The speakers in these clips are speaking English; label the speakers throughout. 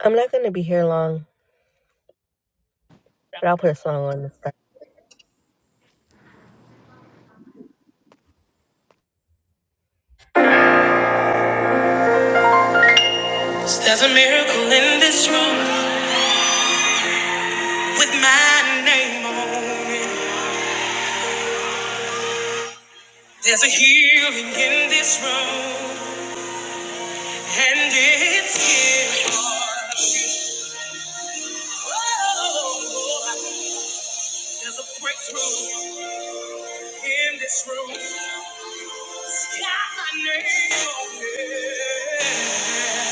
Speaker 1: I'm not gonna be here long, but I'll put a song on this time. There's a miracle in this room with my name on it. There's a healing in this room, and it's here for you. Oh, there's a breakthrough in this room. It's got my name on it.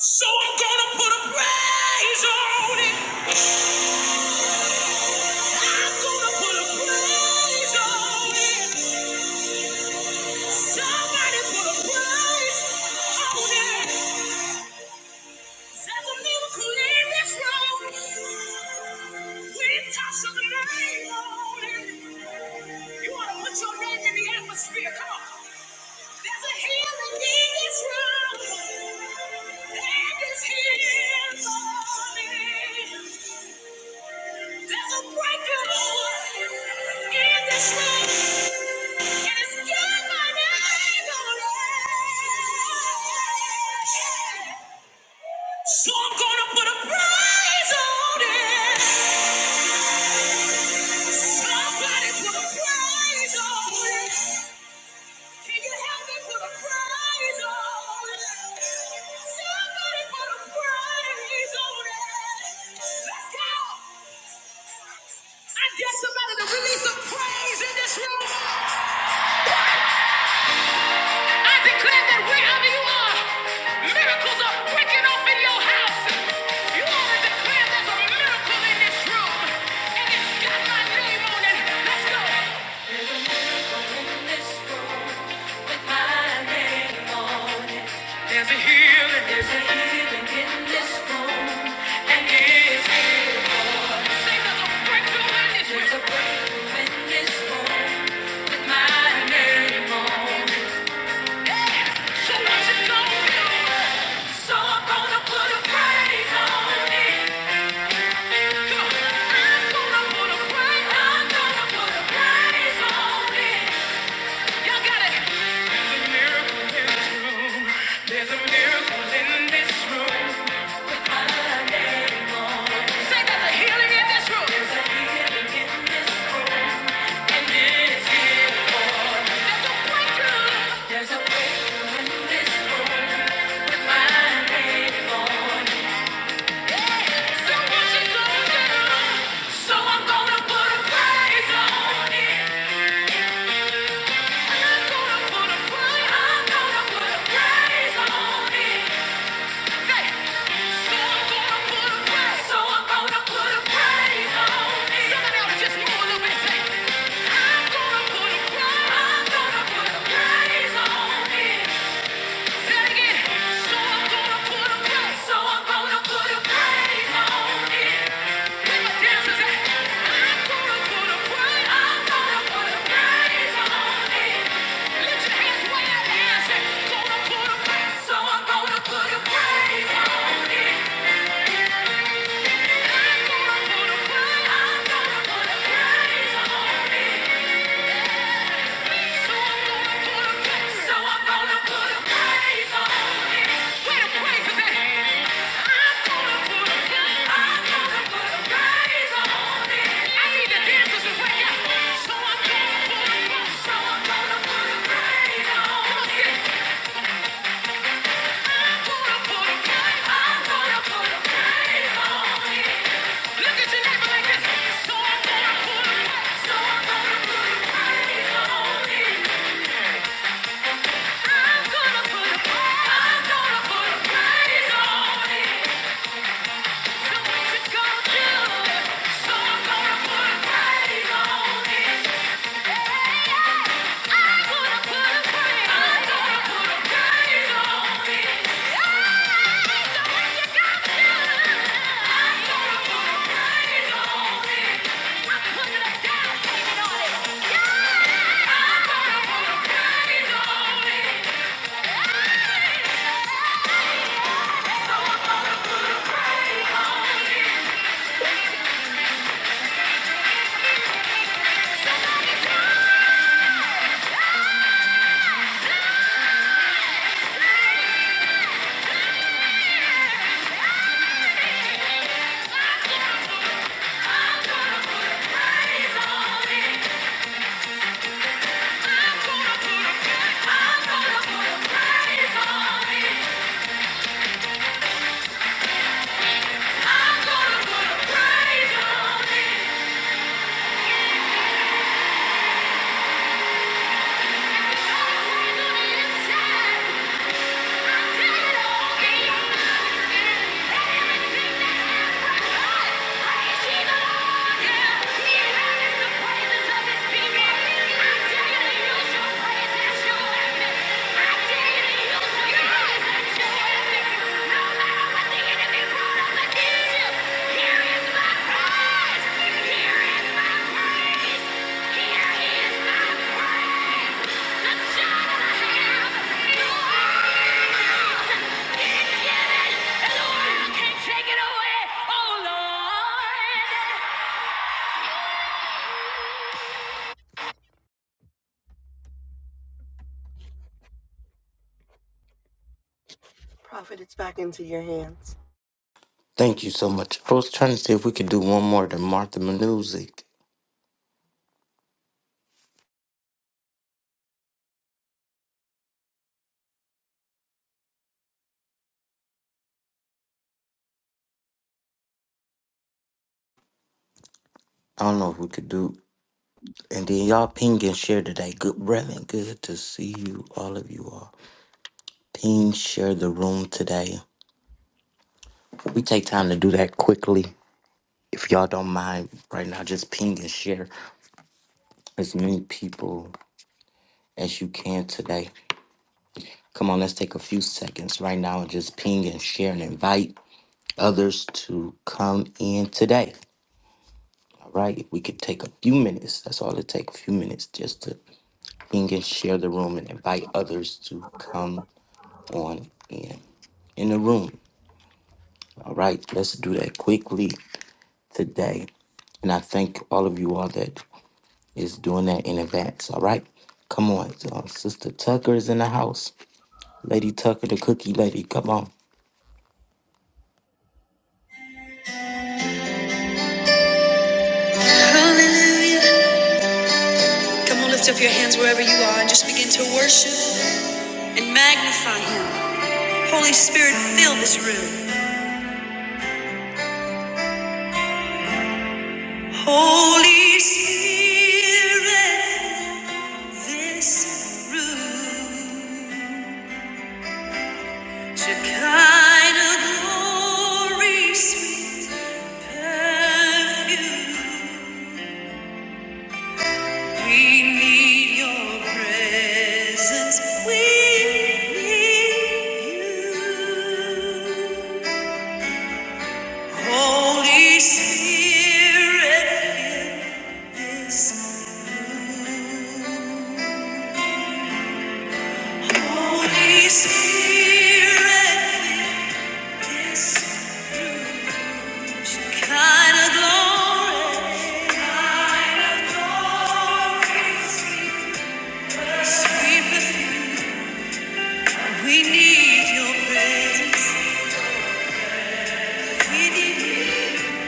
Speaker 1: So I'm gonna put a praise on it. I'm gonna put a praise on it. Somebody put a price on it. There's a miracle in this room. We toss up the name on it. You want to put your name in the atmosphere. Come on. There's a healing in this room. And it's here for me. There's a breakthrough in this room. And it's got my name on it. So I'm gonna put a prize on it. Somebody put a prize on it. Can you help me put a prize on it? Somebody put a prize on it. Let's go. I dare somebody to release some praise in this room. I declare that wherever you are, miracles are breaking off in your house. You want to declare there's a miracle in this room, and it's got my name on it. Let's go. There's a miracle in this room with my name on it. There's a healing. There's a healing in this room, and it's say there's a breakthrough in this room. There's a breakthrough in this room with my name on it. There's a miracle in this room. Say there's a healing in this room. There's a breakthrough. There's a way this room with my name on. Yeah. Yeah. So I'm gonna put a praise on it. Where the praise is at? I'm gonna put a, I'm gonna put a praise on it. I need the dancers to wake up. So I'm gonna put a, so I'm gonna put a praise on it. Come on, sing. I'm gonna put a, I'm gonna put a praise on it. Look at your neighbor like this. So I'm gonna put a, so I'm gonna put a praise on it. I'm gonna put a praise on it. I'm your the use your weapon. No matter what Yeah. Prophet, it's back into your hands.
Speaker 2: Thank you so much. I was trying to see if we could do one more to Martha Music. I don't know if we could do. And then y'all ping and share today. Good brethren. good to see you, all of you all. Ping, share the room today. We take time to do that quickly. If y'all don't mind right now, just ping and share as many people as you can today. Come on, let's take a few seconds right now and just ping and share and invite others to come in today. right? If we could take a few minutes, that's all it takes, a few minutes just to ping and share the room and invite others to come on in in the room. All right, let's do that quickly today. And I thank all of you all that is doing that in advance. All right. Come on. Uh, Sister Tucker is in the house. Lady Tucker, the cookie lady. Come on.
Speaker 1: Hallelujah. Come on, lift up your hands wherever you are and just begin to worship and magnify Him. Holy Spirit, fill this room. Holy Spirit, this room, to kind of glory, sweet perfume. We need your presence. We need you. Holy Spirit, this- Holy Spirit, this kind of glory. We need your We need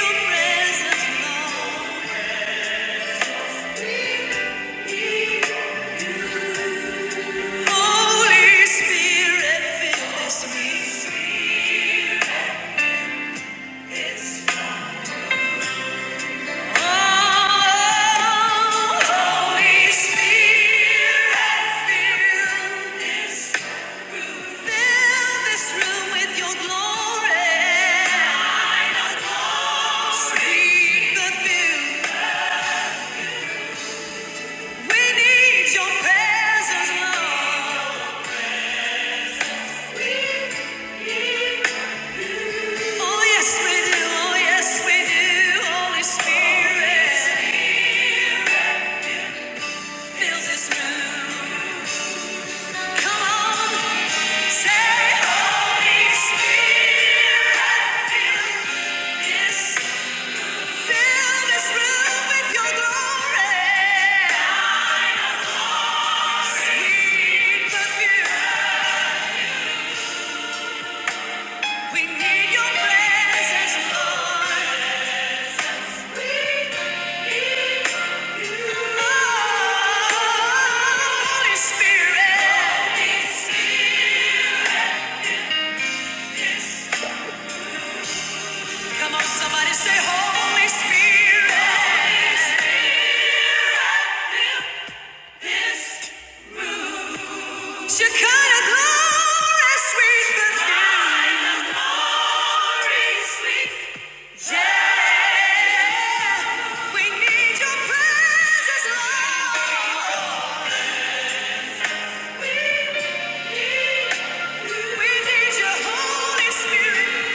Speaker 1: your presence, Holy Spirit, fill this place. We need your presence, Lord. Holy Spirit. Come on, somebody say, Holy Spirit. Shekinah glory, sweet perfume. We need your Holy Spirit.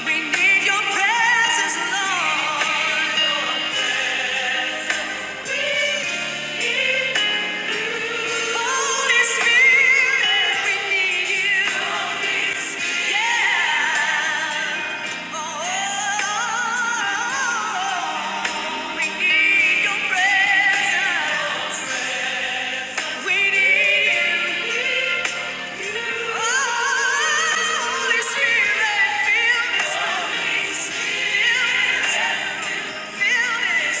Speaker 1: We need you. Holy Spirit. We need you. Yeah. Oh. oh, oh, oh, oh. We need your presence. We need you. Holy Spirit, fill this place. Fill fill this.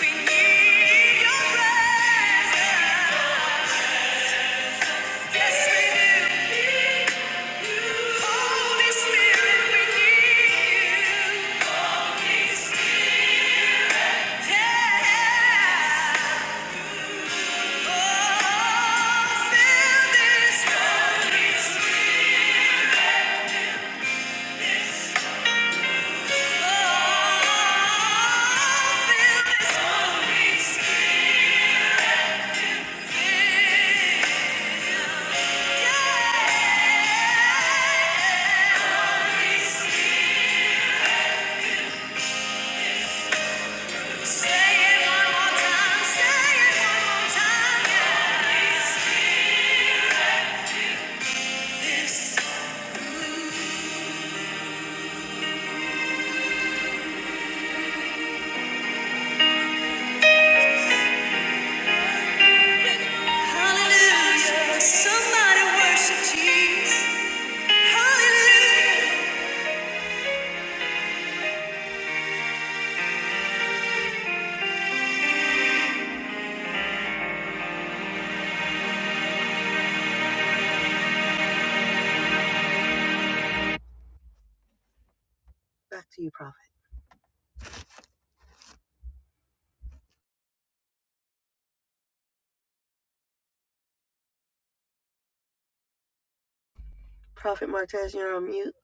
Speaker 1: We need your presence. Yes, we do. Holy Spirit, we need you. Yeah. Hallelujah. Somebody worship Jesus. Hallelujah. Back to you, Prophet. Prophet Martez, you're on mute.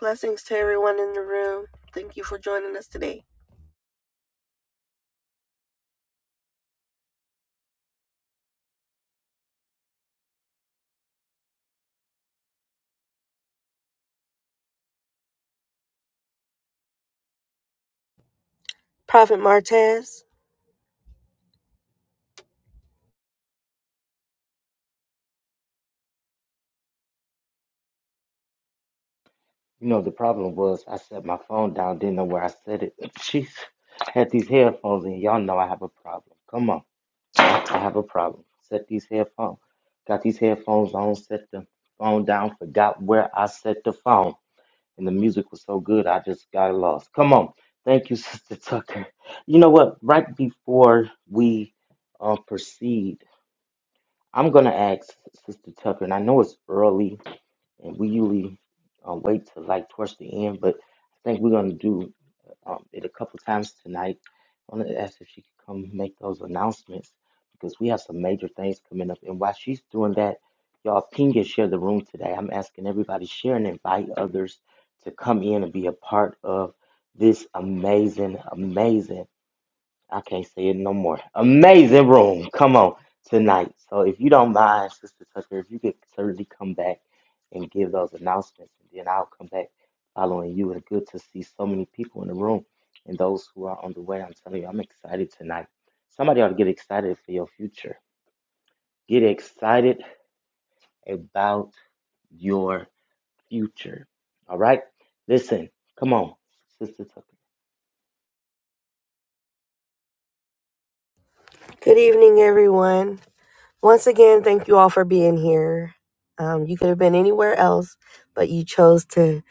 Speaker 1: Blessings to everyone in the room. Thank you for joining us today. Prophet Martez.
Speaker 2: You know, the problem was I set my phone down, didn't know where I set it. Jeez, I had these headphones and y'all know I have a problem. Come on. I have a problem. Set these headphones. Got these headphones on, set the phone down, forgot where I set the phone. And the music was so good, I just got lost. Come on. Thank you, Sister Tucker. You know what? Right before we uh, proceed, I'm going to ask Sister Tucker, and I know it's early, and we usually uh, wait till like towards the end, but I think we're going to do um, it a couple times tonight. I want to ask if she could come make those announcements because we have some major things coming up. And while she's doing that, y'all ping and share the room today. I'm asking everybody share and invite others to come in and be a part of this amazing, amazing. I can't say it no more. Amazing room. Come on tonight. So if you don't mind, Sister Tucker, if you could certainly come back and give those announcements, and then I'll come back following you. It's good to see so many people in the room and those who are on the way. I'm telling you, I'm excited tonight. Somebody ought to get excited for your future. Get excited about your future. All right? Listen, come on, Sister Tucker.
Speaker 1: Good evening, everyone. Once again, thank you all for being here. Um, you could have been anywhere else, but you chose to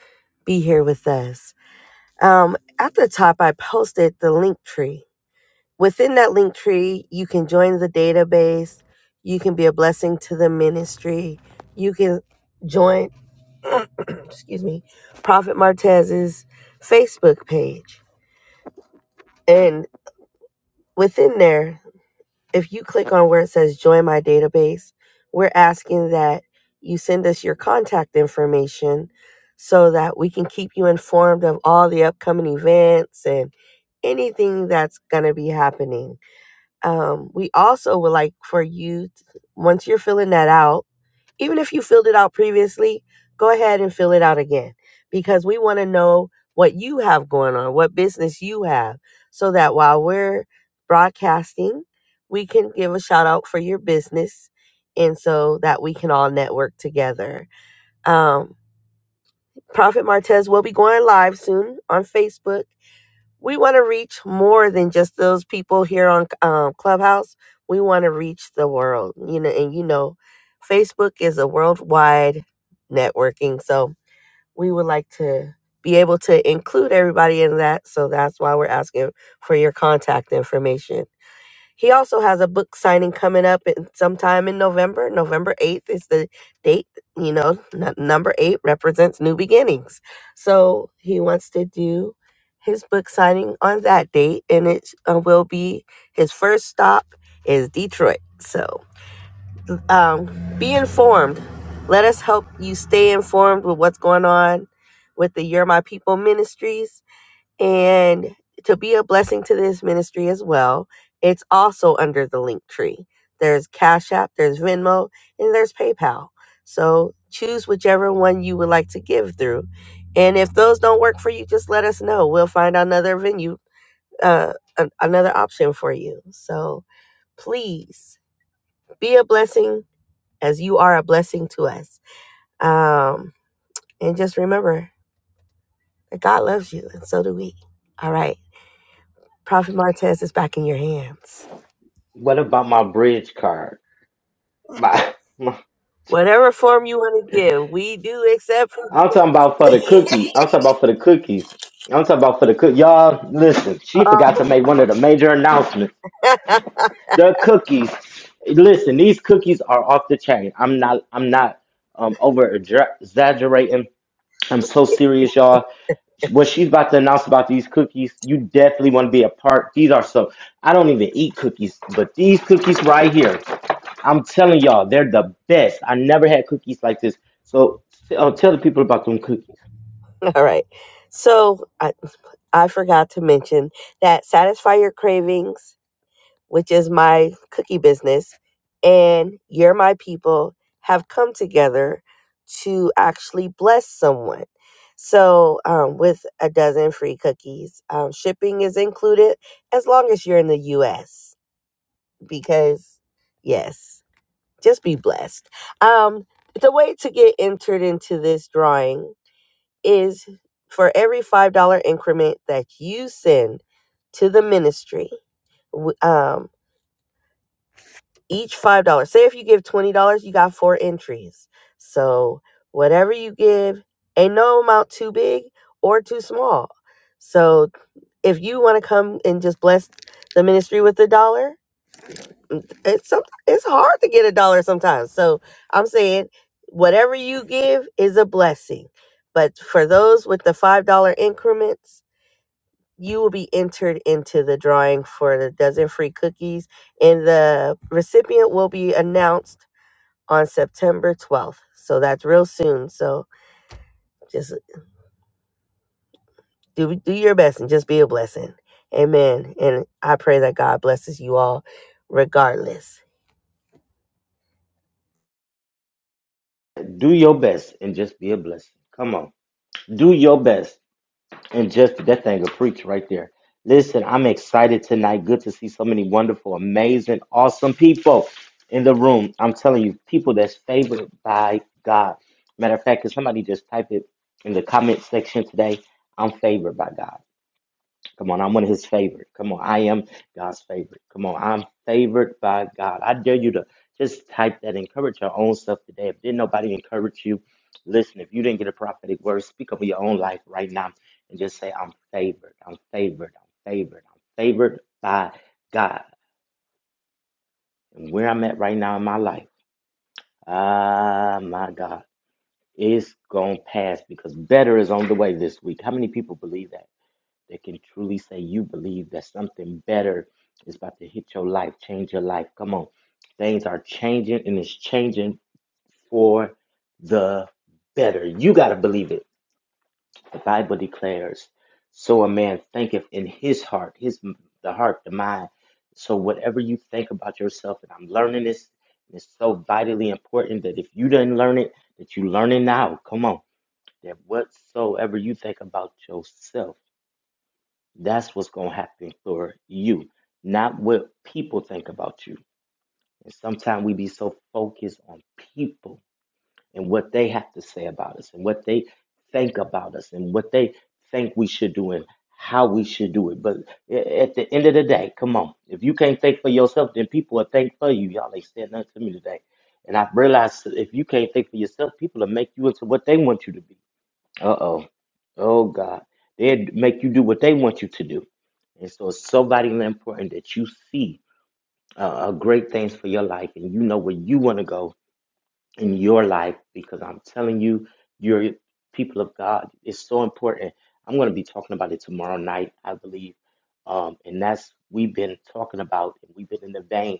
Speaker 1: be here with us. Um, at the top, I posted the link tree. Within that link tree, you can join the database. You can be a blessing to the ministry. You can join, excuse me, Prophet Martez's Facebook page. And within there, if you click on where it says join my database, we're asking that you send us your contact information so that we can keep you informed of all the upcoming events and anything that's going to be happening. Um, we also would like for you, to, once you're filling that out, even if you filled it out previously, go ahead and fill it out again because we want to know what you have going on, what business you have, so that while we're broadcasting, we can give a shout out for your business and so that we can all network together. Um, Prophet Martez will be going live soon on Facebook we want to reach more than just those people here on um, Clubhouse. We want to reach the world, you know, and you know, Facebook is a worldwide networking. So we would like to be able to include everybody in that. So that's why we're asking for your contact information. He also has a book signing coming up in, sometime in November. November 8th is the date. You know, n- number eight represents new beginnings. So he wants to do his book signing on that date, and it uh, will be his first stop is Detroit. So um, be informed. Let us help you stay informed with what's going on with the You're My People ministries and to be a blessing to this ministry as well, it's also under the link tree. There's Cash App, there's Venmo, and there's PayPal. So choose whichever one you would like to give through. And if those don't work for you, just let us know. We'll find another venue, uh, an- another option for you. So please be a blessing as you are a blessing to us. Um, and just remember that God loves you, and so do we. All right. Prophet Martez is back in your hands.
Speaker 2: What about my bridge card? My.
Speaker 1: Whatever form you want to give, we do accept programs.
Speaker 2: I'm talking about for the cookie. I'm talking about for the cookies. I'm talking about for the cook. Y'all, listen. She
Speaker 1: oh,
Speaker 2: forgot to make one of the major announcements. The cookies. Listen, these cookies are off the chain. I'm not. I'm not um over exaggerating. I'm so serious, y'all. What she's about to announce about these cookies, you definitely want to be a part. These are so. I don't even eat cookies, but these cookies right here, I'm telling y'all, they're the best. I never had cookies like this. So t- uh, tell the people about them cookies.
Speaker 1: all right. So I, I forgot to mention that Satisfy Your Cravings which is my cookie business, and You're My People have come together to actually bless someone. So, um, with a dozen free cookies, um, shipping is included as long as you're in the US, because yes, just be blessed. Um, the way to get entered into this drawing is for every $5 increment that you send to the ministry um. each five dollars. Say if you give twenty dollars, you got four entries. So whatever you give, ain't no amount too big or too small. So if you want to come and just bless the ministry with a dollar, mm, it's it's hard to get a dollar sometimes. So I'm saying whatever you give is a blessing. But for those with the five dollar increments, you will be entered into the drawing for the dozen free cookies, and the recipient will be announced on September 12th. So that's real soon. So just do do your best and just be a blessing. Amen. And I pray that God blesses you all regardless.
Speaker 2: Do your best and just be a blessing. Come on. Do your best and just that thing will preach right there. Listen, I'm excited tonight. Good to see so many wonderful, amazing, awesome people in the room. I'm telling you, people that's favored by God. Matter of fact, can somebody just type it in the comment section today? I'm favored by God. Come on, I'm one of his favorite. Come on, I am God's favorite. Come on, I'm favored by God. I dare you to just type that, encourage your own self today. If didn't nobody encourage you, listen, if you didn't get a prophetic word, speak over your own life right now and just say, I'm favored, I'm favored, I'm favored, I'm favored by God. And where I'm at right now in my life, ah, my God, it's going to pass because better is on the way this week. How many people believe that? that can truly say you believe that something better is about to hit your life, change your life. Come on. Things are changing and it's changing for the better. You got to believe it. The Bible declares, so a man thinketh in his heart, his the heart, the mind. So whatever you think about yourself, and I'm learning this, and it's so vitally important that if you didn't learn it, that you learn it now. Come on. That whatsoever you think about yourself. That's what's gonna happen for you, not what people think about you. And sometimes we be so focused on people and what they have to say about us and what they think about us and what they think we should do and how we should do it. But a- at the end of the day, come on. If you can't think for yourself, then people will think for you. Y'all ain't said nothing to me today. And I've realized that if you can't think for yourself, people will make you into what they want you to be. Uh oh. Oh God. They'd make you do what they want you to do. And so it's so vitally important that you see uh, uh, great things for your life and you know where you want to go in your life because I'm telling you, you're people of God. It's so important. I'm going to be talking about it tomorrow night, I believe. Um, and that's we've been talking about, and we've been in the vein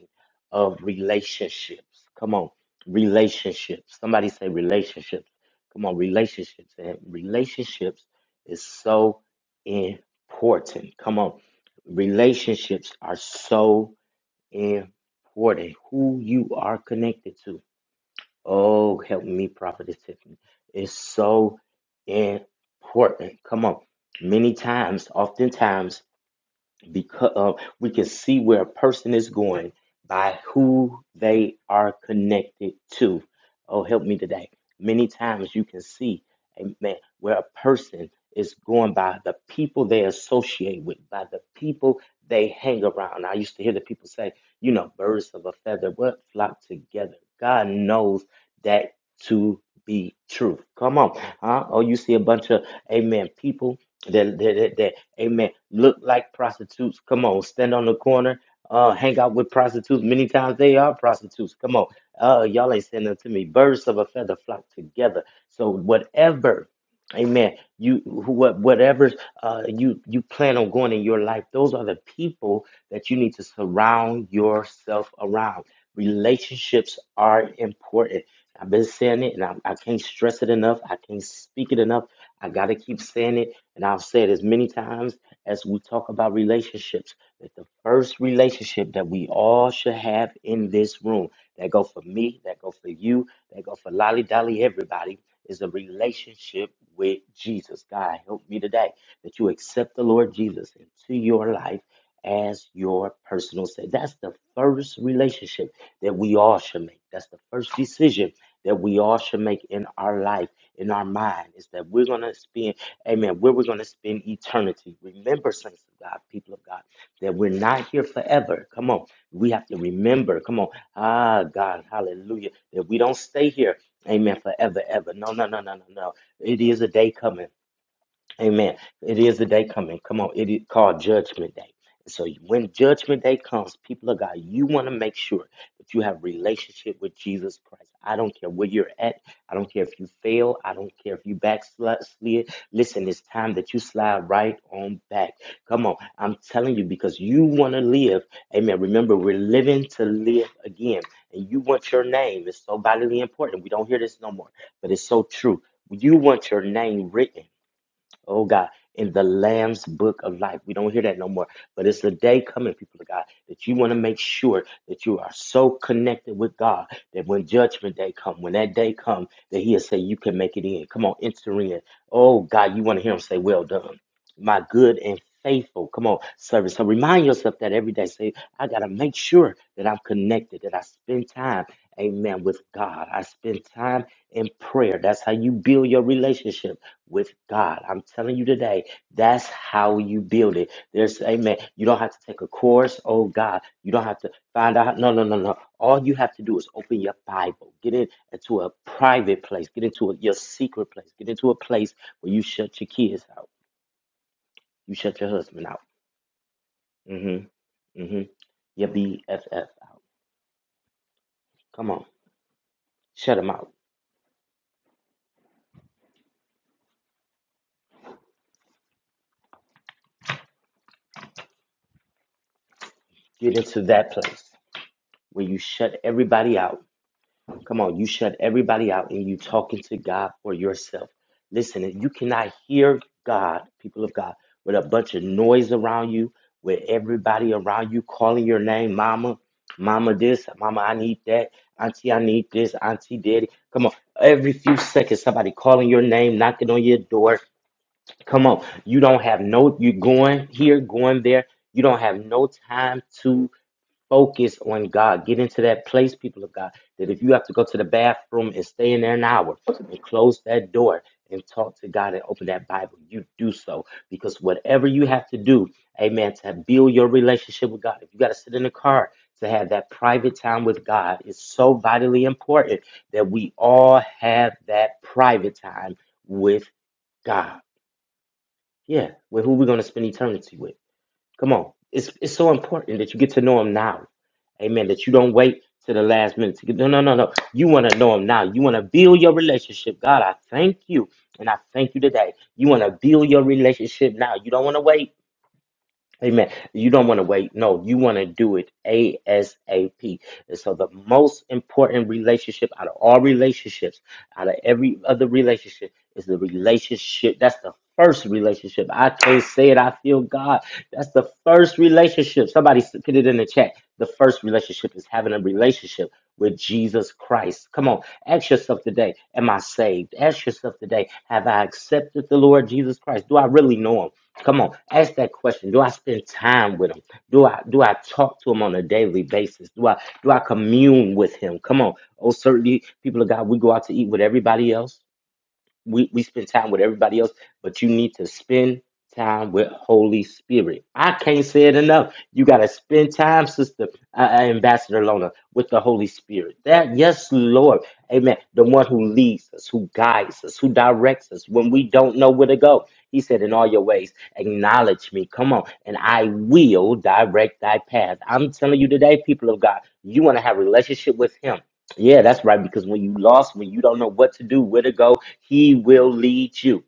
Speaker 2: of relationships. Come on, relationships. Somebody say relationships. Come on, relationships. And relationships is so important. Come on, relationships are so important. Who you are connected to Oh, help me, Prophetess Tiffany. It's so important. Come on. Many times, oftentimes, because uh, we can see where a person is going by who they are connected to. Oh, help me today. Many times you can see, amen, where a person is going by the people they associate with, by the people they hang around. I used to hear the people say, you know, birds of a feather, what flock together? God knows that to be true. Come on. Huh? Oh, you see a bunch of, amen, people that that that. that Amen. Look like prostitutes. Come on, stand on the corner. Uh, hang out with prostitutes. Many times they are prostitutes. Come on. Uh, y'all ain't saying nothing to me. Birds of a feather flock together. So whatever, amen. You what whatever uh you you plan on going in your life, those are the people that you need to surround yourself around. Relationships are important. I've been saying it, and I, I can't stress it enough. I can't speak it enough. I gotta keep saying it and I've said as many times as we talk about relationships, that the first relationship that we all should have in this room, that go for me, that go for you, that go for Lolly Dolly, everybody, is a relationship with Jesus. God help me today that you accept the Lord Jesus into your life as your personal savior. That's the first relationship that we all should make. That's the first decision that we all should make in our life, in our mind, is that we're gonna spend Amen. Where we're going to spend eternity. Remember, saints of God, people of God, that we're not here forever. Come on. We have to remember. Come on. Ah, God. Hallelujah. That we don't stay here. Amen. Forever, ever. No, no, no, no, no, no. It is a day coming. Amen. It is the day coming. Come on. It is called Judgment Day. So when Judgment Day comes, people of God, you want to make sure that you have relationship with Jesus Christ. I don't care where you're at. I don't care if you fail. I don't care if you backslid. Listen, it's time that you slide right on back. Come on. I'm telling you because you want to live. Amen. Remember, we're living to live again. And you want your name. It's so vitally important. We don't hear this no more, but it's so true. You want your name written. Oh God, in the Lamb's book of life. We don't hear that no more. But it's the day coming, people of God, that you want to make sure that you are so connected with God that when judgment day come, when that day come, that he'll say, You can make it in. Come on, enter in. Oh God, you want to hear him say, Well done. My good and faithful. Come on, servant. So remind yourself that every day. Say, I gotta make sure that I'm connected, that I spend time, amen, with God. I spend time in prayer. That's how you build your relationship with God. I'm telling you today, that's how you build it. There's, amen. You don't have to take a course. Oh, God. You don't have to find out. No, no, no, no. All you have to do is open your Bible, get in into a private place, get into a, your secret place, get into a place where you shut your kids out, you shut your husband out, mm hmm, mm hmm, your BFF out. Come on, shut them out. Get into that place where you shut everybody out Come on, you shut everybody out and you talking to God for yourself. Listen, if you cannot hear God, people of God, with a bunch of noise around you, with everybody around you calling your name, mama, mama this, mama, I need that, auntie, I need this, auntie, daddy. Come on, every few seconds, somebody calling your name, knocking on your door. Come on, you don't have no, you going here, going there. You don't have no time Focus on God. Get into that place, people of God, that if you have to go to the bathroom and stay in there an hour and close that door and talk to God and open that Bible, you do so. Because whatever you have to do, amen, to build your relationship with God, if you got to sit in the car to have that private time with God, it's so vitally important that we all have that private time with God. Yeah, with who we're going to spend eternity with. Come on. It's it's so important that you get to know him now. Amen. That you don't wait to the last minute to get no no no no. You want to know him now. You want to build your relationship. God, I thank you. And I thank you today. You want to build your relationship now. You don't want to wait. Amen. You don't want to wait. No, you want to do it ASAP. And so, the most important relationship out of all relationships, out of every other relationship, is the relationship. That's the first relationship. I can't say it. I feel God. That's the first relationship. Somebody s- put it in the chat. The first relationship is having a relationship with Jesus Christ. Come on, ask yourself today: Am I I saved? Ask yourself today, have I accepted the Lord Jesus Christ? Do I really know him? Come on, ask that question. Do I spend time with him? Do I do I talk to him on a daily basis? Do I do I commune with him? Come on. Oh, certainly people of God, we go out to eat with everybody else we, we spend time with everybody else, but you need to spend time with Holy Spirit. I can't say it enough. You got to spend time, Sister uh, uh, Ambassador Lona, with the Holy Spirit. That, yes, Lord. Amen. The one who leads us, who guides us, who directs us when we don't know where to go. He said, In all your ways, acknowledge me. Come on. And I will direct thy path. I'm telling you today, people of God, you want to have a relationship with Him. Yeah, that's right. Because when you lost, when you don't know what to do, where to go, he will lead you.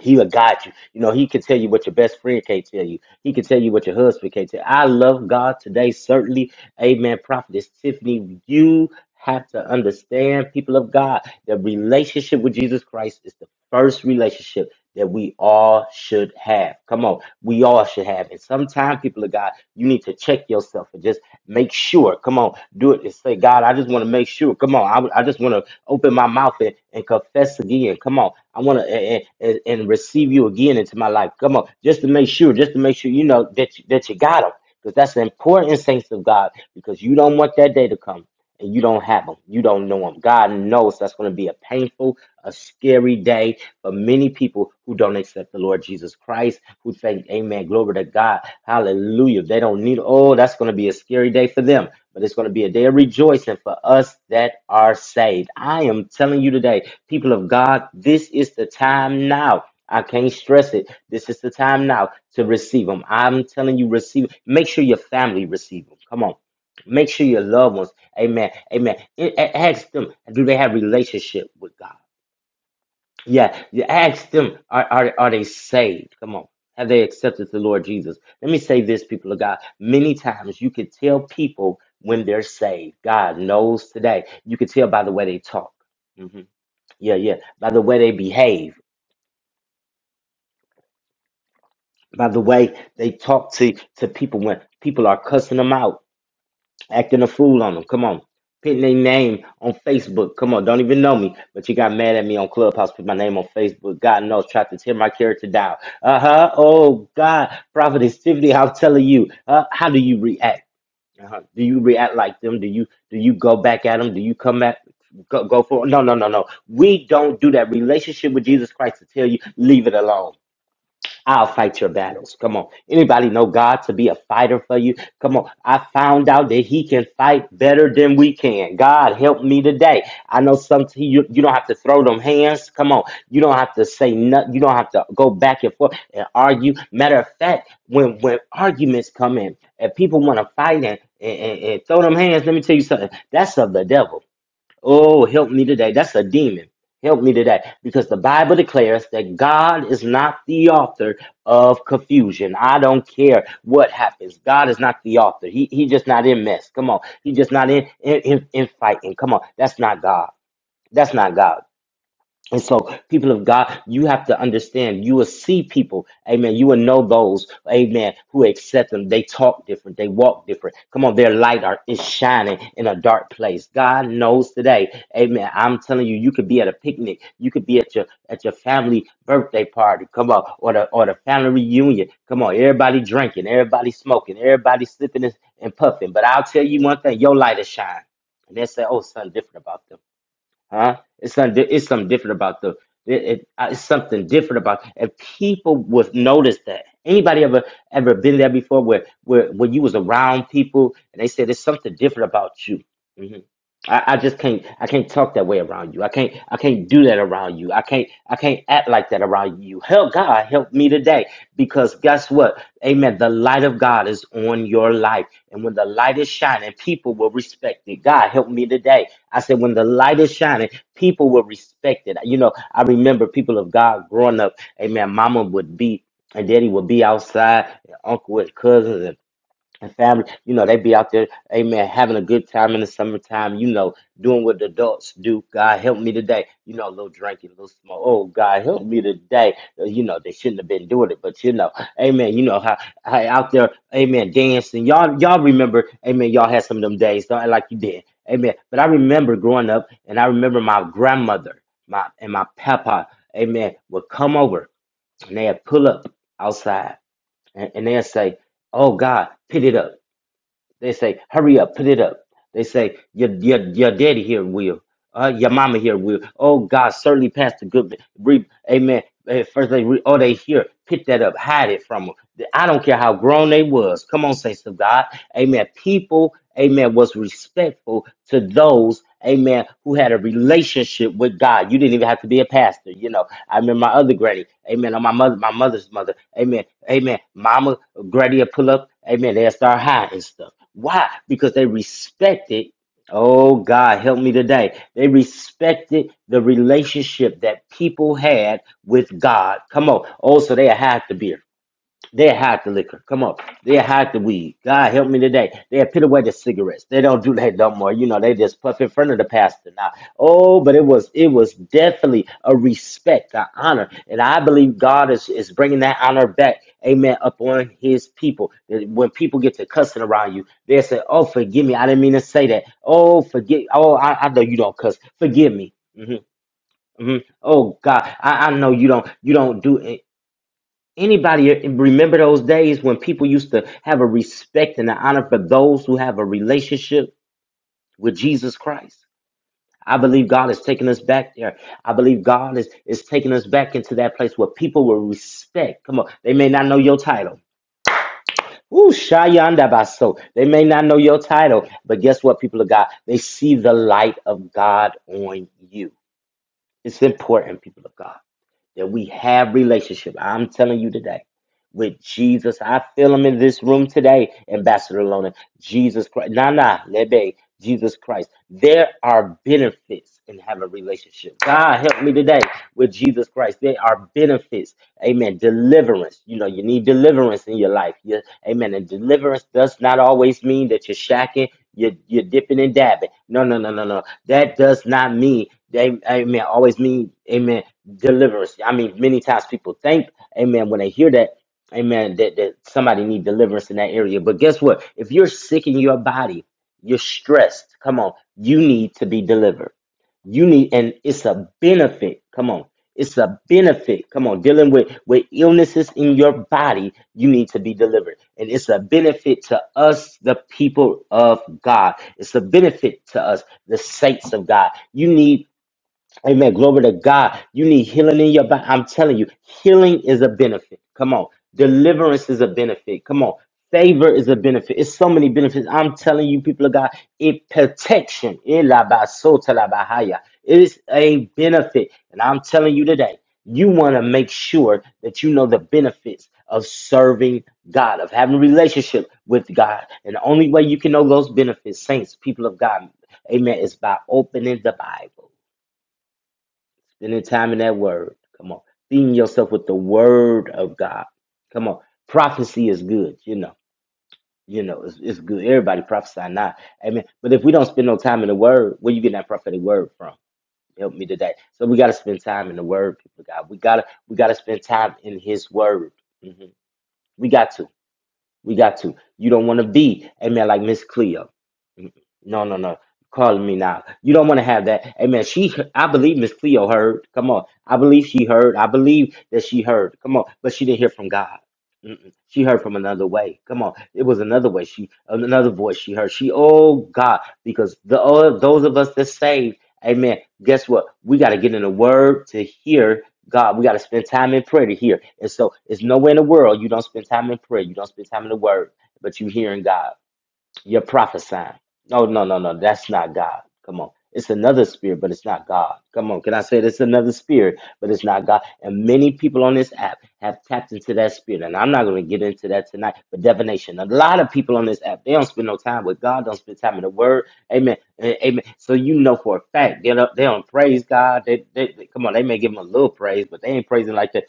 Speaker 2: He will guide you. You know, he can tell you what your best friend can't tell you. He can tell you what your husband can't tell you. I love God today, certainly. Amen. Prophetess Tiffany, you have to understand, people of God, the relationship with Jesus Christ is the first relationship that we all should have. Come on, we all should have. And sometimes, people of God, you need to check yourself and just make sure. Come on, do it and say, God, I just want to make sure. Come on, I, I just want to open my mouth and, and confess again. Come on, I want to and, and, and receive you again into my life. Come on, just to make sure, just to make sure you know that you, that you got them. Because that's the important saints of God, because you don't want that day to come and you don't have them. You don't know them. God knows that's going to be a painful, a scary day but many people who don't accept the Lord Jesus Christ, who think, Amen, glory to God, hallelujah. They don't need, oh, that's going to be a scary day for them. But it's going to be a day of rejoicing for us that are saved. I am telling you today, people of God, this is the time now. I can't stress it. This is the time now to receive them. I'm telling you, receive. Make sure your family receive them. Come on. Make sure your loved ones. Amen. Amen. A- a- Ask them, do they have relationship with God? Yeah, you ask them, are, are, are they saved? Come on. Have they accepted the Lord Jesus? Let me say this, people of God. Many times you could tell people when they're saved. God knows today. You could tell by the way they talk. hmm Yeah, yeah. By the way they behave. By the way they talk to, to people when people are cussing them out acting a fool on them. Come on. Putting their name on Facebook. Come on, don't even know me, but you got mad at me on Clubhouse. Put my name on Facebook. God knows, tried to tear my character down. Uh huh. Oh God, Prophet Activity. I'm telling you. Uh, how do you react? Uh-huh. Do you react like them? Do you do you go back at them? Do you come at go, go for? No, no, no, no. We don't do that. Relationship with Jesus Christ to tell you leave it alone. I'll fight your battles. Come on. Anybody know God to be a fighter for you? Come on. I found out that He can fight better than we can. God help me today. I know some you, you don't have to throw them hands. Come on. You don't have to say nothing. You don't have to go back and forth and argue. Matter of fact, when when arguments come in and people want to fight and, and, and and throw them hands, let me tell you something. That's of the devil. Oh, help me today. That's a demon. Help me today. Because the Bible declares that God is not the author of confusion. I don't care what happens. God is not the author. He, he just not in mess. Come on. He just not in, in, in, in fighting. Come on. That's not God. That's not God. And so, people of God, you have to understand, you will see people, amen. You will know those, amen, who accept them. They talk different, they walk different. Come on, their light are, is shining in a dark place. God knows today, amen. I'm telling you, you could be at a picnic, you could be at your at your family birthday party, come on, or the or the family reunion. Come on, everybody drinking, everybody smoking, everybody slipping and, and puffing. But I'll tell you one thing, your light is shining. And they say, Oh, something different about them huh? It's not. It's something different about the. It, it, uh, it's something different about. If people would notice that, anybody ever ever been there before, where where when you was around people and they said there's something different about you. Mm-hmm. I, I just can't I can't talk that way around you. I can't I can't do that around you. I can't I can't act like that around you. Help God help me today because guess what? Amen. The light of God is on your life. And when the light is shining, people will respect it. God help me today. I said when the light is shining, people will respect it. You know, I remember people of God growing up, amen. Mama would be and daddy would be outside, and uncle and cousins and family, you know, they be out there, amen, having a good time in the summertime, you know, doing what the adults do. God help me today. You know, a little drinking, a little smoke. Oh, God help me today. Uh, You know, they shouldn't have been doing it, but you know, amen. You know how, how out there, amen, dancing. Y'all, y'all remember, amen, y'all had some of them days, don't act like you did. Amen. But I remember growing up and I remember my grandmother, my and my papa, amen, would come over and they'd pull up outside and, and they'd say, Oh God, pit it up. They say, hurry up, put it up. They say, your, your, your daddy here will. Uh, your mama here will. Oh, God, certainly Pastor Goodman. Re- Amen. Eh, First they re- oh, they here. Pick that up. Hide it from them. I don't care how grown they was. Come on, saints of God. Amen. People, amen, was respectful to those, amen, who had a relationship with God. You didn't even have to be a pastor. You know, I remember my other granny, amen, or my mother, my mother's mother, amen, amen. Mama, granny would pull up, amen, they'll start high and stuff. Why? Because they respected, oh God, help me today. They respected the relationship that people had with God. Come on. Oh, so they had to be they hide the liquor. Come on. They hide the weed. God help me today. They put away the cigarettes. They don't do that no more. You know, they just puff in front of the pastor now. Oh, but it was it was definitely a respect, an honor. And I believe God is, is bringing that honor back, amen, upon his people. That When people get to cussing around you, they say, oh, forgive me. I didn't mean to say that. Oh, forgive. Oh, I, I know you don't cuss. Forgive me. hmm hmm Oh God, I, I know you don't you don't do it. Anybody remember those days when people used to have a respect and an honor for those who have a relationship with Jesus Christ? I believe God is taking us back there. I believe God is, is taking us back into that place where people will respect. Come on, they may not know your title. Ooh, Shayanda Baso. They may not know your title, but guess what, people of God? They see the light of God on you. It's important, people of God. that we have relationship. I'm telling you today, with Jesus, I feel him in this room today, Ambassador Lona. Jesus Christ. Nah, nah, lebe, Jesus Christ. There are benefits in having a relationship. God help me today with Jesus Christ. There are benefits. Amen. Deliverance. You know, you need deliverance in your life. You, amen. And deliverance does not always mean that you're shacking, you're, you're dipping and dabbing. No, no, no, no, no. That does not mean, they, amen, always mean, amen, deliverance. I mean, many times people think, amen, when they hear that. Amen. That, that somebody need deliverance in that area. But guess what? If you're sick in your body, you're stressed. Come on. You need to be delivered. You need, and it's a benefit. Come on. It's a benefit. Come on. Dealing with, with illnesses in your body, you need to be delivered. And it's a benefit to us, the people of God. It's a benefit to us, the saints of God. You need Amen. Glory to God. You need healing in your body. I'm telling you, healing is a benefit. Come on. Deliverance is a benefit. Come on. Favor is a benefit. It's so many benefits. I'm telling you, people of God, it protection. Elabasotalabahaya. It is a benefit. And I'm telling you today, you want to make sure that you know the benefits of serving God, of having a relationship with God. And the only way you can know those benefits, saints, people of God, amen, is by opening the Bible in the time in that word. Come on. Feeding yourself with the word of God. Come on. Prophecy is good, you know. You know, it's, it's good. Everybody prophesy not. Amen. But if we don't spend no time in the word, where you getting that prophetic word from? Help me today. So we gotta spend time in the word, people of God. We gotta we gotta spend time in his word. Mhm. We got to. We got to. You don't want to be, amen, like Miss Cleo. Mm, No, no, no. Calling me now. You don't want to have that. Amen. She, I believe Miss Cleo heard. Come on. I believe she heard. I believe that she heard. Come on. But she didn't hear from God. Mm-mm. She heard from another way. Come on. It was another way. She, another voice she heard. She, oh God, because the, oh, those of us that saved, amen, guess what? We got to get in the word to hear. God, we got to spend time in prayer to hear. And so it's nowhere in the world you don't spend time in prayer. You don't spend time in the word, but you hearing God. You're prophesying. No, no, no, no. That's not God. Come on. It's another spirit, but it's not God. Come on. Can I say it? it's another spirit, but it's not God? And many people on this app have tapped into that spirit. And I'm not going to get into that tonight, but divination. A lot of people on this app, they don't spend no time with God, don't spend time in the word. Amen. A- Amen. So you know for a fact, they don't, they don't praise God. They, they, they- come on, they may give him a little praise, but they ain't praising like that.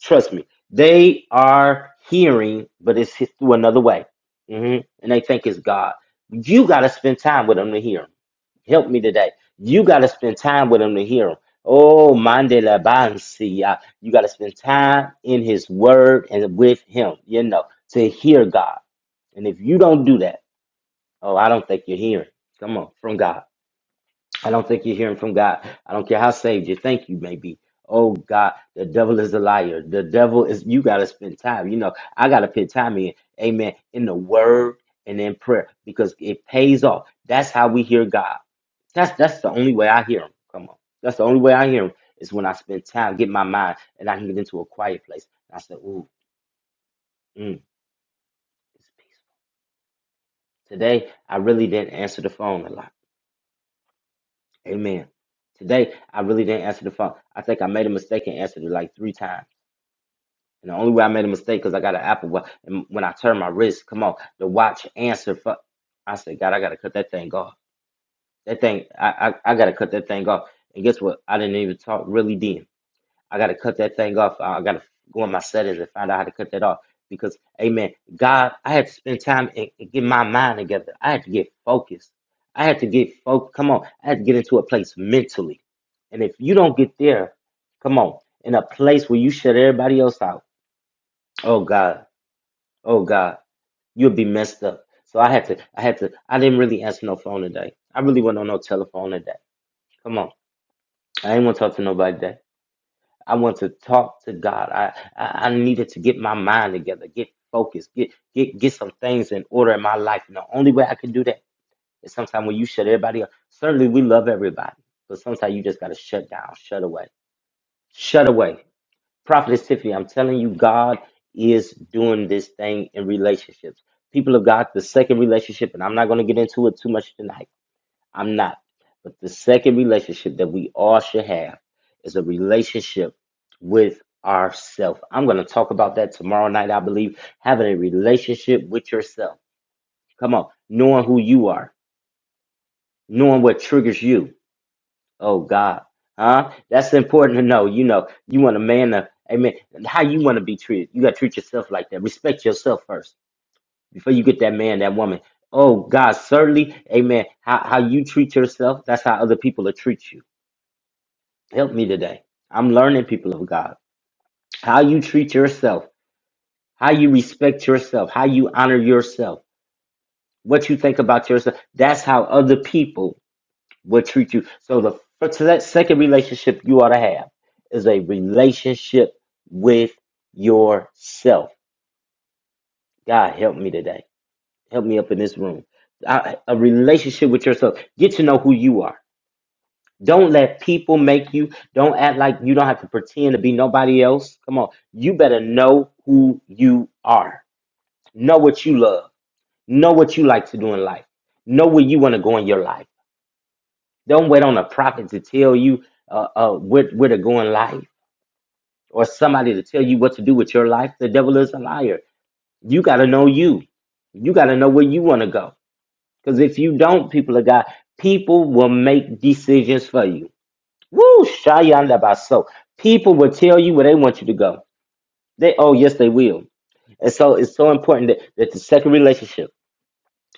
Speaker 2: Trust me, they are hearing, but it's through another way. hmm And they think it's God. You got to spend time with them to hear them. Help me today. You got to spend time with them to hear them. Oh, mande la bansi, uh, You got to spend time in His Word and with Him, you know, to hear God. And if you don't do that, oh, I don't think you're hearing. Come on, from God. I don't think you're hearing from God. I don't care how saved you think you may be. Oh God, the devil is a liar. The devil is you gotta spend time. You know, I gotta put time in, amen, in the word and in prayer because it pays off. That's how we hear God. That's that's the only way I hear him. Come on. That's the only way I hear him is when I spend time, get my mind, and I can get into a quiet place. And I said, ooh, mm, it's peaceful. Today I really didn't answer the phone a lot. Amen. Today, I really didn't answer the phone. I think I made a mistake and answered it like three times. And the only way I made a mistake because I got an Apple Watch. And when I turned my wrist, come on, the watch answered. For, I said, God, I got to cut that thing off. That thing, I, I, I got to cut that thing off. And guess what? I didn't even talk really deep. I gotta cut that thing off. I gotta go in my settings and find out how to cut that off. Because, Amen, God, I had to spend time and and get my mind together. I had to get focused. I had to get focused. Come on, I had to get into a place mentally. And if you don't get there, come on, in a place where you shut everybody else out. Oh God, oh God, you'll be messed up. So I had to, I had to, I didn't really answer no phone today. I really wasn't on no telephone today. Come on, I ain't want to talk to nobody today. I want to talk to God. I, I I needed to get my mind together, get focused, get get get some things in order in my life. And the only way I can do that is sometimes when you shut everybody up. Certainly we love everybody, but sometimes you just gotta shut down, shut away, shut away. Prophetess Tiffany, I'm telling you, God is doing this thing in relationships. People of God, the second relationship, and I'm not gonna get into it too much tonight I'm not. But the second relationship that we all should have is a relationship with ourself. I'm going to talk about that tomorrow night, I believe. Having a relationship with yourself. Come on, knowing who you are, knowing what triggers you. Oh God, huh? That's important to know. You know, you want a man to, amen. How you want to be treated? You got to treat yourself like that. Respect yourself first before you get that man, that woman. Oh God, certainly, amen. How how you treat yourself, that's how other people will treat you. Help me today. I'm learning, people of God, how you treat yourself, how you respect yourself, how you honor yourself, what you think about yourself. That's how other people will treat you. So the first, so that second relationship you ought to have is a relationship with yourself. God, help me today. Help me up in this room. I- A relationship with yourself. Get to know who you are. Don't let people make you. Don't act like you don't have to pretend to be nobody else. Come on. You better know who you are. Know what you love. Know what you like to do in life. Know where you want to go in your life. Don't wait on a prophet to tell you uh, uh, where, where to go in life or somebody to tell you what to do with your life. The devil is a liar. You got to know you. You got to know where you want to go. Because if you don't, people of God, people will make decisions for you Woo, Shayanda Baso. People will tell you where they want you to go. They oh yes they will. And so it's so important that, that the second relationship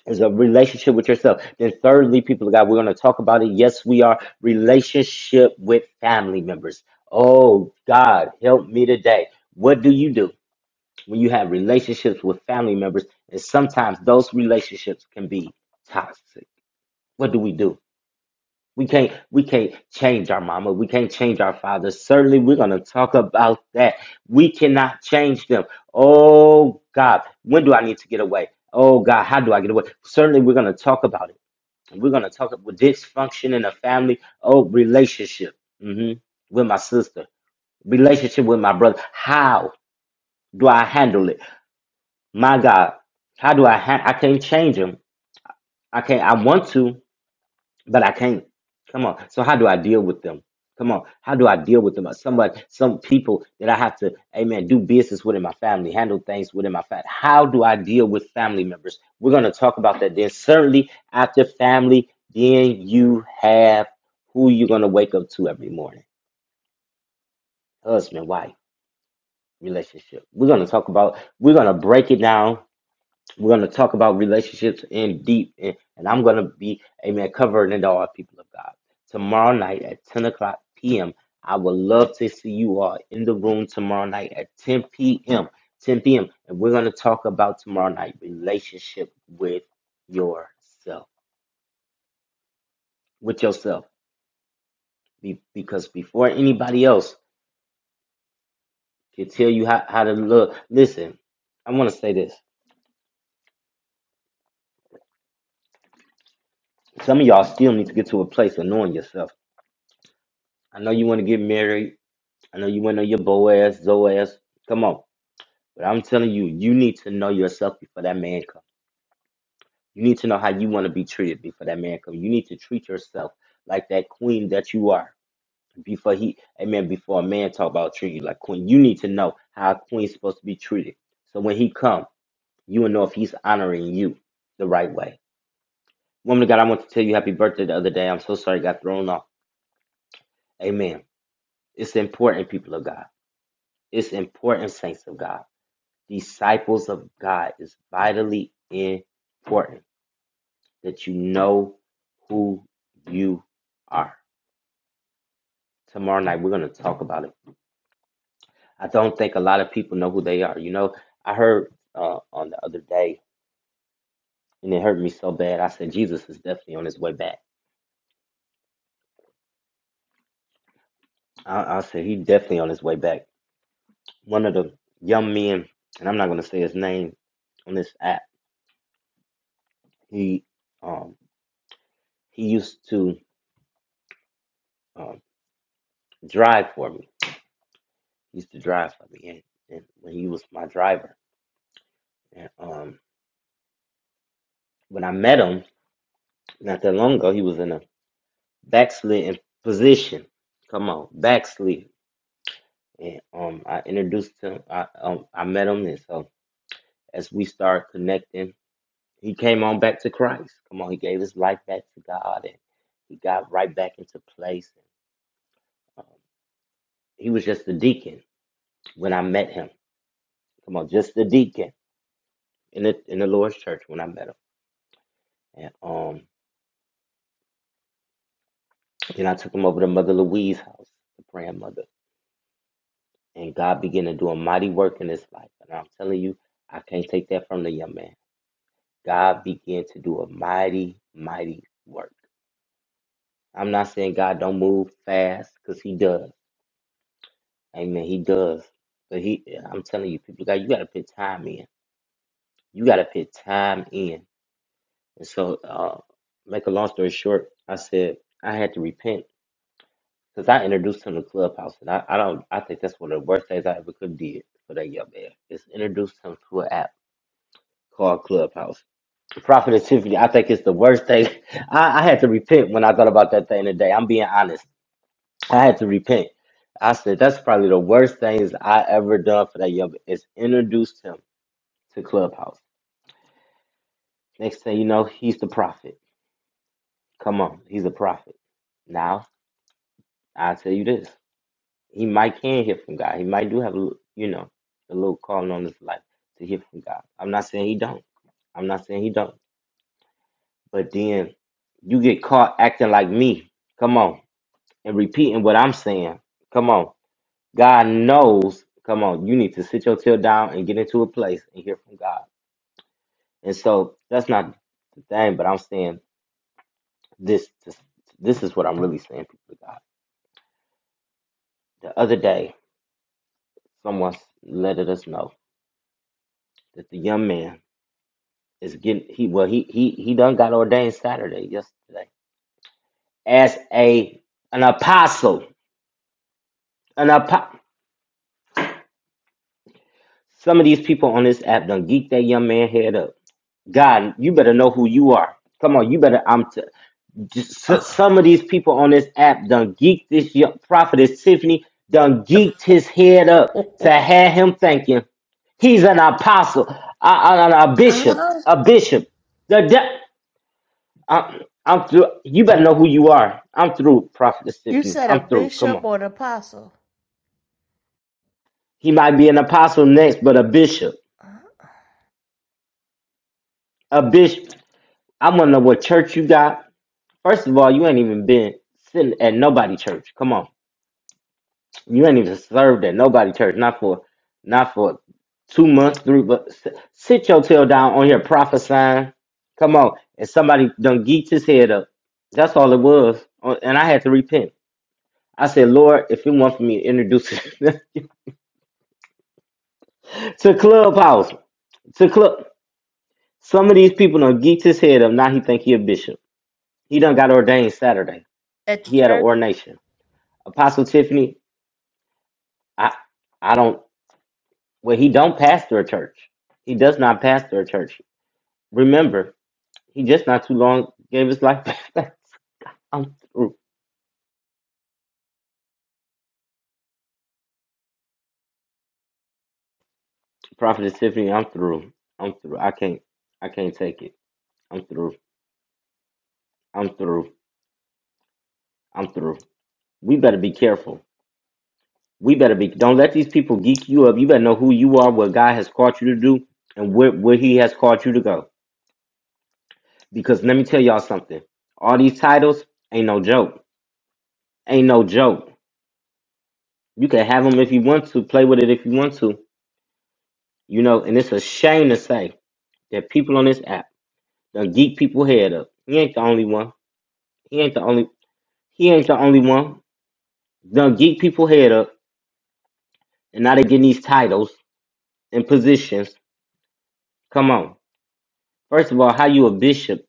Speaker 2: is a relationship with yourself. Then thirdly, people of God, we're gonna talk about it. Yes, we are relationship with family members. Oh God, help me today. What do you do when you have relationships with family members? And sometimes those relationships can be toxic. What do we do? We can't we can't change our mama. We can't change our father. Certainly we're gonna talk about that. We cannot change them. Oh God, when do I need to get away? Oh God, how do I get away? Certainly we're gonna talk about it. We're gonna talk about dysfunction in a family. Oh, relationship hmm with my sister, relationship with my brother. How do I handle it? My God, how do I ha- I can't change them. I can't I want to. but I can't. Come on. So how do I deal with them? Come on. How do I deal with them? Somebody, some people that I have to, amen, do business with in my family, handle things within my family. How do I deal with family members? We're going to talk about that then. Certainly after family, then you have who you're going to wake up to every morning. Husband, wife, relationship. We're going to talk about, we're going to break it down we're going to talk about relationships in deep, and, and I'm going to be, amen, covering it all, people of God. Tomorrow night at 10 o'clock p.m., I would love to see you all in the room tomorrow night at 10 p.m. 10 p.m. And we're going to talk about tomorrow night relationship with yourself, with yourself. Be, because before anybody else can tell you how, how to look, listen, I want to say this. Some of y'all still need to get to a place of knowing yourself. I know you want to get married. I know you went on your Boaz, Zoaz. Come on. But I'm telling you, you need to know yourself before that man comes. You need to know how you want to be treated before that man comes. You need to treat yourself like that queen that you are before he, amen, before a man talk about treating you like queen. You need to know how a queen's supposed to be treated. So when he come, you will know if he's honoring you the right way. Woman of God, I want to tell you happy birthday the other day. I'm so sorry I got thrown off. Amen. It's important, people of God. It's important, saints of God. disciples of God is vitally important that you know who you are. Tomorrow night we're going to talk about it. I don't think a lot of people know who they are. You know, I heard uh, on the other day, and it hurt me so bad. I said Jesus is definitely on his way back. I, I said he's definitely on his way back. One of the young men, and I'm not going to say his name on this app. He um, he used to um, drive for me He used to drive for me, and, and when he was my driver. And um, when I met him not that long ago, he was in a backslidden position. Come on, backslid. And um, I introduced him. I um, I met him, and so as we started connecting, he came on back to Christ. Come on, he gave his life back to God, and he got right back into place. Um, he was just a deacon when I met him. Come on, just a deacon in the in the Lord's church when I met him. And um, Then I took him over to Mother Louise's house, the grandmother, And God began to do a mighty work in his life. And I'm telling you, I can't take that from the young man. God began to do a mighty, mighty work. I'm not saying God don't move fast, because he does. Amen. He does. But he I'm telling you, people got you gotta put time in. You gotta put time in. And so uh make a long story short, I said I had to repent Cause I introduced him to Clubhouse, and I, I don't I think that's one of the worst things I ever could did for that young man. Is introduce him to an app called Clubhouse. Profit and Tiffany, I think it's the worst thing. I, I had to repent when I thought about that thing today. I'm being honest. I had to repent. I said that's probably the worst things I ever done for that young man. Is introduced him to Clubhouse. Next thing you know, he's the prophet. Come on, he's a prophet. Now I tell you this. He might can hear from God. He might do have a lit- you know a little calling on his life to hear from God. I'm not saying he don't. I'm not saying he don't. But then you get caught acting like me. Come on, and repeating what I'm saying. Come on, God knows. Come on, you need to sit your tail down and get into a place and hear from God. And so that's not the thing. But I'm saying this. This, this is what I'm really saying, people of God. The other day, someone let us know that the young man is getting he well he he he done got ordained Saturday yesterday as a an apostle an apo- some of these people on this app done geek that young man head up God you better know who you are come on you better I'm t- just, s- some of these people on this app done geeked this young prophetess Tiffany done geeked his head up to have him thinking he's an apostle a, a, a a bishop
Speaker 3: Uh,
Speaker 2: a bishop I'm I'm through. You better know who you are. I'm through, Prophet
Speaker 3: you
Speaker 2: Tiffany.
Speaker 3: said a
Speaker 2: I'm through. Come
Speaker 3: bishop
Speaker 2: on.
Speaker 3: or an apostle
Speaker 2: He might be an apostle next, but a bishop.
Speaker 3: uh,
Speaker 2: A bishop. I wanna know what church you got. First of all, you ain't even been sitting at nobody church. Come on. You ain't even served at nobody church. Not for not for two months, three but s- sit your tail down on here prophesying. Come on. And somebody done geeked his head up. That's all it was. Uh, And I had to repent. I said, Lord, if it weren't for me to introduce to clubhouse to club. Some of these people done geeked his head up. Now he think he a bishop. He done got ordained Saturday.
Speaker 3: at the
Speaker 2: He had an
Speaker 3: church.
Speaker 2: ordination. Apostle Tiffany, I I don't. Well, he don't pastor a church. He does not pastor a church. Remember, he just not too long gave his life back. I'm through. Prophet Tiffany, I'm through. I'm through. I can't. I can't take it. I'm through. I'm through. I'm through. We better be careful. we better be don't let these people geek you up you better know who you are what god has called you to do and where, where he has called you to go because let me tell y'all something all these titles ain't no joke ain't no joke you can have them if you want to play with it if you want to you know and it's a shame to say that people on this app done geek people head up he ain't the only one he ain't the only he ain't the only one done geek people head up and now they getting these titles and positions come on first of all how you a bishop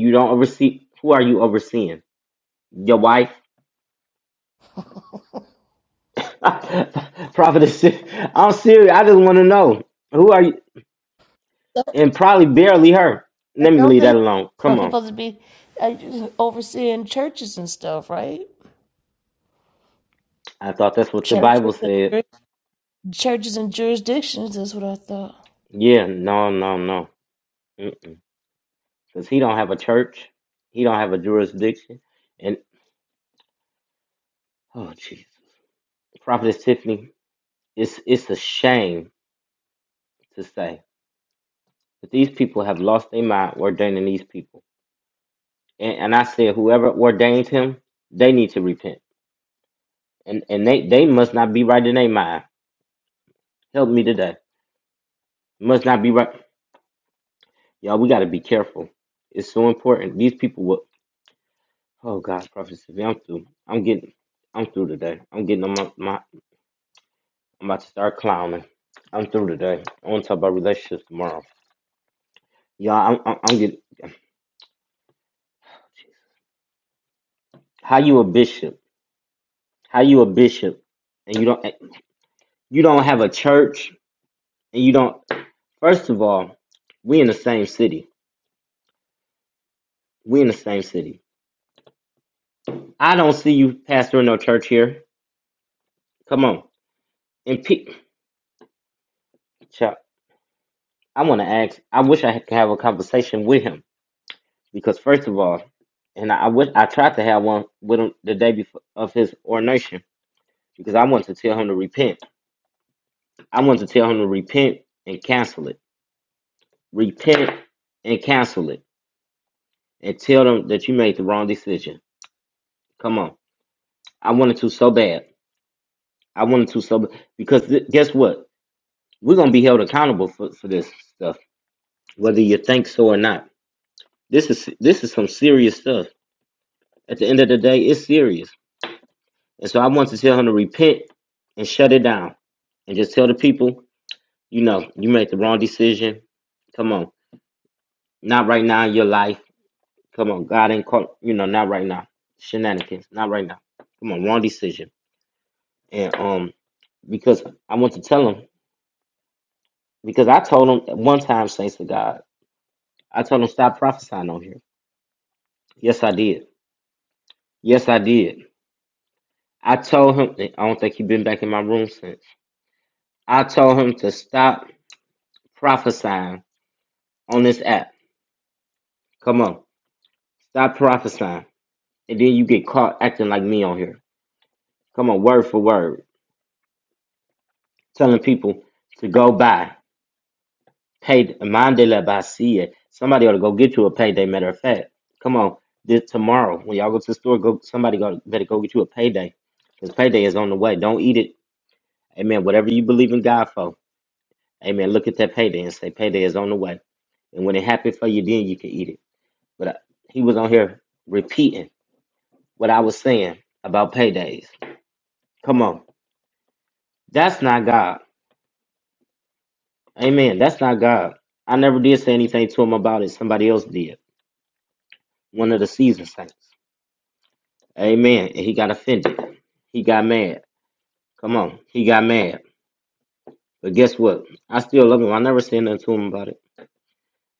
Speaker 2: you don't oversee who are you overseeing your wife prophetess i'm serious i just want to know who are you
Speaker 3: Don't,
Speaker 2: and probably barely her let me
Speaker 3: don't
Speaker 2: leave
Speaker 3: they?
Speaker 2: that alone
Speaker 3: Don't
Speaker 2: come on
Speaker 3: supposed to be uh, overseeing churches and stuff, right?
Speaker 2: i thought that's what the
Speaker 3: Churches,
Speaker 2: bible
Speaker 3: and,
Speaker 2: said
Speaker 3: jur- churches and jurisdictions. That's what I thought.
Speaker 2: yeah no no no because he don't have a church he don't have a jurisdiction and oh jeez prophetess tiffany it's it's a shame to say but these people have lost their mind ordaining these people and, and i said whoever ordained him they need to repent And and they, they must not be right in their mind. Help me today. Must not be right. Y'all, we gotta be careful. It's so important. These people will oh God, Prophet Sylvia, I'm through. I'm getting I'm through today. I'm getting on my, my I'm about to start clowning. I'm through today. I wanna talk about relationships tomorrow. Y'all, I'm I'm, I'm getting how you a bishop how you a bishop and you don't you don't have a church and you don't first of all we in the same city we in the same city i don't see you pastoring no church here Come on. And pe- Chuck, I want to ask. I wish I could have a conversation with him because, first of all, and I, I wish I tried to have one with him the day before of his ordination because I wanted to tell him to repent. I wanted to tell him to repent and cancel it. Repent and cancel it, and tell them that you made the wrong decision. Come on. I wanted to so bad. I wanted to so b- because th- guess what? We're gonna be held accountable for, for this stuff, whether you think so or not. This is this is some serious stuff At the end of the day, it's serious. And so I want to tell him to repent and shut it down and just tell the people, you know, you made the wrong decision. Come on. Not right now in your life. Come on. God ain't caught, you know, not right now. Shenanigans. Not right now. Come on. Wrong decision. And um, because I want to tell him, because I told him at one time, saints to God, I told him stop prophesying on here. Yes, I did. Yes, I did. I told him, I don't think he has been back in my room since. I told him to stop prophesying on this app. Come on. Stop prophesying. And then you get caught acting like me on here. Come on, word for word. Telling people to go buy. Pay Mandela Basia. Somebody ought to go get you a payday, matter of fact. Come on. This tomorrow. When y'all go to the store, go somebody go better go get you a payday. Because payday is on the way. Don't eat it. Amen. Whatever you believe in God for. Amen. Look at that payday and say payday is on the way. And when it happens for you, then you can eat it. But uh, he was on here repeating. what I was saying about paydays. Come on. That's not God. Amen. That's not God. I never did say anything to him about it. Somebody else did. One of the seasoned saints. Amen. And he got offended. He got mad. Come on. He got mad. But guess what? I still love him. I never said nothing to him about it.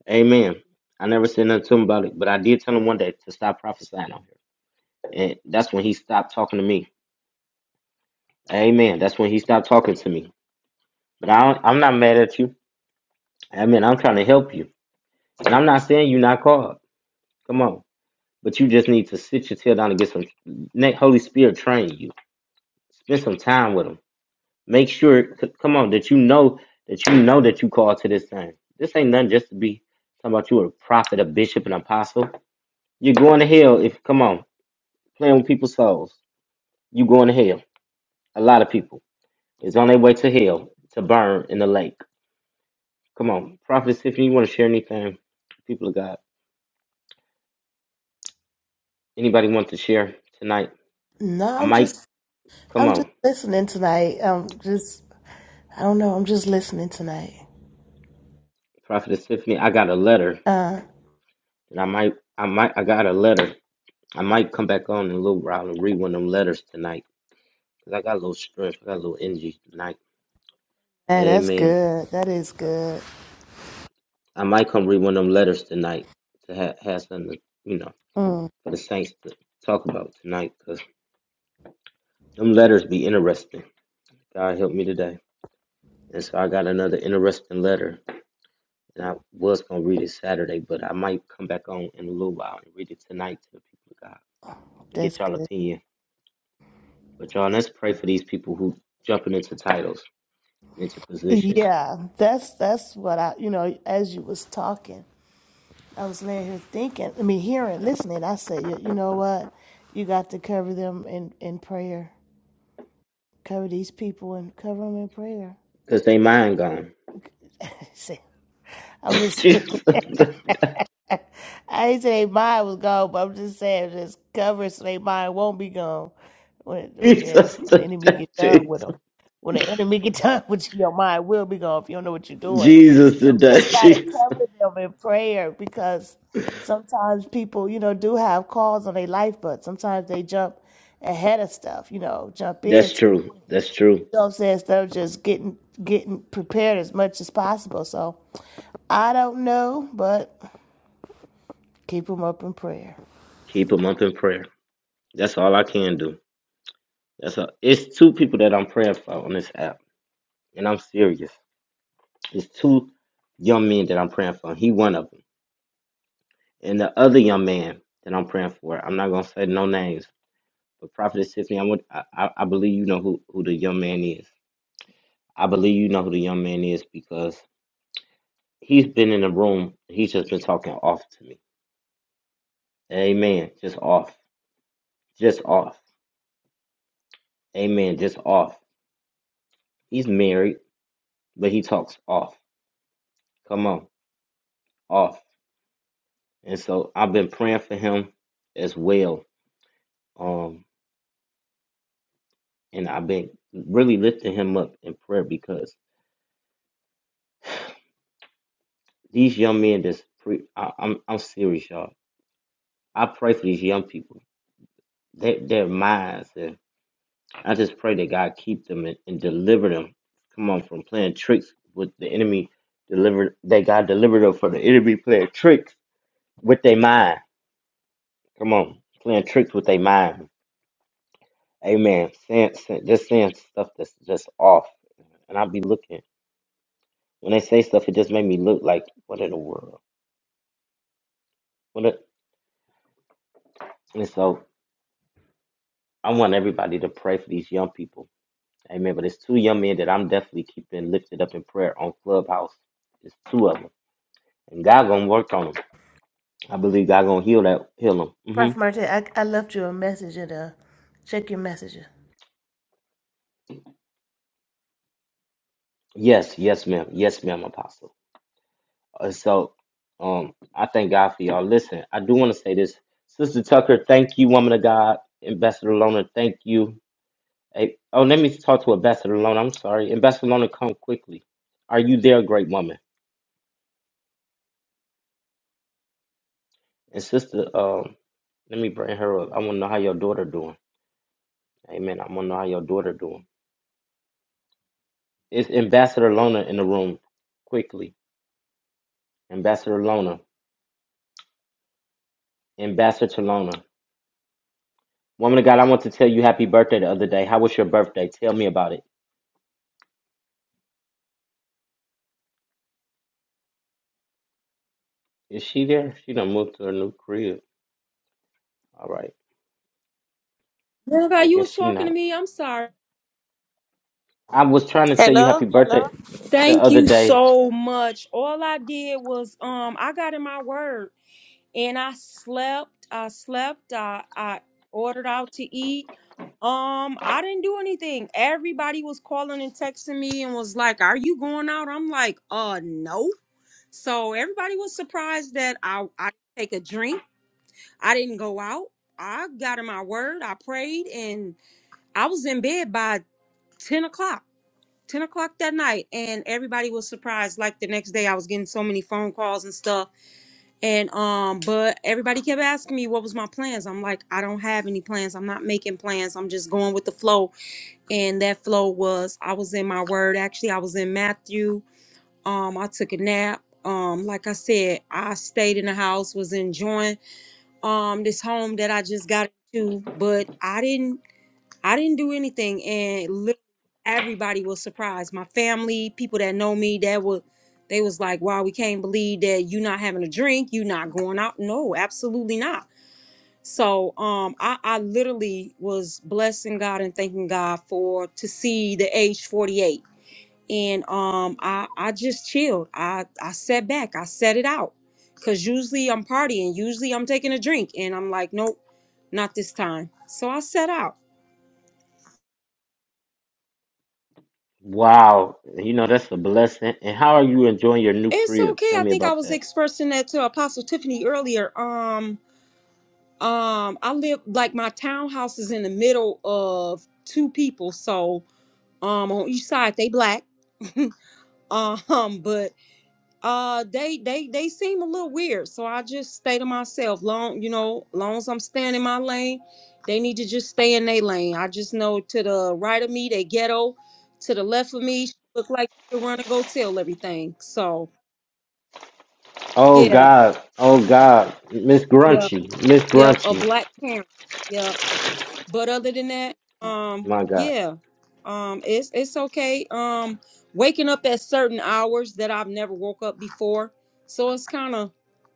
Speaker 2: Amen. I never said nothing to him about it. But I did tell him one day to stop prophesying on here. And that's when he stopped talking to me. Amen. That's when he stopped talking to me. But I don't, I'm not mad at you. Amen. I'm trying to help you. And I'm not saying you're not called. Come on. But you just need to sit your tail down and get some let Holy Spirit train you. Spend some time with him. Make sure c- come on that you know that you know that you called to this thing. This ain't nothing just to be talking about you a prophet, a bishop, an apostle. You're going to hell if come on, playing with people's souls. You going to hell. A lot of people is on their way to hell to burn in the lake. Come on. Prophet Tiffany, you want to share anything? People of God. Anybody want to share tonight?
Speaker 3: No,
Speaker 2: I
Speaker 3: I'm
Speaker 2: might
Speaker 3: just,
Speaker 2: come
Speaker 3: I'm just
Speaker 2: on.
Speaker 3: listening tonight. I'm just, I don't know. I'm just listening tonight.
Speaker 2: Prophetess Tiffany, I got a letter,
Speaker 3: Uh,
Speaker 2: and I might, I might, I got a letter. I might come back on in a little while and read one of them letters tonight, cause I got a little strength, I got a little energy tonight.
Speaker 3: and that's
Speaker 2: Amen.
Speaker 3: good. That is
Speaker 2: So
Speaker 3: good.
Speaker 2: I might come read one of them letters tonight to ha- have something, to, you know,
Speaker 3: Mm,
Speaker 2: for the saints to talk about tonight, cause them letters be interesting. God help me today, and so I got another interesting letter, and I was gonna read it Saturday, but I might come back on in a little while and read it tonight to the people of God and
Speaker 3: that's
Speaker 2: get y'all
Speaker 3: good.
Speaker 2: opinion But y'all, let's pray for these people who jumping into titles and into positions.
Speaker 3: Yeah, that's that's what I, you know, as you was talking. I was laying here thinking, I mean, hearing, listening. I said, you, you know what? You got to cover them in, in prayer. Cover these people and cover them in prayer.
Speaker 2: Cause they mind gone.
Speaker 3: I said- I'm just
Speaker 2: Jesus, the
Speaker 3: I didn't say they mind was gone, but I'm just saying just cover it so they mind won't be gone. When yeah,
Speaker 2: Jesus,
Speaker 3: when the
Speaker 2: the-
Speaker 3: enemy get done with them,
Speaker 2: Jesus,
Speaker 3: when the enemy get done with you, your mind will be gone if you don't know what you're doing.
Speaker 2: Jesus,
Speaker 3: So we
Speaker 2: today,
Speaker 3: just gotta
Speaker 2: Jesus.
Speaker 3: cover them in prayer because sometimes people, you know, do have calls on their life, but sometimes they jump ahead of stuff. You know, jump in.
Speaker 2: That's true. That's true.
Speaker 3: You know what I'm saying? Instead of just getting getting prepared as much as possible. So I don't know, but keep them up in prayer.
Speaker 2: Keep them up in prayer. That's all I can do. That's all. It's two people that I'm praying for on this app, and I'm serious. It's two young men that I'm praying for. He one of them, and the other young man that I'm praying for. I'm not gonna say no names But Prophet Tiffany, I would I, I I believe you know who, who the young man is. I believe you know who the young man is because he's been in the room. He's just been talking off to me. Amen. Just off. Just off. Amen. Just off. He's married, but he talks off. Come on. Off. And so I've been praying for him as well. Um and I've been really lifting him up in prayer because these young men that's pre I, I'm I'm serious, y'all. I pray for these young people they, their minds. And I just pray that God keep them and, and deliver them. Come on, from playing tricks with the enemy, deliver that God deliver them from the enemy playing tricks with their mind. Come on, playing tricks with their mind. Amen. Saying, saying, just saying stuff that's just off, and I'll be looking when they say stuff. It just made me look like what in the world? What? A, and so I want everybody to pray for these young people. Amen. But it's two young men that I'm definitely keeping lifted up in prayer on Clubhouse. It's two of 'em. And God gonna work on them. I believe God gonna heal that heal them. hmm
Speaker 3: Prophet Martin, I, I left you a message and uh, check your messenger.
Speaker 2: Yes, yes, ma'am. Yes, ma'am, Apostle. Uh, so um I thank God for y'all. Listen, I do wanna say this. Sister Tucker, thank you, woman of God. Ambassador Lona, thank you. Hey, oh, let me talk to Ambassador Lona. I'm sorry. Ambassador Lona, come quickly. Are you there, great woman? And sister, um, let me bring her up. I wanna know how your daughter doing. Amen. I wanna know how your daughter doing. It's Ambassador Lona in the room quickly. Ambassador Lona. Ambassador Barcelona. Woman of God, I want to tell you happy birthday the other day. How was your birthday? Tell me about it. Is she there? She done moved to her new crib. All right.
Speaker 4: Girl, how
Speaker 2: I
Speaker 4: you
Speaker 2: guess
Speaker 4: was
Speaker 2: she
Speaker 4: talking to
Speaker 2: not.
Speaker 4: me. I'm sorry.
Speaker 2: I was trying to tell you
Speaker 5: Hello,
Speaker 2: happy
Speaker 5: hello.
Speaker 2: birthday the
Speaker 4: Thank
Speaker 2: other
Speaker 4: you
Speaker 2: day.
Speaker 4: so much. All I did was um I got in my word and I slept. I slept. I I ordered out to eat. Um, I didn't do anything. Everybody was calling and texting me and was like, "Are you going out?" I'm like, "Uh, no." So everybody was surprised that I I didn't take a drink. I didn't go out. I got in my word. I prayed and I was in bed by ten o'clock. 10 o'clock that night and everybody was surprised like the next day i was getting so many phone calls and stuff and um but everybody kept asking me what was my plans i'm like i don't have any plans i'm not making plans i'm just going with the flow and that flow was i was in my word actually i was in matthew um i took a nap um like i said i stayed in the house was enjoying um this home that i just got into but i didn't I didn't do anything, and literally everybody was surprised. My family, people that know me, that were they was like, "Wow, we can't believe that you not having a drink, you not going out." No, absolutely not. So, um, I, I literally was blessing God and thanking God for to see the age forty eight, and um, I I just chilled. I I sat back. I set it out, cause usually I'm partying. Usually I'm taking a drink, and I'm like, nope, not this time. So I set out.
Speaker 2: Wow. You know, that's a blessing. And how are you enjoying your new
Speaker 4: It's
Speaker 2: crib?
Speaker 4: okay.
Speaker 2: Tell
Speaker 4: I
Speaker 2: me
Speaker 4: think I
Speaker 2: about
Speaker 4: was
Speaker 2: that.
Speaker 4: expressing that to Apostle Tiffany earlier. Um, um, I live like my townhouse is in the middle of two people, so um, on each side they black. Um, but uh, they they they seem a little weird, so I just stay to myself. Long, you know, long as I'm staying in my lane, they need to just stay in their lane. I just know to the right of me they ghetto, to the left of me she look like she run and go tell everything. So
Speaker 2: Oh
Speaker 4: yeah,
Speaker 2: God. Oh God. Miss
Speaker 4: yeah,
Speaker 2: Grunchy. Miss
Speaker 4: Yep, a
Speaker 2: Grunchy.
Speaker 4: black parent. Yep. But other than that, um,
Speaker 2: My God.
Speaker 4: yeah, um, it's it's okay. Um, waking up at certain hours that I've never woke up before, so it's kind of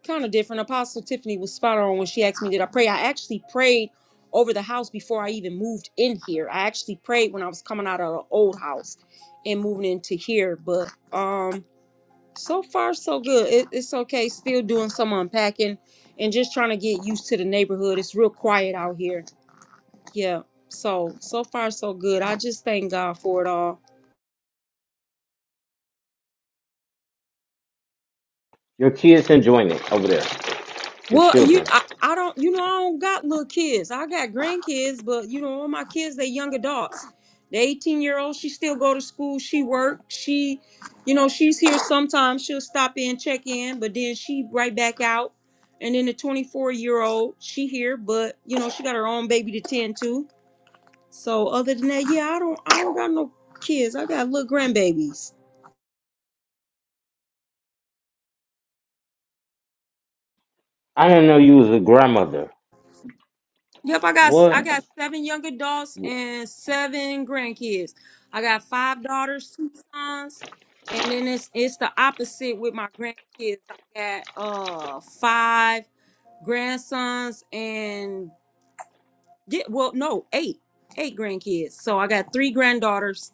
Speaker 4: kind of different. Apostle Tiffany was spot on when she asked me, "Did I pray?" I actually prayed over the house before I even moved in here. I actually prayed when I was coming out of the old house and moving into here, but um. So far, so good. It, it's okay. Still doing some unpacking and just trying to get used to the neighborhood. It's real quiet out here. Yeah. So, so far, so good. I just thank God for it all.
Speaker 2: Your kids enjoying it over there. Your
Speaker 4: Well, you,
Speaker 2: children.
Speaker 4: I, I don't, you know, I don't got little kids. I got grandkids, but you know, all my kids, they young adults. The 18 year old, she still go to school. She work. She, you know, she's here sometimes. She'll stop in, check in, but then she right back out. And then the 24 year old, she here, but you know, she got her own baby to tend to. So other than that, yeah, I don't, I don't got no kids. I got little grandbabies.
Speaker 2: I didn't know you was a grandmother.
Speaker 4: Yep, I got I
Speaker 2: What?
Speaker 4: got seven young adults and seven grandkids. I got five daughters, two sons, and then it's it's the opposite with my grandkids. I got uh five grandsons and yeah, well no eight eight grandkids. So I got three granddaughters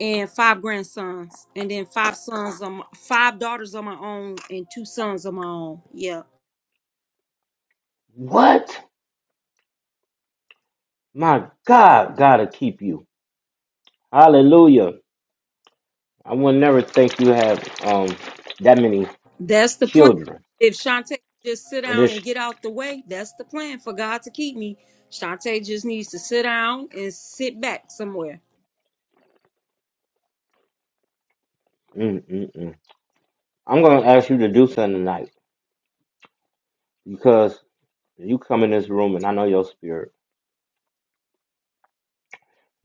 Speaker 4: and five grandsons, and then five sons on my, five daughters on my own and two sons on my own. Yeah.
Speaker 2: What? My God, gotta keep you. Hallelujah. I would never think you have um that many
Speaker 4: That's the plan.
Speaker 2: children.
Speaker 4: If Shantae just sit
Speaker 2: And
Speaker 4: down
Speaker 2: this,
Speaker 4: and get out the way, that's the plan for God to keep me. Shantae just needs to sit down and sit back somewhere.
Speaker 2: mm, mm, mm. I'm gonna ask you to do something tonight because you come in this room and I know your spirit.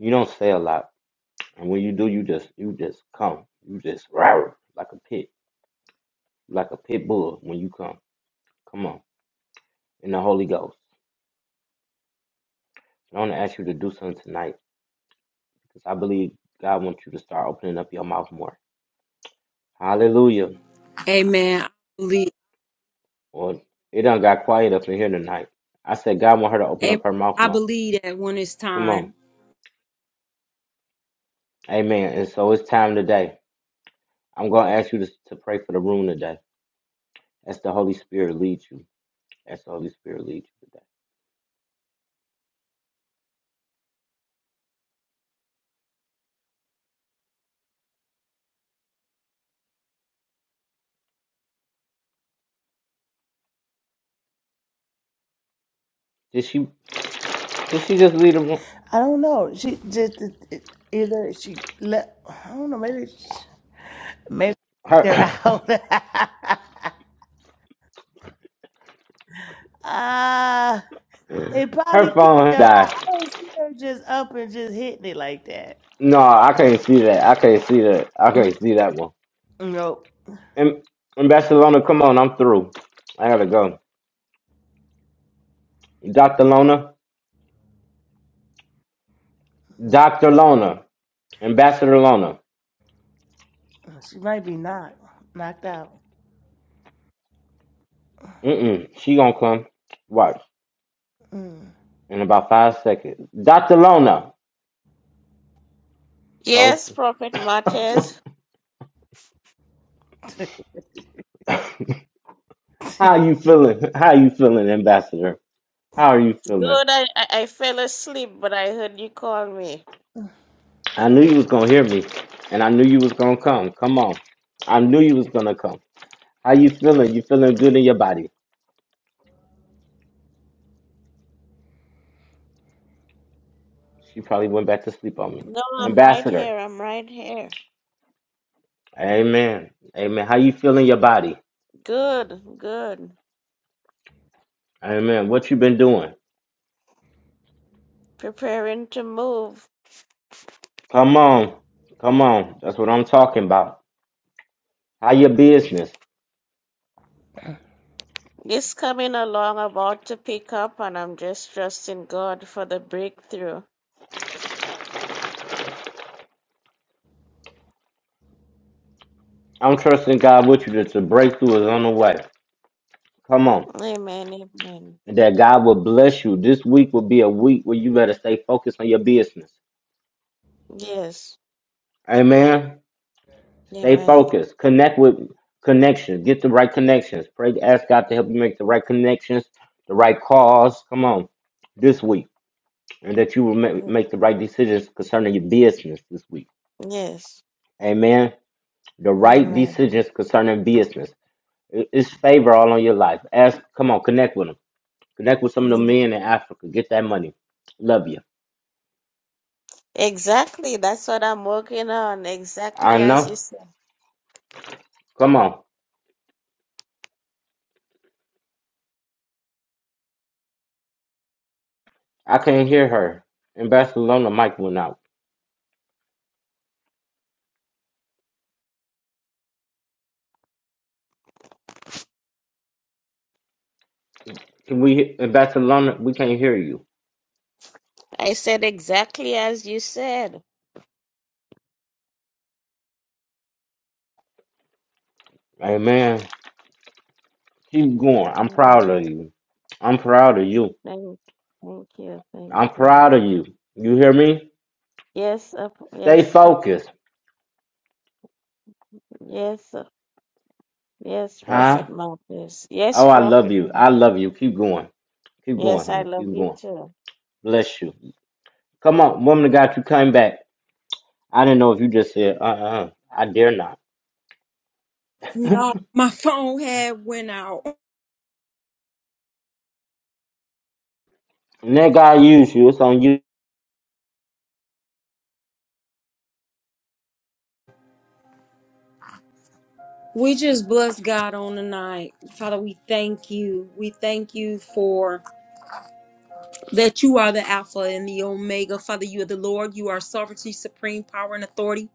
Speaker 2: You don't say a lot, and when you do, you just you just come. You just roar like a pit, like a pit bull when you come. Come on, in the Holy Ghost. I want to ask you to do something tonight because I believe God wants you to start opening up your mouth more. Hallelujah.
Speaker 4: Amen. I believe.
Speaker 2: Well, it done got quiet up in here tonight. I said God want her to open up
Speaker 4: Amen.
Speaker 2: her mouth
Speaker 4: I
Speaker 2: more.
Speaker 4: believe that when it's
Speaker 2: Come on.
Speaker 4: time.
Speaker 2: Amen. And so it's time today. I'm going to ask you to, to pray for the room today. As the Holy Spirit leads you. As the Holy Spirit leads you today. Did she did she just lead the room?
Speaker 3: I don't know. She just either she left. I don't know. Maybe she- maybe
Speaker 2: Her
Speaker 3: they're out. Ah, they probably
Speaker 2: her
Speaker 3: kicked her
Speaker 2: phone
Speaker 3: out. I
Speaker 2: died.
Speaker 3: don't see her just up and just hitting it like that.
Speaker 2: No, I can't see that. I can't see that. I
Speaker 3: Mm,
Speaker 2: can't see that one.
Speaker 3: Nope.
Speaker 2: And, Ambassador Lona, come on, I'm through. I gotta go. Dr. Lona, Dr. Lona, Ambassador Lona.
Speaker 3: She might be knocked knocked out.
Speaker 2: Mm-mm. She gonna come. Watch
Speaker 3: Mm.
Speaker 2: in about five seconds. Dr. Lona, toast.
Speaker 5: Yes, Prophet Martez.
Speaker 2: How you feeling? How you feeling, Ambassador? How are you feeling?
Speaker 5: Good. I, I I fell asleep, but I heard you call me.
Speaker 2: I knew you was gonna hear me, and I knew you was gonna come. Come on, I knew you was gonna come. How you feeling? You feeling good in your body? She probably went back to sleep on me.
Speaker 5: No, I'm right
Speaker 2: Ambassador,
Speaker 5: here. I'm right here.
Speaker 2: Amen, Amen. How you feeling your body?
Speaker 5: Good, good.
Speaker 2: Amen. What you been doing?
Speaker 5: Preparing to move.
Speaker 2: Come on, come on. That's what I'm talking about. How your business?
Speaker 5: It's coming along, about to pick up, and I'm just trusting God for the breakthrough.
Speaker 2: I'm trusting God with you that your breakthrough is on the way. Come on.
Speaker 5: Amen, amen.
Speaker 2: And that God will bless you. This week will be a week where you better stay focused on your business.
Speaker 5: Yes,
Speaker 2: Amen. Stay
Speaker 5: amen.
Speaker 2: focused. Connect with connections. Get the right connections. Pray ask God to help you make the right connections, the right calls. Come on. This week. And that you will ma- make the right decisions concerning your business this week.
Speaker 5: Yes,
Speaker 2: Amen. The right
Speaker 5: amen.
Speaker 2: decisions concerning business. It- It's favor all on your life. Ask, come on, connect with them Connect with some of the men in Africa. Get that money. Love you.
Speaker 5: Exactly. That's what I'm working on.
Speaker 2: I
Speaker 5: Exactly as you
Speaker 2: know.
Speaker 5: said.
Speaker 2: Come on. I can't hear her. In Barcelona, mic went out. Can we in Barcelona? We can't hear you.
Speaker 5: I said exactly as you said.
Speaker 2: Amen. Keep going. I'm proud of
Speaker 5: Amen.
Speaker 2: you. I'm proud of you.
Speaker 5: Thank, thank you. Thank
Speaker 2: I'm
Speaker 5: you.
Speaker 2: proud of you. You hear me?
Speaker 5: Yes, uh,
Speaker 2: Stay
Speaker 5: yes, uh,
Speaker 2: focused,
Speaker 5: yes, uh, yes,
Speaker 2: huh?
Speaker 5: Prophet Marcus. Yes,
Speaker 2: Oh, I love
Speaker 5: Prophet
Speaker 2: you. I
Speaker 5: Marcus.
Speaker 2: love you. Keep going. Keep going,
Speaker 5: Yes, I
Speaker 2: honey.
Speaker 5: love
Speaker 2: Keep
Speaker 5: you
Speaker 2: going.
Speaker 5: too.
Speaker 2: Bless you. Come on, woman of God, you came back. I didn't know if you just said, uh uh I dare not.
Speaker 4: No, my phone had went out.
Speaker 2: And that God used you. It's on you.
Speaker 4: We just bless God on the night. Father, we thank you. We thank you for that you are the Alpha and the Omega. Father, you are the Lord. You are sovereignty, supreme power, and authority.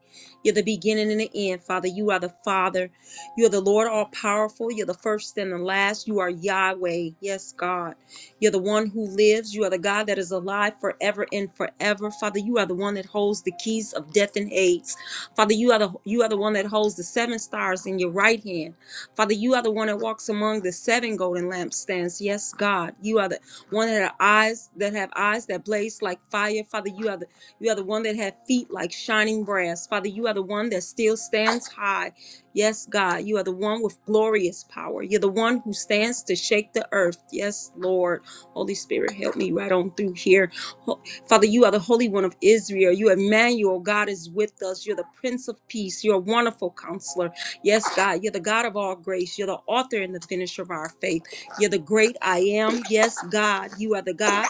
Speaker 4: You're the beginning and the end, Father. You are the Father. You are the Lord, all powerful. You're the first and the last. You are Yahweh. Yes, God. You're the one who lives. You are the God that is alive forever and forever. Father, you are the one that holds the keys of death and Hades. Father, you are the you are the one that holds the seven stars in your right hand. Father, you are the one that walks among the seven golden lampstands. Yes, God. You are the one that have eyes that have eyes that blaze like fire. Father, you are the you are the one that have feet like shining brass. Father, you are the one that still stands high. Yes, God, you are the one with glorious power. You're the one who stands to shake the earth. Yes, Lord. Holy Spirit, help me right on through here. Ho- Father, you are the Holy One of Israel. You Emmanuel. God is with us. You're the Prince of Peace. You're a wonderful counselor. Yes, God, you're the God of all grace. You're the author and the finisher of our faith. You're the great I am. Yes, God, you are the God.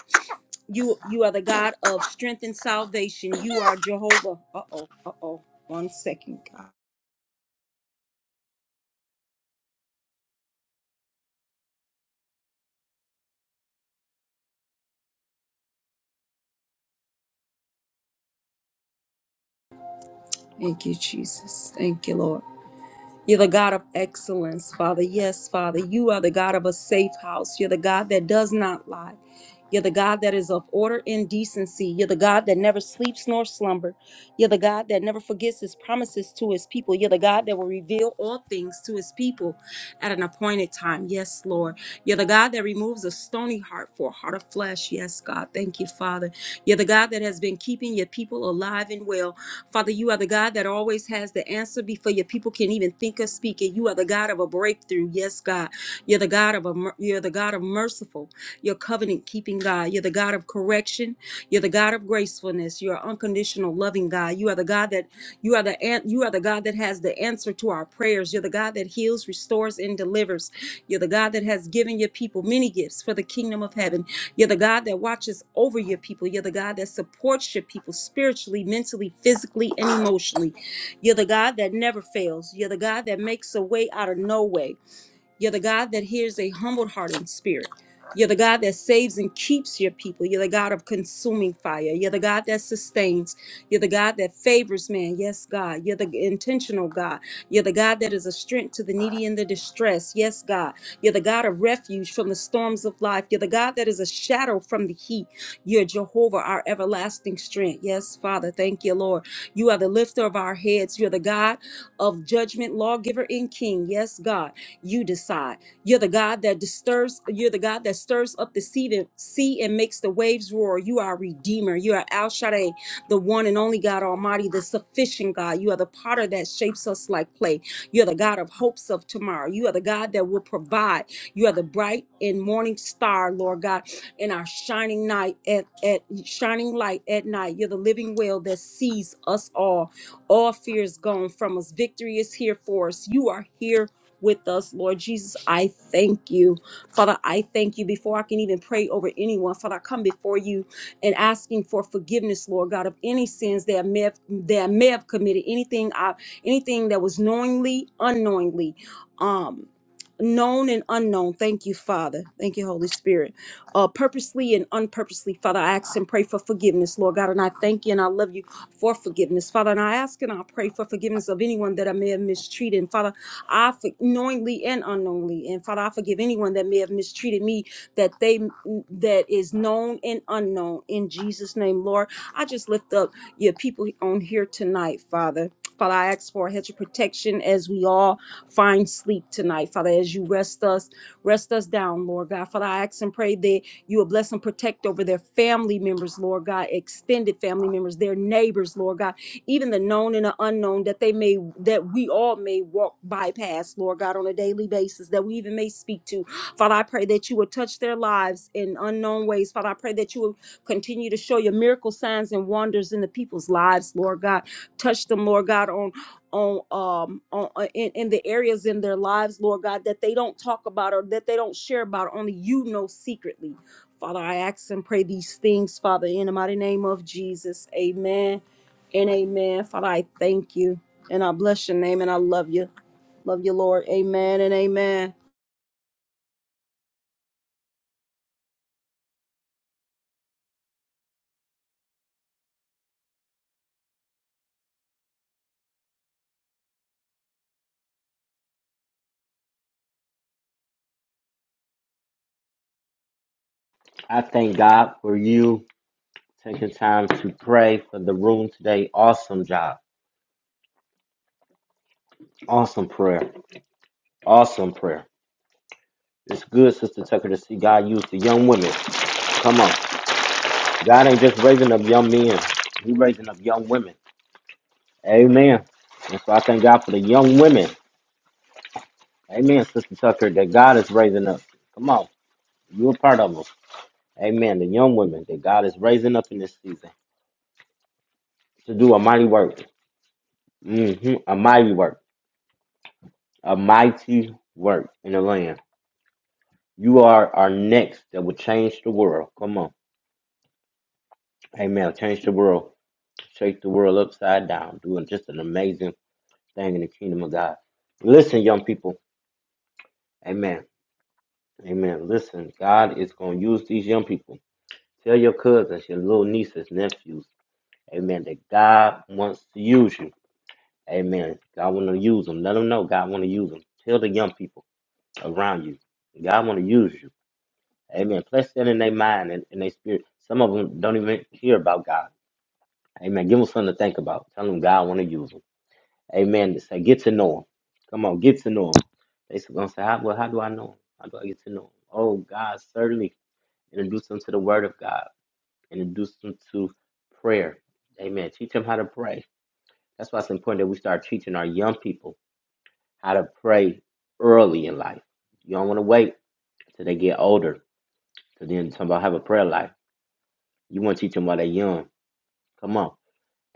Speaker 4: You you are the God of strength and salvation. You are Jehovah. Uh-oh. Uh-oh. One second, God. Thank you, Jesus. Thank you, Lord. You're the God of excellence, Father. Yes, Father. You are the God of a safe house. You're the God that does not lie. You're the God that is of order and decency. You're the God that never sleeps nor slumber. You're the God that never forgets his promises to his people. You're the God that will reveal all things to his people at an appointed time. Yes, Lord. You're the God that removes a stony heart for a heart of flesh. Yes, God. Thank you, Father. You're the God that has been keeping your people alive and well. Father, you are the God that always has the answer before your people can even think or speak it. You are the God of a breakthrough. Yes, God. You're the God of a mer- you're the God of merciful. You're covenant keeping God. You're the God of correction. You're the God of gracefulness. You're unconditional loving God. You are the God that you are the an- you are the God that has the answer to our prayers. You're the God that heals, restores, and delivers. You're the God that has given your people many gifts for the kingdom of heaven. You're the God that watches over your people. You're the God that supports your people spiritually, mentally, physically, and emotionally. You're the God that never fails. You're the God that makes a way out of no way. You're the God that hears a humbled heart and spirit. You're the God that saves and keeps your people. You're the God of consuming fire. You're the God that sustains. You're the God that favors man. Yes, God. You're the intentional God. You're the God that is a strength to the needy and the distressed. Yes, God. You're the God of refuge from the storms of life. You're the God that is a shadow from the heat. You're Jehovah, our everlasting strength. Yes, Father. Thank you, Lord. You are the lifter of our heads. You're the God of judgment, lawgiver, and king. Yes, God. You decide. You're the God that disturbs, you're the God that stirs up the sea, to, sea and makes the waves roar. You are a redeemer. You are Al Shaddai, the one and only God Almighty, the sufficient God. You are the potter that shapes us like clay. You're the God of hopes of tomorrow. You are the God that will provide. You are the bright and morning star, Lord God, in our shining night at, at shining light at night. You're the living will that sees us all. All fear is gone from us. Victory is here for us. You are here with us, Lord Jesus. I thank you. Father, I thank you before I can even pray over anyone. Father, I come before you and asking for forgiveness, Lord God, of any sins that I may have that I may have committed, anything I anything that was knowingly, unknowingly. Um known and unknown thank you father thank you holy spirit uh purposely and unpurposely father i ask and pray for forgiveness lord god and i thank you and i love you for forgiveness father and i ask and i pray for forgiveness of anyone that i may have mistreated And, father I for- knowingly and unknowingly. And Father, I forgive anyone that may have mistreated me that they mm, that is known and unknown in Jesus' name, Lord. I just lift up your people on here tonight, Father. Father, I ask for a hedge of protection as we all find sleep tonight. Father, as you rest us, rest us down, Lord God. Father, I ask and pray that you will bless and protect over their family members, Lord God, extended family members, their neighbors, Lord God even the known and the unknown, that they may, that we all may walk bypass, Lord God, on a daily basis, that we even may speak to. Father, I pray that you would touch their lives in unknown ways. Father, I pray that you would continue to show your miracle signs and wonders in the people's lives, Lord God. Touch them, Lord God, on on um on uh, in, in the areas in their lives, Lord God, that they don't talk about or that they don't share about. Only you know secretly. Father, I ask and pray these things, Father, in the mighty name of Jesus. Amen and amen. Father, I thank you and I bless your name and I love you. Love you, Lord. Amen and amen.
Speaker 2: I thank God for you taking time to pray for the room today. Awesome job. Awesome prayer. Awesome prayer. It's good, Sister Tucker, to see God use the young women. Come on. God ain't just raising up young men, He raising up young women. Amen. And so I thank God for the young women. Amen, Sister Tucker, that God is raising up. Come on. You're a part of them. Amen. The young women that God is raising up in this season to do a mighty work. hmm A mighty work. A mighty work in the land. You are our next that will change the world. Come on. Amen. Change the world. Shake the world upside down. Doing just an amazing thing in the kingdom of God. Listen, young people. Amen. Amen. Listen, God is going to use these young people. Tell your cousins, your little nieces, nephews. Amen. That God wants to use you. Amen. God want to use them. Let them know God want to use them. Tell the young people around you. God want to use you. Amen. Place that in their mind and in their spirit. Some of them don't even hear about God. Amen. Give them something to think about. Tell them God want to use them. Amen. Just say, get to know them. Come on, get to know them. They're going to say, how, well, how do I know them?" How do I get to know them. Oh, God, certainly introduce them to the word of God. Introduce them to prayer. Amen. Teach them how to pray. That's why it's important that we start teaching our young people how to pray early in life. You don't want to wait till they get older to then talk about have a prayer life. You want to teach them while they're young. Come on.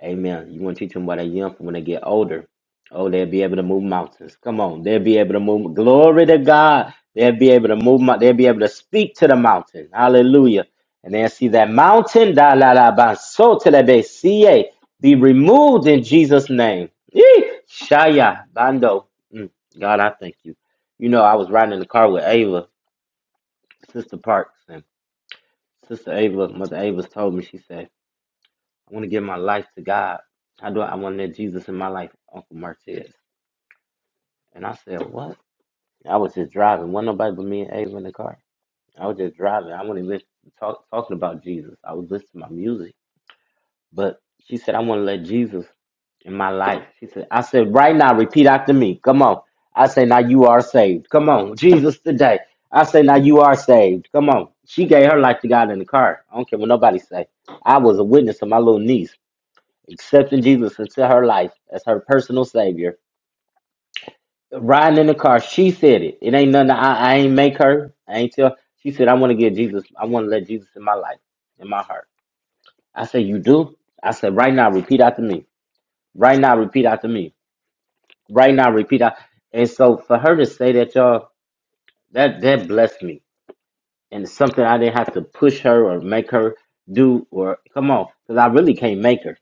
Speaker 2: Amen. You want to teach them while they're young, for when they get older, oh, they'll be able to move mountains. Come on, they'll be able to move. Glory to God. They'll be able to move. mou- They'll be able to speak to the mountain. Hallelujah. And they'll see that mountain. Da la la ba so te la be see eh, Be removed in Jesus' name. Yee! Shaya bando. Mm, God, I thank you. You know, I was riding in the car with Ava, Sister Parks, and Sister Ava, Mother Ava's told me. She said. I want to give my life to God. How do I, I want to let Jesus in my life, Uncle Martez? And I said, what? I was just driving. Wasn't nobody but me and Ava in the car. I was just driving. I wasn't even talk, talking about Jesus. I was listening to my music. But she said, I want to let Jesus in my life. She said, I said, right now, repeat after me. Come on. I say, now you are saved. Come on. Jesus today. I say, now you are saved. Come on. She gave her life to God in the car. I don't care what nobody say. I was a witness of my little niece. accepting Jesus into her life as her personal savior. Riding in the car, she said it. It ain't nothing. I, I ain't make her. I ain't tell. She said, "I want to get Jesus. I want to let Jesus in my life, in my heart." I said, "You do?" I said, "Right now, repeat after me. Right now, repeat after me. Right now, repeat." Out. And so, for her to say that, y'all, that that blessed me, and it's something I didn't have to push her or make her do or come on, because I really can't make her.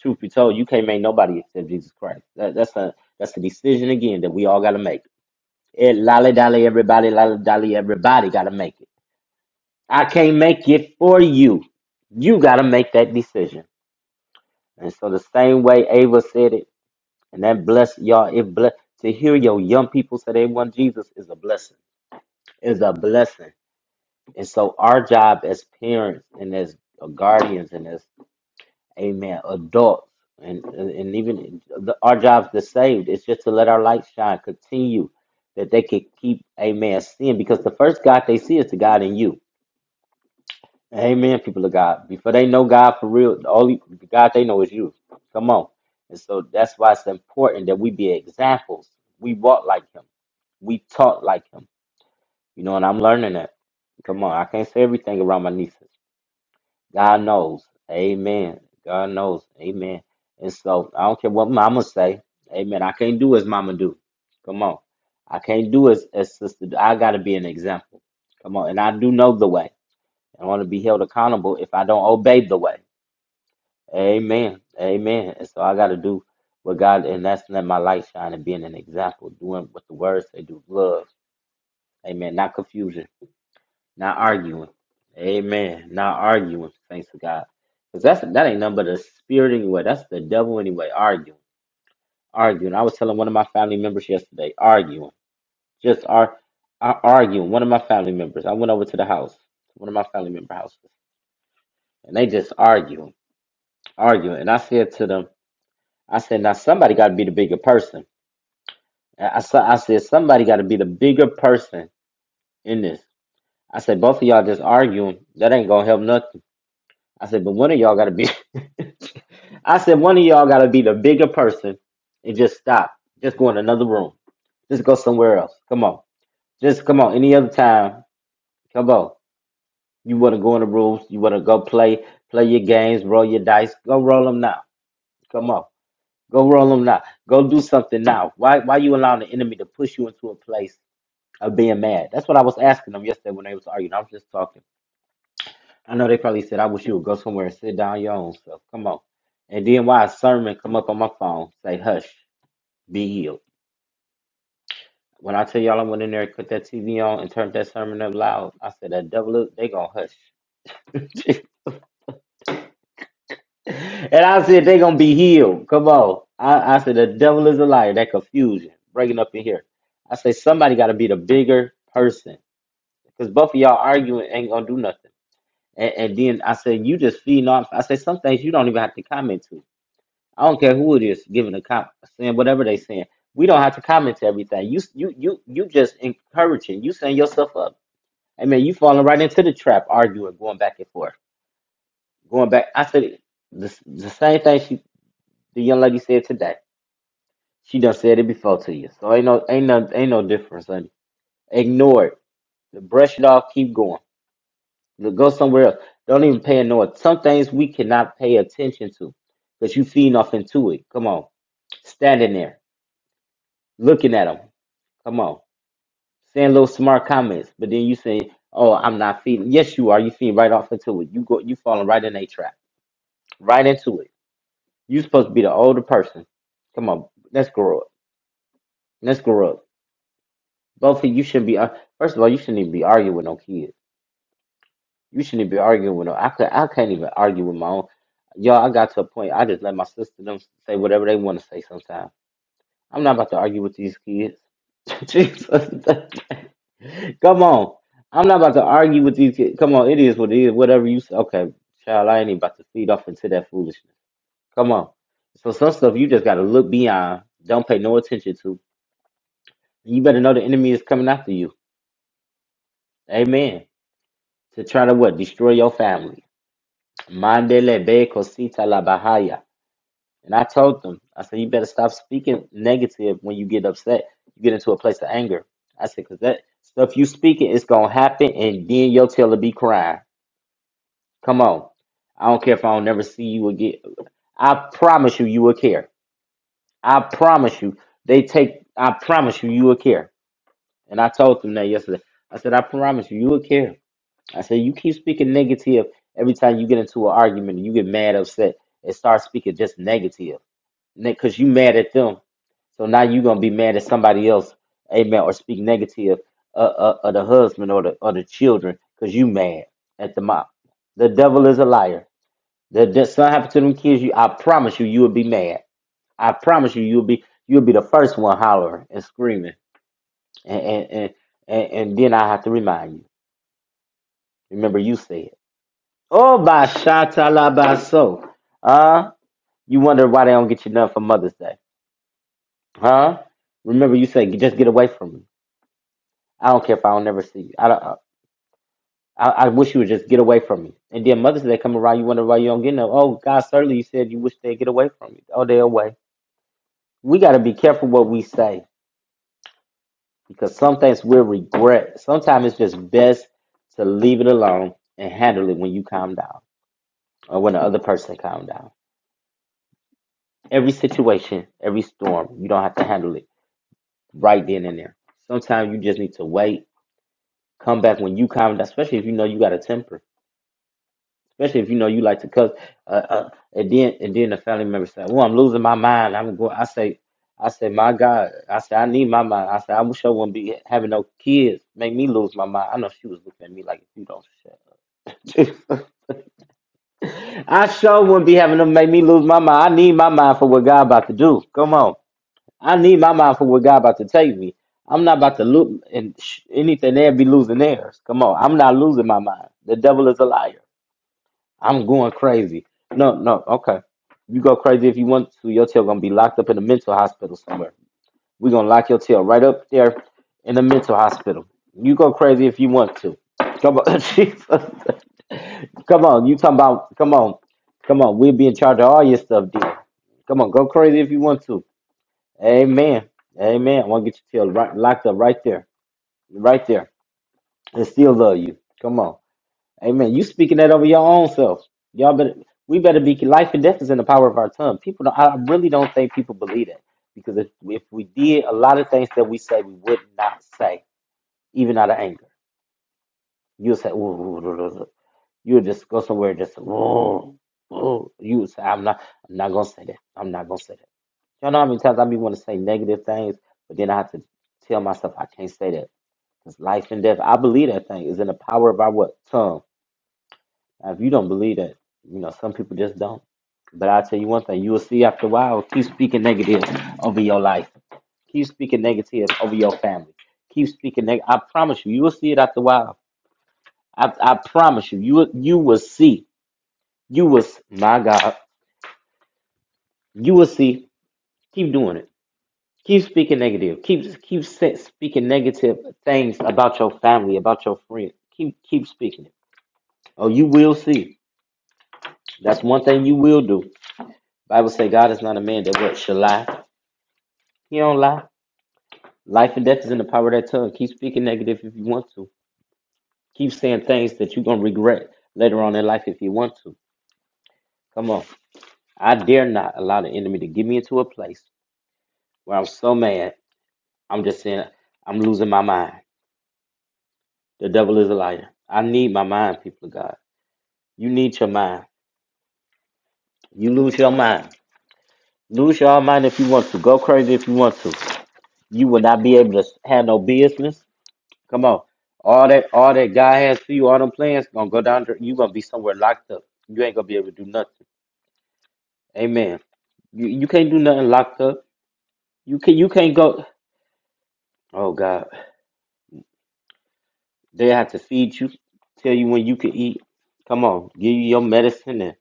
Speaker 2: Truth be told, you can't make nobody accept Jesus Christ. That, that's a that's a decision again that we all got to make. It lolly dolly everybody, lolly dolly everybody got to make it. I can't make it for you. You got to make that decision. And so the same way Ava said it, and that bless y'all. It bless to hear your young people say they want Jesus is a blessing. Is a blessing. And so our job as parents and as guardians and as Amen. Adults and and and even the, our jobs the saved. It's just to let our light shine, continue, that they could keep Amen seeing. Because the first God they see is the God in you. Amen. People of God, before they know God for real, the only God they know is you. Come on. And so that's why it's important that we be examples. We walk like Him. We talk like Him. You know, and I'm learning that. Come on, I can't say everything around my niece. God knows. Amen. God knows. Amen. And so I don't care what mama say. Amen. I can't do as mama do. Come on. I can't do as, as sister do. I gotta be an example. Come on. And I do know the way. I want to be held accountable if I don't obey the way. Amen. Amen. And so I gotta do what God and that's let my light shine and being an example, doing what the word say, do love. Amen. Not confusion. Not arguing. Amen. Not arguing. Thanks to God. Because that's that ain't nothing but the spirit anyway. That's the devil anyway. Arguing. Arguing. I was telling one of my family members yesterday, arguing. Just ar- ar- arguing. One of my family members. I went over to the house. One of my family member houses. And they just arguing. Arguing. And I said to them, I said, now somebody gotta be the bigger person. I, I, sa- I said, somebody gotta be the bigger person in this. I said, both of y'all just arguing. That ain't gonna help nothing. I said, but one of y'all gotta be I said one of y'all gotta be the bigger person and just stop. Just go in another room. Just go somewhere else. Come on. Just come on. Any other time. Come on. You wanna go in the rooms, you wanna go play, play your games, roll your dice, go roll them now. Come on. Go roll them now. Go do something now. Why why you allowing the enemy to push you into a place of being mad? That's what I was asking them yesterday when they was arguing. I was just talking. I know they probably said, I wish you would go somewhere and sit down your own self. Come on. And then why a sermon come up on my phone, say, hush, be healed. When I tell y'all I went in there and put that TV on and turned that sermon up loud, I said, that devil, look, they gonna hush. and I said, they gonna be healed. Come on. I, I said, the devil is a liar. That confusion, breaking up in here. I say, somebody gotta be the bigger person. Because both of y'all arguing ain't gonna do nothing. And, and then I said, you just feeding off. I said, some things you don't even have to comment to. I don't care who it is giving a comment, saying whatever they saying. We don't have to comment to everything. You you you you just encouraging. You setting yourself up. I mean, you falling right into the trap, arguing, going back and forth, going back. I said the the same thing she the young lady said today. She done said it before to you, so ain't no ain't no ain't no difference, honey. Ignore it. Brush it off. Keep going. Go somewhere else. Don't even pay no. Some things we cannot pay attention to, because you feeding off into it. Come on, standing there looking at them. Come on. saying little smart comments, but then you say, "Oh, I'm not feeling." Yes, you are. You feed right off into it. You go. You falling right in a trap. Right into it. You supposed to be the older person. Come on, let's grow up. Let's grow up. Both of you shouldn't be. ar- First of all, you shouldn't even be arguing with no kids. You shouldn't be arguing with no. I could. I can't even argue with my own. Y'all, I got to a point. I just let my sister them say whatever they want to say. Sometimes I'm not about to argue with these kids. Jesus. Come on. I'm not about to argue with these kids. Come on, it is what it is. Whatever you say. Okay, child, I ain't even about to feed off into that foolishness. Come on. So some stuff you just gotta look beyond. Don't pay no attention to. You better know the enemy is coming after you. Amen. To try to what? Destroy your family. Mandele be cosita la bahaya. And I told them, I said, you better stop speaking negative when you get upset. You get into a place of anger. I said, because that stuff you speaking is going to happen and then your tail will be crying. Come on. I don't care if I don't never see you again. I promise you, you will care. I promise you. They take, I promise you, you will care. And I told them that yesterday. I said, I promise you, you will care. I said, you keep speaking negative every time you get into an argument and you get mad, upset, and start speaking just negative. Because you mad at them. So now you're going to be mad at somebody else. Amen. Or speak negative uh, uh, of the husband or the, or the children because you mad at the mom. The devil is a liar. That that something happened to them kids, you I promise you, you would be mad. I promise you, you'll be you'll be the first one hollering and screaming, and and and, and, and then I have to remind you. Remember, you said, "Oh, by shatalabaso." Huh? You wonder why they don't get you done for Mother's Day, huh? Remember, you said, "Just get away from me. I don't care if I don't never see you. I don't." I, I wish you would just get away from me. And then Mother's Day come around, you wonder why you don't get no. Oh, God, certainly you said you wish they'd get away from me. Oh, they're away. We got to be careful what we say because some things will regret. Sometimes it's just best to leave it alone and handle it when you calm down or when the other person calm down. Every situation, every storm, you don't have to handle it right then and there. Sometimes you just need to wait, come back when you calm down, especially if you know you got a temper, especially if you know you like to cuss. Uh, uh, and then and then the family member said, "Well, I'm losing my mind. I'm going." I say. I say, my God, I say, I need my mind. I say, I wish I wouldn't be having no kids. Make me lose my mind. I know she was looking at me like, if you don't shut I sure wouldn't be having them make me lose my mind. I need my mind for what God about to do. Come on, I need my mind for what God about to take me. I'm not about to look and sh- anything there be losing theirs. Come on, I'm not losing my mind. The devil is a liar. I'm going crazy. No, no, okay. You go crazy if you want to. Your tail gonna be locked up in a mental hospital somewhere. We're gonna lock your tail right up there in the mental hospital. You go crazy if you want to. Come on, Jesus. Come on, you talking about? Come on, come on. We'll be in charge of all your stuff, dear. Come on, go crazy if you want to. Amen. Amen. I want to get your tail right, locked up right there, right there, and still love you. Come on. Amen. You speaking that over your own self. Y'all better we better be life and death is in the power of our tongue. People don't I really don't think people believe that. Because if, if we did a lot of things that we say we would not say, even out of anger. You'll say, ooh, you'll just go somewhere and just ooh, ooh. you would say, I'm not I'm not gonna say that. I'm not gonna say that. Y'all know how many times I be want to say negative things, but then I have to tell myself I can't say that. Because life and death, I believe that thing is in the power of our what? Tongue. Now, if you don't believe that, you know, some people just don't. But I'll tell you one thing, you will see after a while, keep speaking negative over your life. Keep speaking negative over your family. Keep speaking negative. I promise you, you will see it after a while. I, I promise you, you will, you will see. You will, s- my God, you will see. Keep doing it. Keep speaking negative. Keep just keep sa- speaking negative things about your family, about your friends. Keep keep speaking it. Oh, you will see. That's one thing you will do. Bible say God is not a man that what shall lie. He don't lie. Life and death is in the power of that tongue. Keep speaking negative if you want to. Keep saying things that you're gonna regret later on in life if you want to. Come on. I dare not allow the enemy to get me into a place where I'm so mad. I'm just saying I'm losing my mind. The devil is a liar. I need my mind, people of God. You need your mind. You lose your mind. Lose your mind if you want to. Go crazy if you want to. You will not be able to have no business. Come on. All that all that God has for you, all them plans gonna go down there. You gonna be somewhere locked up. You ain't gonna be able to do nothing. Amen. You you can't do nothing locked up. You can you can't go oh God. They have to feed you, tell you when you can eat. Come on, give you your medicine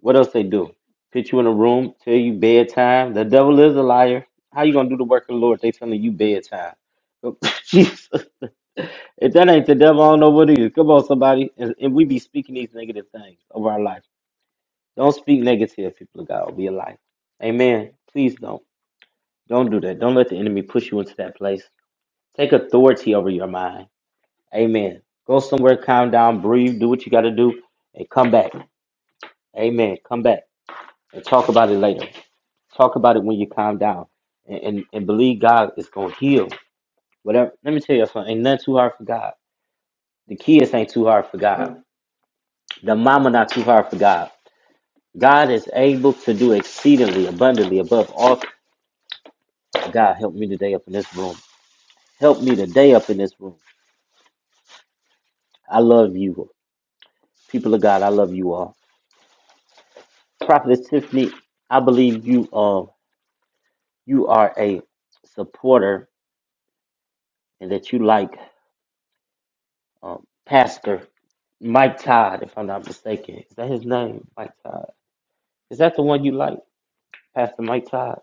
Speaker 2: What else they do? Put you in a room, tell you bedtime. The devil is a liar. How you gonna do the work of the Lord? They telling you bedtime. Jesus. If that ain't the devil, I don't know what is. Come on, somebody. And, and we be speaking these negative things over our life. Don't speak negative, people of God, over your life. Amen. Please don't. Don't do that. Don't let the enemy push you into that place. Take authority over your mind. Amen. Go somewhere, calm down, breathe, do what you got to do, and come back. Amen. Come back and talk about it later. Talk about it when you calm down, and and, and believe God is gonna heal. Whatever. Let me tell you something. Ain't nothing too hard for God. The kids ain't too hard for God. The mama not too hard for God. God is able to do exceedingly abundantly above all. God help me today up in this room. Help me today up in this room. I love you, people of God. I love you all. Prophetess Tiffany, I believe you. Um, you are a supporter and that you like um, Pastor. Mike Todd, if I'm not mistaken. Is that his name? Mike Todd. Is that the one you like? Pastor Mike Todd?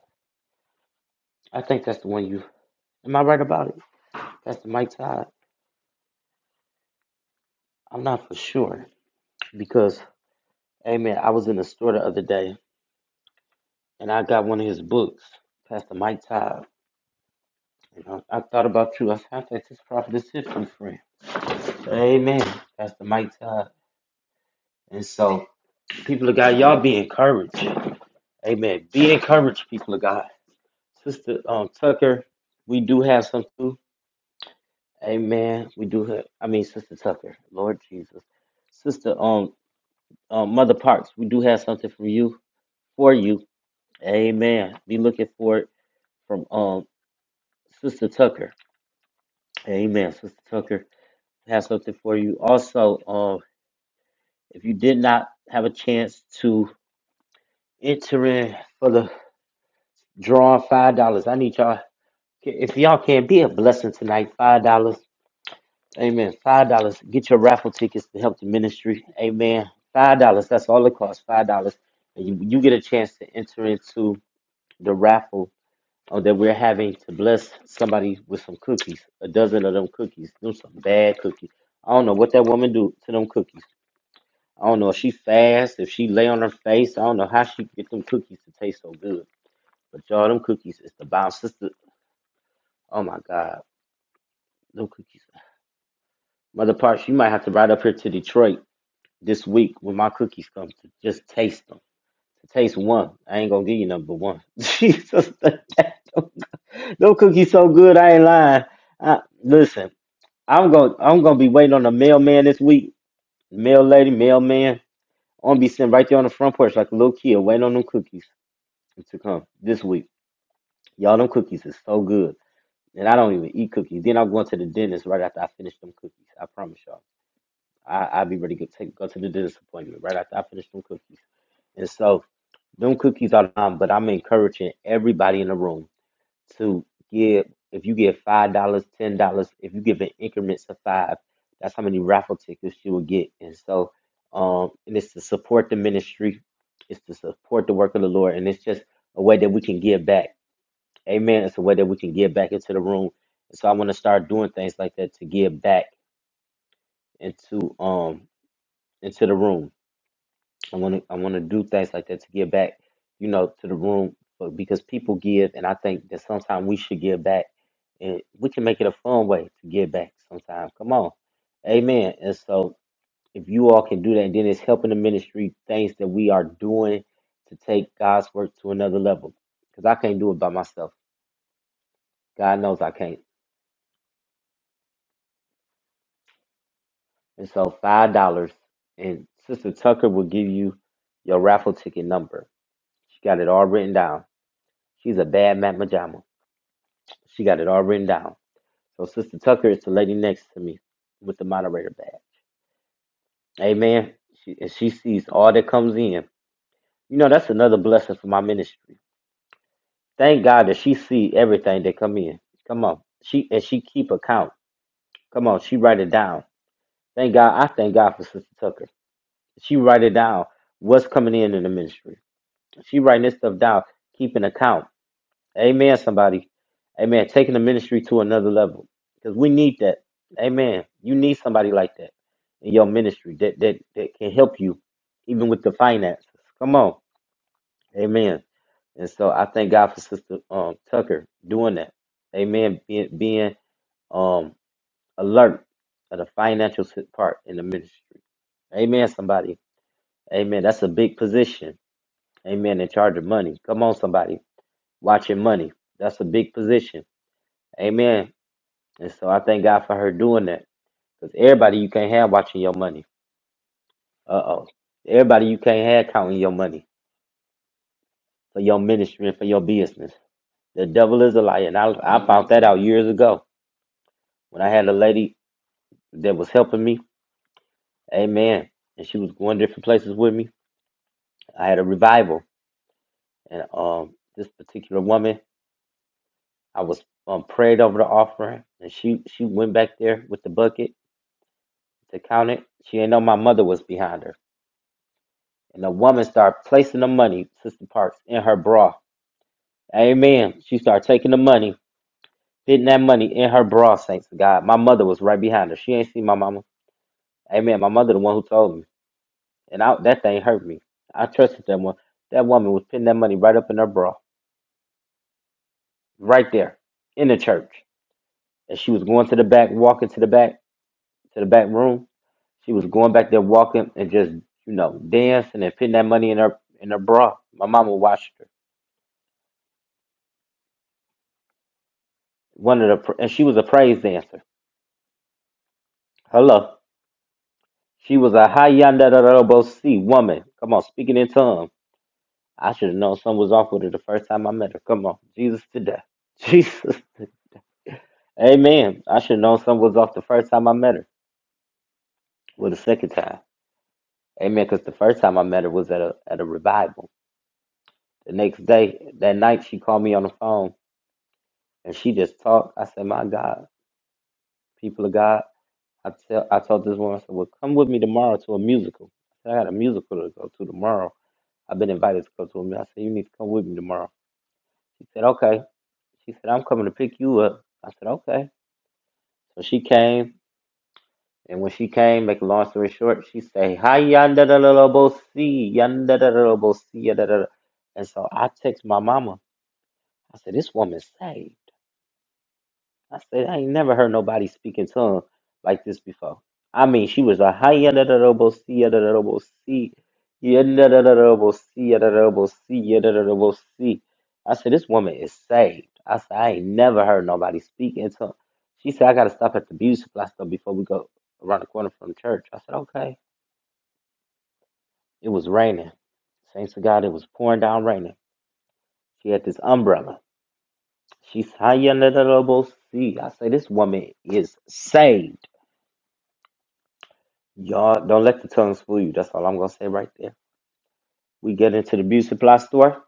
Speaker 2: I think that's the one you. Am I right about it? Pastor Mike Todd? I'm not for sure because, hey man, I was in the store the other day and I got one of his books, Pastor Mike Todd. You know, I thought about you. I said, I think this prophet is his from friend. So, Amen. Pastor Mike Todd. And so, people of God, y'all be encouraged. Amen. Be encouraged, people of God. Sister um, Tucker, we do have some. too. Amen. We do have, I mean, Sister Tucker, Lord Jesus. Sister, um, um, Mother Parks, we do have something from you, for you. Amen. Be looking for it from, um, Sister Tucker. Amen. Sister Tucker has something for you. Also, um, if you did not have a chance to enter in for the drawing $5, I need y'all, if y'all can be a blessing tonight, $5. Amen. Five dollars. Get your raffle tickets to help the ministry. Amen. Five dollars. That's all it costs. Five dollars. And you, you get a chance to enter into the raffle uh, that we're having to bless somebody with some cookies. A dozen of them cookies. Them some bad cookies. I don't know what that woman do to them cookies. I don't know if she fast, if she lay on her face. I don't know how she get them cookies to taste so good. But y'all, them cookies is the bomb, sister. Oh my God, them cookies. Mother Parks, you might have to ride up here to Detroit this week when my cookies come to just taste them. To taste one. I ain't gonna give you number one. Jesus, no cookies so good. I ain't lying. I, listen, I'm gonna I'm gonna be waiting on the mailman this week. Mail lady, mailman. I'm gonna be sitting right there on the front porch like a little kid, waiting on them cookies to come this week. Y'all, them cookies is so good, and I don't even eat cookies. Then I'm going to the dentist right after I finish them cookies. I promise y'all. I, I'll be ready to take, go to the dentist appointment right after I finish them cookies. And so, Them cookies are mine, but I'm encouraging everybody in the room to give. If you give five dollars, ten dollars, if you give in increments of five, that's how many raffle tickets you will get. And so, um, and it's to support the ministry, it's to support the work of the Lord, and it's just a way that we can give back. Amen. It's a way that we can give back into the room. And So I want to start doing things like that to give back into um into the room. I want to I want to do things like that to give back, you know, to the room but because people give, and I think that sometimes we should give back, and we can make it a fun way to give back. Sometimes, come on, Amen. And so, if you all can do that, and then it's helping the ministry things that we are doing to take God's work to another level. Because I can't do it by myself. God knows I can't. And so, five dollars, and Sister Tucker will give you your raffle ticket number. She got it all written down. She's a bad mamma jamma. She got it all written down. So Sister Tucker is the lady next to me with the moderator badge. Amen. She, and she sees all that comes in. You know, that's another blessing for my ministry. Thank God that she see everything that come in. Come on. She and she keep account. Come on, she write it down. Thank God. I thank God for Sister Tucker. She write it down. What's coming in in the ministry? She writing this stuff down, keeping account. Amen, somebody. Amen. Taking the ministry to another level. Because we need that. Amen. You need somebody like that in your ministry that, that, that can help you even with the finances. Come on. Amen. And so I thank God for Sister um, Tucker doing that. Amen. Being, being um, alert of the financial si- part in the ministry. Amen, somebody. Amen. That's a big position. Amen. In charge of money. Come on, somebody. Watching money. That's a big position. Amen. And so I thank God for her doing that. Because everybody you can't have watching your money. Uh oh. Everybody you can't have counting your money for your ministry and for your business. The devil is a liar. And I, I found that out years ago when I had a lady that was helping me. Amen. And she was going different places with me. I had a revival. And um, this particular woman, I was um, prayed over the offering. And she, she went back there with the bucket to count it. She didn't know my mother was behind her. And the woman started placing the money, Sister Parks, in her bra. Amen. She started taking the money, fitting that money in her bra, saints of God. My mother was right behind her. She ain't seen my mama. Amen. My mother, the one who told me. And I, that thing hurt me. I trusted that one. That woman was putting that money right up in her bra, right there in the church. And she was going to the back, walking to the back, to the back room. She was going back there, walking and just, you know, dancing and putting that money in her in her bra. My mama watched her one of the and she was a praise dancer. Hello. She was a high yonder C woman. Come on, speaking in tongues. I should have known something was off with her the first time I met her. Come on. Jesus today. Jesus. Amen. I should have known something was off the first time I met her. Well, the second time. Amen. Because the first time I met her was at a at a revival. The next day, that night, she called me on the phone and she just talked. I said, My God, people of God. I tell I told this woman, I said, Well, come with me tomorrow to a musical. I said, I got a musical to go to tomorrow. I've been invited to go to a meeting. I said, You need to come with me tomorrow. She said, Okay. She said, I'm coming to pick you up. I said, Okay. So she came, and when she came, make a long story short, she say, Hi yanda da da da bo see, yanda da da da bo see, yada da da." And so I text my mama. I said, This woman saved. I said, I ain't never heard nobody speak in tongues like this before. I mean, she was a high yada da da bo see yada da da bo see yada da da da bo see yada da da bo see yada da da bo see. I said, this woman is saved. I said, I ain't never heard nobody speak in tongues. She said, I gotta stop at the beauty supply store before we go around the corner from church. I said, okay. It was raining. Thanks to God, it was pouring down raining. She had this umbrella. She's high yada da da bo see. I say, this woman is saved. Y'all don't let the tongues fool you. That's all I'm gonna say right there. We get into the beauty supply store.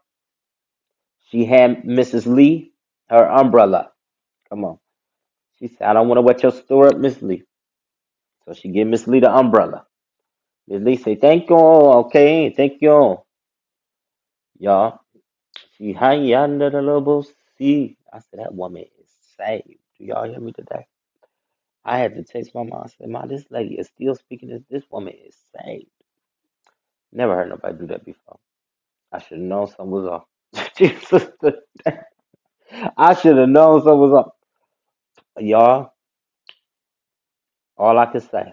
Speaker 2: She had Mrs. Lee her umbrella. Come on. She said, I don't want to wet your store up, Miss Lee. So she give Miss Lee the umbrella. Miss Lee say, Thank you, okay, thank you. Y'all. She high under the little sea. I said, That woman is saved. Do y'all hear me today? I had to text my mom. I said, Ma, this lady is still speaking this. This woman is saved. Never heard nobody do that before. I should have known something was off. Jesus. I should have known something was up. Y'all, all I could say,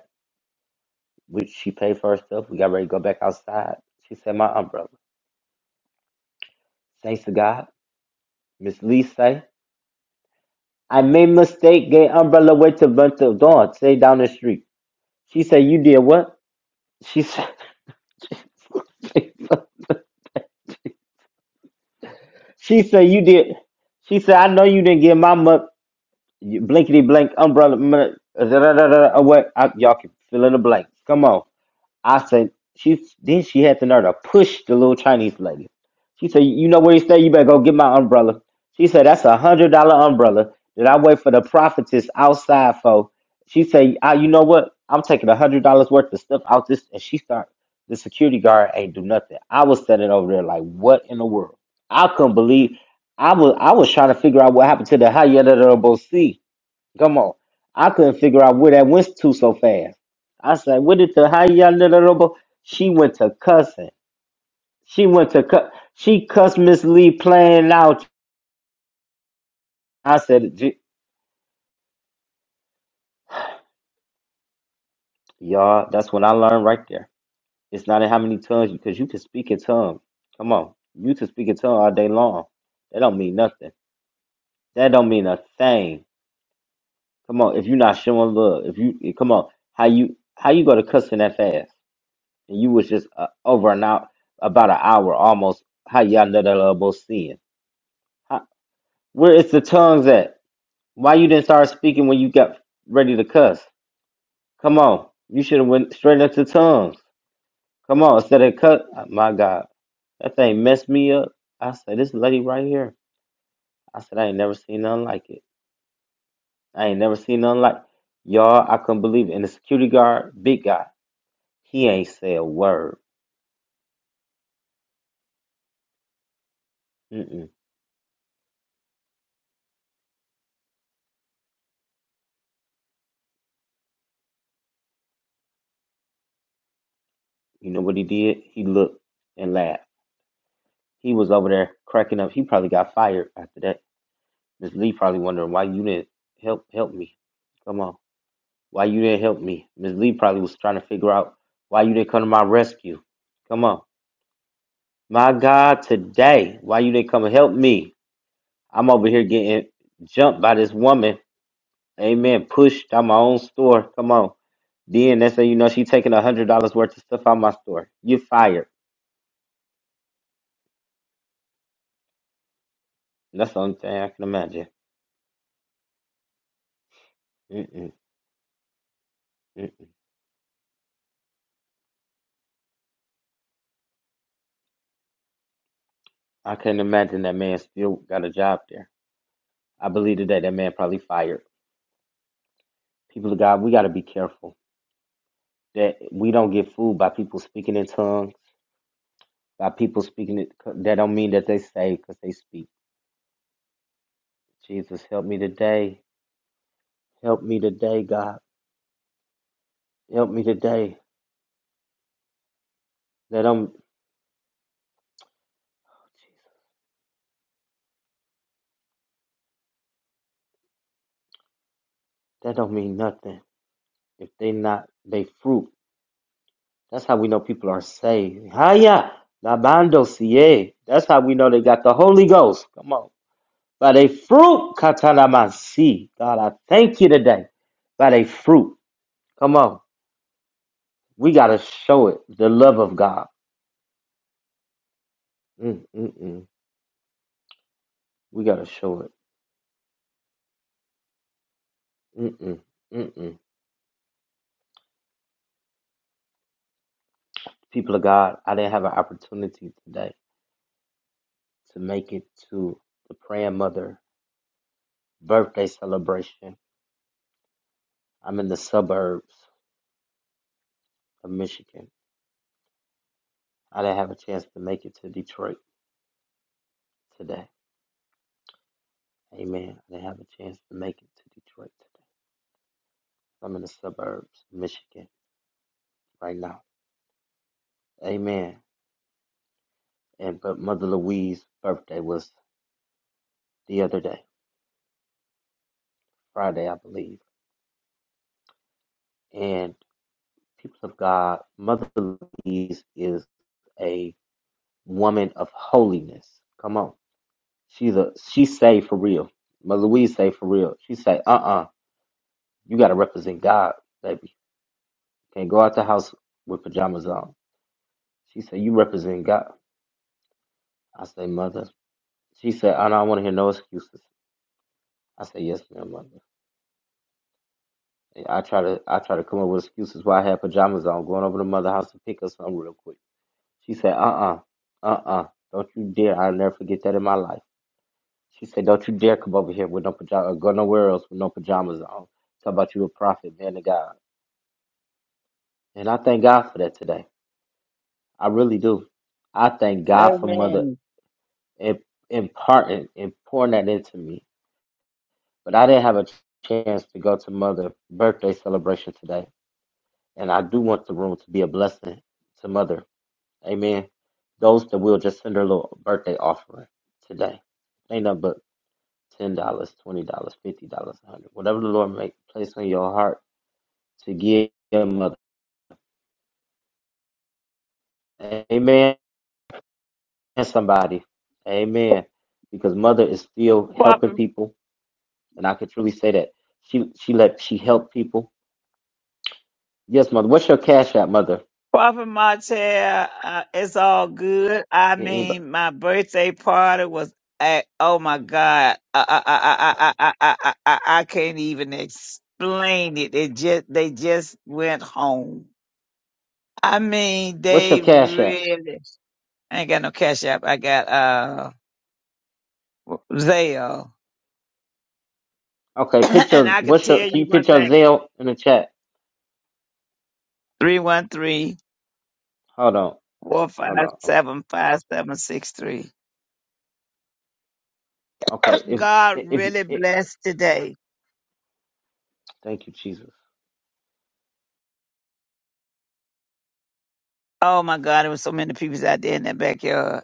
Speaker 2: we, she paid for herself. We got ready to go back outside. She said, my umbrella. Thanks to God. Miss Lee say, I made mistake, gave umbrella away to Vento Dawn, say down the street. She said, you did what? She said, she said, you did. She said, I know you didn't get my mu- blankety blank umbrella mu- da, da, da, da, away. I, y'all can fill in the blank. Come on. I said, she then she had the nerve to push the little Chinese lady. She said, "You know where you stay? You better go get my umbrella." She said, "That's a hundred dollar umbrella that I wait for the prophetess outside for." She said, I, "You know what? I'm taking a hundred dollars worth of stuff out this." And she start. The security guard ain't do nothing. I was standing over there like, "What in the world?" I couldn't believe. I was I was trying to figure out what happened to the high end of the Come on. I couldn't figure out where that went to so fast. I said, "What did the how y'all little robo? She went to cussing. She went to cuss. She cussed Miss Lee playing out. I said, "Gee, y'all, that's what I learned right there. It's not in how many tongues, because you can speak in tongue. Come on. You can speak in tongue all day long. That don't mean nothing. That don't mean a thing. Come on. If you're not showing love, if you, eh, come on. How you, how you go to cussing that fast? and you was just uh, over an hour, about an hour almost. How y'all know that elbow sin? How, where is the tongues at? Why you didn't start speaking when you got ready to cuss? Come on, you should have went straight into tongues. Come on, instead of cuss. My God, that thing messed me up. I said, this lady right here. I said, I ain't never seen nothing like it. I ain't never seen nothing like y'all. I couldn't believe it. And the security guard, big guy, he ain't say a word. Mm-mm. You know what he did? He looked and laughed. He was over there cracking up. He probably got fired after that. Miss Lee probably wondering why you didn't help help me. Come on, why you didn't help me? Miss Lee probably was trying to figure out why you didn't come to my rescue. Come on, my God, today why you didn't come and help me? I'm over here getting jumped by this woman. Amen. Pushed out my own store. Come on. Then they say, you know, she taking a hundred dollars worth of stuff out my store. You fired. That's the only thing I can imagine. Mm-mm, I couldn't imagine that man still got a job there. I believe today that man probably fired. People of God, we got to be careful that we don't get fooled by people speaking in tongues, by people speaking it. That don't mean that they say because they speak. Jesus, help me today. Help me today, God. Help me today. That don't, that don't mean nothing if they not they fruit. That's how we know people are saved. Haya, labando siye. That's how we know they got the Holy Ghost. Come on. By their fruit, Katalamasi. God, I thank you today. By their fruit. Come on. We got to show it. The love of God. Mm, mm, mm. We got to show it. Mm, mm, mm, mm. People of God, I didn't have an opportunity today to make it to the praying mother birthday celebration. I'm in the suburbs of Michigan. I didn't have a chance to make it to Detroit today. Amen. I didn't have a chance to make it to Detroit today. I'm in the suburbs of Michigan right now Amen. And but Mother Louise's birthday was the other day, Friday, I believe. And people of God, Mother Louise is a woman of holiness. Come on. She's a she say for real. Mother Louise say for real. She say, uh uh you gotta represent God, baby. Can't go out the house with pajamas on. She said, You represent God. I say, Mother. She said, I don't want to hear no excuses. I say, Yes, ma'am, mother. I try to I try to come up with excuses why I had pajamas on, going over to mother house to pick up something real quick. She said, Uh uh-uh, uh, don't you dare. I'll never forget that in my life. She said, Don't you dare come over here with no pajamas go nowhere else with no pajamas on. Talk about you a prophet, man of God. And I thank God for that today. I really do. I thank God for mother
Speaker 6: Amen.
Speaker 2: imp- imparting and pouring that into me. But I didn't have a chance to go to mother birthday celebration today. And I do want the room to be a blessing to mother Amen. Those that will just send her little birthday offering today. Ain't nothing but ten dollars, twenty dollars, fifty dollars, a hundred. Whatever the Lord make place on your heart to give your mother. Amen. Somebody. Amen. Because mother is still helping
Speaker 6: Prophet,
Speaker 2: people. And I could truly say that. She she let she helped people. Yes, mother. What's your cash app, mother?
Speaker 6: Prophet Martel, uh, it's all good. I
Speaker 2: Can anybody
Speaker 6: mean, my birthday party was at, oh my God, I, I, I, I, I, I, I, I I can't even explain it. It just, they just went home. I mean,
Speaker 2: what's your
Speaker 6: they
Speaker 2: cash app?
Speaker 6: really, I ain't got no cash app. I got, uh, Zelle.
Speaker 2: Okay, put
Speaker 6: and
Speaker 2: your
Speaker 6: I can
Speaker 2: what's your
Speaker 6: tell
Speaker 2: can
Speaker 6: you
Speaker 2: you
Speaker 6: one
Speaker 2: put your
Speaker 6: thing,
Speaker 2: Zelle in the chat?
Speaker 6: three one three
Speaker 2: Hold on.
Speaker 6: four five
Speaker 2: Hold on.
Speaker 6: seven five seven six three.
Speaker 2: Okay, if
Speaker 6: God
Speaker 2: if you
Speaker 6: really
Speaker 2: it,
Speaker 6: blessed today.
Speaker 2: thank you, Jesus.
Speaker 6: Oh my God, there was so many people out there in that backyard.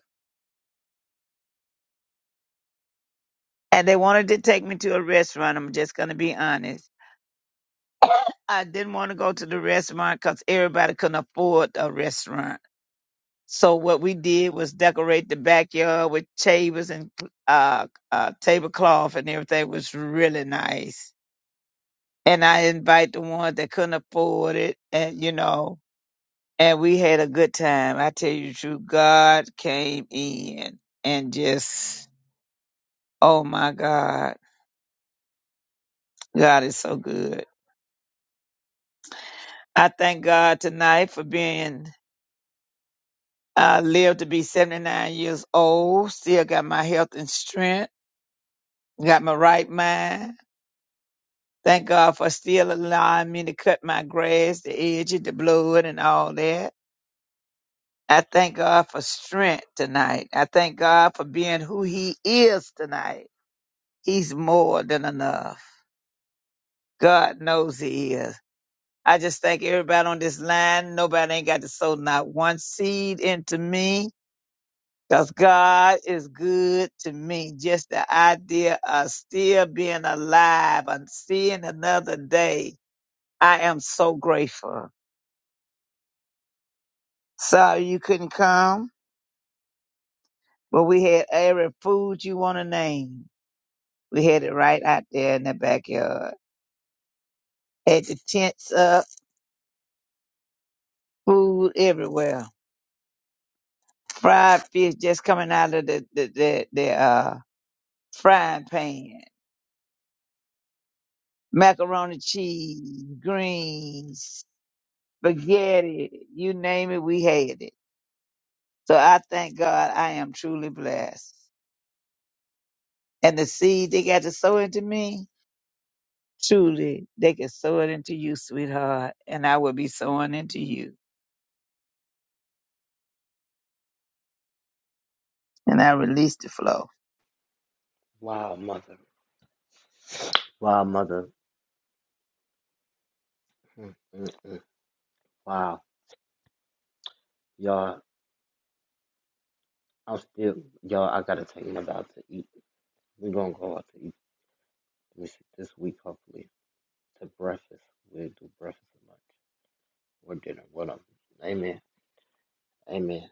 Speaker 6: And they wanted to take me to a restaurant. I'm just going to be honest. I didn't want to go to the restaurant because everybody couldn't afford a restaurant. So what we did was decorate the backyard with tables and uh, uh, tablecloth and everything It was really nice. And I invite the ones that couldn't afford it and, you know, and we had a good time. I tell you the truth, God came in and just, oh my God, God is so good. I thank God tonight for being, I lived to be 79 years old, still got my health and strength, got my right mind. Thank God for still allowing me to cut my grass, the edges, the blood, and all that. I thank God for strength tonight. I thank God for being who He is tonight. He's more than enough. God knows he is. I just thank everybody on this line. Nobody ain't got to sow not one seed into me, 'cause God is good to me. Just the idea of still being alive and seeing another day. I am so grateful. Sorry you couldn't come, but we had every food you want to name. We had it right out there in the backyard. Had the tents up, food everywhere. fried fish just coming out of the the the, the uh, frying pan, macaroni cheese, greens, spaghetti, you name it, we had it. So I thank God I am truly blessed. And the seed they got to sow into me, truly they can sow it into you, sweetheart, and I will be sowing into you. And I release the flow.
Speaker 2: Wow, mother. Wow, mother. Mm, mm, mm. Wow, y'all. I'm still y'all. I gotta take my out to eat. We're gonna go out to eat this this week, hopefully, to breakfast. We'll do breakfast and lunch or dinner, whatever. Amen. Amen.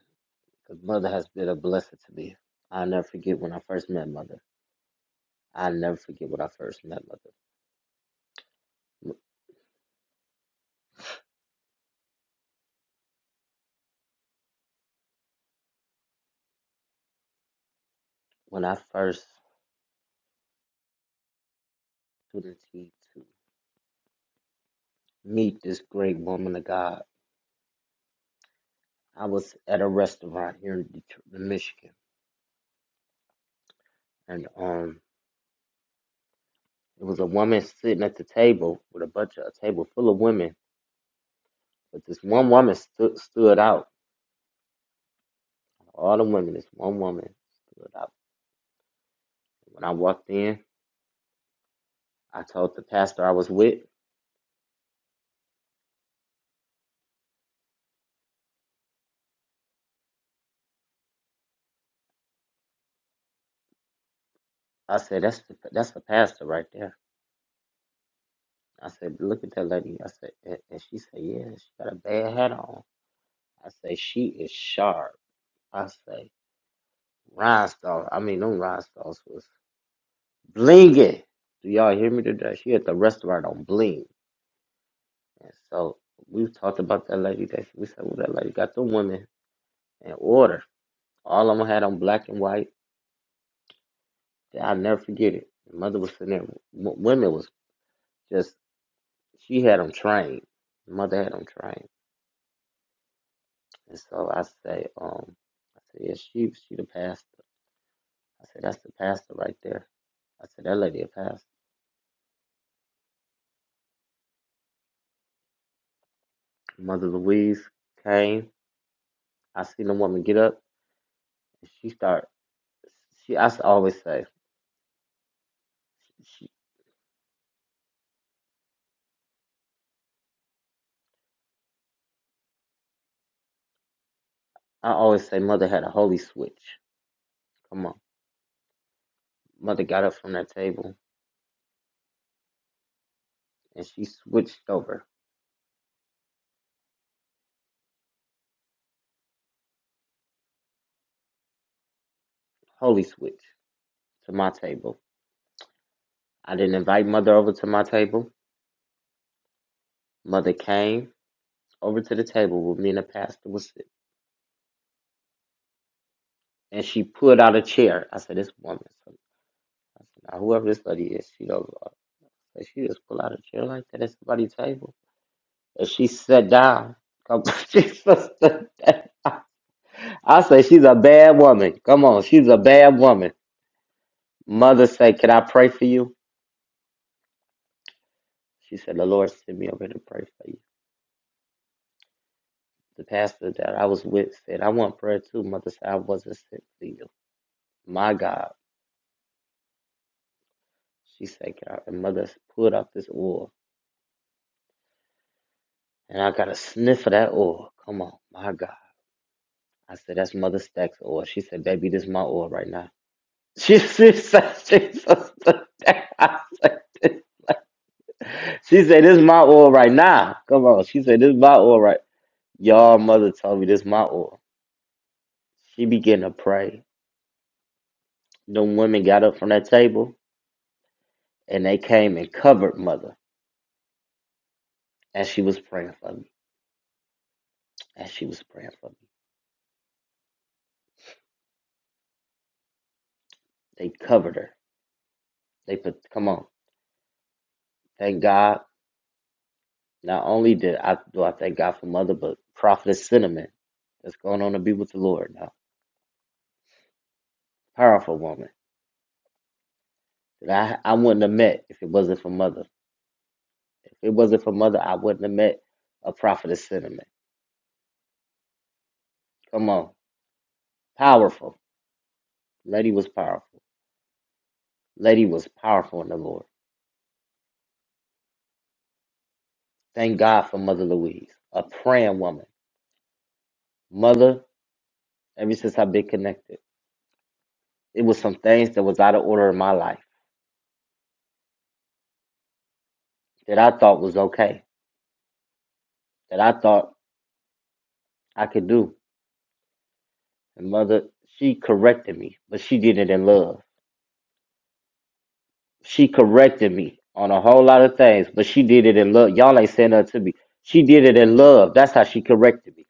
Speaker 2: Because mother has been a blessing to me. I'll never forget when I first met mother. I'll never forget when I first met mother. When I first opportunity to meet this great woman of God I was at a restaurant here in Detroit, in Michigan, and um, there was a woman sitting at the table with a bunch of a table full of women, but this one woman stood stood out. All the women, this one woman stood out. When I walked in, I told the pastor I was with. I said, "That's the, that's the pastor right there." I said, "Look at that lady." I said, and, and she said, "Yeah, she got a bad hat on." I say, "She is sharp." I say, "Rhinestone." I mean, them rhinestones was Blinging. Do y'all hear me today? She at the restaurant on Bling. And so we've talked about that lady that we said, well, that lady got them women in order. All of them had on black and white. Yeah, I'll never forget it. Mother was sitting there. w- Women was just, she had them trained. Mother had them trained. And so I say, um, I said, yeah, she, she the pastor. I said, that's the pastor right there. I said, that lady a pastor. Mother Louise came. I seen the woman get up. And she start she I s- always say She, I always say mother had a holy switch. Come on. Mother got up from that table and she switched over, holy switch, to my table. I didn't invite mother over to my table. Mother came over to the table where me and the pastor was sitting. And she pulled out a chair. I said, This woman. So I said, now, whoever this lady is, she knows a lot. I said, She just pulled out a chair like that at somebody's table. And she sat down. Come she sat down. I say she's a bad woman. Come on, she's a bad woman. Mother said, Can I pray for you? She said, The Lord sent me over here to pray for you. The pastor that I was with said, I want prayer too. Mother said, I wasn't sent for you. My God. She said, Can I? And mother pulled out this oil. And I got a sniff of that oil. Come on, my God. I said, That's Mother Stack's oil. She said, Baby, this is my oil right now. She, she said, she said, she said, This is my oil right now. Come on. She said, This is my oil right. Y'all mother told me this is my oil. She began to pray them women got up from that table and they came and covered mother as she was praying for me. As she was praying for me, they covered her. They put, come on, thank God. Not only did I do I thank God for mother, but prophetess Cinnamon that's going on to be with the Lord now. Powerful woman that I I wouldn't have met if it wasn't for mother. If it wasn't for mother, I wouldn't have met a prophetess Cinnamon. Come on, powerful lady was powerful. Lady was powerful in the Lord. Thank God for Mother Louise, a praying woman Mother, ever since I've been connected, it was some things that was out of order in my life that I thought was okay, that I thought I could do. And mother, she corrected me, but she did it in love. She corrected me on a whole lot of things, but she did it in love. Y'all ain't saying nothing to me. She did it in love. That's how she corrected me.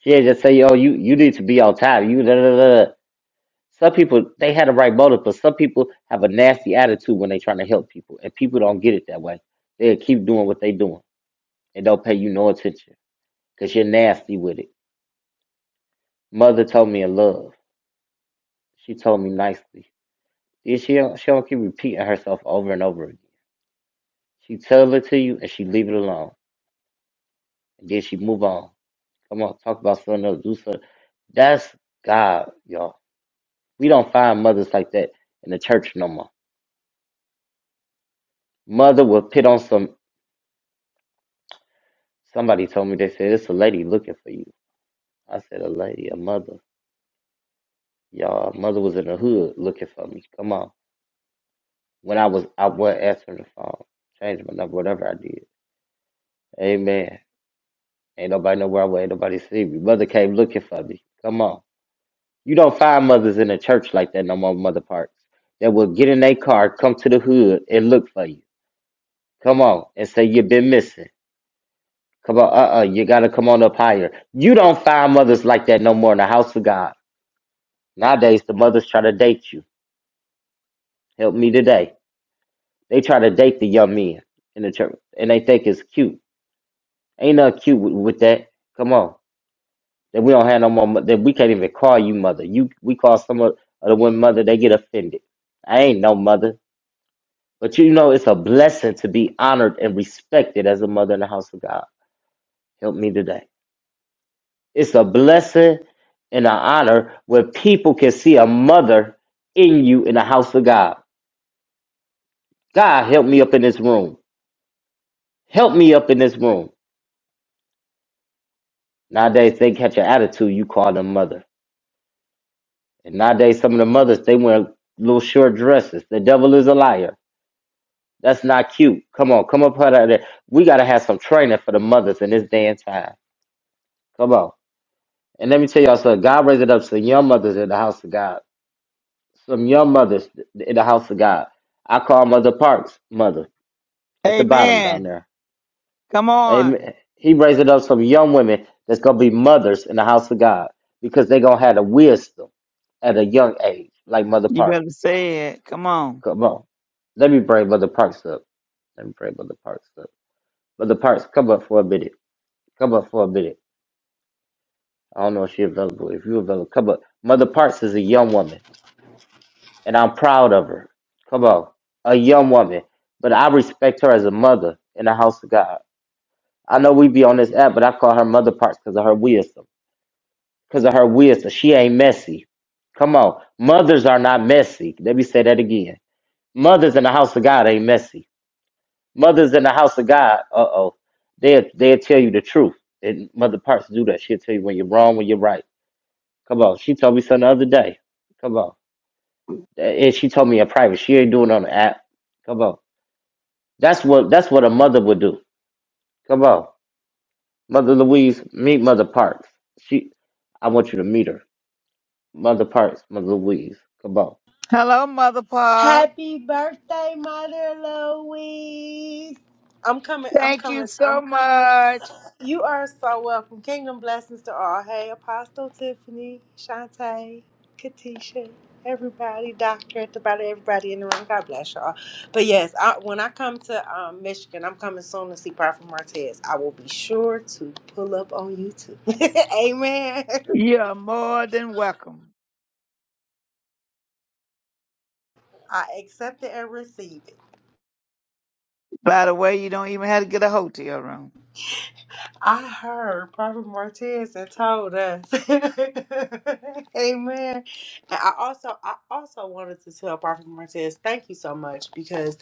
Speaker 2: She didn't just say, "Yo, you you need to be on time." You da da da. da. Some people they had the right motive, but some people have a nasty attitude when they trying to help people, and people don't get it that way. They keep doing what they doing. and don't pay you no attention because you're nasty with it. Mother told me in love. She told me nicely. Then she don't, she don't keep repeating herself over and over again. She tell it to you and she leave it alone. And then she move on. Come on, talk about something else. Do something. That's God, y'all. We don't find mothers like that in the church no more. Mother will pit on some. Somebody told me they said it's a lady looking for you. I said a lady, a mother. Y'all, a mother was in the hood looking for me. Come on. when I was I wasn't answering the phone. Changed my number, whatever I did. Amen. Ain't nobody know where I was, ain't nobody see me. Mother came looking for me. Come on. You don't find mothers in the church like that no more, Mother Parks. That will get in their car, come to the hood, and look for you. Come on. And say you've been missing. Come on, uh uh, you gotta come on up higher. You don't find mothers like that no more in the house of God. Nowadays the mothers try to date you. Help me today. They try to date the young men in the church and they think it's cute Ain't nothing cute with, with that. Come on, that we don't have no more. mo- That we can't even call you mother. You we call some of of the women mother. They get offended. I ain't no mother, but you know it's a blessing to be honored and respected as a mother in the house of God. Help me today. It's a blessing and an honor where people can see a mother in you in the house of God. God, help me up in this room. Help me up in this room. Nowadays, they catch your attitude. You call them mother. And nowadays, some of the mothers they wear little short dresses. The devil is a liar. That's not cute. Come on, come up out of there. We gotta have some training for the mothers in this day and time. Come on. And let me tell y'all something. God raised up some young mothers in the house of God. Some young mothers in the house of God. I call Mother Parks mother at the bottom down
Speaker 6: Amen.
Speaker 2: there.
Speaker 6: Come on.
Speaker 2: Amen. He raised up some young women that's gonna be mothers in the house of God because they gonna have the wisdom at a young age, like Mother
Speaker 6: You better
Speaker 2: Parks.
Speaker 6: say it. Come on.
Speaker 2: Come on. Let me bring Brother Parks up. Let me bring Brother Parks up. Brother Parks, come up for a minute. Come up for a minute. I don't know if she's available. If you're available, come up. Mother Parks is a young woman, and I'm proud of her. Come on. A young woman. But I respect her as a mother in the house of God. I know we be on this app, but I call her Mother Parks because of her wisdom. Because of her wisdom. She ain't messy. Come on. Mothers are not messy. Let me say that again. Mothers in the house of God ain't messy. Mothers in the house of God, uh oh, they'll they'll tell you the truth. And Mother Parks do that. She'll tell you when you're wrong, when you're right. Come on, she told me something the other day. Come on, and she told me in private. She ain't doing it on the app. Come on, that's what that's what a mother would do. Come on, Mother Louise, meet Mother Parks. She, I want you to meet her, Mother Parks, Mother Louise. Come on,
Speaker 6: Hello, Mother Park.
Speaker 7: Happy birthday, Mother Louise. I'm coming, I'm
Speaker 6: Thank
Speaker 7: coming,
Speaker 6: you so
Speaker 7: I'm coming.
Speaker 6: much.
Speaker 7: You are so welcome. Kingdom blessings to all. Hey, Apostle Tiffany, Shantae, Katisha, everybody, Doctor, at the bottom, everybody in the room. God bless y'all. But yes, I, when I come to um, Michigan, I'm coming soon to see Prophet Martez. I will be sure to pull up on YouTube. Amen.
Speaker 6: You're more than welcome.
Speaker 7: I accept it and receive it.
Speaker 6: By the way, you don't even have to get a hotel room.
Speaker 7: I heard Prophet Martez and told us. Amen. And I also I also wanted to tell Prophet Martez, thank you so much because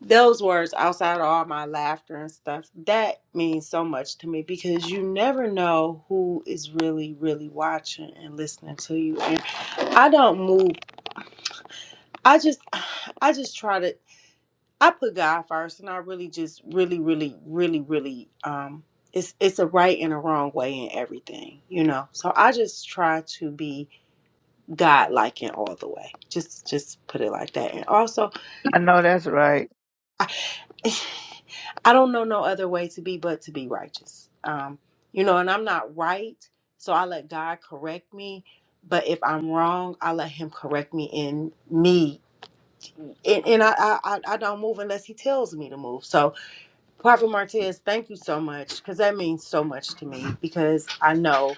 Speaker 7: those words outside of all my laughter and stuff, that means so much to me because you never know who is really, really watching and listening to you. And I don't move I just I just try to I put God first, and I really just really really really really um it's it's a right and a wrong way in everything, you know. So I just try to be God like in all the way. Just just put it like that. And also
Speaker 6: I know that's right.
Speaker 7: I I don't know no other way to be but to be righteous. Um you know, and I'm not right, so I let God correct me. But if I'm wrong, I let Him correct me in me, and, and I, I I I don't move unless He tells me to move. So Prophet Martez, thank you so much because that means so much to me because I know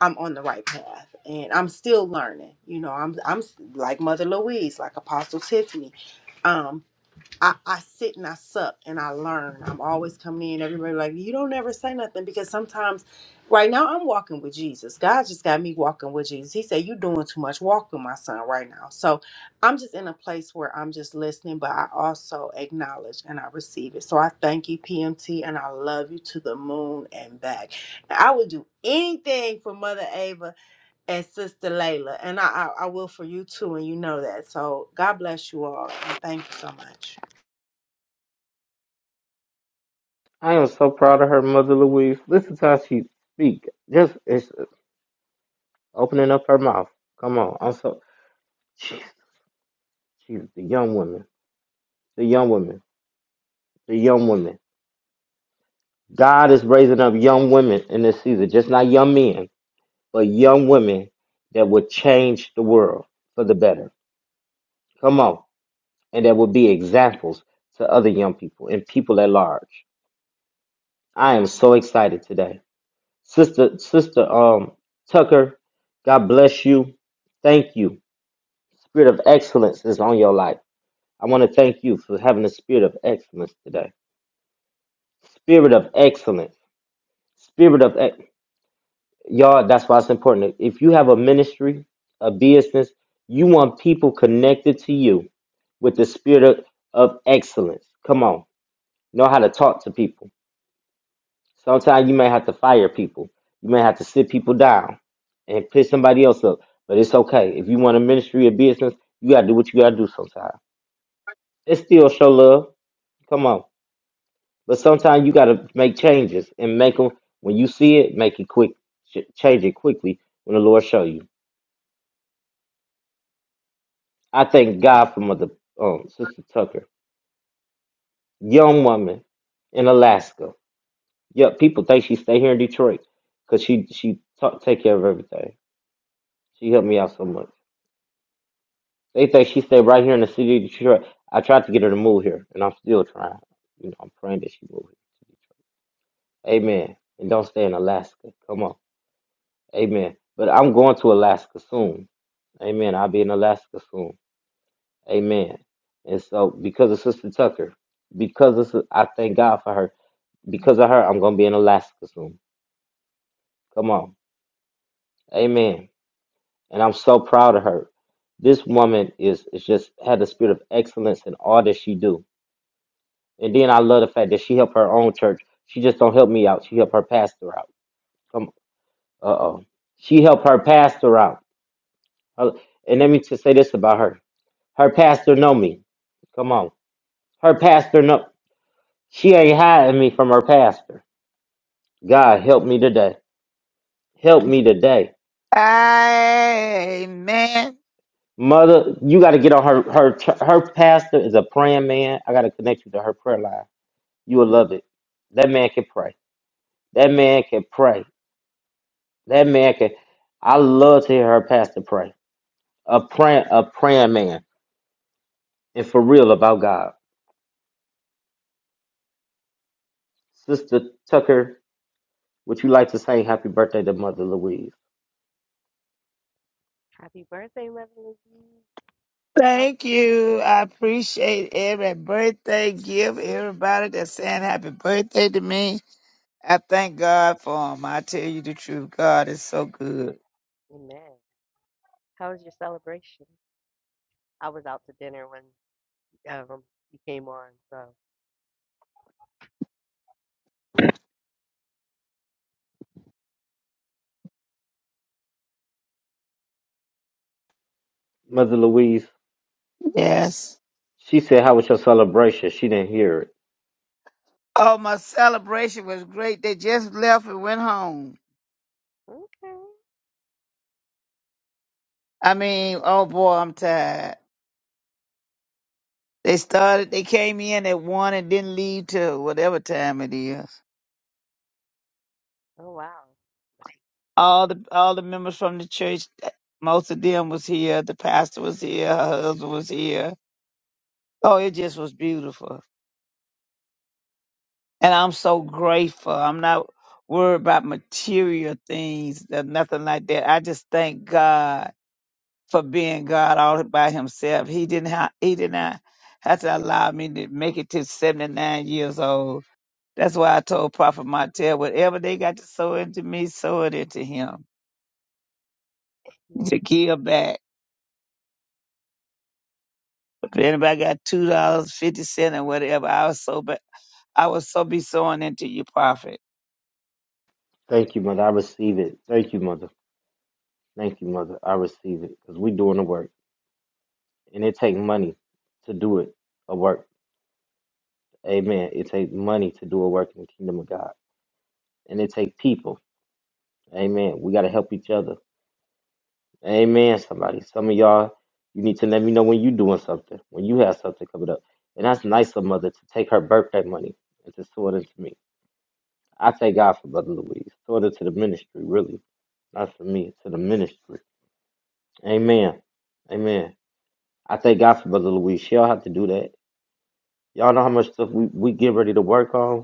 Speaker 7: I'm on the right path and I'm still learning. You know, I'm I'm like Mother Louise, like Apostle Tiffany. Um, I, I sit and I suck and I learn. I'm always coming in. Everybody like, you don't ever say nothing because sometimes right now I'm walking with Jesus. God just got me walking with Jesus. He said, You're doing too much. Walk with my son right now. So I'm just in a place where I'm just listening, but I also acknowledge and I receive it. So I thank you, PMT, and I love you to the moon and back. I would do anything for Mother Ava and Sister Layla. And I, I, I will for you too, and you know that. So God bless you all and thank you so much.
Speaker 2: I am so proud of her, Mother Louise. Listen to how she speak. Just it's opening up her mouth. Come on, I'm so. Jesus, the young women, the young women, the young women. God is raising up young women in this season, just not young men, but young women that would change the world for the better. Come on, and that will be examples to other young people and people at large. I am so excited today, sister, sister, um, Tucker. God bless you. Thank you. Spirit of excellence is on your life. I want to thank you for having a spirit of excellence today. Spirit of excellence spirit of excellence. y'all that's why it's important if you have a ministry a business you want people connected to you with the spirit of, of excellence come on know how to talk to people sometimes you may have to fire people you may have to sit people down and pick somebody else up but it's okay if you want a ministry or business you got to do what you got to do sometimes it's still show love come on but sometimes you got to make changes and make them when you see it make it quick Ch- change it quickly when the lord show you I thank God for Mother um, Sister Tucker, young woman in Alaska. Yeah, people think she stay here in Detroit because she she ta take care of everything. She helped me out so much. They think she stay right here in the city of Detroit. I tried to get her to move here, and I'm still trying. You know, I'm praying that she move here to Detroit. Amen. And don't stay in Alaska. Come on. Amen. But I'm going to Alaska soon. Amen. I'll be in Alaska soon. Amen. And so, because of Sister Tucker, because of, Sis- I thank God for her Because of her, I'm gonna be in Alaska soon. Come on, Amen. And I'm so proud of her. This woman is is just had the spirit of excellence in all that she do. And then I love the fact that she helped her own church. She just don't help me out. She helped her pastor out. Come, uh oh, she helped her pastor out. Uh, And let me just say this about her: her pastor know me. Come on, her pastor know she ain't hiding me from her pastor. God help me today. Help me today
Speaker 6: Amen.
Speaker 2: Mother, you got to get on her her her pastor is a praying man. I got to connect you to her prayer line. You will love it. That man can pray. That man can pray. That man can. I love to hear her pastor pray. A praying a praying man and for real about God. Sister Tucker, would you like to say happy birthday to Mother Louise?
Speaker 1: Happy birthday, Reverend Lee. How
Speaker 6: Thank you. I appreciate every birthday gift, everybody that's saying happy birthday to me. I thank God for them. I tell you the truth, God is so good.
Speaker 1: amen. How was your celebration? I was out to dinner when um you came on, so
Speaker 2: Mother Louise,
Speaker 6: Yes.
Speaker 2: she said, "How was your celebration?" She didn't hear it.
Speaker 6: Oh, my celebration was great. They just left and went home.
Speaker 1: okay.
Speaker 6: I mean, oh boy, I'm tired. They started. They came in at one and didn't leave till whatever time it is.
Speaker 1: Oh wow.
Speaker 6: All the all the members from the church, most of them was here. The pastor was here. Her husband was here. Oh, it just was beautiful, and I'm so grateful. I'm not worried about material things or nothing like that. I just thank God for being God all by Himself. He didn't have. He did not have to allow me to make it to 79 years old That's why I told Prophet Martell, whatever they got to sow into me, sow it into him. To
Speaker 1: Man.
Speaker 6: give back. If anybody got two dollars fifty cent or whatever, I was so, but I will so be sowing into you, Prophet.
Speaker 2: Thank you, mother. I receive it. Thank you, mother. Thank you, mother. I receive it because we doing the work. and it take money to do it a work. Amen. It take money to do a work in the kingdom of God, and it take people. Amen. We got to help each other. Amen. Somebody, some of y'all, you need to let me know when you doing something, when you have something coming up, and that's nice of mother to take her birthday money and to sow it into me. I thank God for Mother Louise. Sow it into the ministry, really, not for me, to the ministry. Amen. Amen. I thank God for Mother Louise. She don't have to do that. Y'all know how much stuff we, we get ready to work on.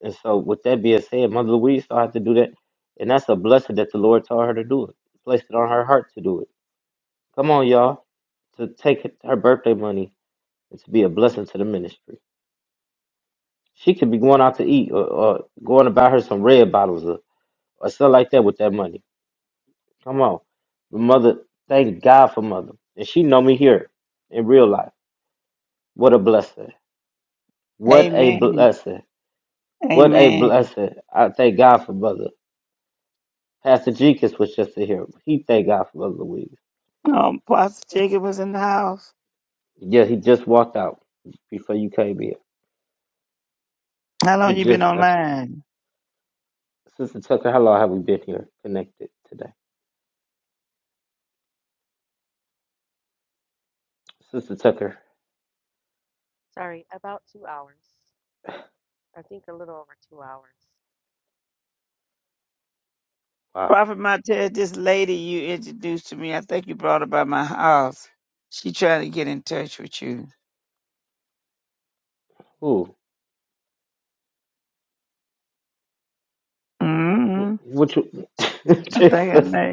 Speaker 2: And so, with that being said, Mother Louise still had to do that, and that's a blessing that the Lord told her to do it, placed it on her heart to do it. Come on, y'all, to take her birthday money and to be a blessing to the ministry. She could be going out to eat or, or going to buy her some red bottles or, or stuff like that with that money. Come on, But Mother, thank God for Mother, and she know me here in real life. What a blessing! What a
Speaker 6: Amen.
Speaker 2: blessing! What a
Speaker 6: Amen.
Speaker 2: blessing! I thank God for Mother. Pastor Jekus was just in here. He thank God for Brother Louise.
Speaker 6: Um, Pastor Jacob was in the house.
Speaker 2: Yeah, he just walked out before you came here.
Speaker 6: How
Speaker 2: He
Speaker 6: long you been
Speaker 2: just left.
Speaker 6: online?
Speaker 2: Sister Tucker, how long have we been here connected today? Sister Tucker,
Speaker 1: Sorry, about two hours. I think a little over two hours.
Speaker 2: wow.
Speaker 6: Prophet Martell? this lady you introduced to me, I think you brought her by my house. She trying to get in touch with you.
Speaker 2: Ooh, wh-
Speaker 6: Mm-hmm.
Speaker 2: what you,
Speaker 6: I think I
Speaker 2: Jesus,
Speaker 6: may.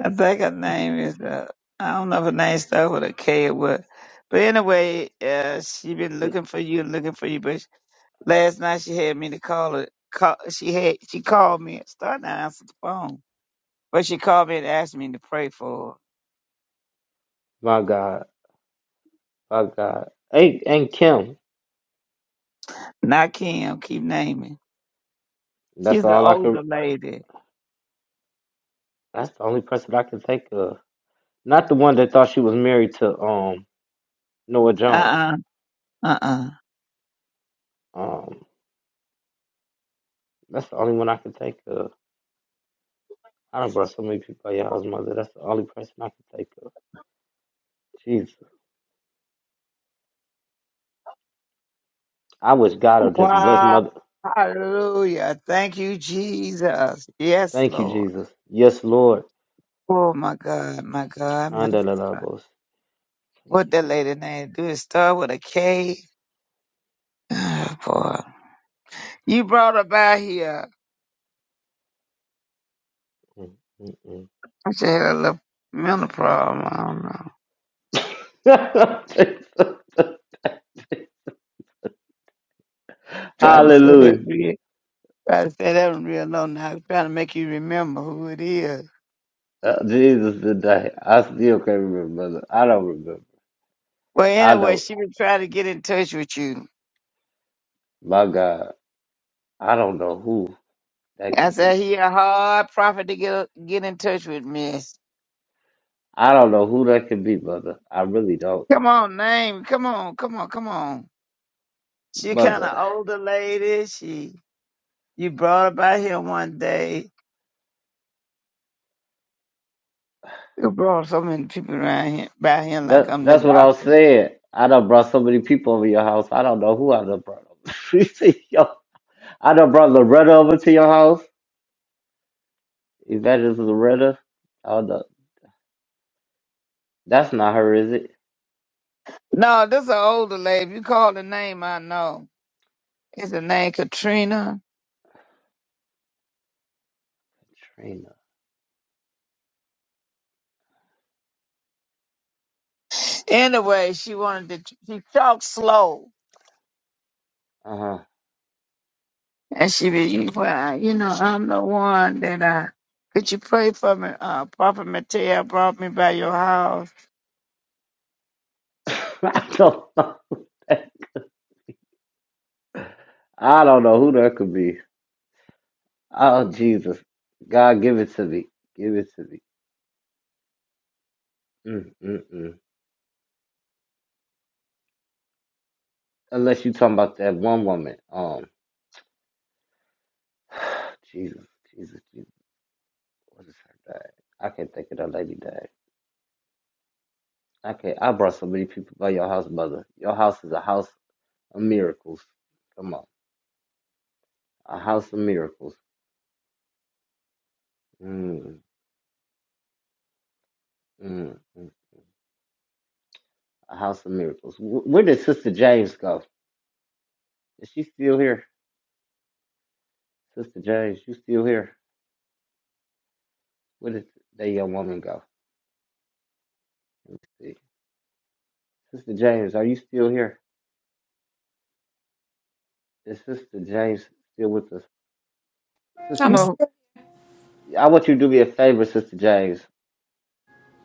Speaker 6: I think her name is uh, I don't know if her name starts with a K or what. But anyway, uh, she been looking for you looking for you. But last night she had me to call her. Call, she had she called me. Starting to answer the phone, but she called me and asked me to pray for
Speaker 2: my God, my God. Ain't ain't Kim.
Speaker 6: her. Not Kim. Keep naming.
Speaker 2: That's
Speaker 6: She's the
Speaker 2: all I can.
Speaker 6: older lady.
Speaker 2: That's the only person I can think of. Not the one that thought she was married to um Noah Jones.
Speaker 6: Uh uh-uh, uh uh uh.
Speaker 2: Um, that's the only one I can think of. I done brought so many people out of y'all's mother. That's the only person I can think of. Jesus. I wish God would just bless
Speaker 6: Wow.
Speaker 2: mother.
Speaker 6: Hallelujah. Thank you, Jesus. Yes,
Speaker 2: Thank you,
Speaker 6: Lord.
Speaker 2: Jesus. Yes, Lord.
Speaker 6: Oh my God, my God, my
Speaker 2: Andalabos. Thank
Speaker 6: What
Speaker 2: you,
Speaker 6: that
Speaker 2: Jesus.
Speaker 6: lady name? Do it start with a K? Ah, boy. You brought her by here.
Speaker 2: Mm,
Speaker 6: She had a little mental problem. I don't know.
Speaker 2: mm, mm.
Speaker 6: Try to say that
Speaker 2: Hallelujah.
Speaker 6: real. Try to say that one real low now. Trying to make you remember who it is.
Speaker 2: Uh, Jesus today. I still can't remember, brother. I don't remember.
Speaker 6: Well,
Speaker 2: I
Speaker 6: anyway,
Speaker 2: don't.
Speaker 6: she was trying to get in touch with you.
Speaker 2: My God. I don't know who that
Speaker 6: I
Speaker 2: could be.
Speaker 6: said he a hard prophet to get get in touch with, Miss.
Speaker 2: I don't know who that could be, mother. I really don't.
Speaker 6: Come on, name. Come on, come on, come on. She kind of
Speaker 2: Mother.
Speaker 6: older lady. She you brought her by here one day. You brought so many people around here, by him like
Speaker 2: That
Speaker 6: I'm the
Speaker 2: that's what I was
Speaker 6: doctor.
Speaker 2: saying. I done brought so many people over your house. I don't know who I done brought over. to your- I done brought Loretta over to your house. Evangelist Loretta. Oh no, that's not her, is it?
Speaker 6: No, this is an older lady. If you call the name, I know. It's the name Katrina.
Speaker 2: Trina.
Speaker 6: Anyway, she wanted to, she talked slow.
Speaker 2: Uh
Speaker 6: And she be, well, you know, I'm the one that I, could you pray for me? Uh, Prophet Mateo brought me by your house.
Speaker 2: huh. I don't know. I don't know who that could be. Oh Jesus, God, give it to me. Give it to me. Mm mm mm. Unless you talking about that one woman. Um, Jesus, Jesus, Jesus. What is her name? I can't think of that lady name. Okay, I brought so many people by your house, brother. Your house is a house of miracles. Come on, a house of miracles. Mm, mm, mm. A house of miracles. Wh- Where did Sister James go? Is she still here? Sister James, you still here? Where did that young woman go? Let me see. Sister James, are you still here? Is Sister James still with us? Sister,
Speaker 4: I'm
Speaker 6: No,
Speaker 4: still,
Speaker 2: I want you to do me a favor, Sister James.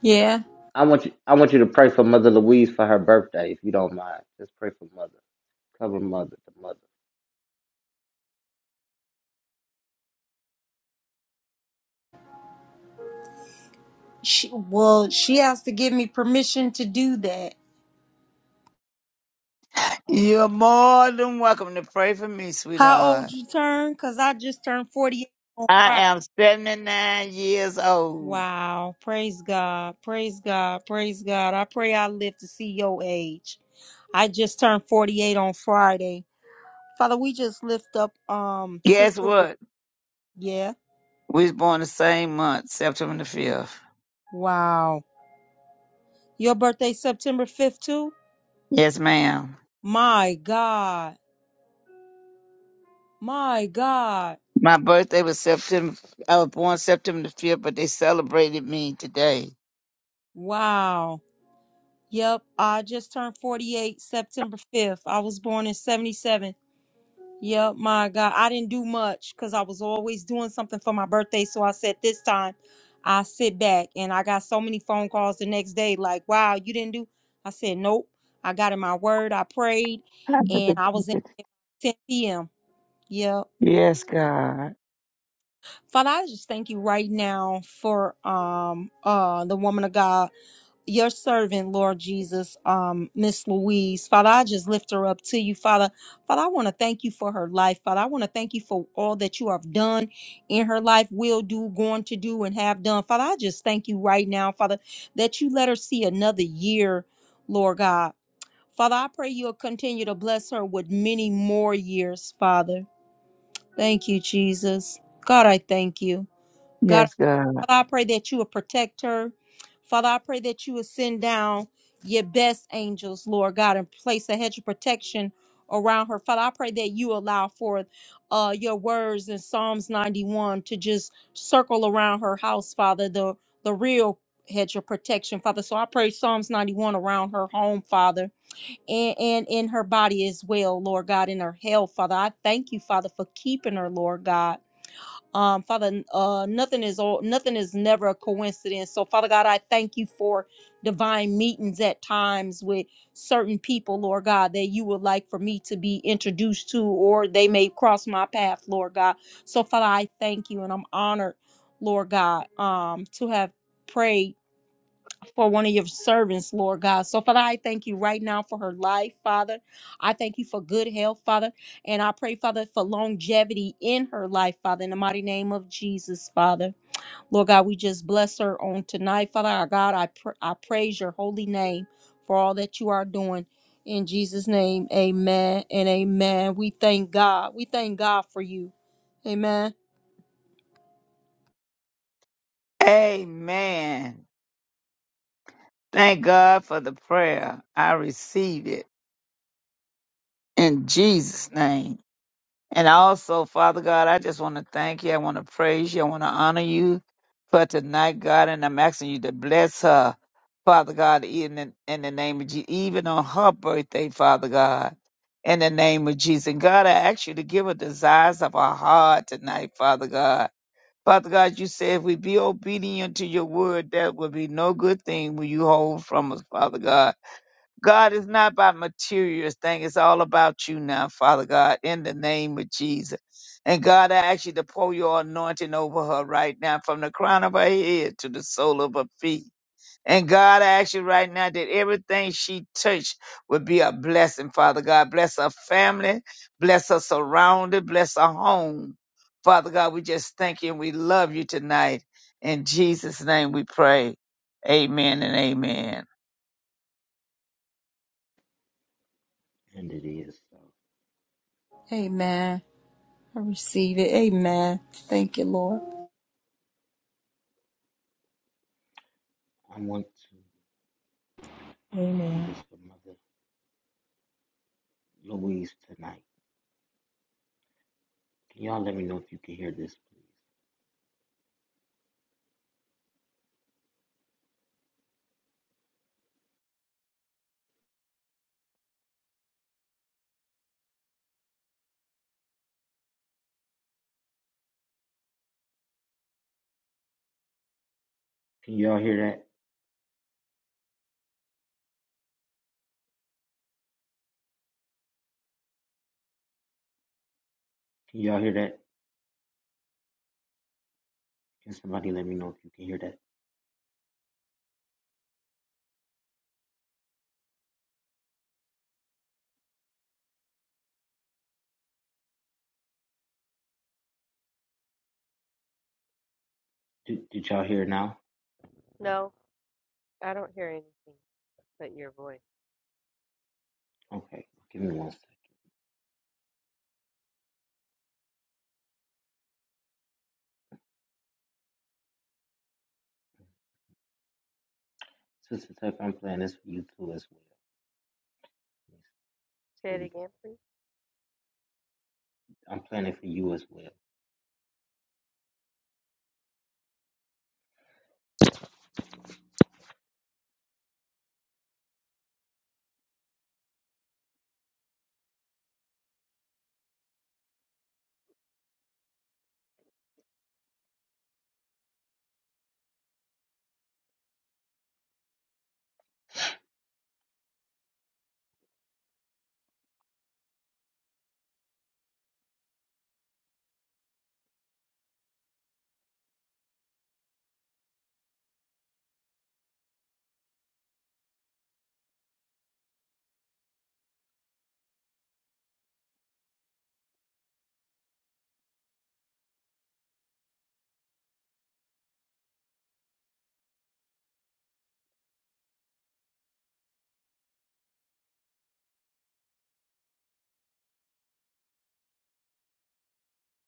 Speaker 4: yeah.
Speaker 2: I want you. I want you to pray for Mother Louise for her birthday, if you don't mind. Just pray for Mother. Cover Mother, the Mother.
Speaker 4: She, well, she has to give me permission to do that.
Speaker 6: you're more than welcome to pray for me,
Speaker 4: How old
Speaker 6: sweetheart.
Speaker 4: you turn? Cause I just turned 48 on
Speaker 6: I
Speaker 4: Friday.
Speaker 6: am 79 years old.
Speaker 4: Wow. Praise God. Praise God. Praise God. I pray I live to see your age. I just turned 48 on Friday. Father, we just lift up um
Speaker 6: Guess
Speaker 4: sister Ru-
Speaker 6: what?
Speaker 4: yeah.
Speaker 6: We was born the same month, September the fifth.
Speaker 4: Wow. Your birthday September 5th too?
Speaker 6: Yes, ma'am.
Speaker 4: My God. My God.
Speaker 6: My birthday was September. I was born September the fifth, but they celebrated me today.
Speaker 4: Wow. Yep. I just turned 48 September 5th. I was born in 77. Yep. My God. I didn't do much because I was always doing something for my birthday. So I said this time I sit back and I got so many phone calls the next day like, wow, you didn't do. I said, nope. I got in my word. I prayed and I was in bed by 10 p.m. Yep.
Speaker 6: Yes, God.
Speaker 4: Father, I just thank you right now for um uh the woman of God. your servant, Lord Jesus, um, Miss Louise. Father, I just lift her up to you, Father. Father, I want to thank you for her life. Father, I want to thank you for all that you have done in her life, will do, going to do, and have done. Father, I just thank you right now, Father, that you let her see another year, Lord God. Father, I pray you'll continue to bless her with many more years, Father. Thank you, Jesus. God, I thank you. God,
Speaker 6: Yes, God.
Speaker 4: Father, I pray that you will protect her. Father, I pray that you will send down your best angels, Lord God, and place a hedge of protection around her. Father, I pray that you allow for uh, your words in Psalms 91 to just circle around her house, Father, the, the real hedge of protection, Father. So I pray Psalms 91 around her home, Father, and, and in her body as well, Lord God, in her health, Father. I thank you, Father, for keeping her, Lord God. Um, Father, uh, nothing is all, nothing is never a coincidence. So, Father God, I thank you for divine meetings at times with certain people, Lord God, that you would like for me to be introduced to, or they may cross my path, Lord God. So, Father, I thank you, and I'm honored, Lord God, um, to have prayed for one of your servants, Lord God. So, Father, I thank you right now for her life, Father. I thank you for good health, Father. And I pray, Father, for longevity in her life, Father, in the mighty name of Jesus, Father. Lord God, we just bless her on tonight, Father. Our God, I, pr- I praise your holy name for all that you are doing. In Jesus' name, amen and amen. We thank God. We thank God for you. Amen.
Speaker 6: Amen. Thank God for the prayer. I receive it in Jesus' name. And also, Father God, I just want to thank you. I want to praise you. I want to honor you for tonight, God. And I'm asking you to bless her, Father God, in the, in the name of Jesus, even on her birthday, Father God, in the name of Jesus. And God, I ask you to give her desires of her heart tonight, Father God. Father God, you said if we be obedient to your word, that will be no good thing will you hold from us, Father God. God is not about material thing. It's all about you now, Father God, in the name of Jesus. And God, I ask you to pour your anointing over her right now from the crown of her head to the sole of her feet. And God, I ask you right now that everything she touched would be a blessing, Father God. Bless her family, bless her surrounding, bless her home. Father God, we just thank you and we love you tonight. In Jesus' name we pray. Amen and amen.
Speaker 2: And it is. So
Speaker 4: Amen. I receive it. Amen. Thank you, Lord.
Speaker 2: I want to um, do this for Mother Louise tonight. Can y'all let me know if you can hear this, please? Can y'all hear that? Can y'all hear that? Can somebody let me know if you can hear that? Did, did y'all hear it now?
Speaker 1: No, I don't hear anything but your voice.
Speaker 2: Okay, give me one second. Sister Tuck, I'm playing this for you too as well.
Speaker 1: Say
Speaker 2: Here
Speaker 1: it
Speaker 2: we go.
Speaker 1: again, please.
Speaker 2: I'm playing it for you as well.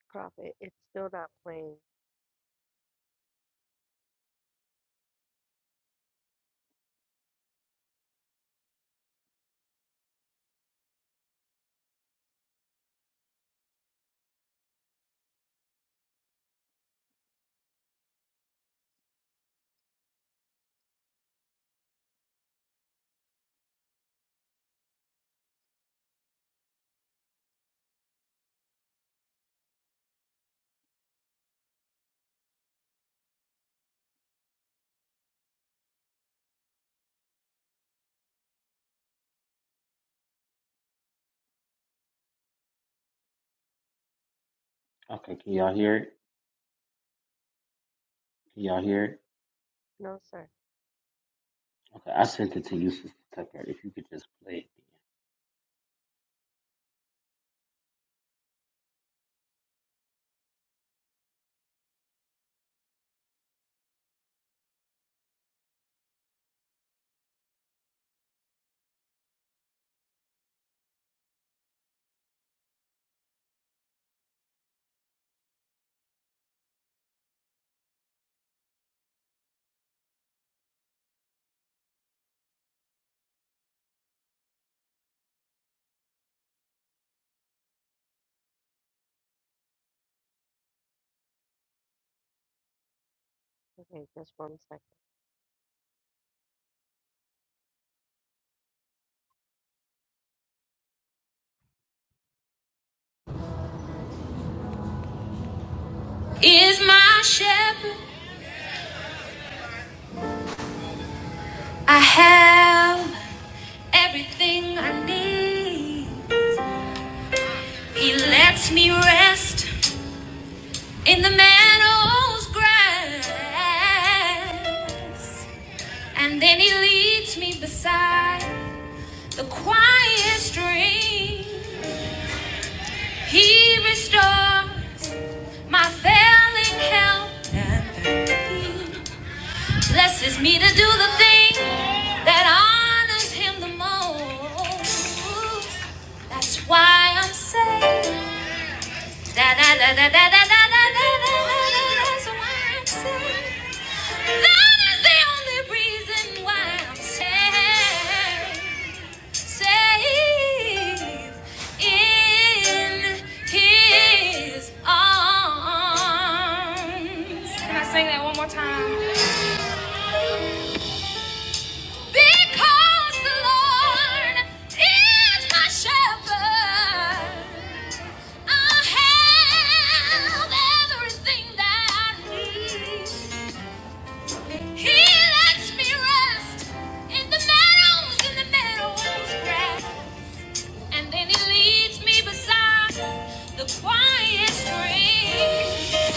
Speaker 1: Prophet, it's still not playing.
Speaker 2: Okay, can y'all hear it? Can y'all hear it?
Speaker 1: No, sir.
Speaker 2: Okay, I sent it to you, Sister Tucker. If you could just play it,
Speaker 1: Okay, just one second. is my shepherd. I have everything I need. He lets me rest in the meadow's grass. And then he leads me beside the quiet stream. He restores my failing health. blesses me to do the thing that honors him the most. That's why I'm saved. Da da da da da da da da da da That's why I'm sad. That is the only reason why I'm sad. Safe in His arms. Can I sing that one more time? Because the Lord is my shepherd, I have everything that I need. He lets me rest in the meadows, in the meadows grass, and then He leads me beside the quiet stream.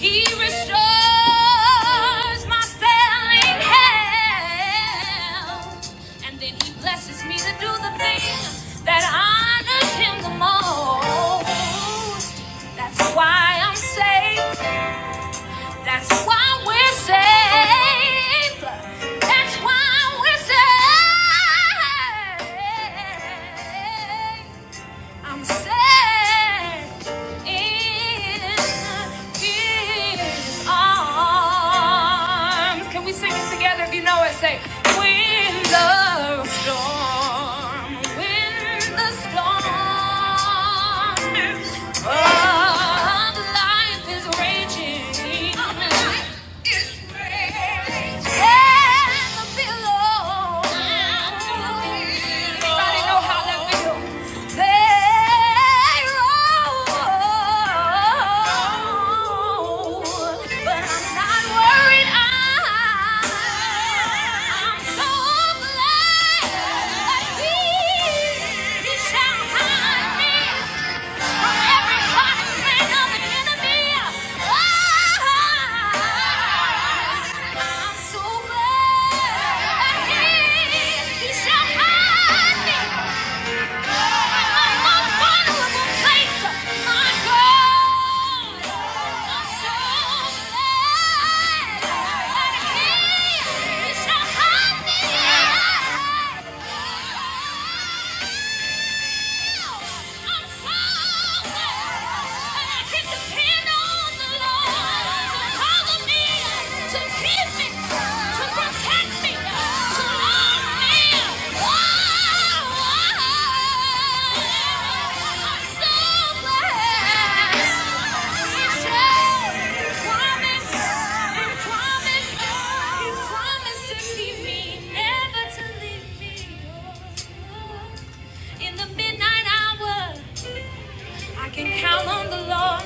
Speaker 1: He restores my failing health, and then he blesses me to do the thing that honors him the most. That's why I'm saved. That's why we're saved. That's why we're saved. I'm set in His arms. Can we sing it together if you know it? Say, when the storm, when the storm of life is raging, and the billows. Everybody know how that feels. I'm so glad he shall hide me. To to heal me, to protect me, to love me. Oh, I'm so glad. He promised, he promised, he promised to keep me, never to leave me. Oh, in the midnight hour. I can count on the Lord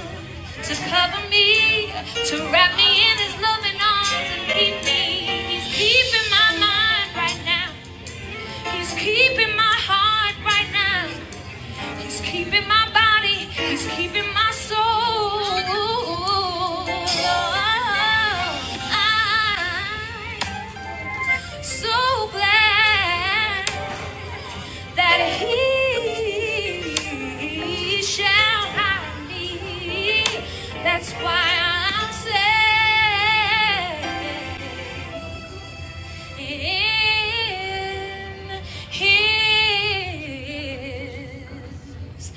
Speaker 1: to cover me, to wrap me in His loving arms and keep me. He's keeping my mind right now. He's keeping my heart right now. He's keeping my body. He's keeping my soul. I'm so glad that he shall hide me. That's why I'm saved in his arms.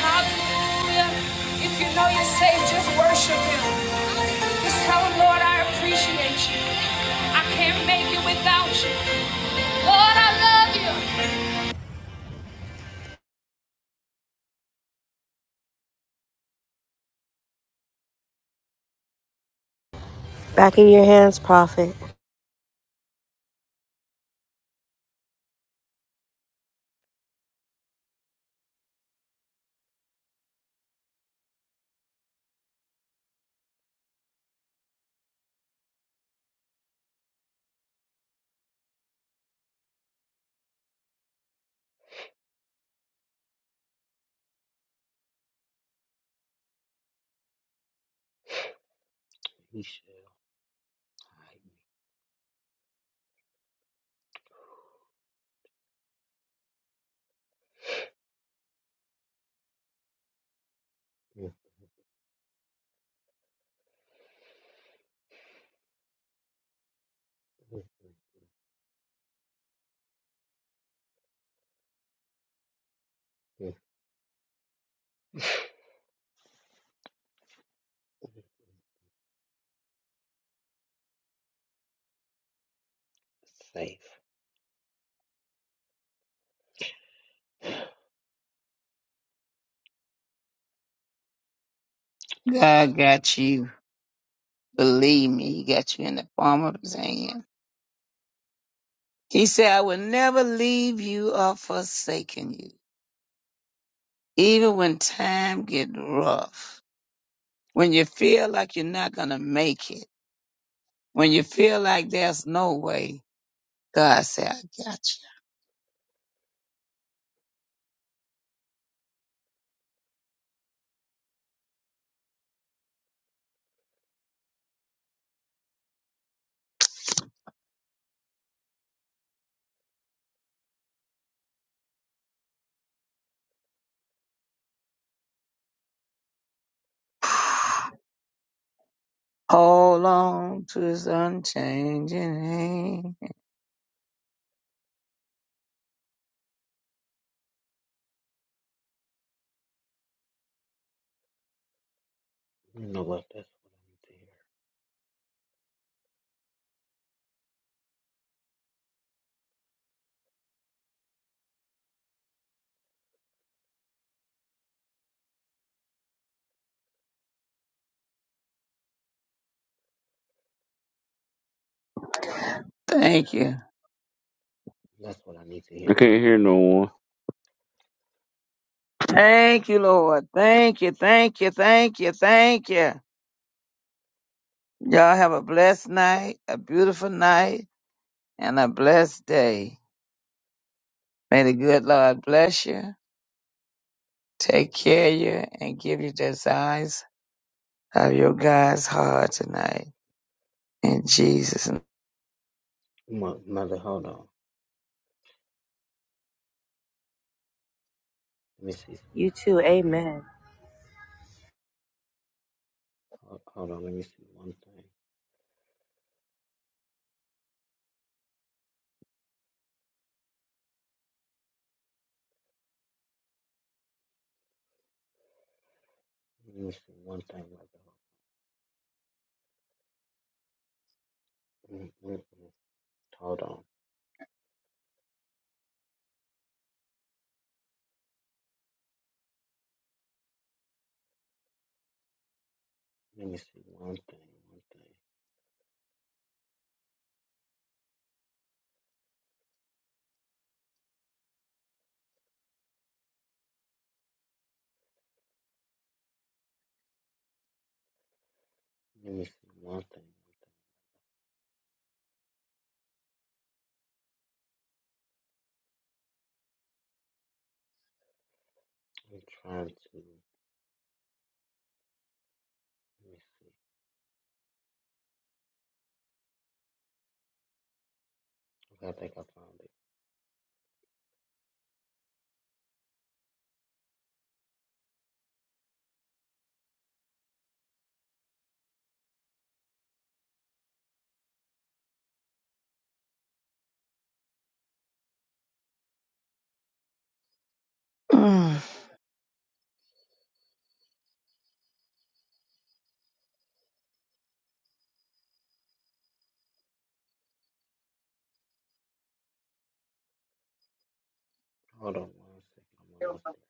Speaker 1: Hallelujah. If you know you're saved, just worship him. Just tell him, Lord, I appreciate you. I can't make it without you. Lord, I love you. Back in your hands, prophet.
Speaker 2: we shall hide. Safe.
Speaker 6: God got you. Believe me, he got you in the palm of his hand. He said, I will never leave you or forsaken you. Even when time get rough, when you feel like you're not gonna make it, when you feel like there's no way, God said, I got you. Hold on to his unchanging hand.
Speaker 2: You know what? That's what I need to hear.
Speaker 6: Thank you.
Speaker 2: That's what I need to
Speaker 8: I
Speaker 2: hear.
Speaker 8: can't hear no one.
Speaker 6: Thank you, Lord. Thank you. Thank you. Thank you. Thank you. Y'all have a blessed night, a beautiful night. and a blessed day. May the good Lord bless you, take care of you, and give you desires of your God's heart tonight. In Jesus' name.
Speaker 2: Mo- Mother, hold on. Let me see some. Hold, hold on. Let me see one thing. Let me see one thing, mother. Mm, mm, mm. Hold on. Let me see one thing. One thing. Let me see one thing. I'm trying to. Let me see. Okay, I think I found it.
Speaker 6: Mm.
Speaker 2: Hold on one second. I'm almost there.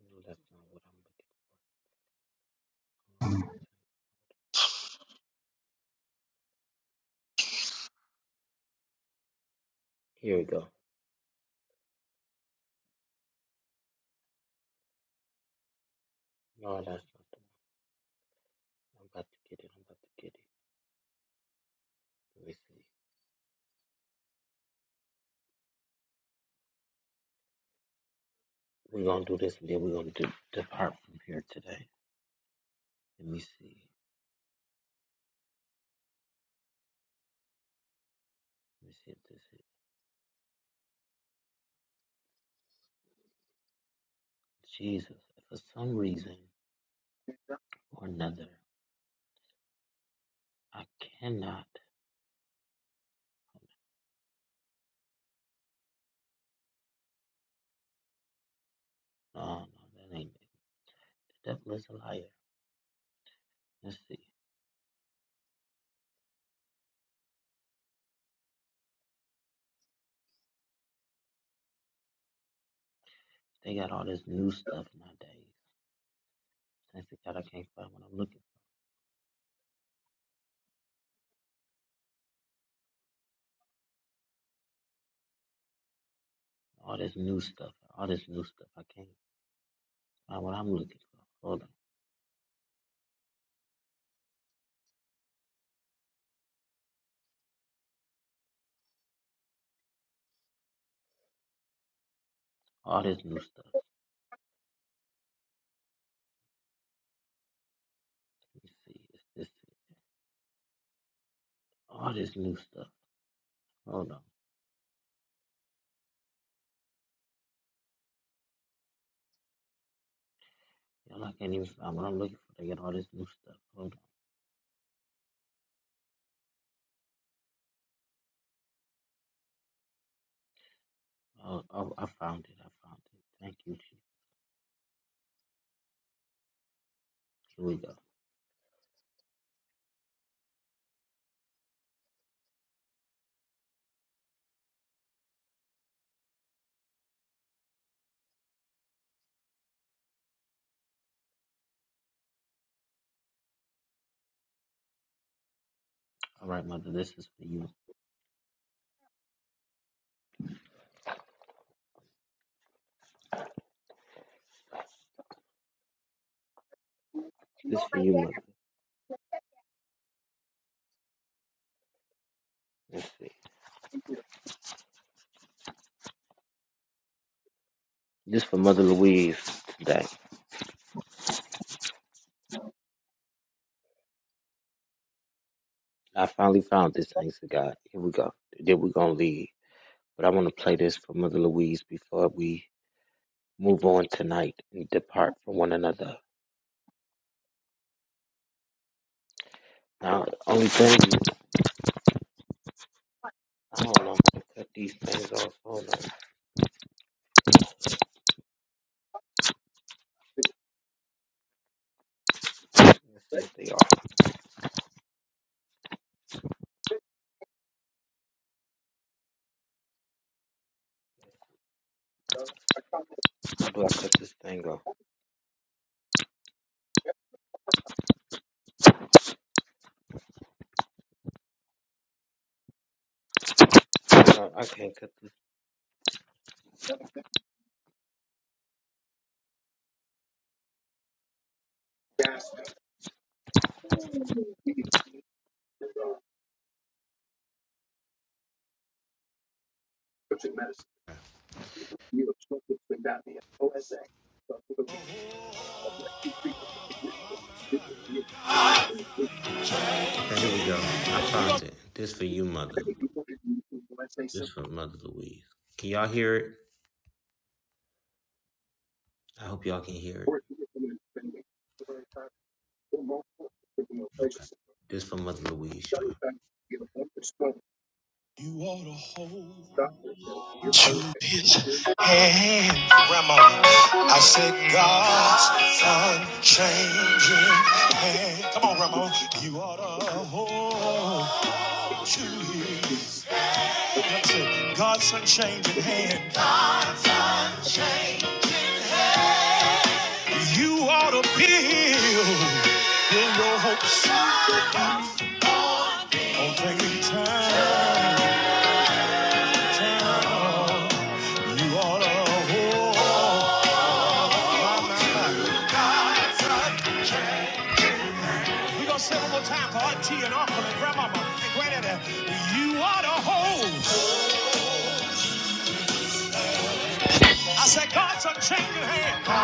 Speaker 2: No, that's not what I'm looking for. Hold on. a second. Here we go. No, that's not the one. I'm about to get it. I'm about to get it. Let me see. We're going to do this and then we're going to do depart from here today. Let me see. received this in Jesus. For some reason or another, I cannot. No, no, that ain't it. The devil is a liar. Let's see. They got all this new stuff nowadays. Thanks to God, I can't find what I'm looking for. All this new stuff. All this new stuff. I can't find what I'm looking for. Hold on. All this new stuff. Let me see. It's this. All this new stuff. Hold on. Y'all, I can't even find what I'm looking for. They got all this new stuff. Hold on. Oh, oh I found it. I found it. Thank you, Jesus. Here we go. All right, mother, this is for you. This for you, mother. Let's see. This for Mother Louise today. I finally found this, thanks to God. Here we go. Then we're gonna leave. But I wanna play this for Mother Louise before we move on tonight and depart from one another. Now the only thing is I don't know, I'm gonna cut these things off. Hold on. Let's see if they are. How do I cut this thing off? No, I can't cut this Okay, here we go. I found it. This for you, mother. This for Mother Louise. Can y'all hear it? I hope y'all can hear it. Okay. This for Mother Louise, y'all. You ought to hold to his hand. Grandma, I said God's unchanging hand. Come on, Grandma. You ought to hold to his. That's it. God's unchanging hand. You ought to build in your hopes on taking time. time. You ought to hold. My, my, my. We're gonna say it one more time for Auntie and Uncle and Grandmama and Granddaddy. You are the whole. I said, God's a changing hand.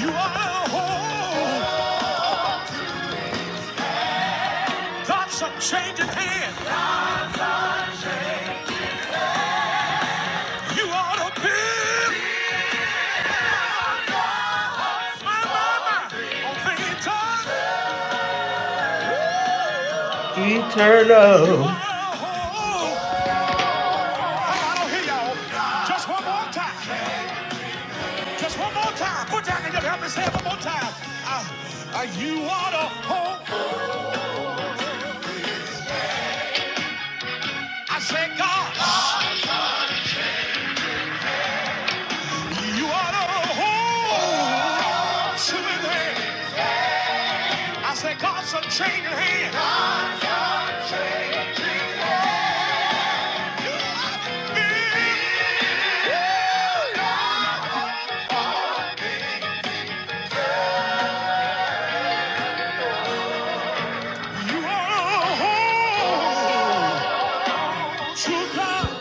Speaker 2: You are the whole. God's a changing hand. You are the big. My, mama, my. On things done. You are the whole. Oh, I don't hear y'all. Just one more time. Just one more time. Put down and help me say it one more time. I, I, you are the whole. I said, God. You ought to hold to his hand. I said, God's a changing hand. God's a changing hand. You ought to be- You ought to hold to God.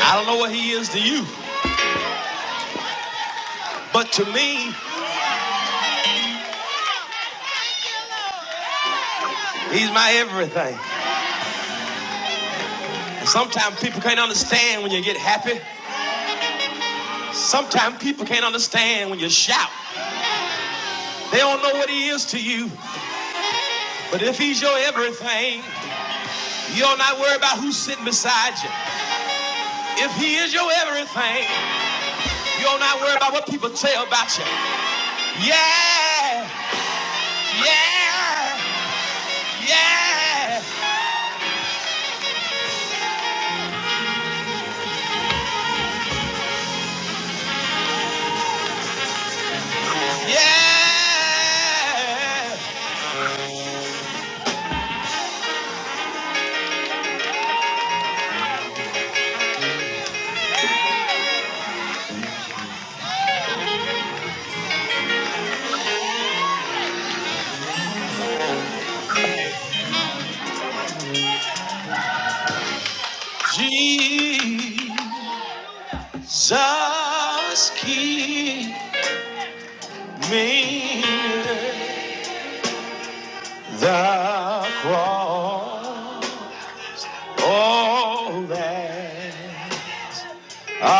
Speaker 2: I don't know what he is to you, but to me, he's my everything. And sometimes people can't understand when you get happy. Sometimes people can't understand when you shout. They don't know what he is to you, But if he's your everything, you'll not worry about who's sitting beside you. If he is your everything, you'll not worry about what people say about you. Yeah, yeah, yeah, yeah. Jesus, keep me the cross. Oh, that I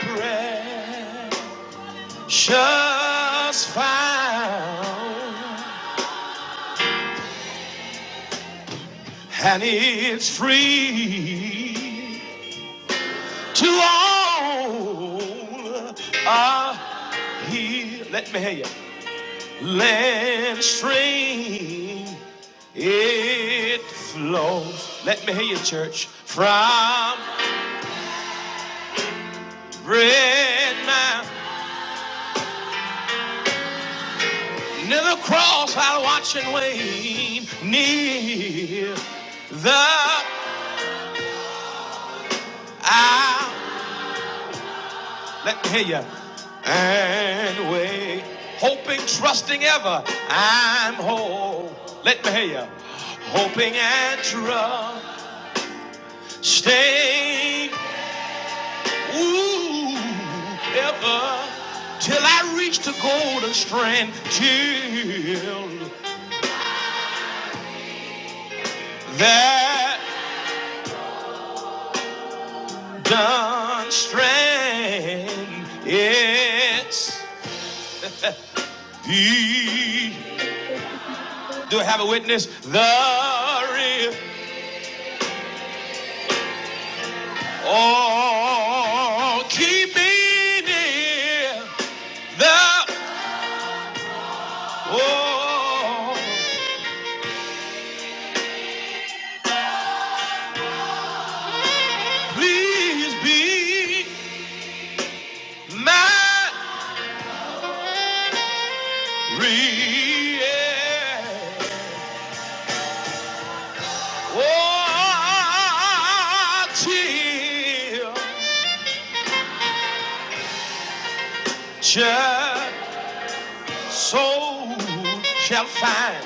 Speaker 2: pray. just found, and it's free to all. Ah, he let me hear you. Land stream, it flows. Let me hear you, church. From bread mount, near the cross, I'll watch and wait. Near the hour Let me hear you. And wait, hoping, trusting ever, I'm whole. Let me hear you. Hoping and trusting, ooh, ever, till I reach the golden strand, till that done strand. It's the. Do I have a witness? The river. Oh, keep me near the oh, please be my reward. Oh, till just soul shall find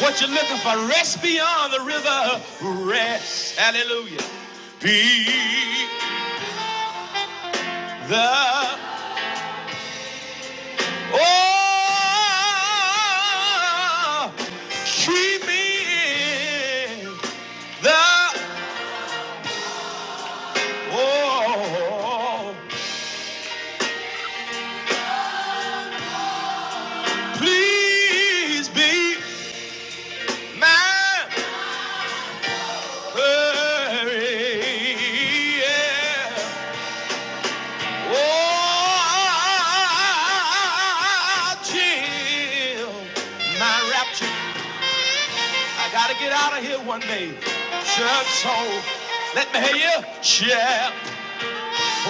Speaker 2: what you're looking for. Rest beyond the river. Rest. Hallelujah. Be the Oh, she me in the oh, please be my hurry. Yeah. Oh, chill, my rapture. I gotta get out of here one day. Church soul, let me hear you. Yeah.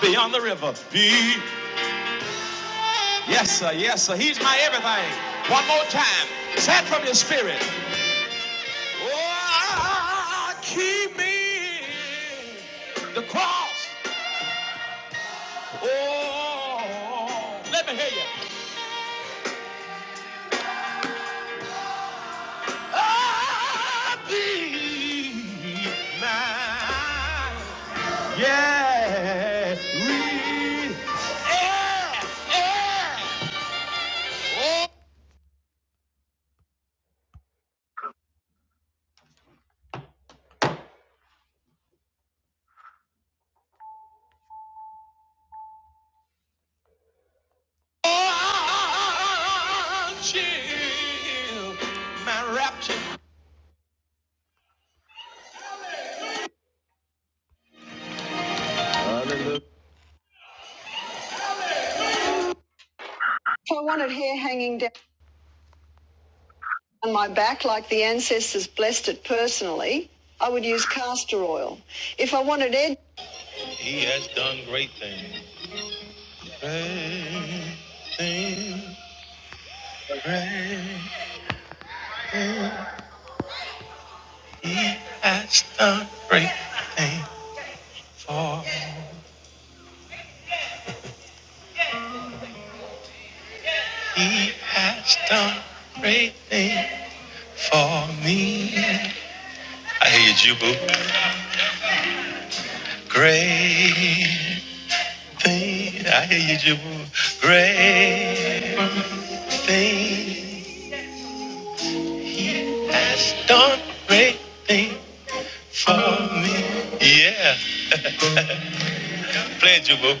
Speaker 2: Beyond the river. Be. Yes, sir. Yes, sir. He's my everything. One more time. Set from your spirit. Oh, keep me. The cross. Oh, let me hear you. Ah, be mine. Yeah. Re- yeah. Yeah. If I wanted hair hanging down on my back like the ancestors blessed it personally, I would use castor oil. If I wanted edge, He has done great thing for me. he has done great things for me. I hear you, Jew boo. Great. thing, I hear you, Jabu. Great thing he has done, great thing for me. Yeah, play it, Jabu.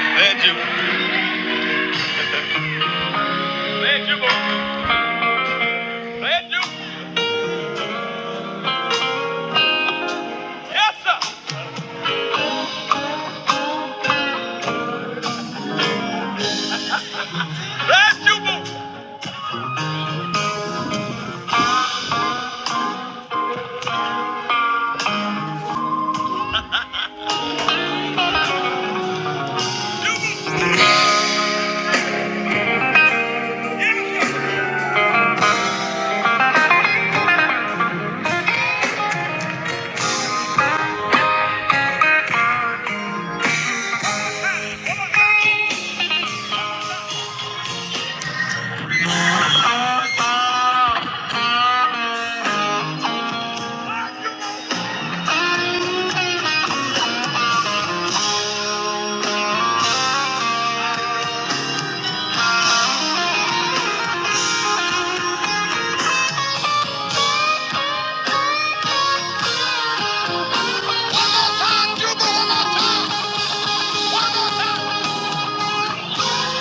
Speaker 2: Play it, Jabu. One more time, Jabu. One more time. One more time.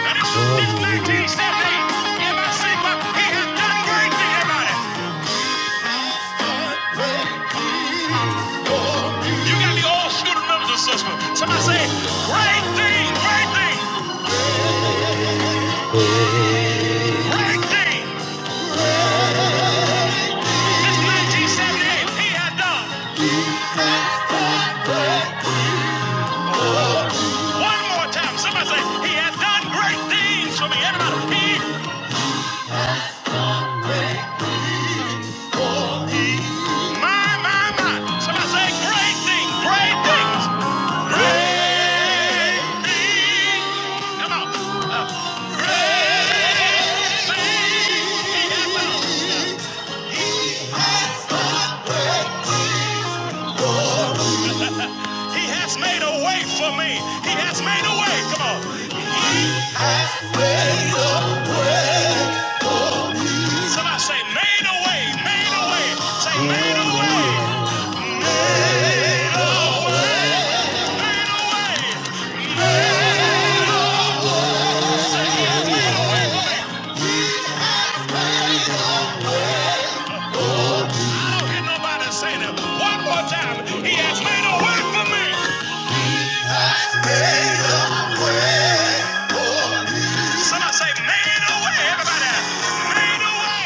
Speaker 2: Let it roll, that thing. Everybody sing, but he has done great thing, everybody. You got me all shooting numbers and such. Somebody say, great thing, great thing, great thing. This 1978, he had done. One more time. Somebody say, He has done great things for me. Everybody, He, my, my, my. Somebody say, Great things, great things, great. He has made a way for me. He has made a way. Come on. Somebody say, Made a way, made a way. Say, Made a way. did nobody say that. One more time. He has made a way for me. Somebody say, Made a way. Everybody, made a way.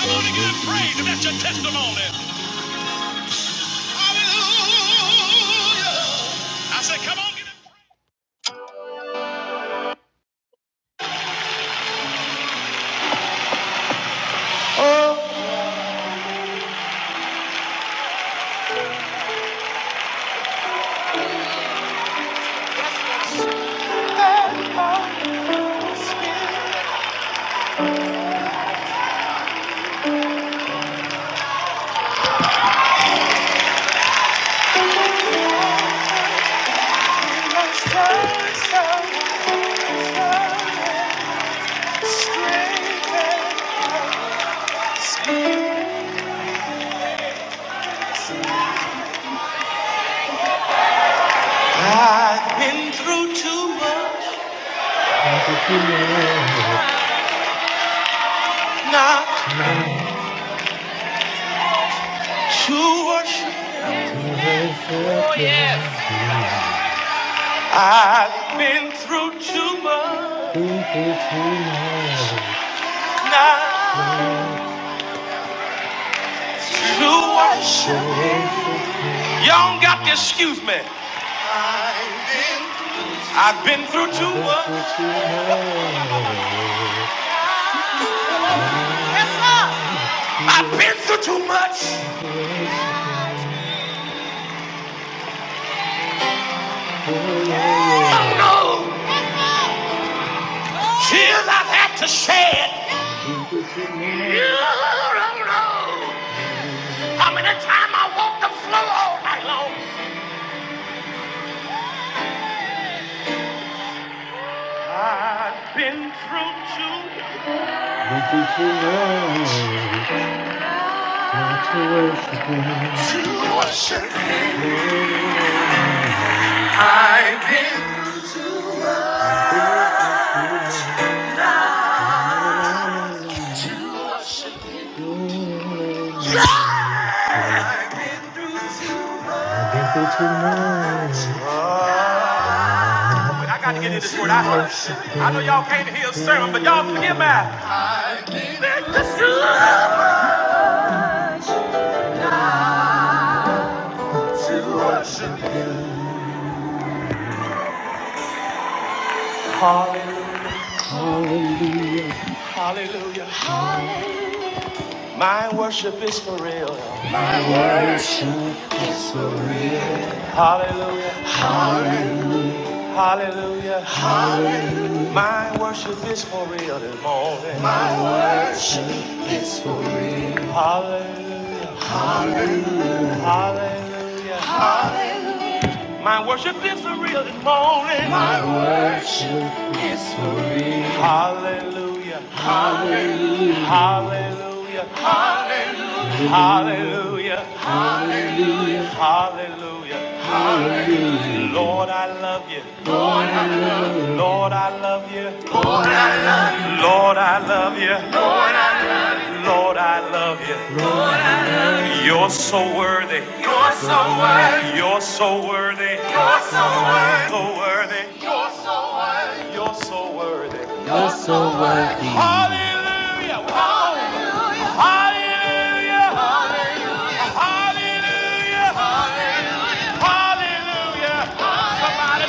Speaker 2: I want to give him praise. That's your testimony. Hallelujah. I said, Come on, give him I've been till Hallelujah. My worship is for real. Hallelujah. Hallelujah. My worship is for real. Hallelujah. Hallelujah. My worship is for real. this Hallelujah. Hallelujah. Hallelujah. Hallelujah. Hallelujah. Lord, I love you. Lord, I love you. Lord, I love you. Lord, I love you. You're so worthy. You're so worthy. You're so worthy. You're so worthy. You're so worthy. Hallelujah. Wow. Hallelujah. Hallelujah. Hallelujah. Somebody.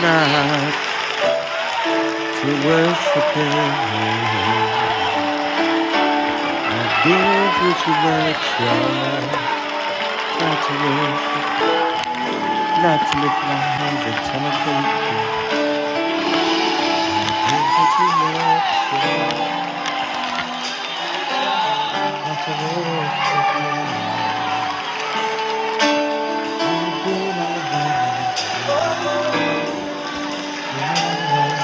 Speaker 2: Nah, I try to I try lift my hands and tell them thank you. You've been all right.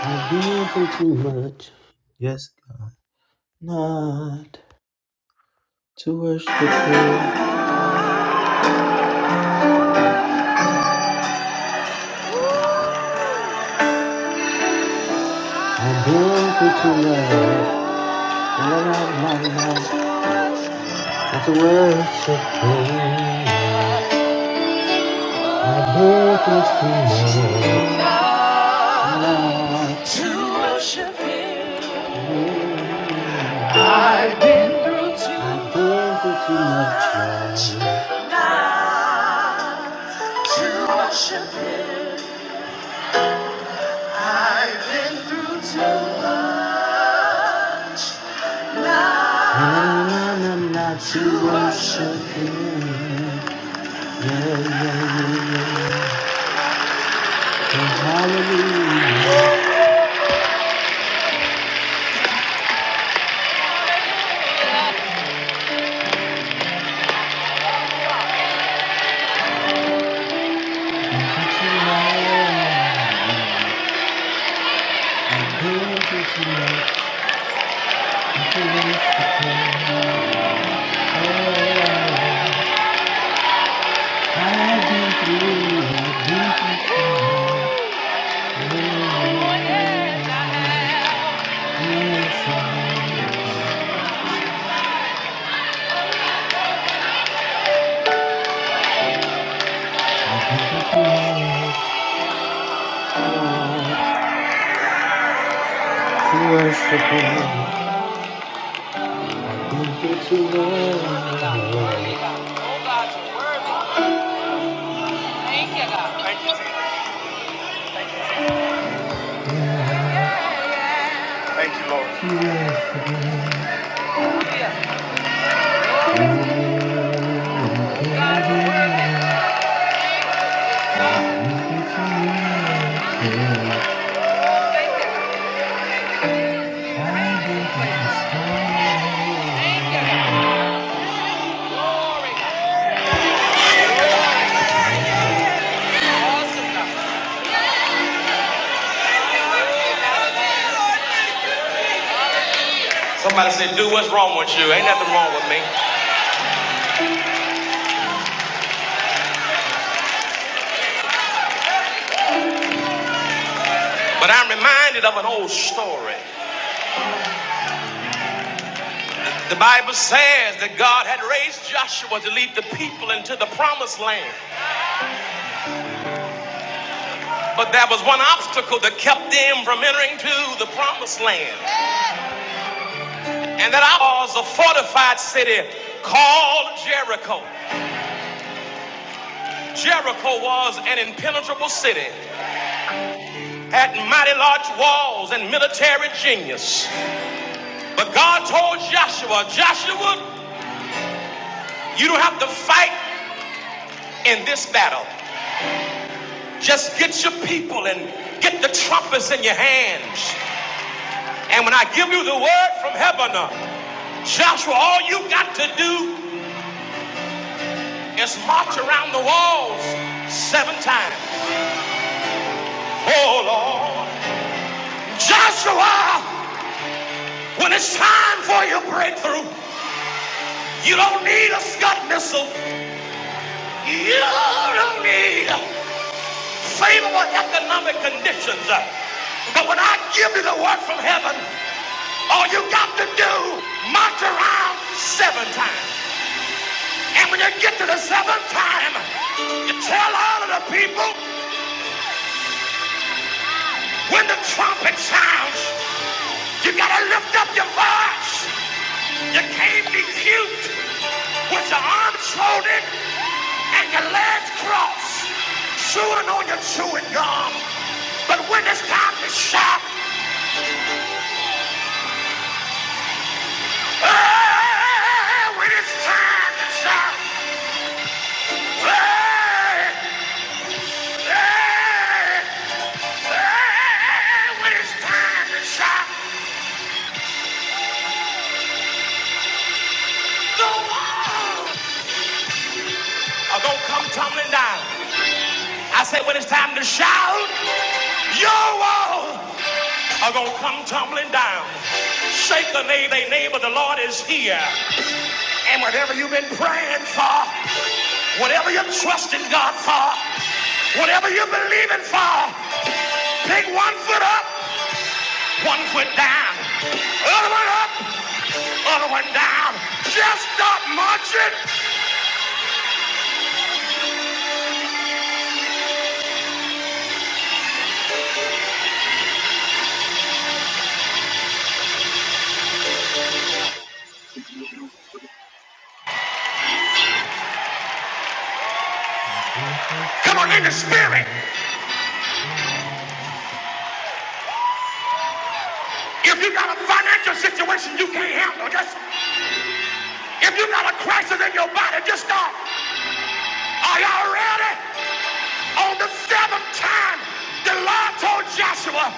Speaker 2: I've been too much. Yes, Not to worship you. i am been too much. Not enough, not Not to worship you. i am been too much. I've too much. not to worship you. Thank you. Thank you, Lord. Somebody said, "Dude, what's wrong with you? Ain't nothing wrong with me. But I'm reminded of an old story. The Bible says that God had raised Joshua to lead the people into the promised land. But there was one obstacle that kept them from entering to the promised land. And that I was a fortified city called Jericho. Jericho was an impenetrable city, had mighty large walls and military genius. But God told Joshua, Joshua, you don't have to fight in this battle. Just get your people and get the trumpets in your hands. And when I give you the word from heaven, uh, Joshua, all you got to do is march around the walls seven times. Oh Lord. Joshua, when it's time for your breakthrough, you don't need a Scud missile. You don't need favorable economic conditions. But when I give you the word from heaven, all you got to do, march around seven times. And when you get to the seventh time, tell all of the people when the trumpet sounds, you gotta lift up your voice. You can't be cute with your arms folded and your legs crossed, chewing on your chewing gum. But when it's time to shout, hey, when it's time to shout, hey, hey, hey, when it's time to shout, the walls are gonna come tumbling down. I say when it's time to shout, your walls. are going to come tumbling down. Shake the name, they neighbor, the Lord is here. And whatever you've been praying for, whatever you're trusting God for, whatever you're believing for, pick one foot up, one foot down, other one up, other one down. Just stop marching. Come on, in the spirit. If you got a financial situation you can't handle, just if you got a crisis in your body, just stop. Are y'all ready? On the seventh time, the love.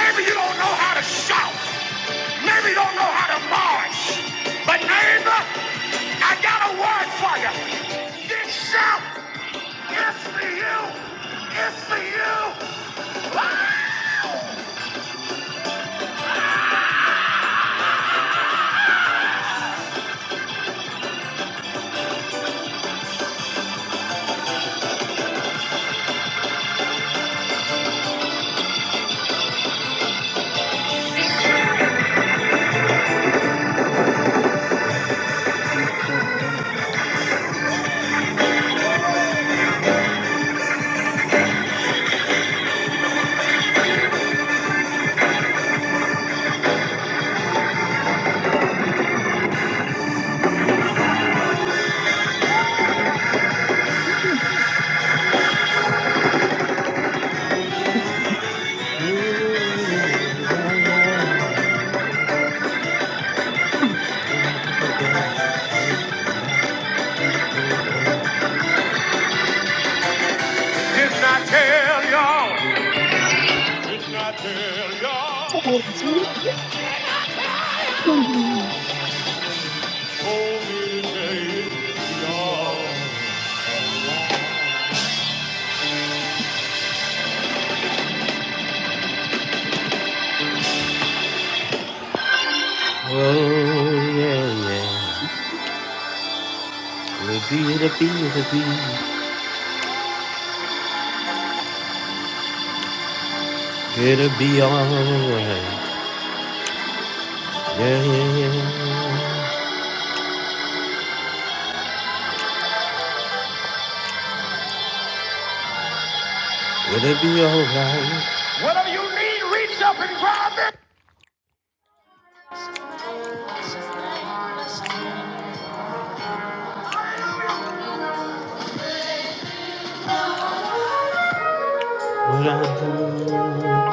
Speaker 2: Maybe you don't know how to shout. Maybe you don't know how to march. But neighbor, I got a word for you. This shout is for you. It's for you. Did not tell y'all. Did not tell y'all. Oh yeah, yeah. It'll be, it'll be, it'll be, it'll be alright. Yeah, yeah, yeah, yeah. Will it be alright? What are you jumping? What I do?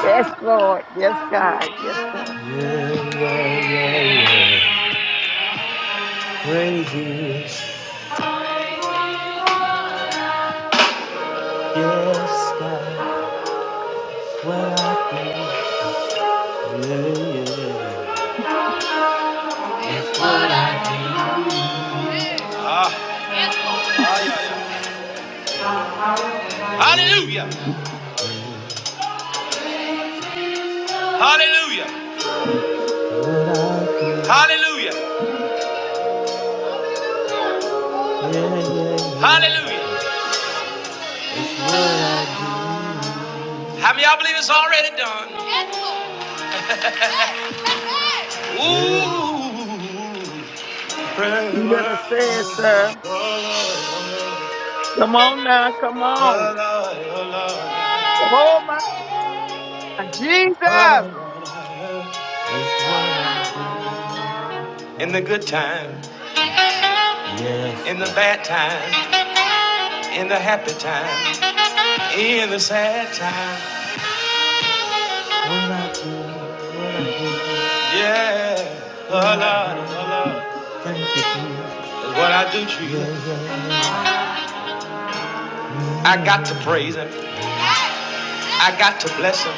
Speaker 6: Yes, Lord. Yes, God. Yes, God.
Speaker 2: Yeah, yeah, yeah, yeah, yeah. Praises, yes, God. What I do? Yeah, yeah. Hallelujah. Hallelujah. yeah. Hallelujah. Yeah, yeah, yeah, Hallelujah. yeah. How many y'all believe it's already done? That's
Speaker 6: You better say it, sir. Come on now. Come on. Oh, my Jesus.
Speaker 2: what I do to you. I got to praise him. I got to bless him.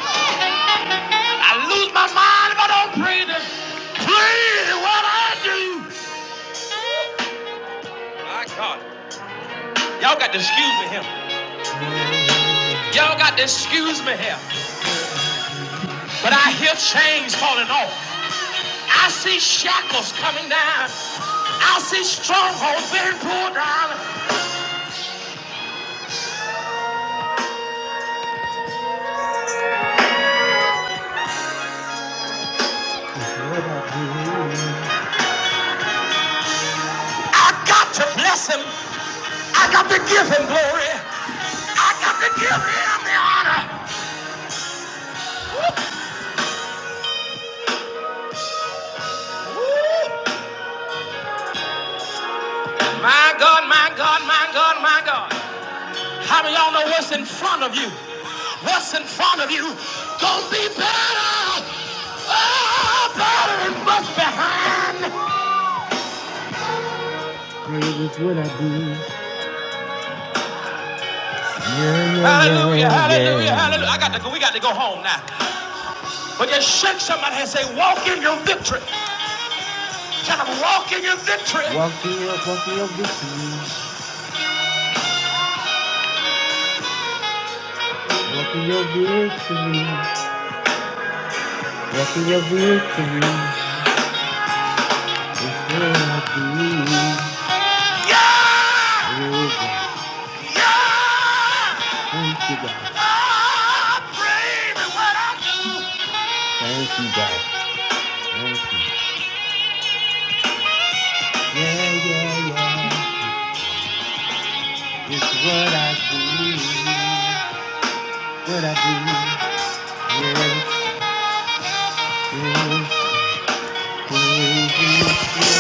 Speaker 2: Praise what I do. My God. Y'all got to excuse me here. Y'all got to excuse me here. Oh, come on. I see stronghold glory. I got to give him the honor. My God, my God, my God, my God. How do y'all know what's in front of you? What's in front of you? Gonna be better. Oh, better than what's behind. Praise what I do. Yeah, yeah, hallelujah, yeah, hallelujah, yeah. hallelujah. I got to go. We got to go home now. But just shake somebody and say, walk in your victory. Tell them, walk in your victory. Walk in your, walk in your victory. Walk in your victory. Walking your victory is where I believe. Oh God, thank you God, thank you God, thank you. Yeah, yeah, yeah. It's what I believe, what I believe. Yes, yes, praise the Lord.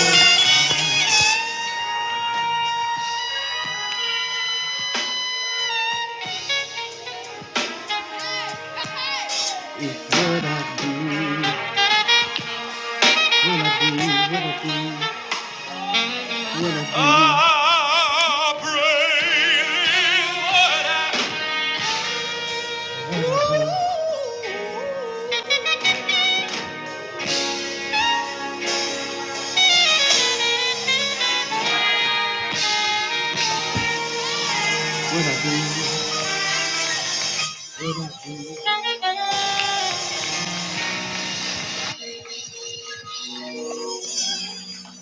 Speaker 2: It's what I believe, what I believe, what I believe, what I believe. What I do?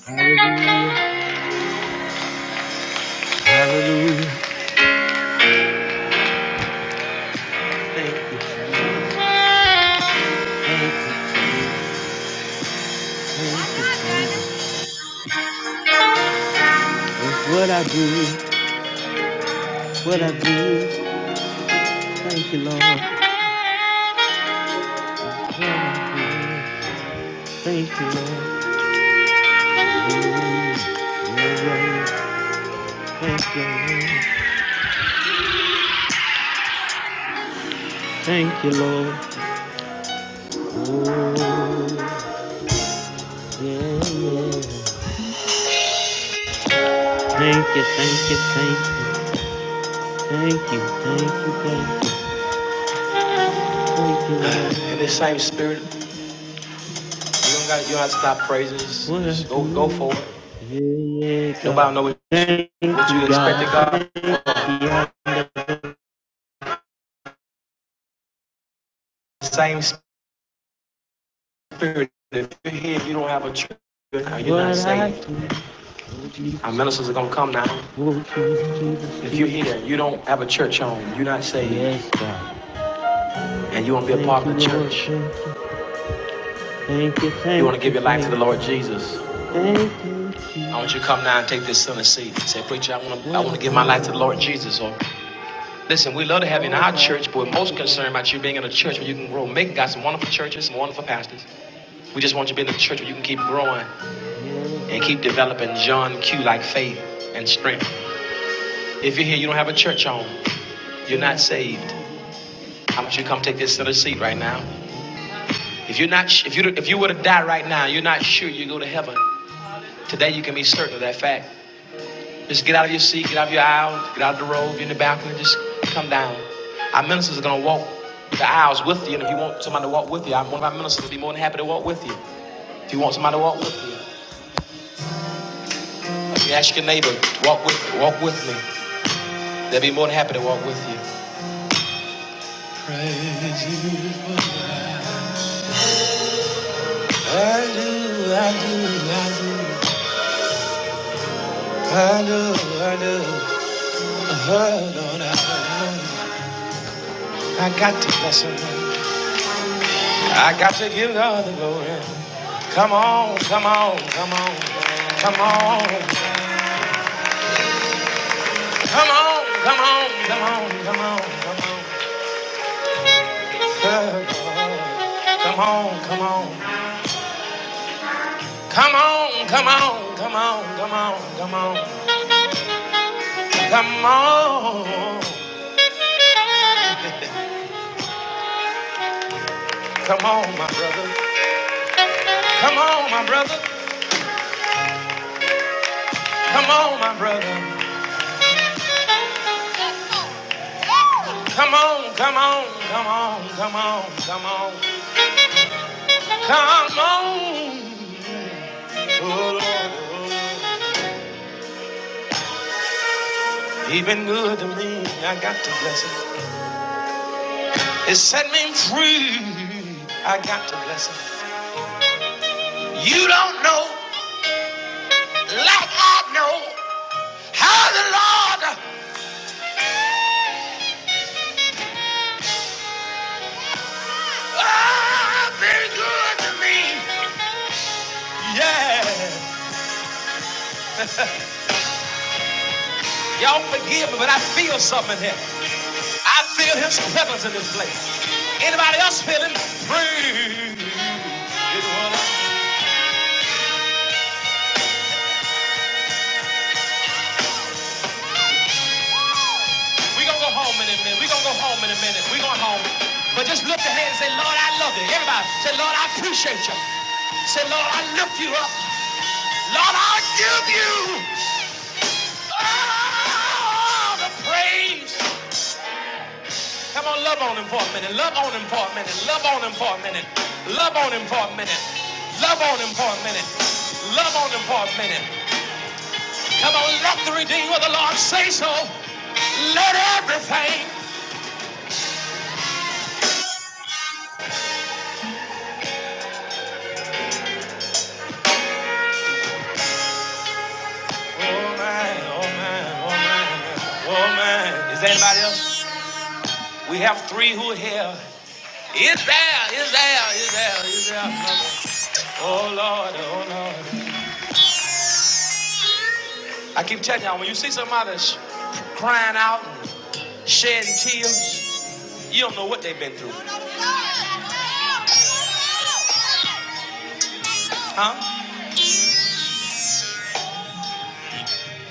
Speaker 2: Hallelujah. Thank you. That's what I do, what I do. Thank you, Lord. What I do. Thank you, Lord. Thank you, Lord. Thank you, Lord. Oh, yeah, yeah. Thank you, thank you, thank you, thank you, thank you, thank you. That's what Go, Yeah, yeah, Nobody knows what you, you expected. God. same spirit. If you're here, if you don't have a church, you're not saved. Oh, Our ministers are gonna come now. Oh, If you're here, you don't have a church home, you're not saved, Yes, and you won't be a part of the church. Thank you, thank You You want to give your life to the Lord Jesus. thank you, Jesus. I want you to come now and take this sin and seat. Say, preacher, I want to, I want to give my life to the Lord Jesus. Or listen, we love to have you in our church, but we're most concerned about you being in a church where you can grow. Macon got some wonderful churches, some wonderful pastors. We just want you to be in a church where you can keep growing and keep developing John Q like faith and strength. If you're here, you don't have a church home. You're not saved. I want you to come take this center seat right now. If you're not, if you if you were to die right now, you're not sure you go to heaven. Today you can be certain of that fact. Just get out of your seat, get out of your aisle, get out of the road, be in the balcony, just come down. Our ministers are gonna walk the aisles with you, and if you want somebody to walk with you, I'm one of our ministers will be more than happy to walk with you. If you want somebody to walk with you, if you ask your neighbor, walk with walk with me, they'll be more than happy to walk with you. I do, I do, I do, I do, I do. Oh, Lord, I, I got to bless him. Give God the glory. Come on, come on, come on, come on. on, come on, come on, come on, come on. Good God. Come on, come on. Come on, come on, come on, come on, come on. Come on. Come on, my brother. Come on, my brother. Come on, my brother. Come on, come on, come on, come on, come on, come on. Oh, Lord. He been good to me. I got to bless him. It set me free. I got to bless him. You don't know, like I know, how the Lord oh, been good to me. Y'all forgive me, but I feel something here. I Feel His presence in this place. We gonna go home in a minute. We gonna go home in a minute. We going home. But just lift your hand and say, Lord, I love you. Everybody, say, Lord, I appreciate you. Say, Lord, I lift you up. Lord, I give you all the praise. Come on, love on him for a minute. Love on him for a minute. Love on him for a minute. Love on him for a minute. Love on him for a minute. Love on him for a minute. Come on, let the redeemer of the Lord say so. Let everything Oh oh man, oh man, oh man, oh man. Is there anybody else? We have three who are here. Is there? Is there? Is there? Is there? another? Oh Lord, oh Lord. I keep telling y'all, when you see somebody sh- crying out and shedding tears, you don't know what they've been through. Huh?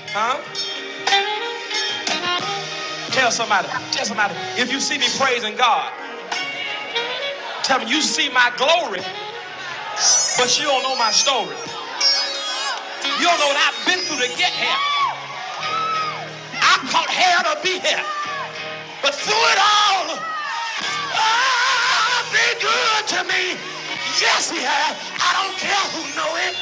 Speaker 2: Huh? Tell somebody. Tell somebody. If you see me praising God, tell me you see my glory, but you don't know my story. You don't know what I've been through to get here. I caught hell to be here. But through it all, God's been good to me. Yes, he has. I don't care who know it.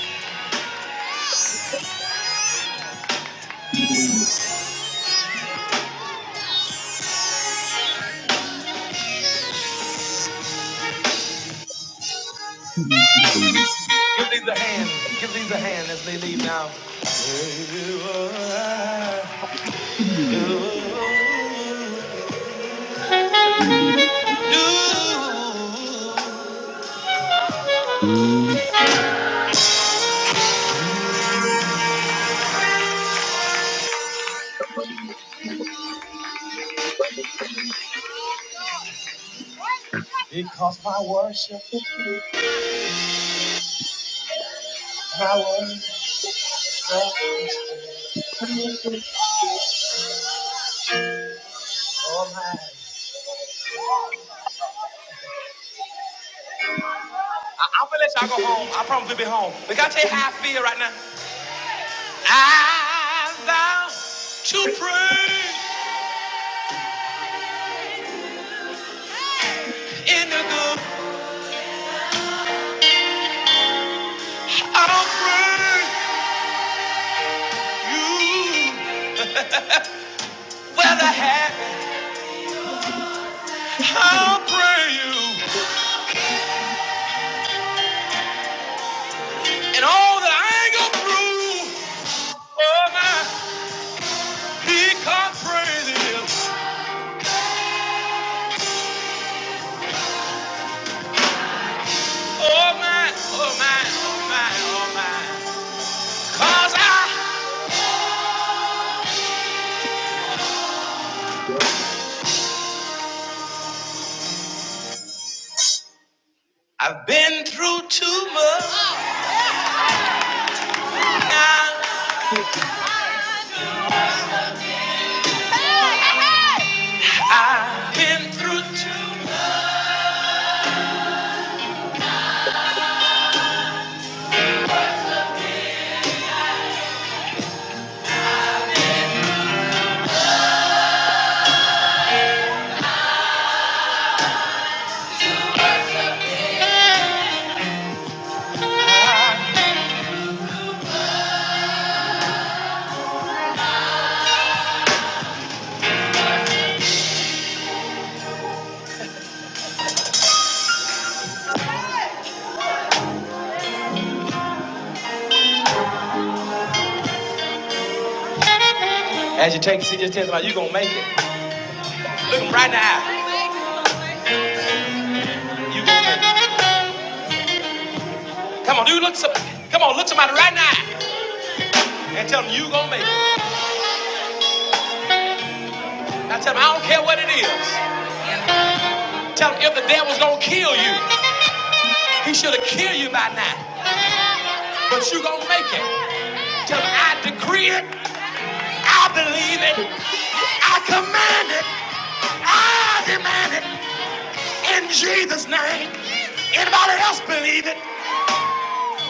Speaker 2: Give these a hand. Give these a hand as they leave now. I- I'm gonna let y'all go home. I promise we'll be home. But can I tell you how I feel right now? I vow to pray in the good. I'll pray you. Whether happy, I'll pray you. And all that I ain't gonna prove. Oh my, he can't praise him. Oh my, oh my, oh my, oh my. Cause I, I Hey, hey, hey! As you take a seat, just tell somebody you gonna make it. Look him right now. You gonna make it. Come on, dude, look some, come on, look somebody right now and tell them you gonna make it. Now tell them I don't care what it is. Tell them if the devil's gonna kill you, he should have killed you by now. But you gonna make it. Tell them I decree it, I believe it, I command it, I demand it in Jesus' name. Anybody else believe it?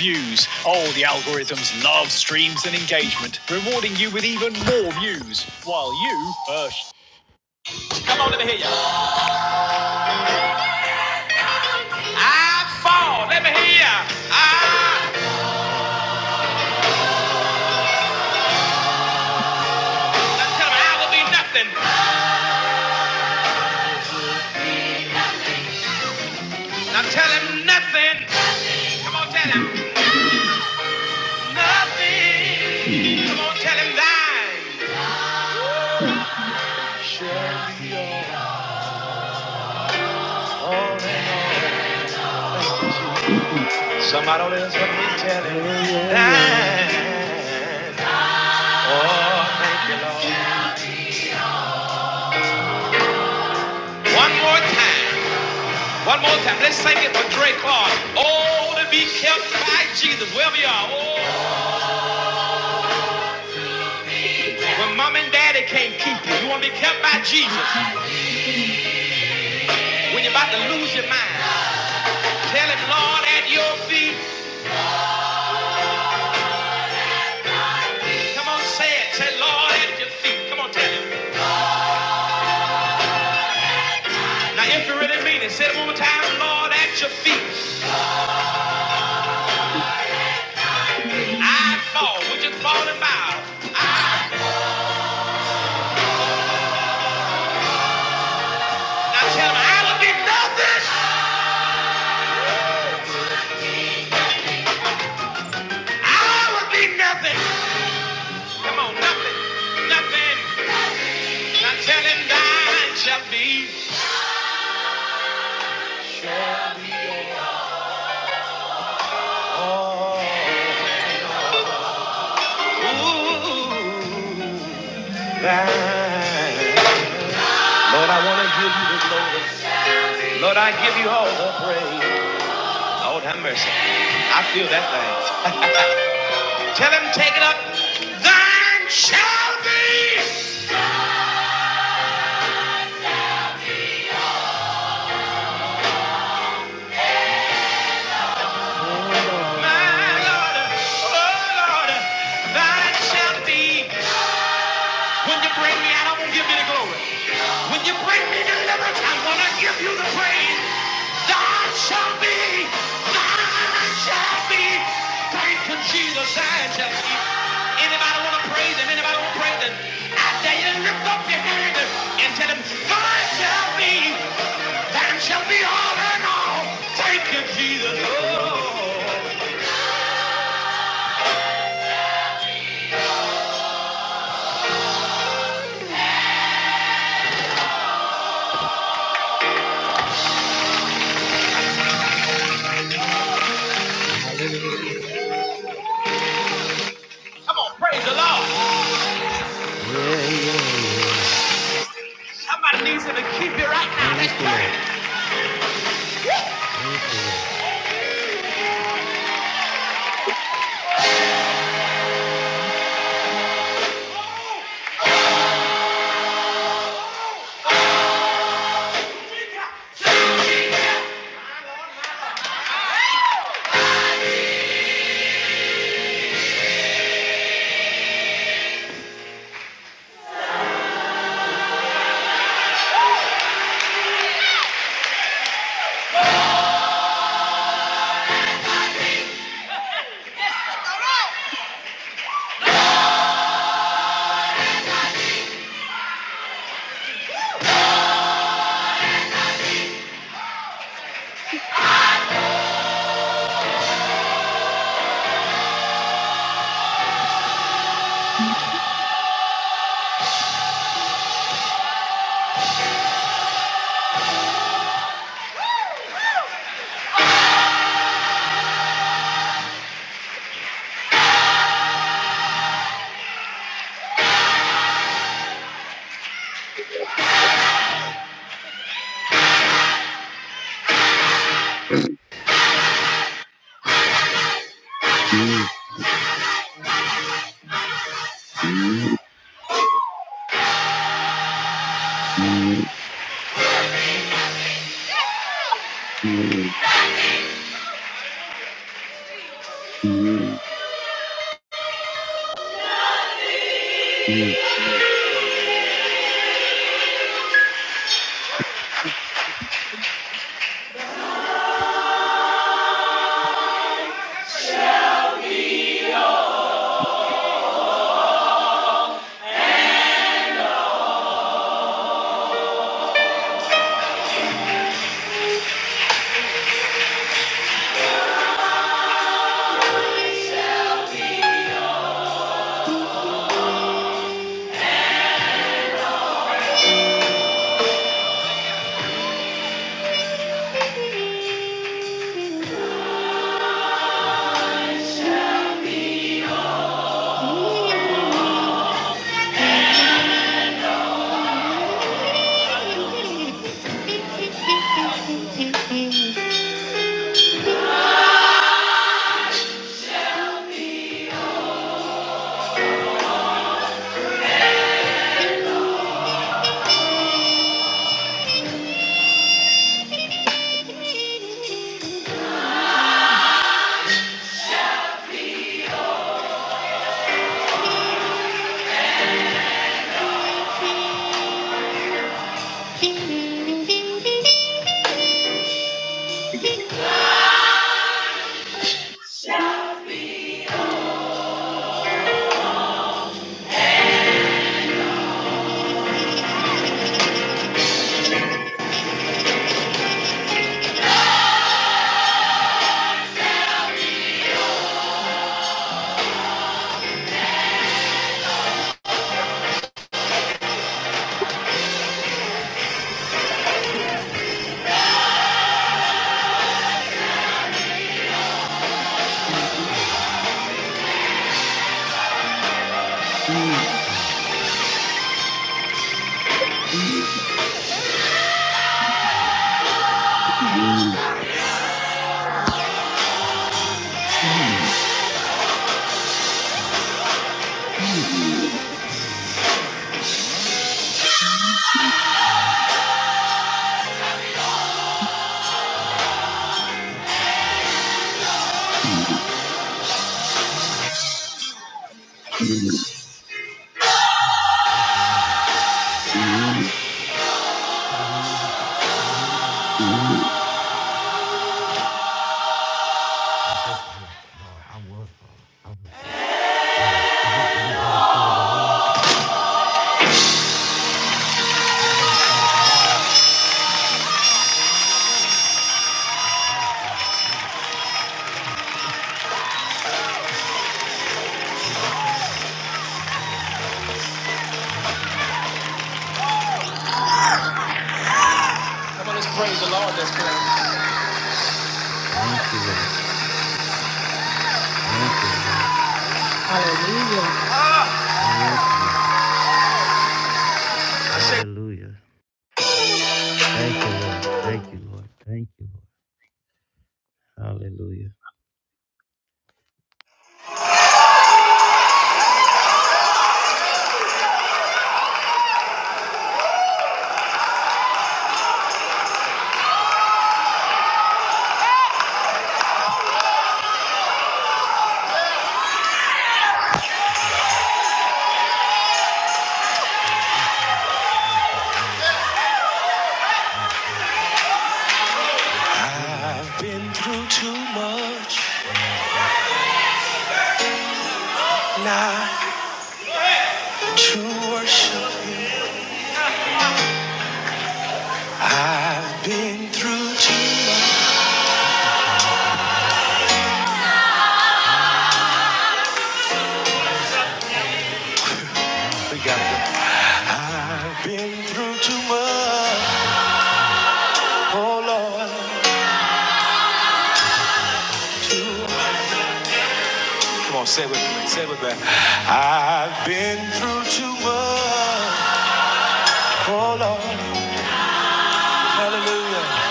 Speaker 2: Views. Oh, the algorithms love streams and engagement, rewarding you with even more views, while you. I fall. Let me hear you. I. Now tell him I will be nothing. Now tell him nothing. Come on, tell him. Nothing. Come on, tell him thine. Shall be all all in all. Thank you, Jesus. Somebody else help me tell him thine. Oh, thank you, Lord. One more time. One more time. Let's sing it for Drake Clark. Oh, to be kept by Jesus. Wherever you are. Oh, when mom and daddy can't keep you. You want to be kept by Jesus. When you're about to lose your mind. Tell him, Lord, at your feet. Come on, say it. Say, Lord, at your feet. Come on, tell him. Now, if you really mean it, say it one more time. Lord, at your feet. I fall. Would you fall and bow? I, now tell him, I would be nothing. I would be nothing. Come on, nothing. Nothing. Now tell him, thine shall be. Shall be all. Ooh, thine. Lord, I want to give you the glory. Lord, I give you all the praise. Lord have mercy. I feel that thing. Tell him, take it up. Thine shall be my Lord. Thine shall be. Shall be. I want to pray on pray that I dare you to lift up your hand and, tell him, Thine shall be. Thine shall be all in all. Thank you, Jesus. Oh. Come on, praise the Lord. Somebody needs him to keep you right now. Let's right. Come on.
Speaker 9: Hallelujah.
Speaker 2: Hallelujah. Thank you, Lord. Thank you, Lord. Thank you, Lord. Thank you, Lord. Thank you, Lord. Hallelujah. I've been through too much. I to worship. I've been through too much. We got it. I've been through too much. Oh Lord, too much. Come on, say it with me. Say it with me. I've been through too much. Oh Lord, hallelujah.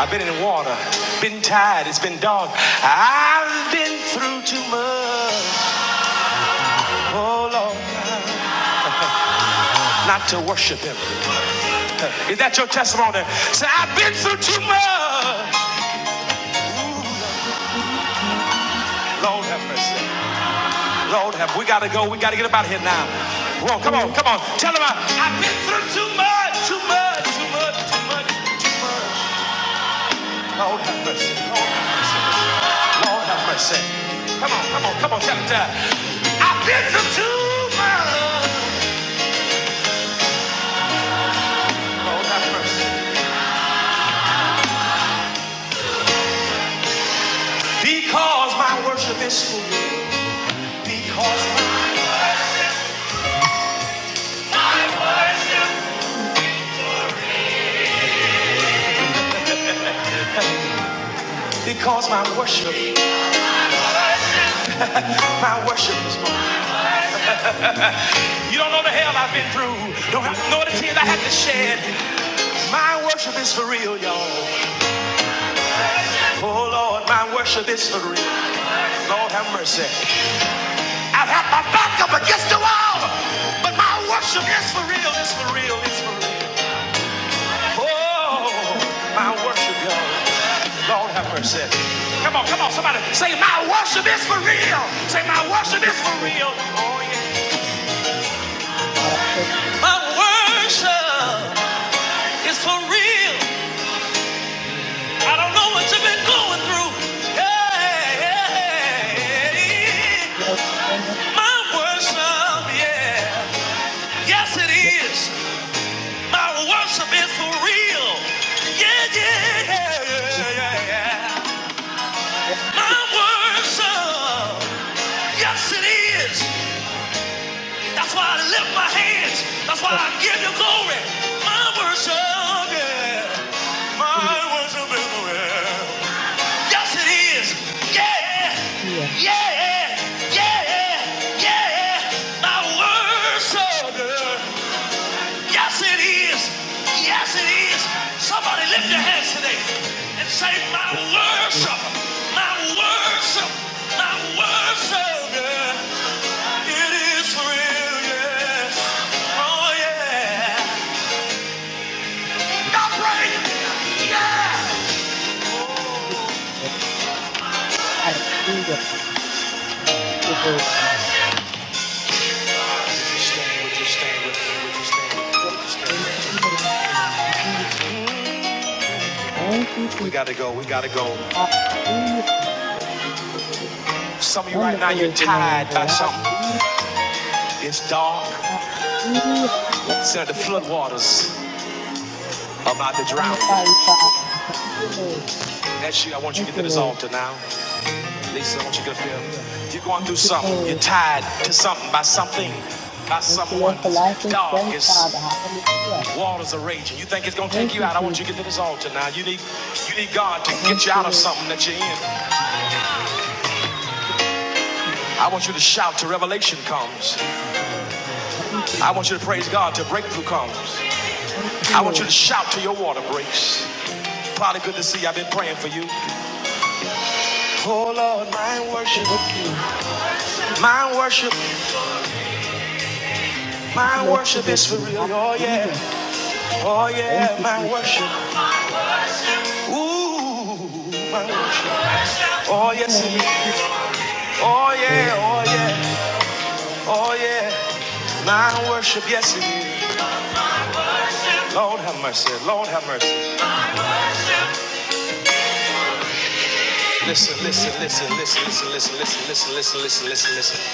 Speaker 2: I've been in the water, been tired, it's been dark. I've been through too much not to worship Him. Is that your testimony? Say, I've been through too much.
Speaker 9: Thank
Speaker 2: Lord have mercy. Lord, have we got to go? We got to get up out of here now. Whoa, come on, come on. Tell them I, I've been through too much, too much, too much, too much. Lord, have mercy. Lord, Lord have mercy. Come on, come on, come on. Tell them that. I've been through too much. Lord, have mercy. Because my worship is full. Because because my worship, my worship is full. You don't know the hell I've been through. Don't have to know the tears I had to shed. My worship is for real, y'all. Oh Lord, my worship is for real. Lord have mercy. I've had my back up against the wall, but my worship is for real, it's for real, it's for real. Oh, my worship, y'all. Lord have mercy. Come on, come on, somebody. Say, my worship is for real. Say, my worship is for
Speaker 9: you.
Speaker 2: real. Oh, yeah. My worship is for real.
Speaker 9: Lord. Thank you, Lord. Thank you,
Speaker 2: Oh, yeah. My worship is for real. Yes, it is. Yeah,
Speaker 9: Hallelujah.
Speaker 2: yeah, yeah, yeah. My worship. Yes, it is. Yes, it is. Somebody lift your hands today and say, My worship, my worship, my worship. It is real. Yes.
Speaker 9: Thank you, Jesus. Hallelujah. Thank you, Lord. Hallelujah. Thank you, Jesus. Hallelujah. Wonderful is your name, Lord. Hallelujah.
Speaker 2: It's dark.
Speaker 9: Hallelujah. Blessed
Speaker 2: It's
Speaker 9: is
Speaker 2: at the
Speaker 9: your name.
Speaker 2: floodwaters about
Speaker 9: I
Speaker 2: to drown you.
Speaker 9: magnify you, Father. Thank you, Lord.
Speaker 2: Next year, I want you
Speaker 9: Thank
Speaker 2: to get
Speaker 9: you,
Speaker 2: to this
Speaker 9: Lord.
Speaker 2: altar now. Lisa, I want you to feel. If you're going
Speaker 9: Thank
Speaker 2: through
Speaker 9: you,
Speaker 2: something,
Speaker 9: Lord.
Speaker 2: you're tied to something by something, by
Speaker 9: Thank you,
Speaker 2: someone.
Speaker 9: Lord, for life
Speaker 2: It's
Speaker 9: and
Speaker 2: dark,
Speaker 9: strength, Father.
Speaker 2: it's
Speaker 9: Hallelujah.
Speaker 2: waters are raging. You think it's gonna take
Speaker 9: Thank
Speaker 2: you
Speaker 9: you,
Speaker 2: out. I want you to get to
Speaker 9: Jesus.
Speaker 2: this altar now. You need you need God to
Speaker 9: Thank
Speaker 2: get you
Speaker 9: you,
Speaker 2: out of
Speaker 9: Lord.
Speaker 2: something that you're in. I want you to shout till revelation comes.
Speaker 9: Thank you,
Speaker 2: I want
Speaker 9: Jesus.
Speaker 2: you to praise God till breakthrough comes.
Speaker 9: Thank you,
Speaker 2: I want you to
Speaker 9: Lord.
Speaker 2: shout till your water breaks. Probably good to see you. I've been praying for you. Oh Lord, my
Speaker 9: Thank you, Lord, for
Speaker 2: worship,
Speaker 9: victory.
Speaker 2: my worship,
Speaker 9: Thank you,
Speaker 2: my
Speaker 9: Lord, for
Speaker 2: worship is for
Speaker 9: victory.
Speaker 2: real. Oh yeah,
Speaker 9: Hallelujah.
Speaker 2: oh
Speaker 9: Thank
Speaker 2: yeah,
Speaker 9: you,
Speaker 2: my
Speaker 9: Jesus.
Speaker 2: worship. Ooh, my worship. Oh, yes, it
Speaker 9: Thank
Speaker 2: is.
Speaker 9: you,
Speaker 2: Oh,
Speaker 9: Lord.
Speaker 2: yeah, oh, yeah,
Speaker 9: Hallelujah.
Speaker 2: oh, yeah. My worship, yes, it is. Lord have mercy, Lord have mercy. Listen, listen, listen, listen, listen, listen, listen, listen, listen, listen, listen, listen.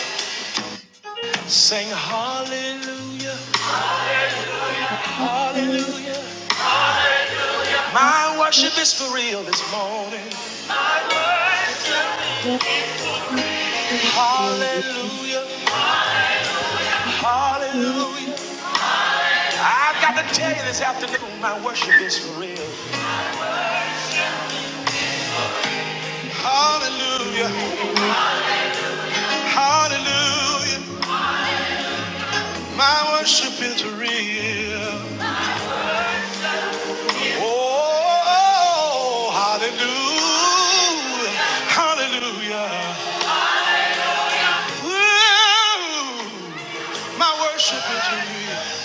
Speaker 2: Sing hallelujah, hallelujah.
Speaker 9: Hallelujah.
Speaker 2: My worship is for real this morning.
Speaker 9: Glory to
Speaker 2: Hallelujah,
Speaker 9: you.
Speaker 2: hallelujah. I've got to tell you this afternoon, my worship is for real. Hallelujah, hallelujah. My worship is real. Oh, hallelujah. Hallelujah. Ooh, my worship is real.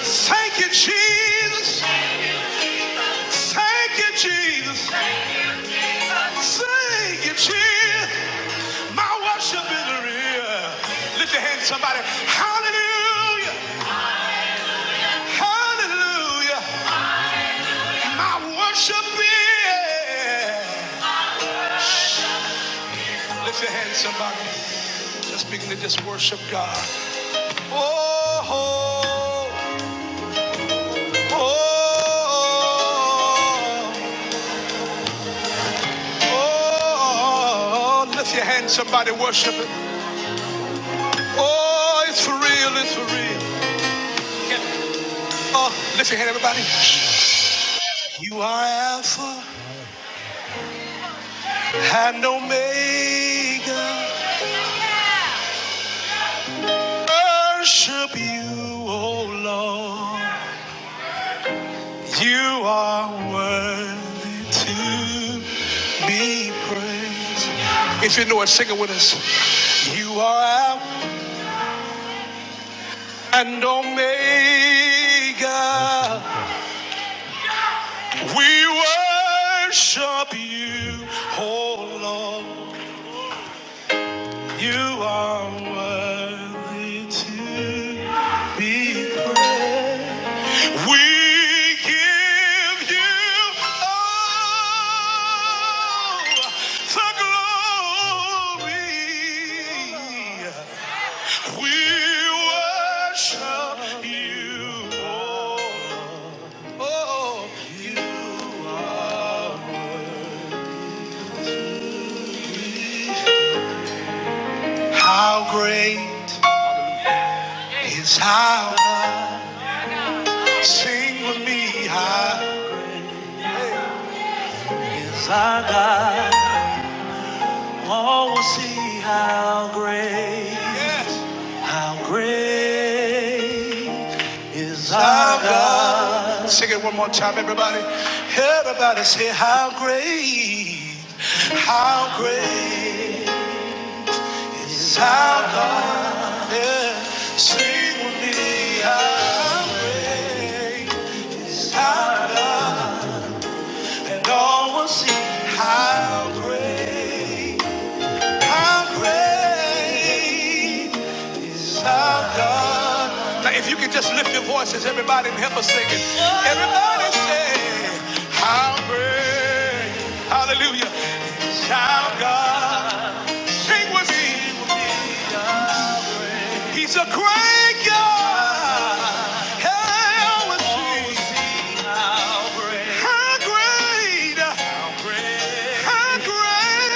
Speaker 2: Thank you, Jesus. Thank you, Jesus. Thank you, Jesus. My worship is real. Lift your hand, to somebody. Hallelujah. Hallelujah. My worship is. Lift your hand, to somebody. Let's begin to just worship God. Oh, oh, oh, oh, oh. lift your hand, somebody worship it. Oh, it's for real, it's for real. Oh, lift your hand, everybody. You are Alpha and Omega. Worship you, oh Lord. You are worthy to be praised. If you know it, sing it with us. You are Alpha and Omega. We worship you, oh Lord. You are worthy to be praised. We give you all the glory. We worship you, oh Lord. Oh, you are. worthy. How great is our God? Sing with me, how is our God? Oh, we'll see how great. How great is our God. Sing it one more time, everybody. Everybody say, How great, how great is our God. Yeah. Someday I don't see how great, how great. Now, if you could just lift your voices, everybody, and help us sing it. Everybody say, How great, hallelujah, is our God. Sing with me. He's a great God. How is he? How great, how great.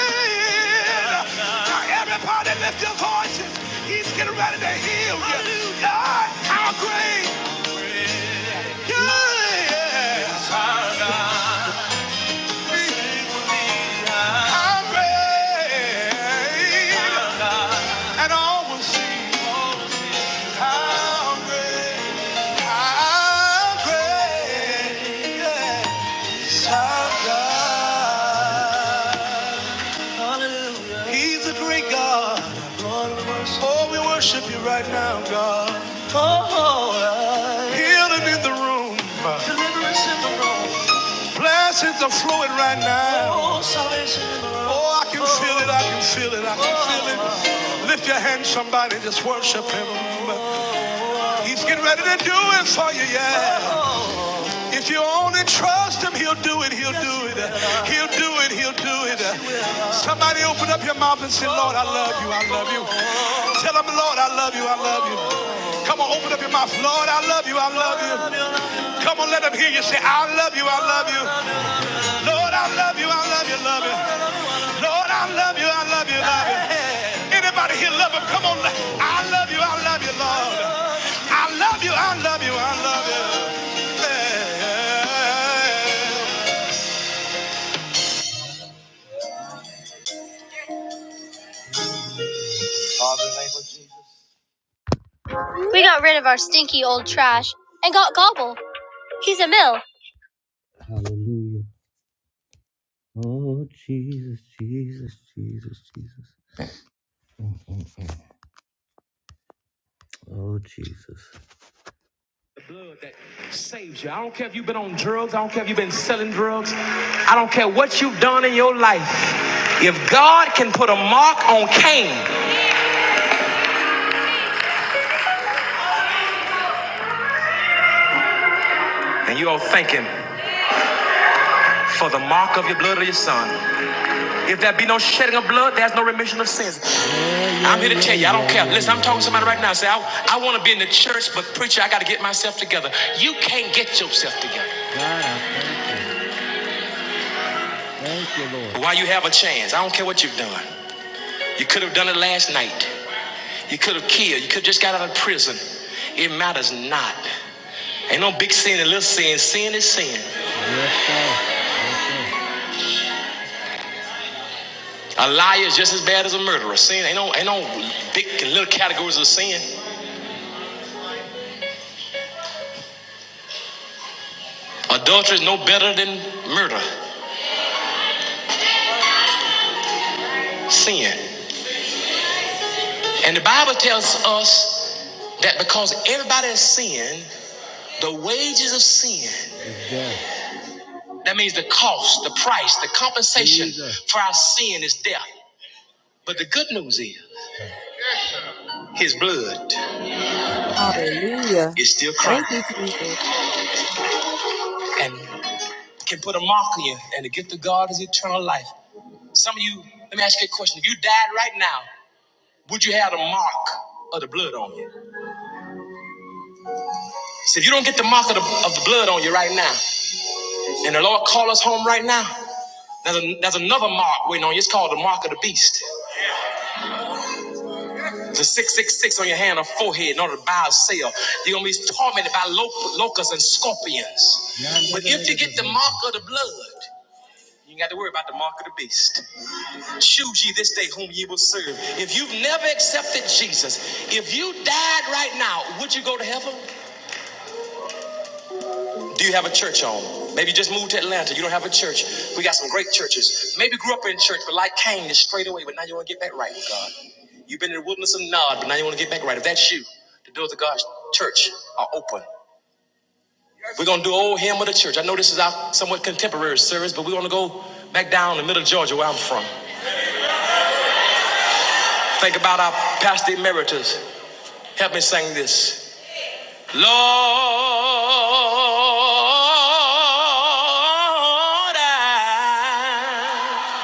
Speaker 2: Now, everybody lift your voices. He's getting ready to heal you. God, how great.
Speaker 9: Hallelujah.
Speaker 2: And all will see how great, how great, yes, our God. Hallelujah. He's a great God. Oh, we worship you right now, God. Oh, healing in the room. Deliverance in the room. Blessings are flowing right now. Oh, I can feel it. I can feel it. I can feel it. Lift your hand, somebody, just worship him. He's getting ready to do it for you, yeah. If you only trust him, he'll do it. He'll do it. He'll do it. He'll do it. Somebody open up your mouth and say, Lord, I love you. I love you. Tell him, Lord, I love you. I love you. Come on, open up your mouth. Lord, I love you. I love you. Come on, let him hear you say, I love you. I love you. Lord, I love you, I love you, love you. Lord, I love you, I love you, love you. Anybody here love him? Come on. I love you, I love you, Lord. I love you, I love you, I love you. We got rid of our stinky old trash and got Gobble. He's a mill. Hallelujah. Oh, Jesus, Jesus, Jesus, Jesus. Oh, Jesus. that saves you. I don't care if you've been on drugs. I don't care if you've been selling drugs. I don't care what you've done in your life. If God can put a mark on Cain, and you are thanking for the mark of your blood of your son. If there be no shedding of blood, there's no remission of sins. I'm here to tell you, I don't care. Listen, I'm talking to somebody right now. Say, I, I want to be in the church, but preacher, I got to get myself together. You can't get yourself together. Why you have a chance? I don't care what you've done. You could have done it last night. You could have killed. You could have just got out of prison. It matters not. Ain't no big sin and little sin. Sin is sin. Yes, A liar is just as bad as a murderer. Sin ain't no ain't no big and little categories of sin. Adultery is no better than murder. Sin. And the Bible tells us that because everybody has sinned, the wages of sin, that means the cost, the price, the compensation Jesus. for our sin is death. But the good news is his blood
Speaker 9: Hallelujah.
Speaker 2: is still crying.
Speaker 9: Thank you, Jesus.
Speaker 2: and can put a mark on you. And the gift of God is eternal life. Some of you, let me ask you a question. If you died right now, would you have the mark of the blood on you? So if you don't get the mark of the, of the blood on you right now, and the Lord call us home right now, there's, a, there's another mark waiting on you. It's called the mark of the beast. The 666 on your hand or forehead in order to buy or sell. You're going to be tormented by lo- locusts and scorpions. But if you get the mark of the blood, you ain't got to worry about the mark of the beast. Choose ye this day whom ye will serve. If you've never accepted Jesus, if you died right now, would you go to heaven? Do you have a church home? Maybe you just moved to Atlanta. You don't have a church. We got some great churches. Maybe grew up in church, but like Cain, you strayed away, but now you want to get back right with God. You've been in the wilderness of Nod, but now you want to get back right. If that's you, the doors of God's church are open. We're going to do old hymn of the church. I know this is our somewhat contemporary service, but we want to go back down the middle of Georgia where I'm from. Think about our past emeritus. Help me sing this. Lord, I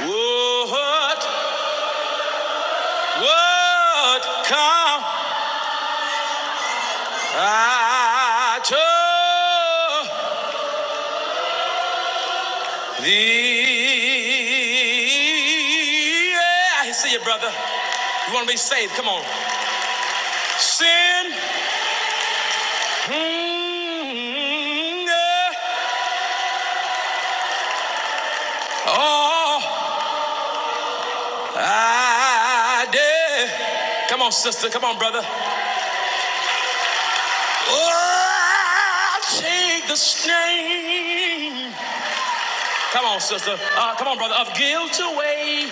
Speaker 2: would, would come unto thee. Yeah, I see you, brother. You want to be saved? Come on. Sin. mm, yeah. Oh. I dare. Come on, sister. Come on, brother. Oh, I'll take the stain. Come on, sister. Uh, come on, brother. Of guilt away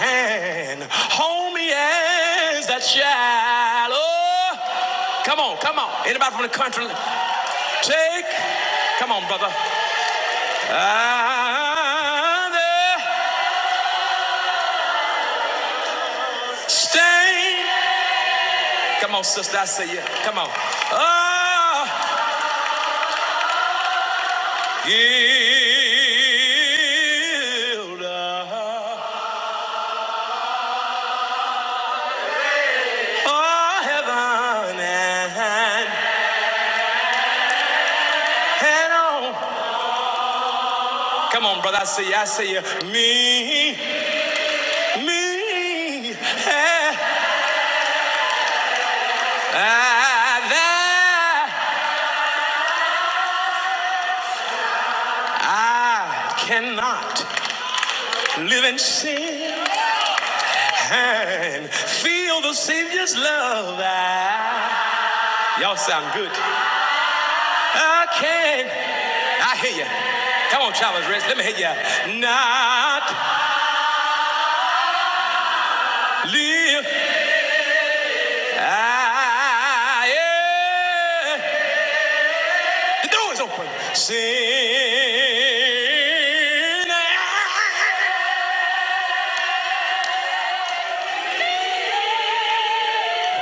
Speaker 2: and hold me as that child. Oh, come on, come on. Anybody from the country? Take. Come on, brother. I dare. Stain. Come on, sister. I say yeah. Come on. Oh. Yield, oh heaven and hell. Come on, brother. I see you. I see you. Me, me, eh, ah, that I cannot live in sin and feel the Savior's love. Ah, Y'all sound good. I can. I hear you. Come on, Chavez Rich. Let me hear you. out. Not live. I am. The door is open. Sin.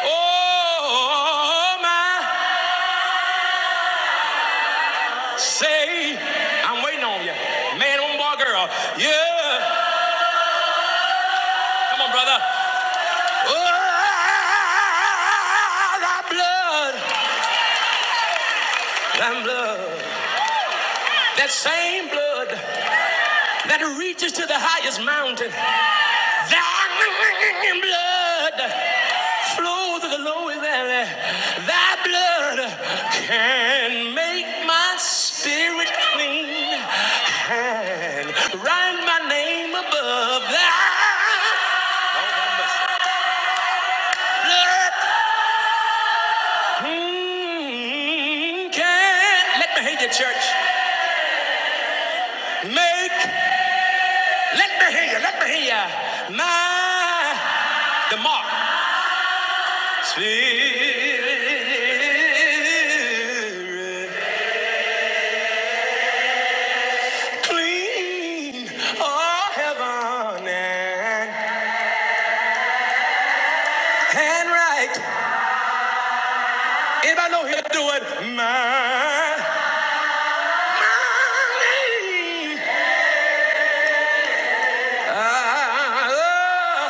Speaker 2: Oh, my say. I'm waiting on you. Man, on bar girl. Yeah. Come on, brother. Oh, thy blood. Thy blood. That same blood that reaches to the highest mountain, that blood flows to the lowest valley. That blood can make my spirit clean and write my name above that blood. Mm, can let me hear you, church. Make let me hear you. Let me hear you. My The mark. Spirit, clean, oh heaven and, and right. Anybody know he'll do it? My, my name. Ah, oh.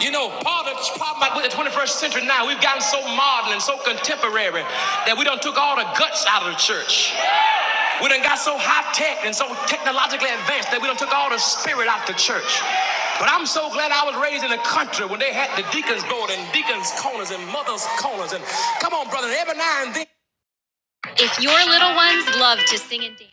Speaker 2: You know, part of the problem with the 21st century now, we've gotten so modern and so contemporary that we done took all the guts out of the church. We done got so high tech and so technologically advanced that we done took all the spirit out the church. But I'm so glad I was raised in the country when they had the deacons board and deacons corners and mothers corners and come on, brother, every now and then. If your little ones love to sing and dance.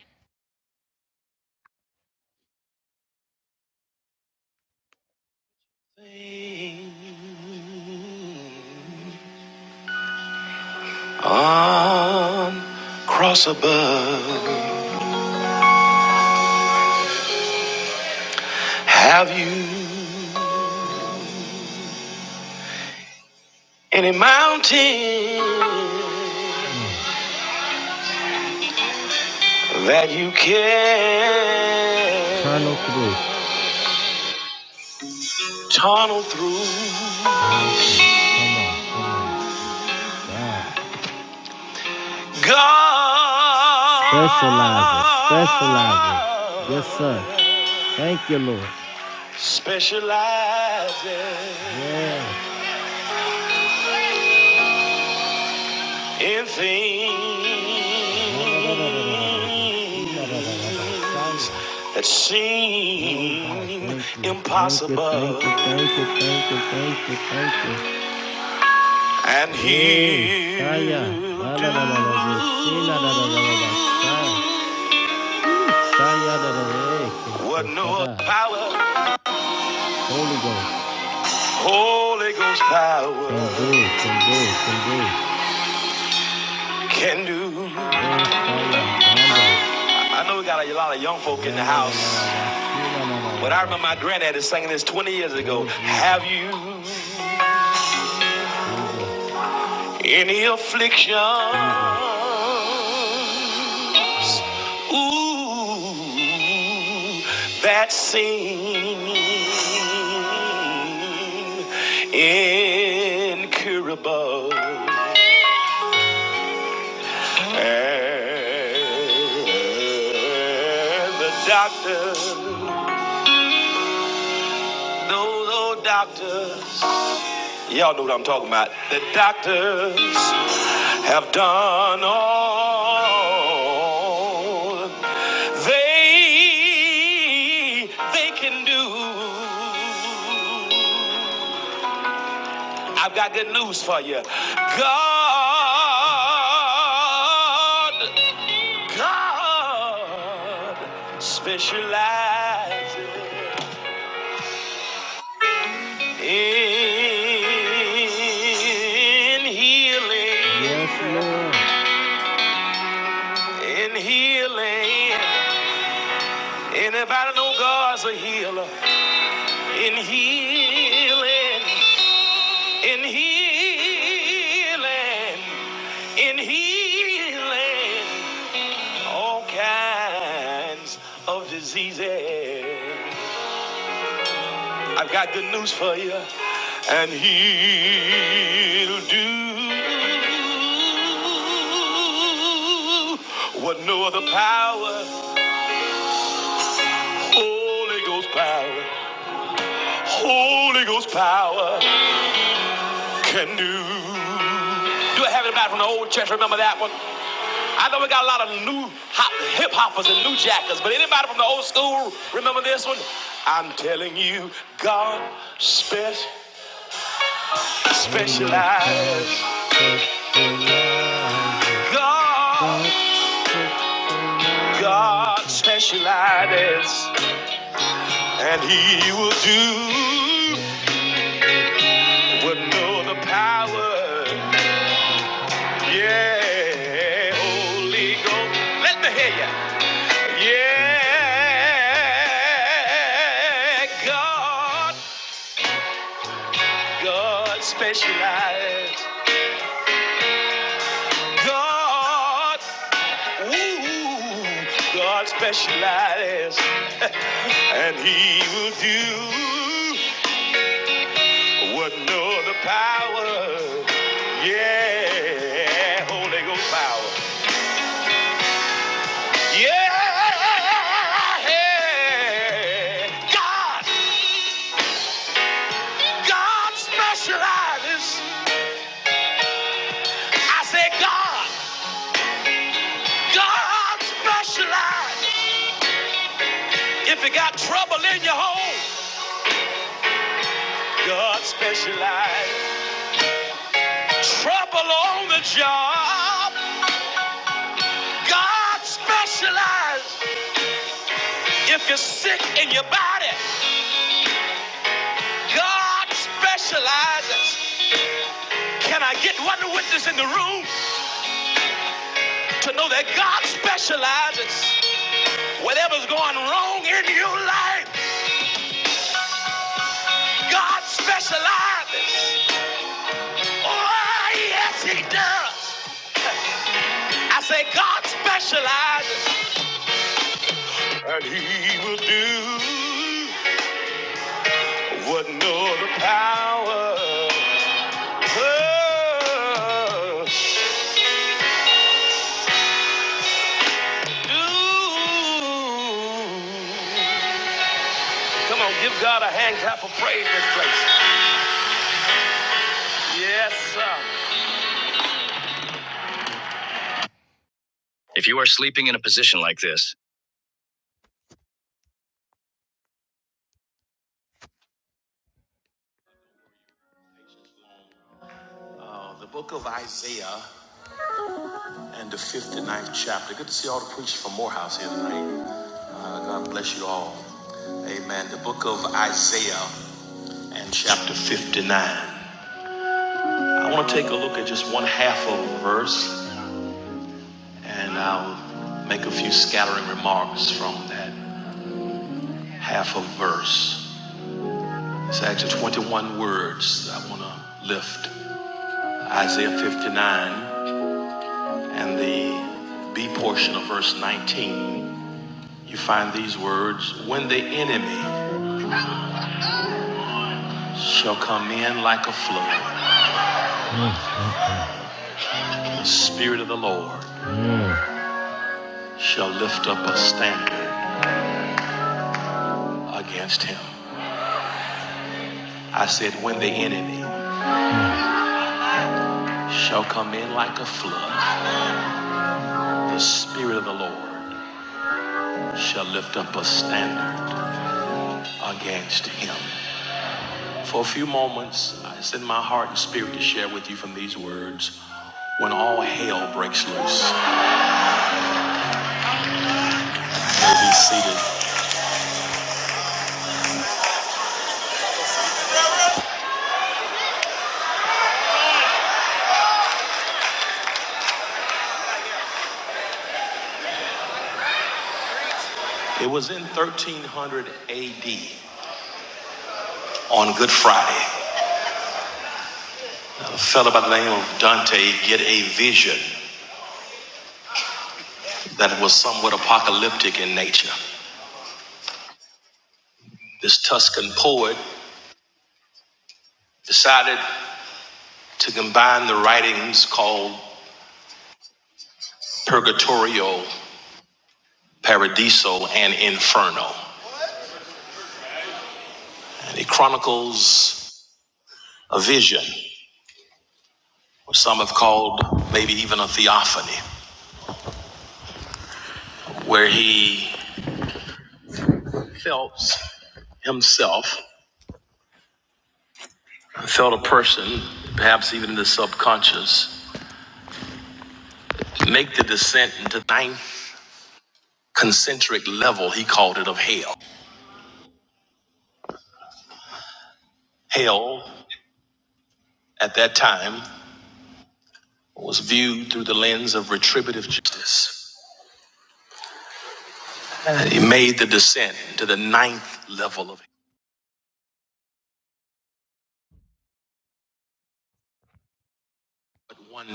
Speaker 2: On cross above. Any mountain that you can tunnel through. God specializes, specializes. Yes, sir. Thank you, Lord. Specializes yeah. in things that seem Thank thank you, impossible. Thank you, thank you, thank you, thank you, thank you. and Hey, he'll hey, do what no power, Holy Ghost, Holy Ghost power can do, can do. can do. Hey, I know we got a lot of young folk in the house, but I remember my granddaddy singing this 20 years ago. Oh Have you? Any afflictions, ooh, that seem incurable, and the doctor, no, no doctor. Y'all know what I'm talking about. The doctors have done all they they can do. I've got good news for you. God, God specializes in healing. in healing. Anybody know God's a healer? In healing, in healing, in healing, all kinds of diseases. I've got good news for you, and he'll do what no other power, Holy Ghost power. Holy Ghost power can do. Do I have anybody from the old church remember that one? I know we got a lot of new hop, hip hoppers and new jackers, but anybody from the old school remember this one? I'm telling you, God spe- specializes. God, God specializes, and He will do what no other power. Yeah, Holy Ghost. Let me hear you. Yeah, God, God specializes. God, ooh, God specializes. and He will do what no other power. Yeah, Holy Ghost power. Yeah, God, God specializes. I say God, God specializes. If you got trouble in your home, God specializes. Trouble on the job, God specializes. If you're sick in your body, God specializes. Can I get one witness in the room to know that God specializes? Whatever's going wrong in your life, God specializes. Oh, yes, He does. I say, God specializes. And He will do what no other power does. Come on, give God a hand clap of praise this place. Yes, sir. And the 59th chapter. Good to see all the preachers from Morehouse here tonight. Uh, God bless you all. Amen. The book of Isaiah and chapter 59. I want to take a look at just one half of a verse, and I'll make a few scattering remarks from that half of verse. It's actually 21 words I want to lift. Isaiah 59 and the B portion of verse 19. You find these words When the enemy shall come in like a flood, the Spirit of the Lord shall lift up a standard against him. I said, When the enemy shall come in like a flood, The Spirit of the Lord shall lift up a standard against him. For a few moments, it's in my heart and spirit to share with you from these words. When all hell breaks loose, be seated. It was in 1300 AD on Good Friday. A fellow by the name of Dante get a vision that was somewhat apocalyptic in nature. This Tuscan poet decided to combine the writings called Purgatorio Paradiso and Inferno. And it chronicles a vision, which some have called maybe even a theophany. Conscious, concentric level hell at that time was viewed through the lens of retributive justice. And he made the descent to the ninth level of hell,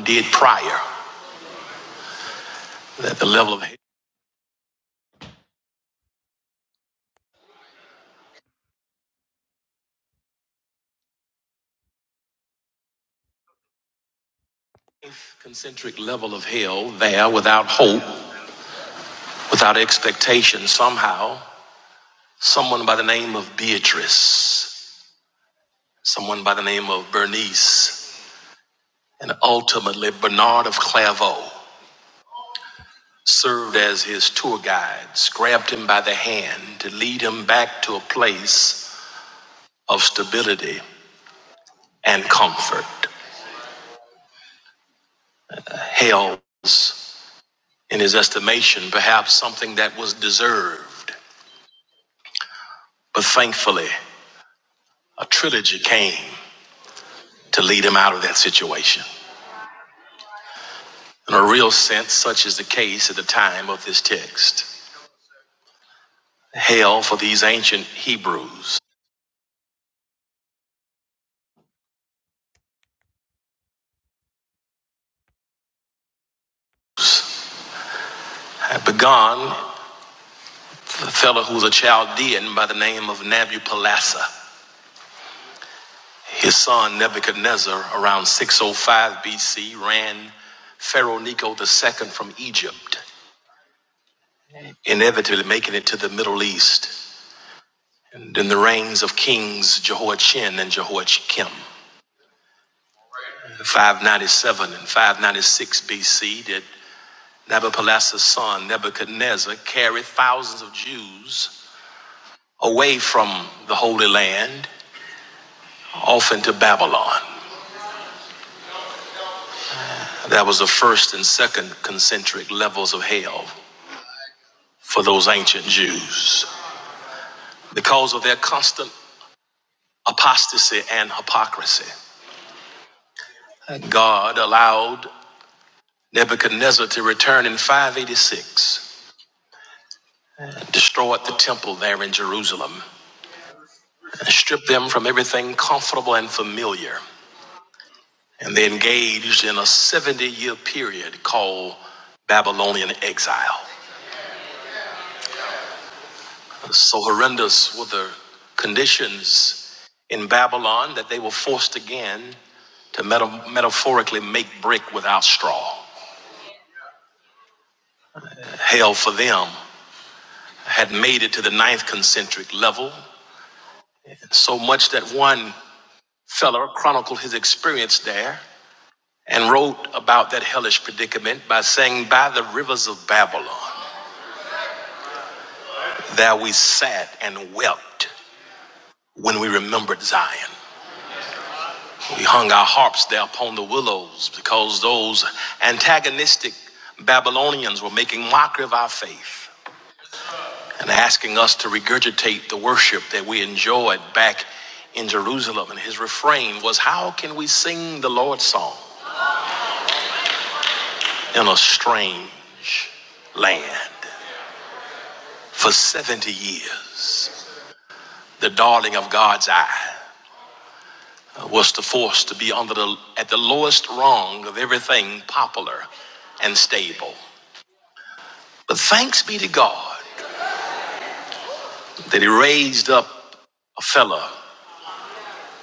Speaker 2: did prior that the level of hell, ninth concentric level of hell there without hope, without expectation, somehow, someone by the name of Beatrice Someone by the name of Bernice and ultimately Bernard of Clairvaux served as his tour guides, grabbed him by the hand to lead him back to a place of stability and comfort. Hell was, in his estimation, perhaps something that was deserved. But thankfully, a trilogy came to lead him out of that situation. In a real sense, such is the case at the time of this text. Hell for these ancient Hebrews had begun the fellow who was a Chaldean by the name of Nabopolassar. His son Nebuchadnezzar, around 605 BC, ran Pharaoh Necho II from Egypt, inevitably making it to the Middle East. And in the reigns of kings Jehoiachin and Jehoiakim, 597 and 596 BC, did Nabopolassar's son Nebuchadnezzar carried thousands of Jews away from the Holy Land, off into Babylon. That was the first and second concentric levels of hell for those ancient Jews. Because of their constant apostasy and hypocrisy, God allowed Nebuchadnezzar to return in 586 and destroyed the temple there in Jerusalem and stripped them from everything comfortable and familiar. And they engaged in a 70 year period called Babylonian exile. So horrendous were the conditions in Babylon that they were forced again to meta- metaphorically make brick without straw. Hell for them had made it to the ninth concentric level, so much that one fella chronicled his experience there and wrote about that hellish predicament by saying, By the rivers of Babylon, there we sat and wept when we remembered Zion. We hung our harps there upon the willows because those antagonistic Babylonians were making mockery of our faith and asking us to regurgitate the worship that we enjoyed back in Jerusalem. And his refrain was, How can we sing the Lord's song in a strange land? For 70 years, the darling of God's eye was to force to be under the, at the lowest rung of everything popular and stable. But thanks be to God that he raised up a fella,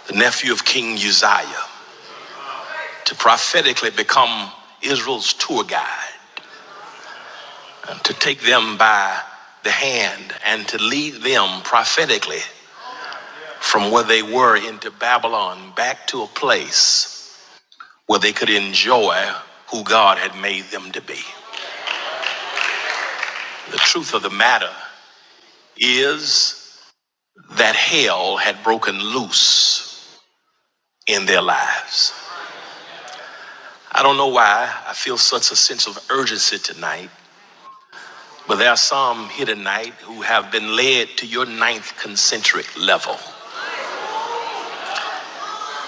Speaker 2: the nephew of King Uzziah, to prophetically become Israel's tour guide, and to take them by the hand and to lead them prophetically from where they were into Babylon back to a place where they could enjoy who God had made them to be. The truth of the matter is that hell had broken loose in their lives. I don't know why I feel such a sense of urgency tonight, but there are some here tonight who have been led to your ninth concentric level.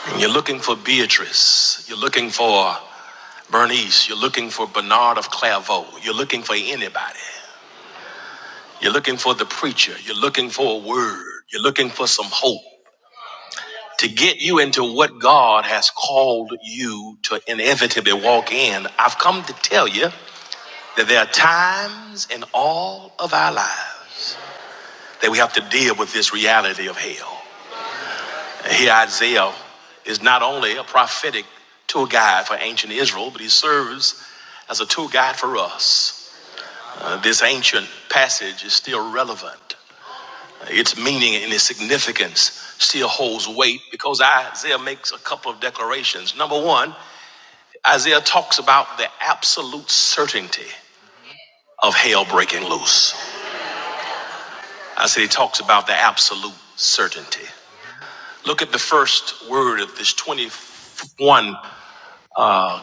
Speaker 2: And you're looking for Beatrice, you're looking for Bernice, you're looking for Bernard of Clairvaux, you're looking for anybody, you're looking for the preacher, you're looking for a word, you're looking for some hope to get you into what God has called you to inevitably walk in. I've come to tell you. that there are times in all of our lives that we have to deal with this reality of hell. And Here, Isaiah is not only a prophetic tour guide for ancient Israel, but he serves as a tour guide for us. Uh, this ancient passage is still relevant. Its meaning and its significance still holds weight because Isaiah makes a couple of declarations. Number one, Isaiah talks about the absolute certainty of hell breaking loose. I said he talks about the absolute certainty. Look at the first word of this 21, uh,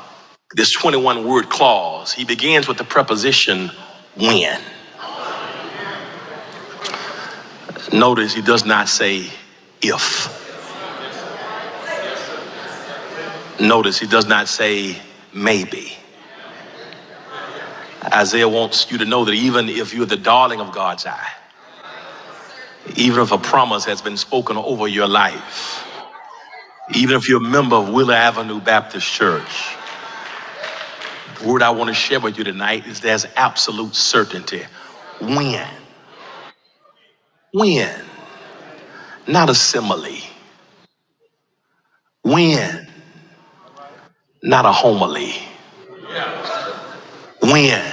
Speaker 2: this 21 word clause. He begins with the preposition when. Notice he does not say if. Notice he does not say maybe. Isaiah wants you to know that even if you're the darling of God's eye, even if a promise has been spoken over your life, even if you're a member of Wheeler Avenue Baptist Church, The word I want to share with you tonight is there's absolute certainty. When? When? Not a simile. When? Not a homily. When?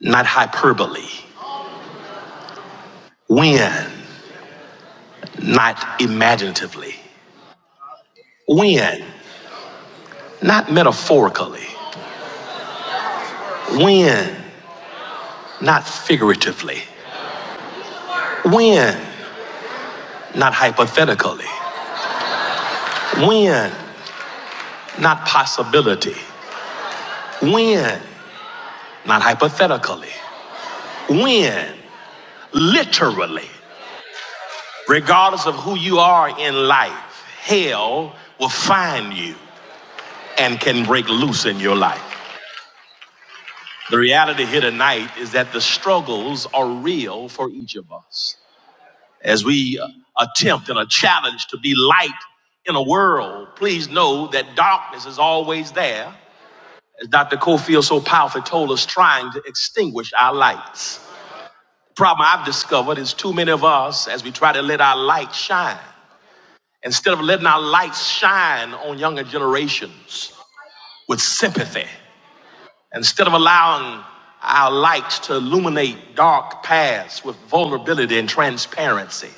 Speaker 2: Not hyperbole. When? Not imaginatively. When? Not metaphorically. When? Not figuratively. When? Not hypothetically. When? Not possibility. When? Not hypothetically. When? Literally. Regardless of who you are in life, hell will find you and can break loose in your life. The reality here tonight is that the struggles are real for each of us. As we uh, attempt and are challenged to be light in a world, please know that darkness is always there. As Dr. Cofield so powerfully told us, trying to extinguish our lights. The problem I've discovered is too many of us, as we try to let our light shine, Instead of letting our lights shine on younger generations with sympathy, instead of allowing our lights to illuminate dark paths with vulnerability and transparency.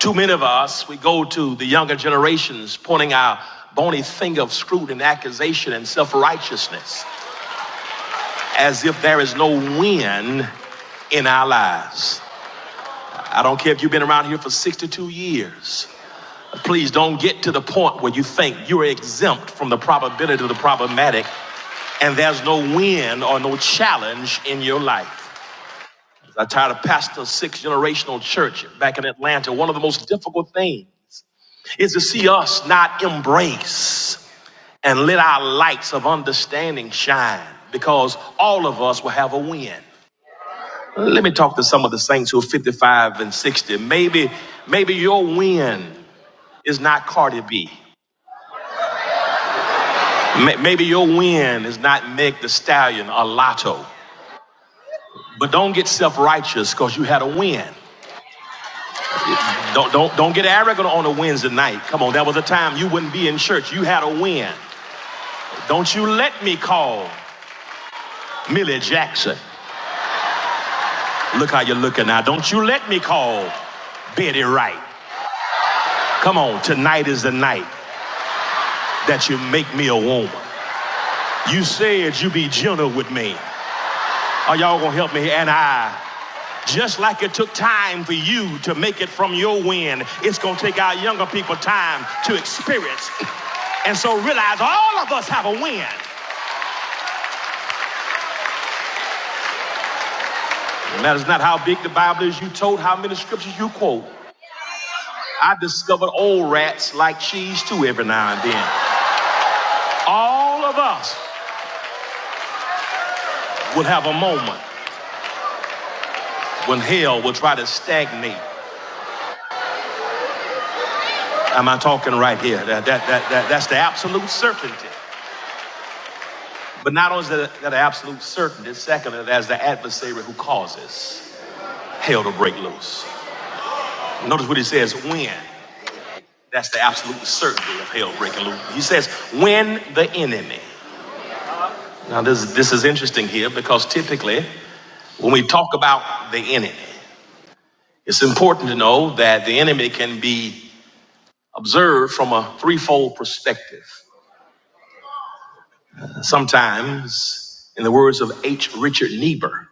Speaker 2: Too many of us, we go to the younger generations pointing our bony finger of scrutiny and accusation and self righteousness as if there is no win in our lives. I don't care if you've been around here for 62 years. Please don't get to the point where you think you're exempt from the probability of the problematic and there's no win or no challenge in your life. I tired of pastor six generational church back in Atlanta. One of the most difficult things is to see us not embrace and let our lights of understanding shine because all of us will have a win. Let me talk to some of the saints who are 55 and 60. Maybe, maybe your win is not Cardi B. May- Maybe your win is not Meg the Stallion or Lotto. But don't get self-righteous because you had a win. Don't, don't, don't get arrogant on a Wednesday night. Come on, that was a time you wouldn't be in church. You had a win. Don't you let me call Millie Jackson. Look how you're looking now. Don't you let me call Betty Wright. Come on, tonight is the night that you make me a woman. You said you be gentle with me. Are y'all gonna help me? And I, just like it took time for you to make it from your win, it's gonna take our younger people time to experience. And so realize all of us have a win. It matters not how big the Bible is you told, how many scriptures you quote. I discovered old rats like cheese too every now and then. All of us will have a moment when hell will try to stagnate. Am I talking right here? That, that, that, that, that's the absolute certainty. But not only is that that an absolute certainty, secondly, there's the adversary who causes hell to break loose. Notice what he says when. That's the absolute certainty of hell breaking loose. He says, when the enemy. Now, this, this is interesting here because typically when we talk about the enemy, it's important to know that the enemy can be observed from a threefold perspective. Sometimes, in the words of H. Richard Niebuhr,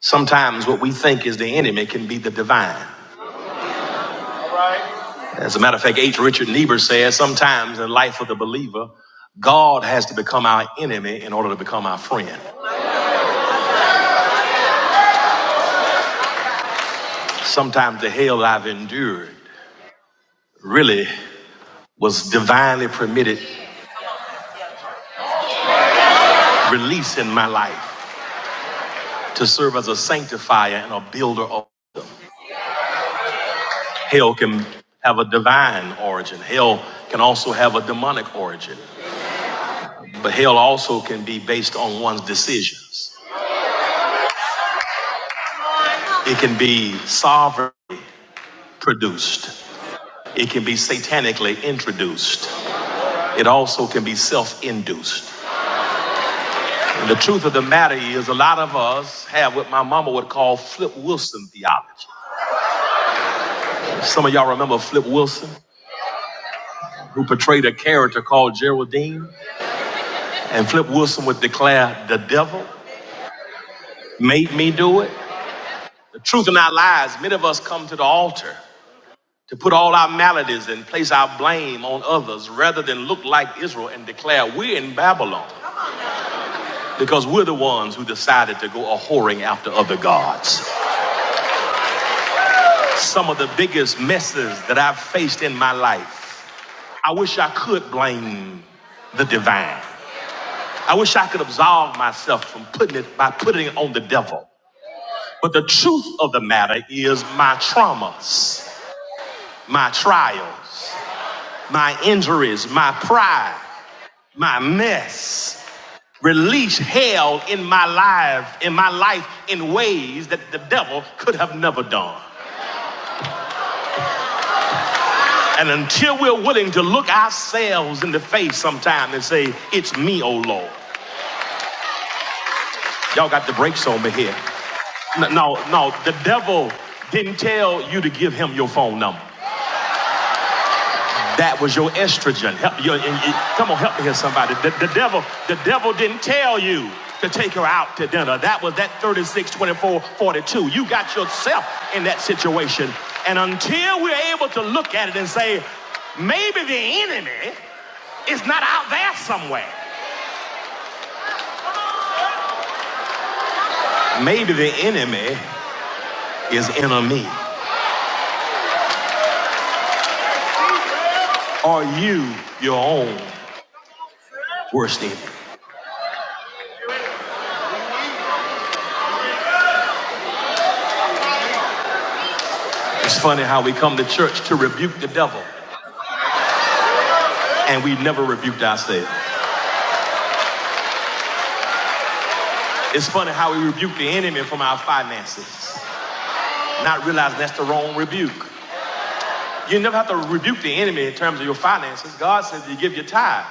Speaker 2: sometimes what we think is the enemy can be the divine. As a matter of fact, H. Richard Niebuhr says sometimes in the life of the believer, God has to become our enemy in order to become our friend. Sometimes the hell I've endured really was divinely permitted release in my life to serve as a sanctifier and a builder of them. Hell can have a divine origin. Hell can also have a demonic origin. But hell also can be based on one's decisions. It can be sovereignly produced. It can be satanically introduced. It also can be self induced. And the truth of the matter is, a lot of us have what my mama would call Flip Wilson theology. Some of y'all remember Flip Wilson, who portrayed a character called Geraldine. And Flip Wilson would declare, The devil made me do it. The truth in our lives, many of us come to the altar to put all our maladies and place our blame on others rather than look like Israel and declare, We're in Babylon. Because we're the ones who decided to go a whoring after other gods. Some of the biggest messes that I've faced in my life, I wish I could blame the divine. I wish I could absolve myself from putting it by putting it on the devil. But the truth of the matter is my traumas, my trials. my injuries, my pride, my mess. Release hell in my life, in my life in ways that the devil could have never done. And until we're willing to look ourselves in the face sometime and say, It's me, oh Lord. Y'all got the brakes on me here. No, no, no, the devil didn't tell you to give him your phone number. That was your estrogen. Help your, come on, help me here, somebody. The, the devil, the devil didn't tell you to take her out to dinner. That was that 36, 24, 42. You got yourself in that situation. And until we're able to look at it and say, maybe the enemy is not out there somewhere. Maybe the enemy is enemy. Are you your own worst enemy? It's funny how we come to church to rebuke the devil and we never rebuked ourselves. It's funny how we rebuke the enemy from our finances, not realizing that's the wrong rebuke. You never have to rebuke the enemy in terms of your finances. God says you give your tithe.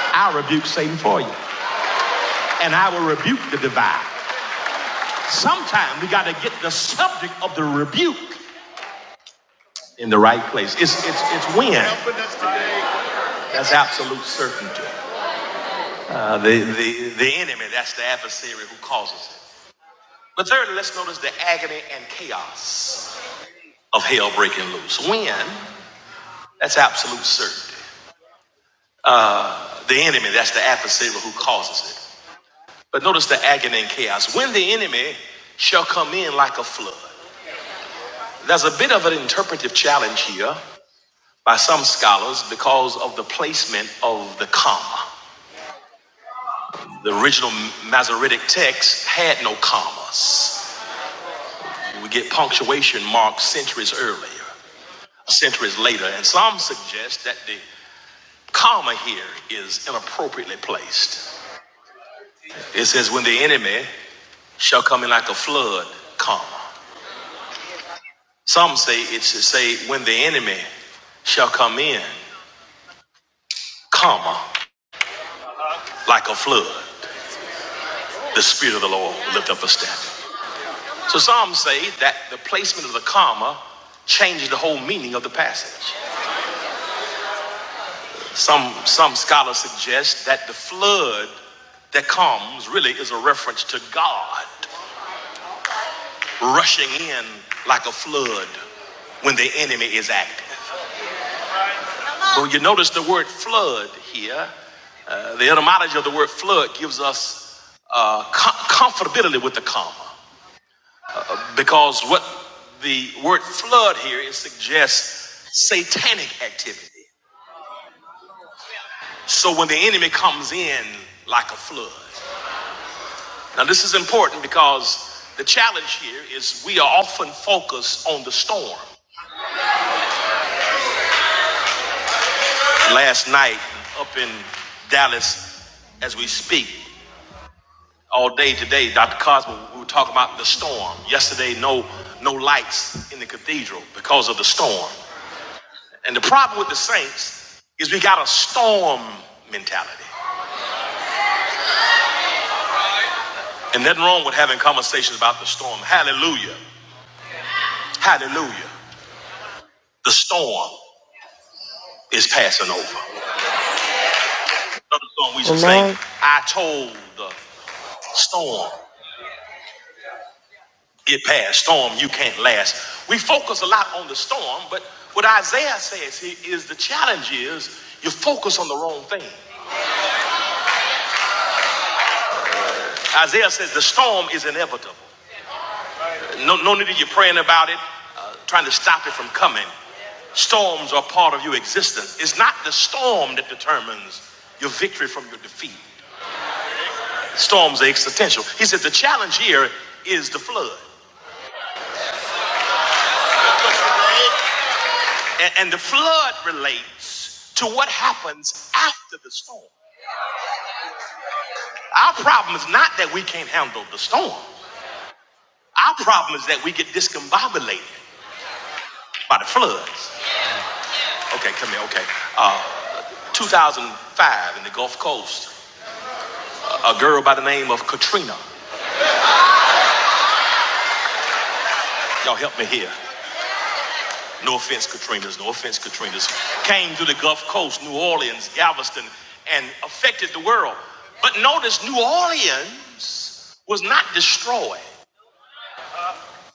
Speaker 2: I rebuke Satan for you, and I will rebuke the divide. Sometimes we got to get the subject of the rebuke in the right place. It's it's it's when that's absolute certainty. Uh, the the the enemy that's the adversary who causes it. But thirdly, let's notice the agony and chaos of hell breaking loose. When that's absolute certainty. Uh, the enemy, that's the adversary who causes it. But notice the agony and chaos. When the enemy shall come in like a flood. There's a bit of an interpretive challenge here by some scholars because of the placement of the comma. The original Masoretic text had no commas. We get punctuation marks centuries earlier, centuries later, and some suggest that the comma here is inappropriately placed. It says, when the enemy shall come in like a flood, comma. Some say it should say, when the enemy shall come in, comma, like a flood, the Spirit of the Lord will lift up a standard. So some say that the placement of the comma changes the whole meaning of the passage. Some, some scholars suggest that the flood that comes really is a reference to God rushing in like a flood when the enemy is active. So you notice the word flood here. Uh, the etymology of the word flood gives us uh, com- comfortability with the comma uh, because what the word flood here it suggests satanic activity. So when the enemy comes in like a flood. Now this is important because the challenge here is we are often focused on the storm. Last night up in Dallas, as we speak. all day today. Dr. Cosmo, we were talking about the storm. Yesterday, no no lights in the cathedral because of the storm. And the problem with the saints is we got a storm mentality. And nothing wrong with having conversations about the storm. Hallelujah. Hallelujah. The storm is passing over. Another song we should sing,
Speaker 1: Amen.
Speaker 2: I told the storm. get past storm you can't last we focus a lot on the storm but what isaiah says here is the challenge is you focus on the wrong thing isaiah says the storm is inevitable no, no need of you praying about it uh, trying to stop it from coming storms are part of your existence it's not the storm that determines your victory from your defeat storms are existential he said the challenge here is the flood and, and the flood relates to what happens after the storm Our problem is not that we can't handle the storm. Our problem is that we get discombobulated by the floods. Okay, come here. Okay. Uh, 2005 in the Gulf Coast, a a girl by the name of Katrina. Y'all help me here. No offense, Katrinas. No offense, Katrinas. Came through the Gulf Coast, New Orleans, Galveston, and affected the world. But notice New Orleans was not destroyed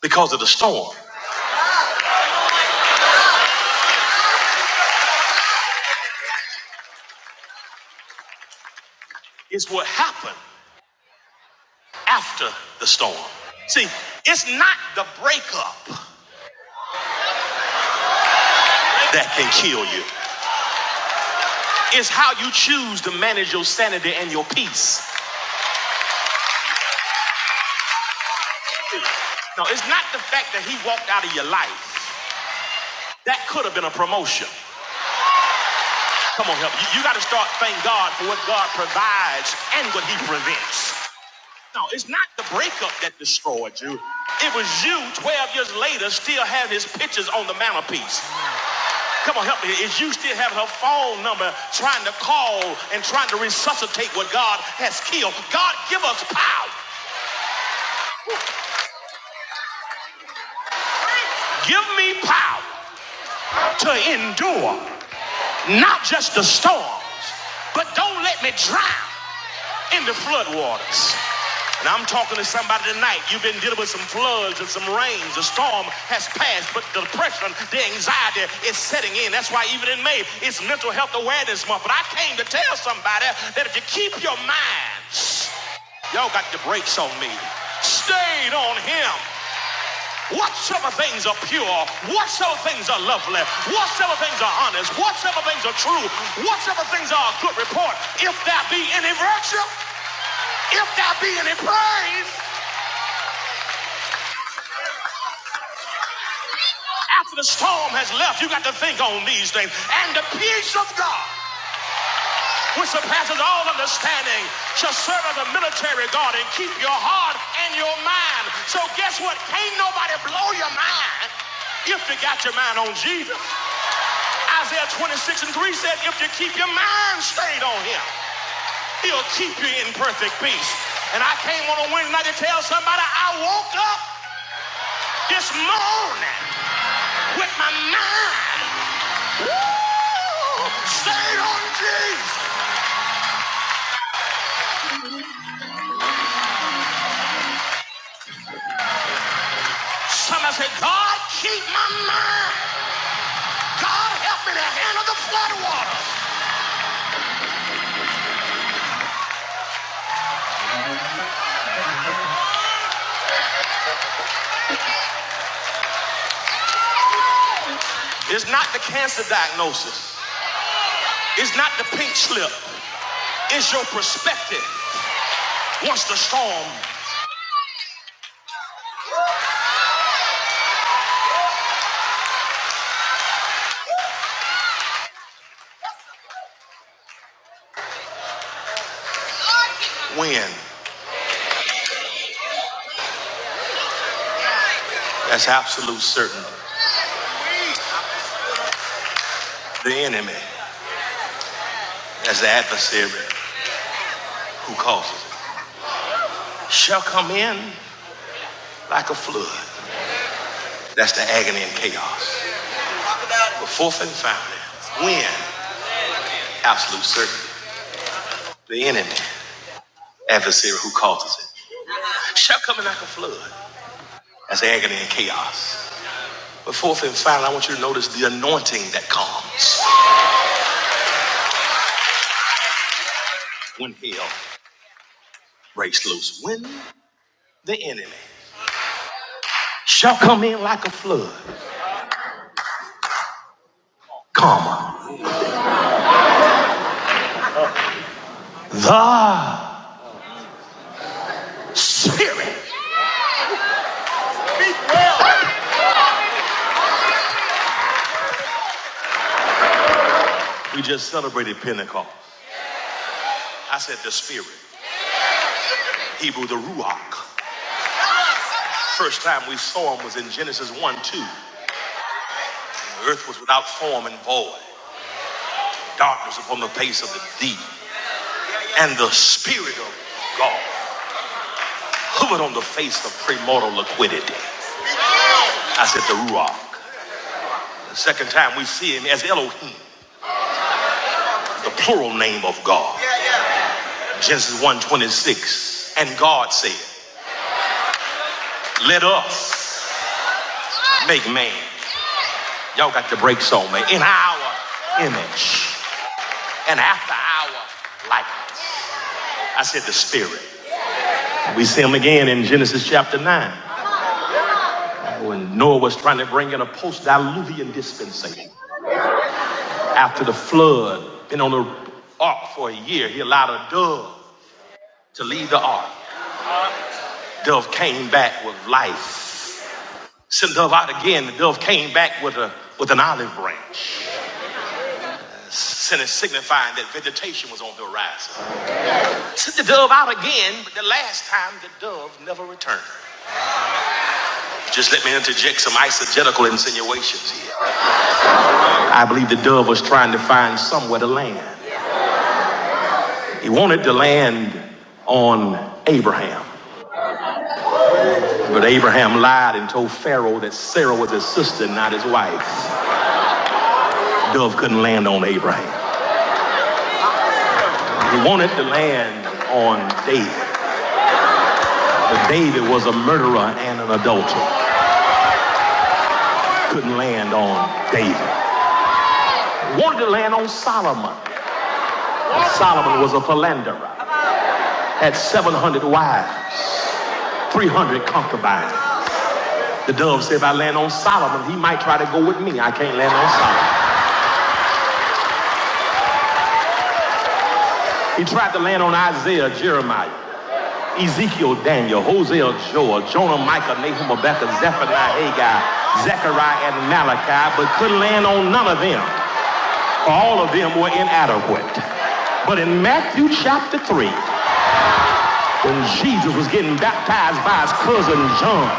Speaker 2: because of the storm. It's what happened after the storm. See, it's not the breakup that can kill you. It's how you choose to manage your sanity and your peace. No, it's not the fact that he walked out of your life. That could have been a promotion. Come on, help me. You, you got to start thanking God for what God provides and what he prevents. No, it's not the breakup that destroyed you. It was you 12 years later still having his pictures on the mantelpiece. Come on, help me. Is you still having her phone number trying to call and trying to resuscitate what God has killed? God, give us power. Give me power. to endure not just the storms, but don't let me drown in the flood waters. And I'm talking to somebody tonight. You've been dealing with some floods and some rains. The storm has passed, but the depression, the anxiety is setting in. That's why even in May, it's Mental Health Awareness Month. But I came to tell somebody that if you keep your mind, y'all got the brakes on me, stayed on him. Whatsoever things are pure, whatsoever things are lovely, whatsoever things are honest, whatsoever things are true, whatsoever things are of good report, if there be any virtue, if there be any praise, after the storm has left, you got to think on these things. And the peace of God, which surpasses all understanding, shall serve as a military guard and keep your heart and your mind. So guess what? Can't nobody blow your mind if you got your mind on Jesus. Isaiah 26 and 3 said, if you keep your mind stayed on him, he'll keep you in perfect peace. And I came on a Wednesday night to tell somebody I woke up this morning with my mind woo, stayed on Jesus. Somebody said, God, keep my mind. God, help me to handle the flood waters. It's not the cancer diagnosis. It's not the pink slip. It's your perspective. Once the storm When? That's absolute certainty. The enemy, that's the adversary who causes it, shall come in like a flood. That's the agony and chaos. But fourth and finally, when? Absolute certainty. The enemy, adversary who causes it, shall come in like a flood. That's agony and chaos. But fourth and final, I want you to notice the anointing that comes when hell breaks loose. When the enemy shall come in like a flood, comma, the Spirit. We just celebrated Pentecost. I said the Spirit, Hebrew, the Ruach. First time we saw him was in Genesis 1 2. The earth was without form and void, darkness upon the face of the deep, and the Spirit of God hovered on the face of premortal liquidity. I said the Ruach. The second time we see him as Elohim, the plural name of God. Genesis 1 twenty-six. And God said, Let us make man. Y'all got your brakes on me. In our image and after our likeness. I said the spirit. We see him again in Genesis chapter 9 when Noah was trying to bring in a post diluvian dispensation. After the flood, been on the ark for a year, he allowed a dove to leave the ark. Dove came back with life. Sent the dove out again. The dove came back with a with an olive branch. Sent it signifying that vegetation was on the horizon. Sent the dove out again, but the last time the dove never returned. Just let me interject some eisegetical insinuations here. I believe the dove was trying to find somewhere to land. He wanted to land on Abraham. But Abraham lied and told Pharaoh that Sarah was his sister, not his wife. Dove couldn't land on Abraham. He wanted to land on David. But David was a murderer and an adulterer. Couldn't land on David. Wanted to land on Solomon. Solomon was a philanderer, had 700 wives, 300 concubines. The dove said, if I land on Solomon, he might try to go with me. I can't land on Solomon. He tried to land on Isaiah, Jeremiah, Ezekiel, Daniel, Hosea, Joel, Jonah, Micah, Nahum, Rebecca, Zephaniah, Haggai, Zechariah, and Malachi, but couldn't land on none of them. All of them were inadequate. But in Matthew chapter 3, when Jesus was getting baptized by his cousin John,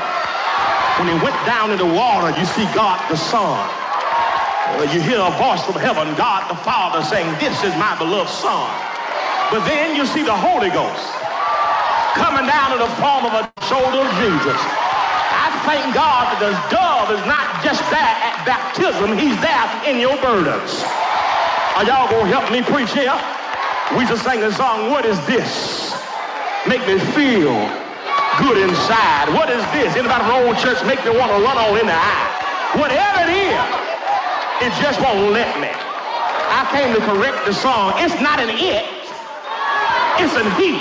Speaker 2: when he went down in the water, you see God the Son. Uh, you hear a voice from heaven, God the Father saying, This is my beloved Son. But then you see the Holy Ghost coming down in the form of a shoulder of Jesus. I thank God that the dove is not just there at baptism, he's there in your burdens. Are y'all gonna help me preach here? We just sang the song, What Is This? Make me feel good inside. What is this? Anybody from old church make me want to run all in the eye? Whatever it is, it just won't let me. I came to correct the song. It's not an it, isn't he?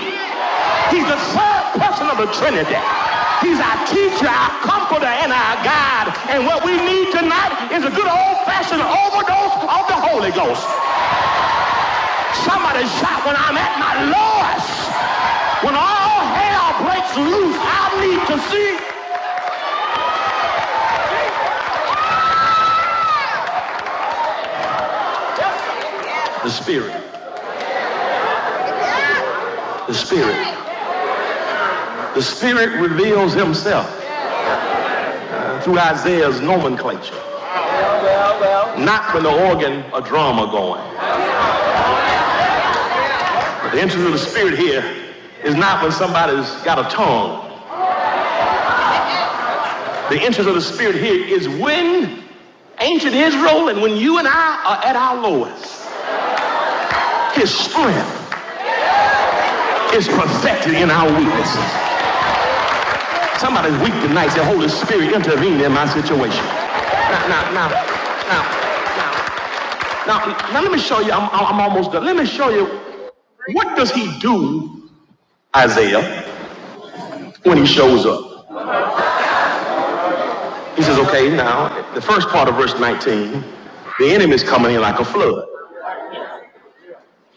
Speaker 2: He's the third person of the Trinity. He's our teacher, our comforter, and our guide. And what we need tonight is a good old-fashioned overdose of the Holy Ghost. Somebody shout when I'm at my lowest. When all hell breaks loose, I need to see the Spirit. The Spirit. The Spirit reveals himself through Isaiah's nomenclature. Not when the organ or drum are going. The entrance of the Spirit here is not when somebody's got a tongue. The entrance of the Spirit here is when ancient Israel and when you and I are at our lowest. His strength is perfected in our weaknesses. Somebody's weak tonight. Say, Holy Spirit, intervene in my situation. Now, now, now, now, now, now, now let me show you. I'm, I'm I'm almost done. Let me show you. What does he do, Isaiah, when he shows up? He says, okay, now, the first part of verse 19, the enemy is coming in like a flood.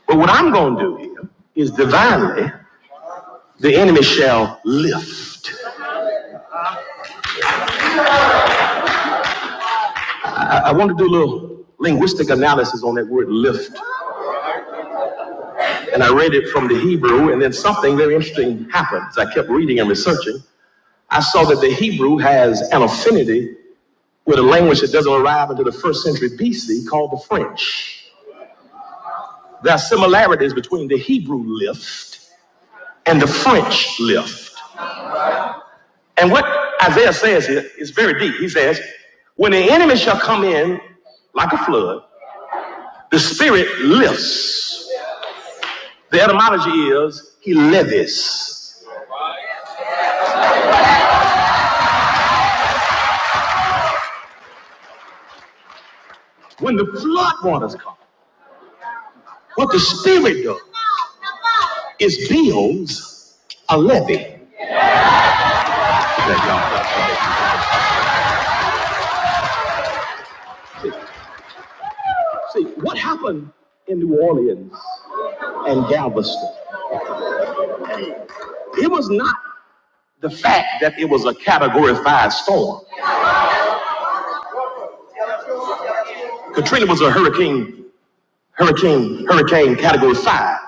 Speaker 2: But what I'm going to do here is divinely, the enemy shall lift. I, I want to do a little linguistic analysis on that word lift. And I read it from the Hebrew, and then something very interesting happened. As I kept reading and researching, I saw that the Hebrew has an affinity with a language that doesn't arrive until the first century BC called the French. There are similarities between the Hebrew lift and the French lift. And what Isaiah says here is very deep. He says, When the enemy shall come in like a flood, the spirit lifts. The etymology is he levies. When the flood waters come, what the spirit does is builds a levy. That God does. See, see, what happened in New Orleans and Galveston? It was not the fact that it was a category five storm. Katrina was a hurricane hurricane, hurricane category five.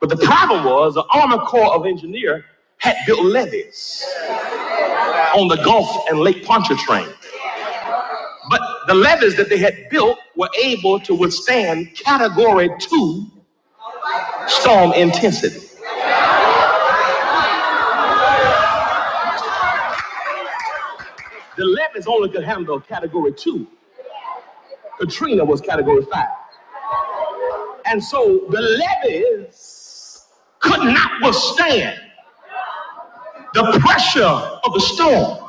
Speaker 2: But the problem was the Army Corps of Engineer had built levees on the Gulf and Lake Pontchartrain. But the levees that they had built were able to withstand category two storm intensity. The levees only could handle category two. Katrina was category five. And so the levees could not withstand the pressure of the storm.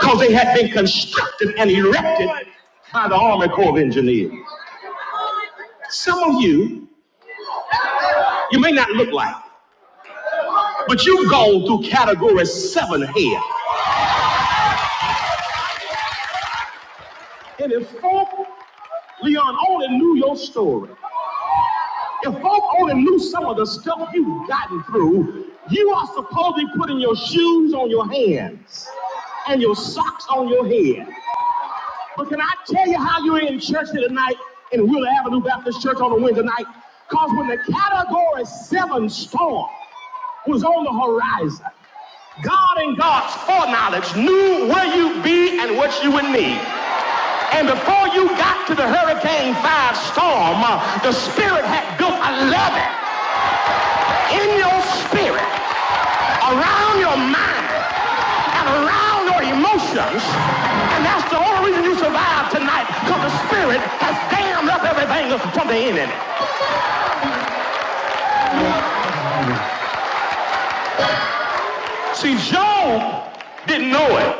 Speaker 2: because they had been constructed and erected by the Army Corps of Engineers. Some of you, you may not look like it, but you've gone through category seven here. And if folk, Leon, only knew your story, if folk only knew some of the stuff you've gotten through, you are supposed to be putting your shoes on your hands and your socks on your head. But can I tell you how you're in church tonight in Wheeler Avenue Baptist Church on a Wednesday night? Because when the Category 7 storm was on the horizon, God and God's foreknowledge knew where you'd be and what you would need. And before you got to the Hurricane 5 storm, uh, the Spirit had built a levee in your spirit, around your mind, and around your emotions. And that's the only reason you survived tonight, because the spirit has dammed up everything from the enemy. See, Job didn't know it.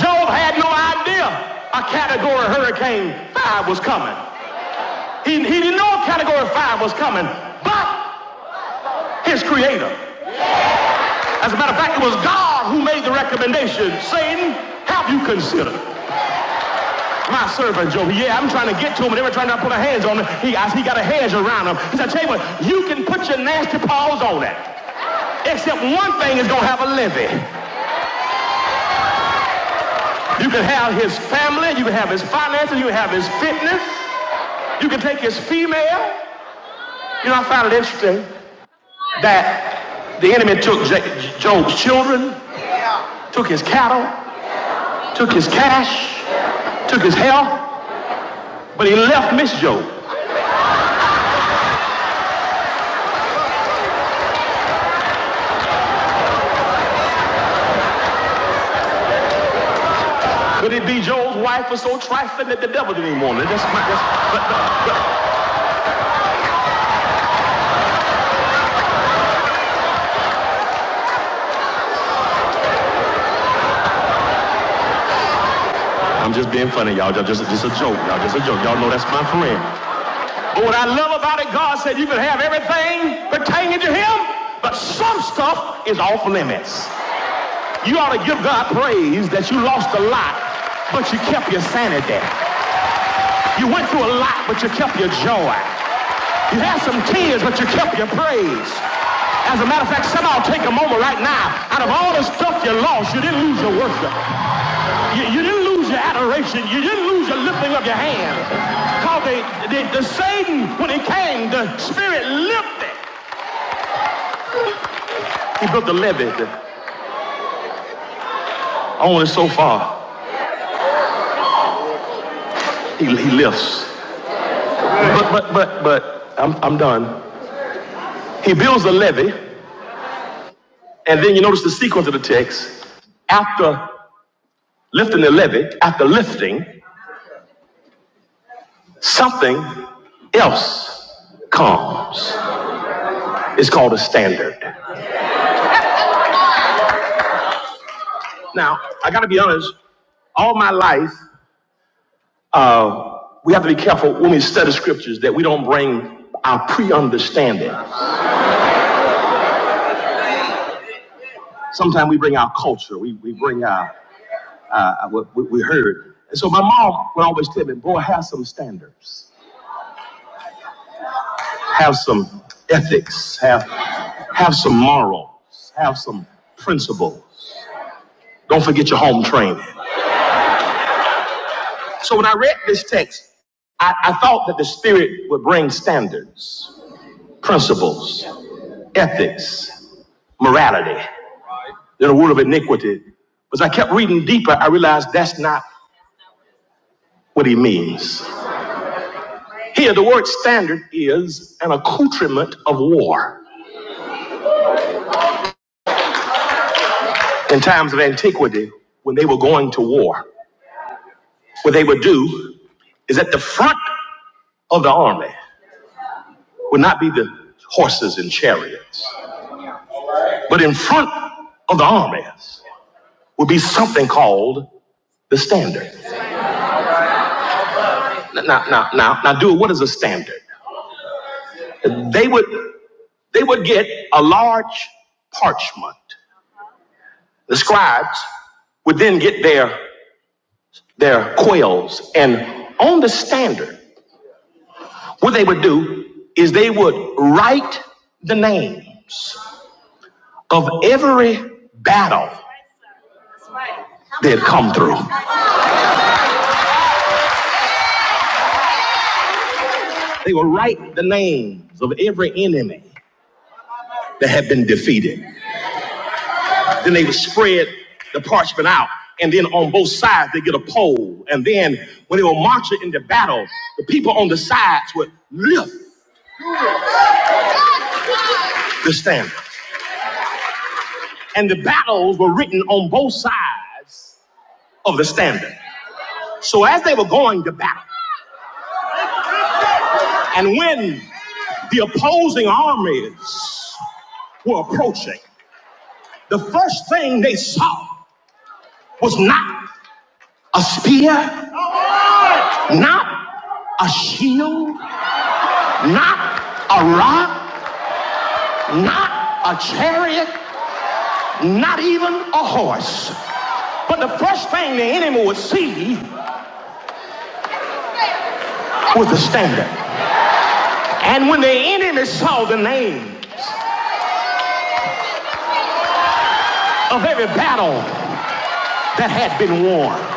Speaker 2: Job had no idea a category hurricane five was coming. He, he didn't know a category five was coming, but his creator. As a matter of fact, it was God who made the recommendation. Satan, have you considered? My servant Job. Yeah, I'm trying to get to him, and every time I put my hands on him, he, I, he got a hedge around him. He said, I tell you what, you can put your nasty paws on it. Except one thing is gonna have a levy. You can have his family, you can have his finances, you can have his fitness, you can take his female. You know, I found it interesting that the enemy took Job's children, took his cattle, took his cash, took his health, but he left Miss Job. Could it be Joe's wife was so trifling that the devil didn't even want her? That's my, that's, but no, I'm just being funny, y'all. Y'all just, just a joke. Y'all just a joke. Y'all know that's my friend. But what I love about it, God said you can have everything pertaining to him, but some stuff is off limits. You ought to give God praise that you lost a lot, but you kept your sanity. You went through a lot, but you kept your joy. You had some tears, but you kept your praise. As a matter of fact, somebody take a moment right now. Out of all the stuff you lost, you didn't lose your worship. You, you didn't lose your adoration. You didn't lose your lifting of your hands. Because the, the, the Satan, when he came, the spirit lifted. He built the levy. Only so far he, he lifts. But, but, but, but, I'm, I'm done. He builds a levy. And then you notice the sequence of the text. After lifting the levy, after lifting, something else comes. It's called a standard. Now, I got to be honest, all my life, uh, we have to be careful when we study scriptures that we don't bring our pre understanding. Sometimes we bring our culture, we, we bring our, uh, what we we heard. And so my mom would always tell me, boy, have some standards, have some ethics, have, have some morals, have some principles. Don't forget your home training. So when I read this text, I, I thought that the Spirit would bring standards, principles, ethics, morality, then a word of iniquity. But as I kept reading deeper, I realized that's not what he means. Here, the word standard is an accoutrement of war. In times of antiquity, when they were going to war, what they would do is at the front of the army would not be the horses and chariots, but in front of the armies would be something called the standard. Now, now, now, now, do what is a standard? They would they would get a large parchment. The scribes would then get their their quails, and on the standard, what they would do is they would write the names of every battle they had come through. They would write the names of every enemy that had been defeated. Then they would spread the parchment out. And then on both sides, they get a pole. And then when they were marching into battle, the people on the sides would lift the standard. And the battles were written on both sides of the standard. So as they were going to battle, and when the opposing armies were approaching, the first thing they saw was not a spear, not a shield, Not a rock, not a chariot, not even a horse. But the first thing the enemy would see was the standard. And when the enemy saw the name of every battle that had been won,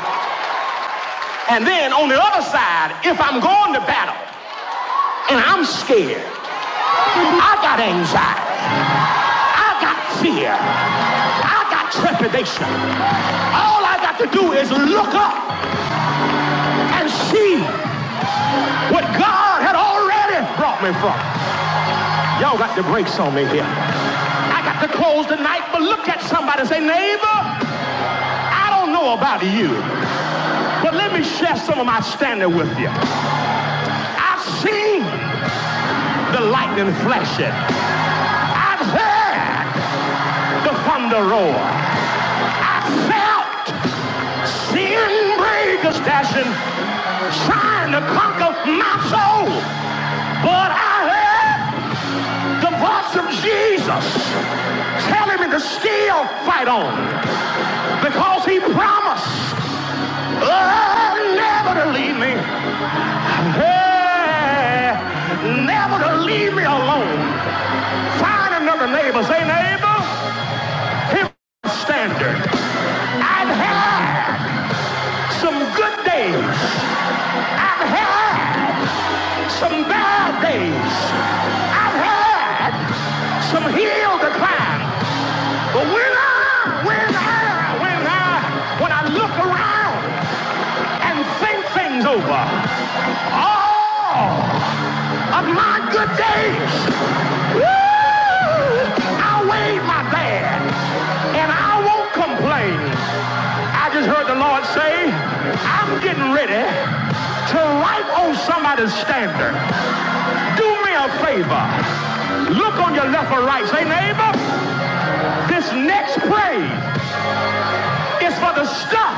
Speaker 2: And then on the other side, if I'm going to battle and I'm scared, I got anxiety, I got fear, I got trepidation. All I got to do is look up and see what God had already brought me from. Y'all got the brakes on me here. I got to close tonight, but look at somebody and say, neighbor, I don't know about you, but let me share some of my standing with you. I've seen the lightning flashing. I've heard the thunder roar. I felt sin breakers dashing, trying to conquer my soul. But I heard the voice of Jesus telling me to still fight on because he promised oh, never to leave me. Hey, never to leave me alone. Find another neighbor. Say, neighbor, here's my standard. I've had some good days. I've had some bad days. I've had some hill to climb. But when I, when I, when I, when I look around, and think things over. All of my good days, woo, outweighed my bad, and I won't complain. I just heard the Lord say, I'm getting ready to write on somebody's standard. Do me a favor. Look on your left or right. Say, neighbor, this next praise is for the stuff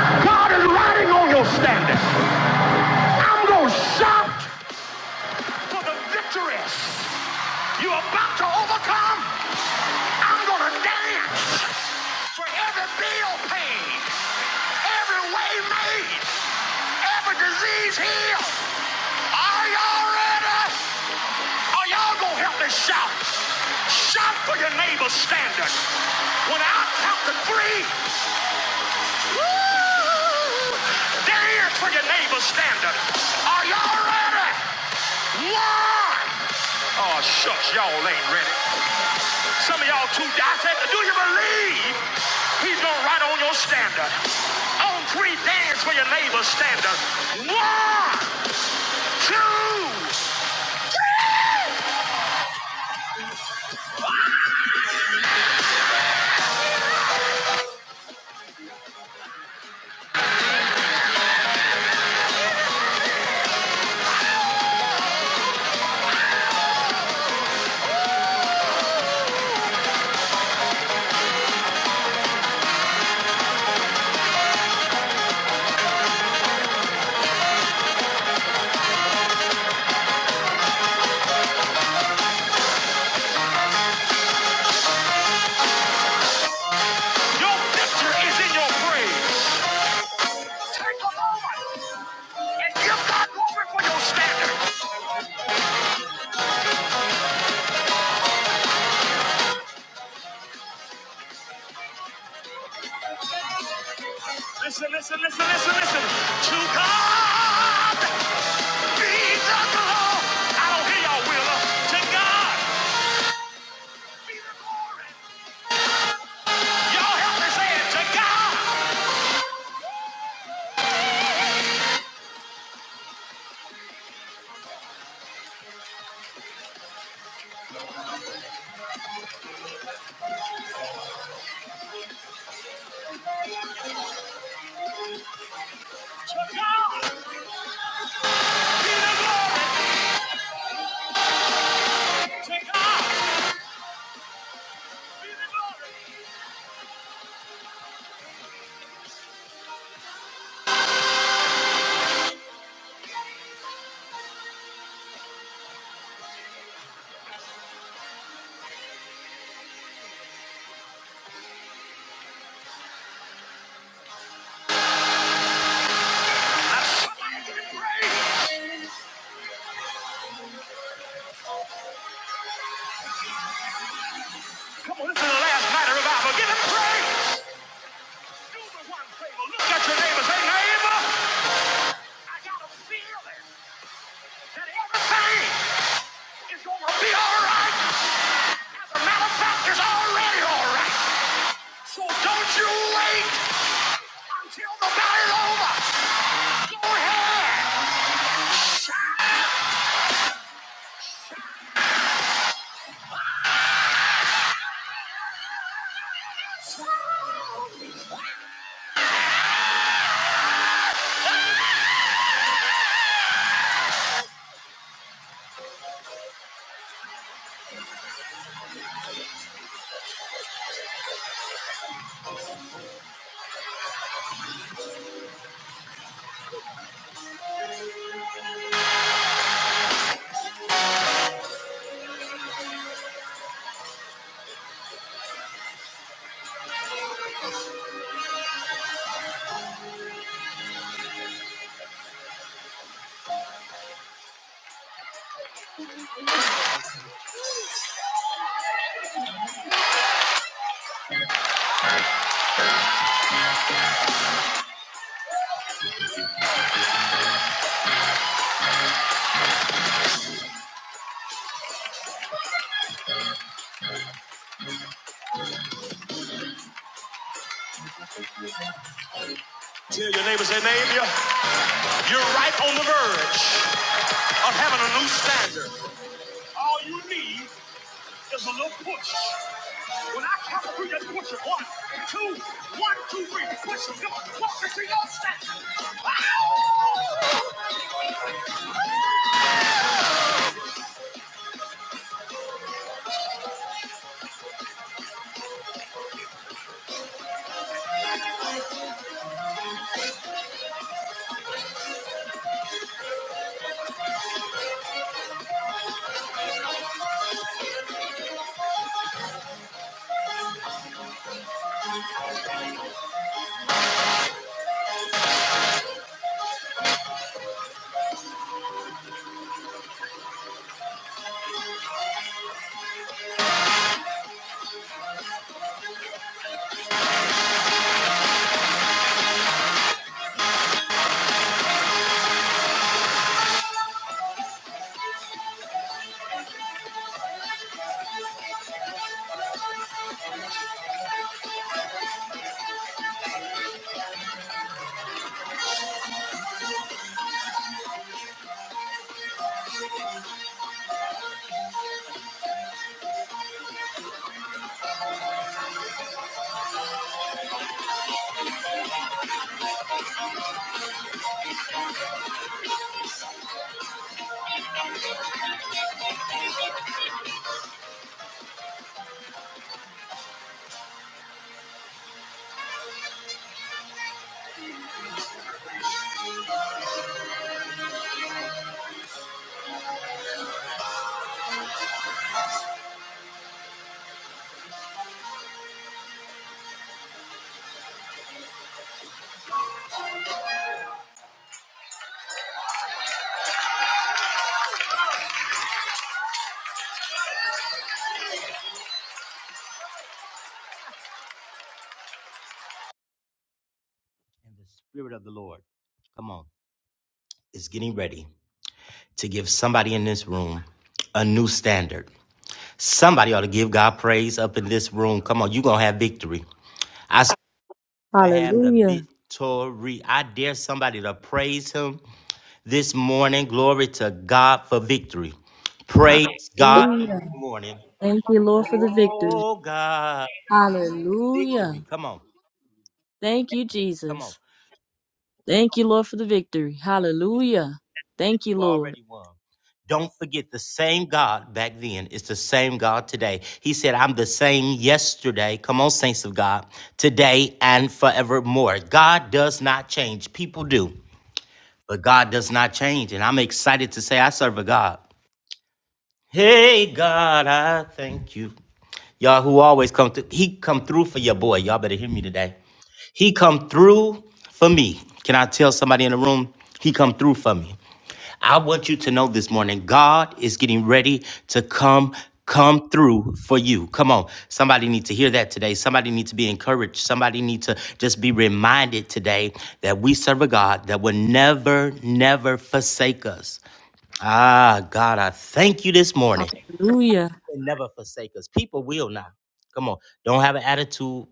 Speaker 2: God is writing on your standard. I'm going to shout for the victories you're about to overcome. I'm going to dance for every bill paid, every way made, every disease healed. Are y'all ready? Are y'all gonna help me shout? Shout for your neighbor's standard. When I count to three, woo, there is for your neighbor's standard. Are y'all ready? One. Oh shucks, y'all ain't ready. Some of y'all too. I said, do you believe he's gonna write on your standard? On three, dance for your neighbor's standard. One, two. Your victory is in your praise. Thank the Lord and give God glory for your standard. Listen, listen, listen, listen, listen. To God be the glory. I don't hear y'all, Willa. To God. Y'all help me say it. To God. Come on, listen to the last night of revival. Give him praise. Do the one favor. Look at your neighbor. Say, neighbor, I got a feeling that everything is going to be all right. As a matter of fact, it's already all right. So don't you wait. Until the battle's over, go ahead. Shout. Tell your neighbor, say, neighbor, you're you're right on the verge of having a new standard. All you need is a little push. When I come through, just push it. One, two, one, two, three. Push it. Come on, walk into your standard. And the Spirit of the Lord, come on, is getting ready to give somebody in this room a new standard. Somebody ought to give God praise up in this room. Come on, you're going to have victory. I. to have the
Speaker 9: Hallelujah.
Speaker 2: victory. I dare somebody to praise him this morning. Glory to God for victory. Praise God this
Speaker 9: Hallelujah.
Speaker 2: morning.
Speaker 9: Thank you, Lord, for the victory.
Speaker 2: Oh God, victory.
Speaker 9: Hallelujah.
Speaker 2: Come on.
Speaker 9: Thank you,
Speaker 2: Come on.
Speaker 9: Jesus. Thank you, Lord, for the victory.
Speaker 2: You can see
Speaker 9: Hallelujah. Thank
Speaker 2: that
Speaker 9: you,
Speaker 2: you
Speaker 9: Lord.
Speaker 2: already won. Don't forget the same God back then is the same God today. He said, I'm the same yesterday. Come on, saints of God, today and forevermore. God does not change. People do. but God does not change. And I'm excited to say I serve a God. Hey God, I thank you. Y'all who always come through, he come through for your boy. Y'all better hear me today. He come through for me. Can I tell somebody in the room? He come through for me. I want you to know this morning, God is getting ready to come come through for you. Come on. Somebody need to hear that today. Somebody need to be encouraged. Somebody need to just be reminded today that we serve a God that will never never forsake us. Ah, God, I thank you this morning.
Speaker 9: Hallelujah.
Speaker 2: And never forsake us. People will not. Come on. Don't have an attitude.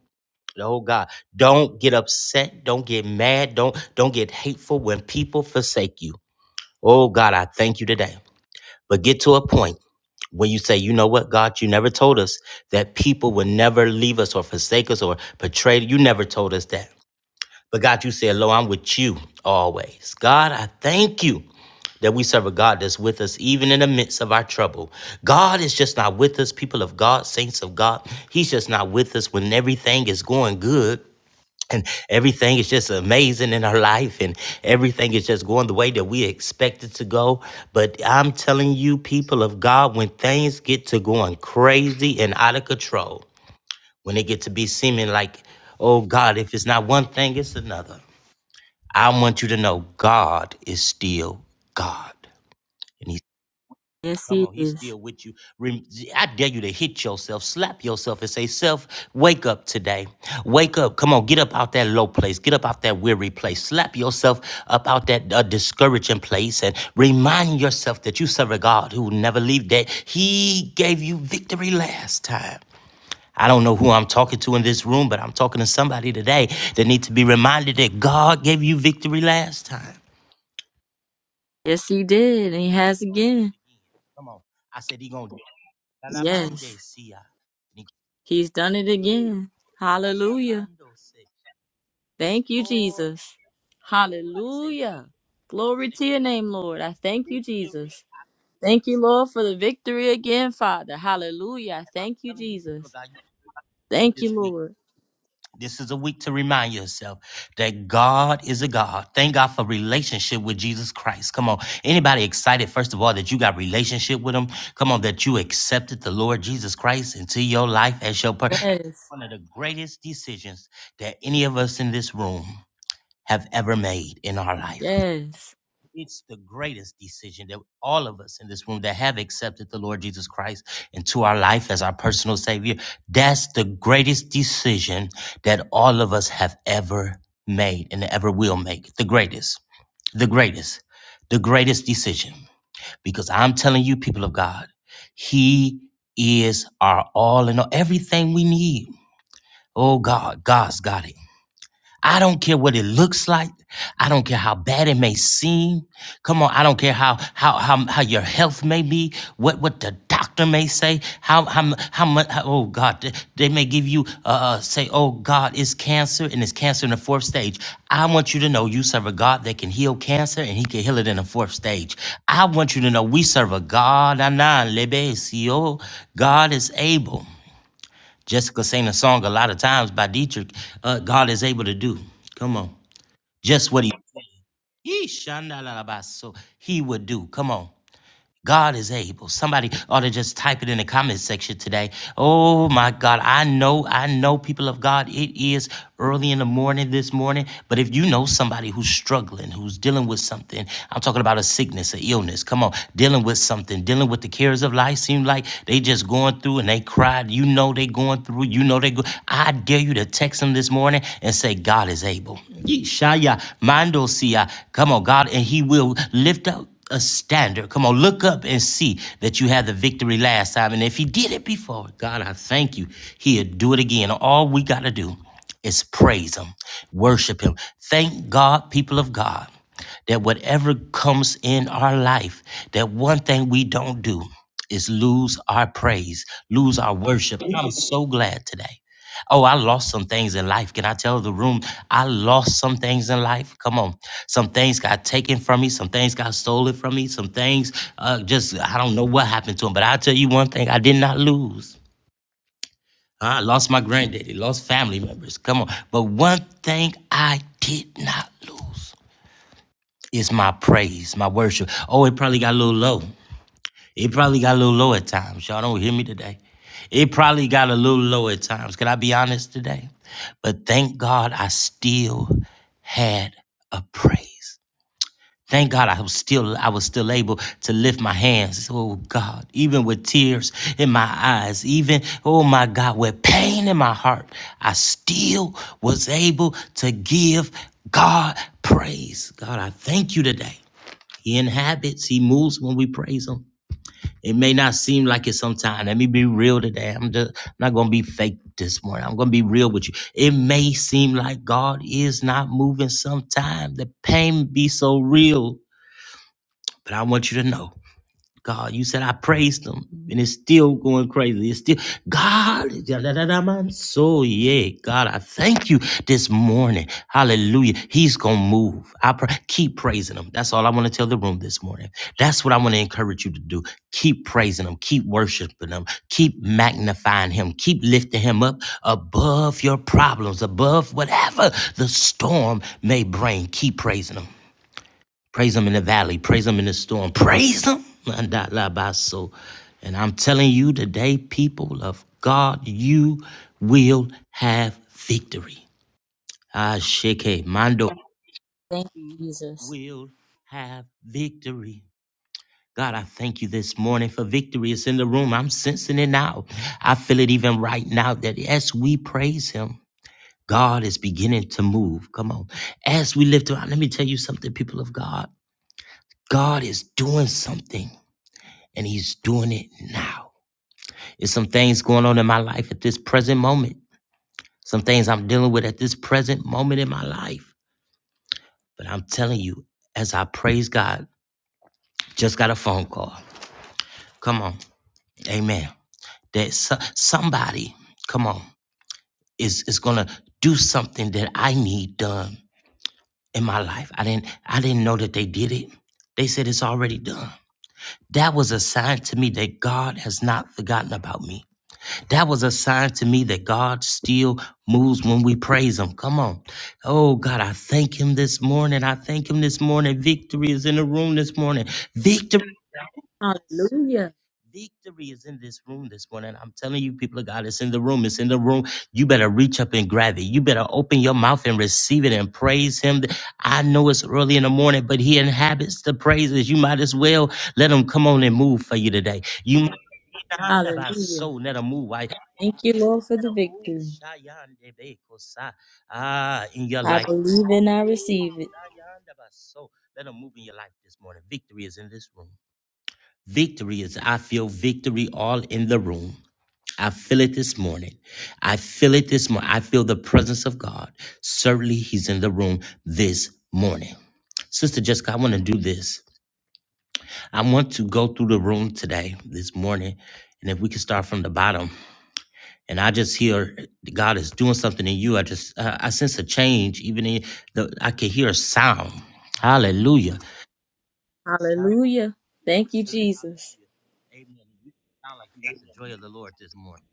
Speaker 2: Oh God. Don't get upset. Don't get mad. Don't don't get hateful when people forsake you. Oh God, I thank you today. But get to a point when you say, you know what, God, you never told us that people would never leave us or forsake us or betray. You never told us that. But God, you said, Lord, I'm with you always. God, I thank you that we serve a God that's with us even in the midst of our trouble. God is just not with us, people of God, saints of God. He's just not with us when everything is going good. And everything is just amazing in our life, and everything is just going the way that we expect it to go. But I'm telling you, people of God, when things get to going crazy and out of control, when it get to be seeming like, oh God, if it's not one thing, it's another. I want you to know God is still God. And he's
Speaker 9: Yes,
Speaker 2: come
Speaker 9: He
Speaker 2: on, he's
Speaker 9: is.
Speaker 2: still with you. Rem- I dare you to hit yourself, slap yourself, and say, Self, wake up today. Wake up. Come on, get up out that low place. Get up out that weary place. Slap yourself up out that uh, discouraging place and remind yourself that you serve a God who will never leave, that he gave you victory last time. I don't know who I'm talking to in this room, but I'm talking to somebody today that needs to be reminded that God gave you victory last time.
Speaker 9: Yes, He did. And He has
Speaker 2: He gonna do
Speaker 9: again.
Speaker 2: it again. Come on. I said he gonna do it.
Speaker 9: Yes.
Speaker 2: Calamande sia. And
Speaker 9: He's done it
Speaker 2: he
Speaker 9: again. Hallelujah.
Speaker 2: Mando
Speaker 9: Thank you,
Speaker 2: Oh,
Speaker 9: Jesus.
Speaker 2: everybody say
Speaker 9: Hallelujah.
Speaker 2: victory.
Speaker 9: Glory to your name, Lord. I thank you, Jesus. Thank you, Lord, for the victory again, Father. Hallelujah. Thank you,
Speaker 2: I'm telling you people of
Speaker 9: Jesus.
Speaker 2: God, you take
Speaker 9: Thank
Speaker 2: this
Speaker 9: you,
Speaker 2: week.
Speaker 9: Lord.
Speaker 2: This is a week to remind yourself that God is a God. Thank God for relationship with Jesus Christ. Come on. Anybody excited, first of all, that you got relationship with him? Come on, that you accepted the Lord Jesus Christ into your life as your per-
Speaker 9: Yes.
Speaker 2: one of the greatest decisions that any of us in this room. have ever made in our life.
Speaker 9: Yes.
Speaker 2: It's the greatest decision that all of us in this room that have accepted the Lord Jesus Christ into our life as our personal Savior, that's the greatest decision that all of us have ever made and ever will make. The greatest, the greatest, the greatest decision. Because I'm telling you, people of God, He is our all and all, everything we need. Oh God, God's got it. I don't care what it looks like. I don't care how bad it may seem. Come on, I don't care how how how, how your health may be, what what the doctor may say, how how how much. How, oh God, they, they may give you uh uh, say, oh God, it's cancer and it's cancer in the fourth stage. I want you to know you serve a God that can heal cancer and He can heal it in the fourth stage. I want you to know we serve a God, Anan Lebe, si, oh, God is able. Jessica sang a song a lot of times by Dietrich. Uh, God is able to do. Come on. Just what he Yeesh, shandalalabaso. he would do. Come on. God is able. Somebody ought to just type it in the comment section today. Oh my God. I know, I know, people of God, it is early in the morning this morning. But if you know somebody who's struggling, who's dealing with something, I'm talking about a sickness, an illness. Come on, dealing with something, dealing with the cares of life. Seem like they just going through and they cried. You know they going through. You know they go. I dare you to text them this morning and say, God is able. Yeshaya, Mando Sia. Come on, God, and He will lift up a standard. Come on, look up and see that you had the victory last time. And if he did it before, God, I thank you. He'll do it again. All we got to do is praise him, worship him. Thank God, people of God, that whatever comes in our life, that one thing we don't do is lose our praise, lose our worship. And I'm so glad today Oh, I lost some things in life. Can I tell the room? I lost some things in life. Come on. Some things got taken from me. Some things got stolen from me. Some things uh, just, I don't know what happened to them. But I'll tell you one thing I did not lose. I lost my granddaddy, lost family members. Come on. But one thing I did not lose is my praise, my worship. Oh, it probably got a little low. It probably got a little low at times. Y'all don't hear me today. It probably got a little low at times. Can I be honest today? But thank God I still had a praise. Thank God I was still I was still able to lift my hands. Oh God, even with tears in my eyes, even oh my God, with pain in my heart, I still was able to give God praise. God, I thank you today. He inhabits, he moves when we praise him. It may not seem like it sometimes. Let me be real today. I'm just I'm not gonna be fake this morning. I'm gonna be real with you. It may seem like God is not moving sometimes. The pain be so real, but I want you to know. God, you said I praised him, and it's still going crazy. It's still God. da, da, da, da, man. So yeah, God, I thank you this morning. Hallelujah. He's gonna move. I pray. keep praising him. That's all I want to tell the room this morning. That's what I want to encourage you to do. Keep praising him. Keep worshiping him. Keep magnifying him. Keep lifting him up above your problems, above whatever the storm may bring. Keep praising him. Praise him in the valley. Praise him in the storm. Praise him. And I'm telling you today, people of God, you will have victory. Ah, Sheke Mando
Speaker 9: Thank you, Jesus.
Speaker 2: will have victory. God, I thank you this morning for victory. It's in the room. I'm sensing it now. I feel it even right now that as we praise him, God is beginning to move. Come on. As we lift around, let me tell you something, people of God. God is doing something. and he's doing it now. It's some things going on in my life at this present moment, some things I'm dealing with at this present moment in my life. But I'm telling you, as I praise God, just got a phone call. Come on, amen. That so- somebody, come on, is, is gonna do something that I need done in my life. I didn't I didn't know that they did it. They said it's already done. That was a sign to me that God has not forgotten about me. That was a sign to me that God still moves when we praise Him. Come on. Oh, God, I thank Him this morning. I thank Him this morning. Victory is in the room this morning. Victory. Hallelujah.
Speaker 9: Hallelujah.
Speaker 2: Victory is in this room this morning. I'm telling you, people of God, it's in the room. It's in the room. You better reach up and grab it. You better open your mouth and receive it and praise Him. I know it's early in the morning, but He inhabits the praises. You might as well let Him come on and move for you today. You might.
Speaker 9: Hallelujah.
Speaker 2: let Him move.
Speaker 9: Thank you, Lord, for the victory.
Speaker 2: Ah, in your
Speaker 9: I
Speaker 2: life.
Speaker 9: believe and I receive it.
Speaker 2: So let them move in your life this morning. Victory is in this room. Victory is, I feel victory all in the room. I feel it this morning. I feel it this morning. I feel the presence of God. Certainly, He's in the room this morning. Sister Jessica, I want to do this. I want to go through the room today, this morning, and if we can start from the bottom and I just hear God is doing something in you. I just I, I sense a change, even in the I can hear a sound. Hallelujah. Sound-
Speaker 9: Hallelujah. Thank you, Jesus.
Speaker 2: Hallelujah. Amen. You sound like you got the joy of the Lord this morning.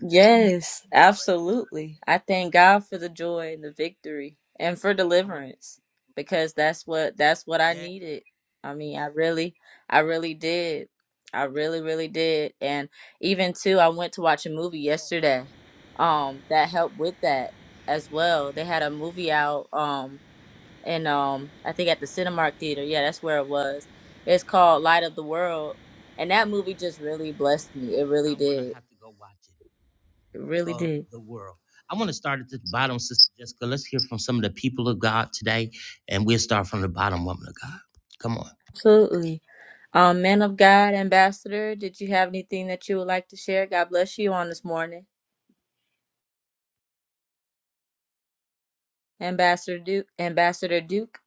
Speaker 9: Yes, absolutely. I thank God for the joy and the victory and for
Speaker 2: I want
Speaker 9: deliverance because that's what that's what I
Speaker 2: yeah.
Speaker 9: needed. I mean, I really I really
Speaker 2: thank-
Speaker 9: did. I really really did. And even too, I went to watch a movie yesterday. Um that helped with that as well. They had a movie out um and um I think at the Cinemark Theater. Yeah, that's where it was. It's called Light of the World. And that movie just really blessed me. It really
Speaker 2: I'm gonna
Speaker 9: did.
Speaker 2: have to go watch it
Speaker 9: It really
Speaker 2: of
Speaker 9: did.
Speaker 2: the world. I want to start at the bottom, Sister Jessica. Let's hear from some of the people of God today, and we'll start from the bottom, woman of God. Come on.
Speaker 9: Absolutely. Um, man of God, Ambassador, did you have anything that you would like to share? God bless you on this morning. Ambassador Duke, Ambassador Duke.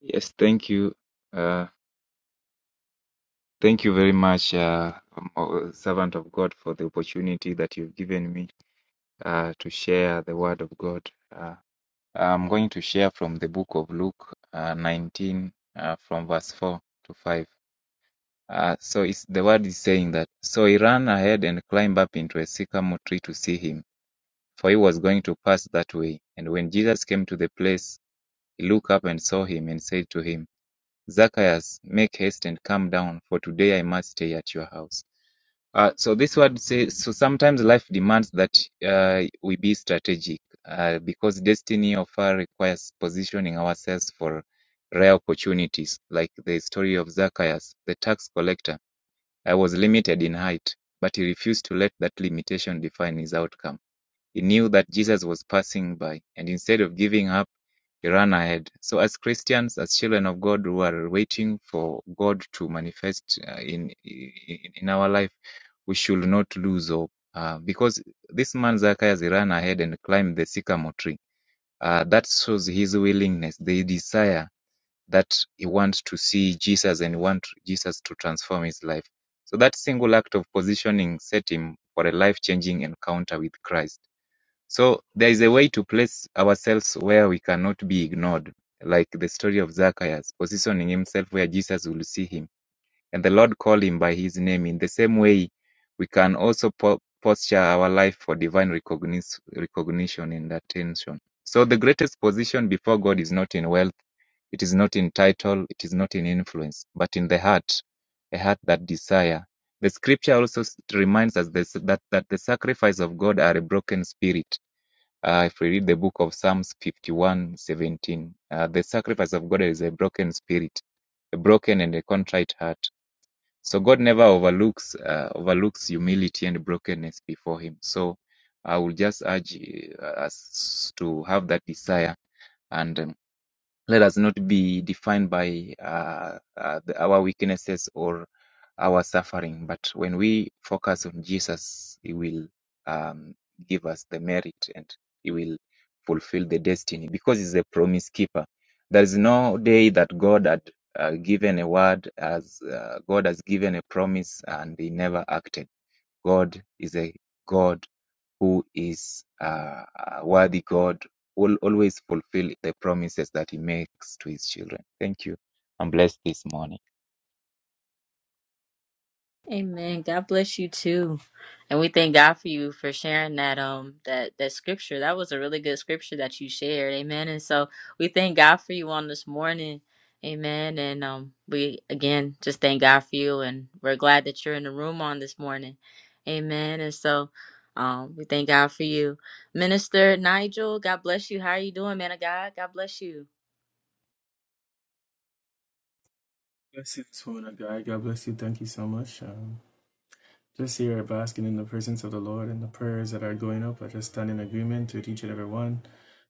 Speaker 10: Yes, thank you. Uh, thank you very much, uh, um, uh, servant of God, for the opportunity that you've given me uh, to share the word of God. Uh, I'm going to share from the book of Luke uh, 19, uh, from verse 4 to 5. Uh, so it's, the word is saying that, So he ran ahead and climbed up into a sycamore tree to see him, for he was going to pass that way. And when Jesus came to the place, he looked up and saw him and said to him, Zacchaeus, make haste and come down, for today I must stay at your house. Uh, so this word says, so sometimes life demands that uh, we be strategic uh, because destiny of fire requires positioning ourselves for rare opportunities, like the story of Zacchaeus, the tax collector. I was limited in height, but he refused to let that limitation define his outcome. He knew that Jesus was passing by, and instead of giving up, he ran ahead. So, as Christians, as children of God who are waiting for God to manifest uh, in, in in our life, we should not lose hope. Uh, because this man Zacchaeus he ran ahead and climbed the sycamore tree. Uh, that shows his willingness, the desire that he wants to see Jesus and want Jesus to transform his life. So that single act of positioning set him for a life-changing encounter with Christ. So there is a way to place ourselves where we cannot be ignored, like the story of Zacchaeus, positioning himself where Jesus will see him, and the Lord called him by his name. In the same way, we can also po- posture our life for divine recognis- recognition and attention. So the greatest position before God is not in wealth, it is not in title, it is not in influence, but in the heart, a heart that desire. The scripture also s- reminds us this, that, that the sacrifice of God are a broken spirit uh, if we read the book of Psalms 51:17, uh, the sacrifice of God is a broken spirit, a broken and a contrite heart. So God never overlooks uh, overlooks humility and brokenness before Him. So I will just urge uh, us to have that desire. and. um, let us not be defined by uh, uh, the, our weaknesses or our suffering, but when we focus on Jesus, He will um, give us the merit and He will fulfill the destiny because He's a promise keeper. There is no day that God had uh, given a word, as uh, God has given a promise, and He never acted. God is a God who is a a worthy God, will always fulfill the promises that He makes to His children. Thank you. and bless this morning.
Speaker 9: Amen. God bless you too. And we thank God for you for sharing that um that that scripture. That was a really good scripture that you shared. Amen. And so we thank God for you on this morning. Amen. And um we again just thank God for you and we're glad that you're in the room on this morning. Amen. And so um we thank God for you. Minister Nigel, God bless you. How are you doing, man of God? God bless you.
Speaker 11: Blessings, woman of God. God bless you. Thank you so much. Um, just here basking in the presence of the Lord and the prayers that are going up. I just stand in agreement with each and every one.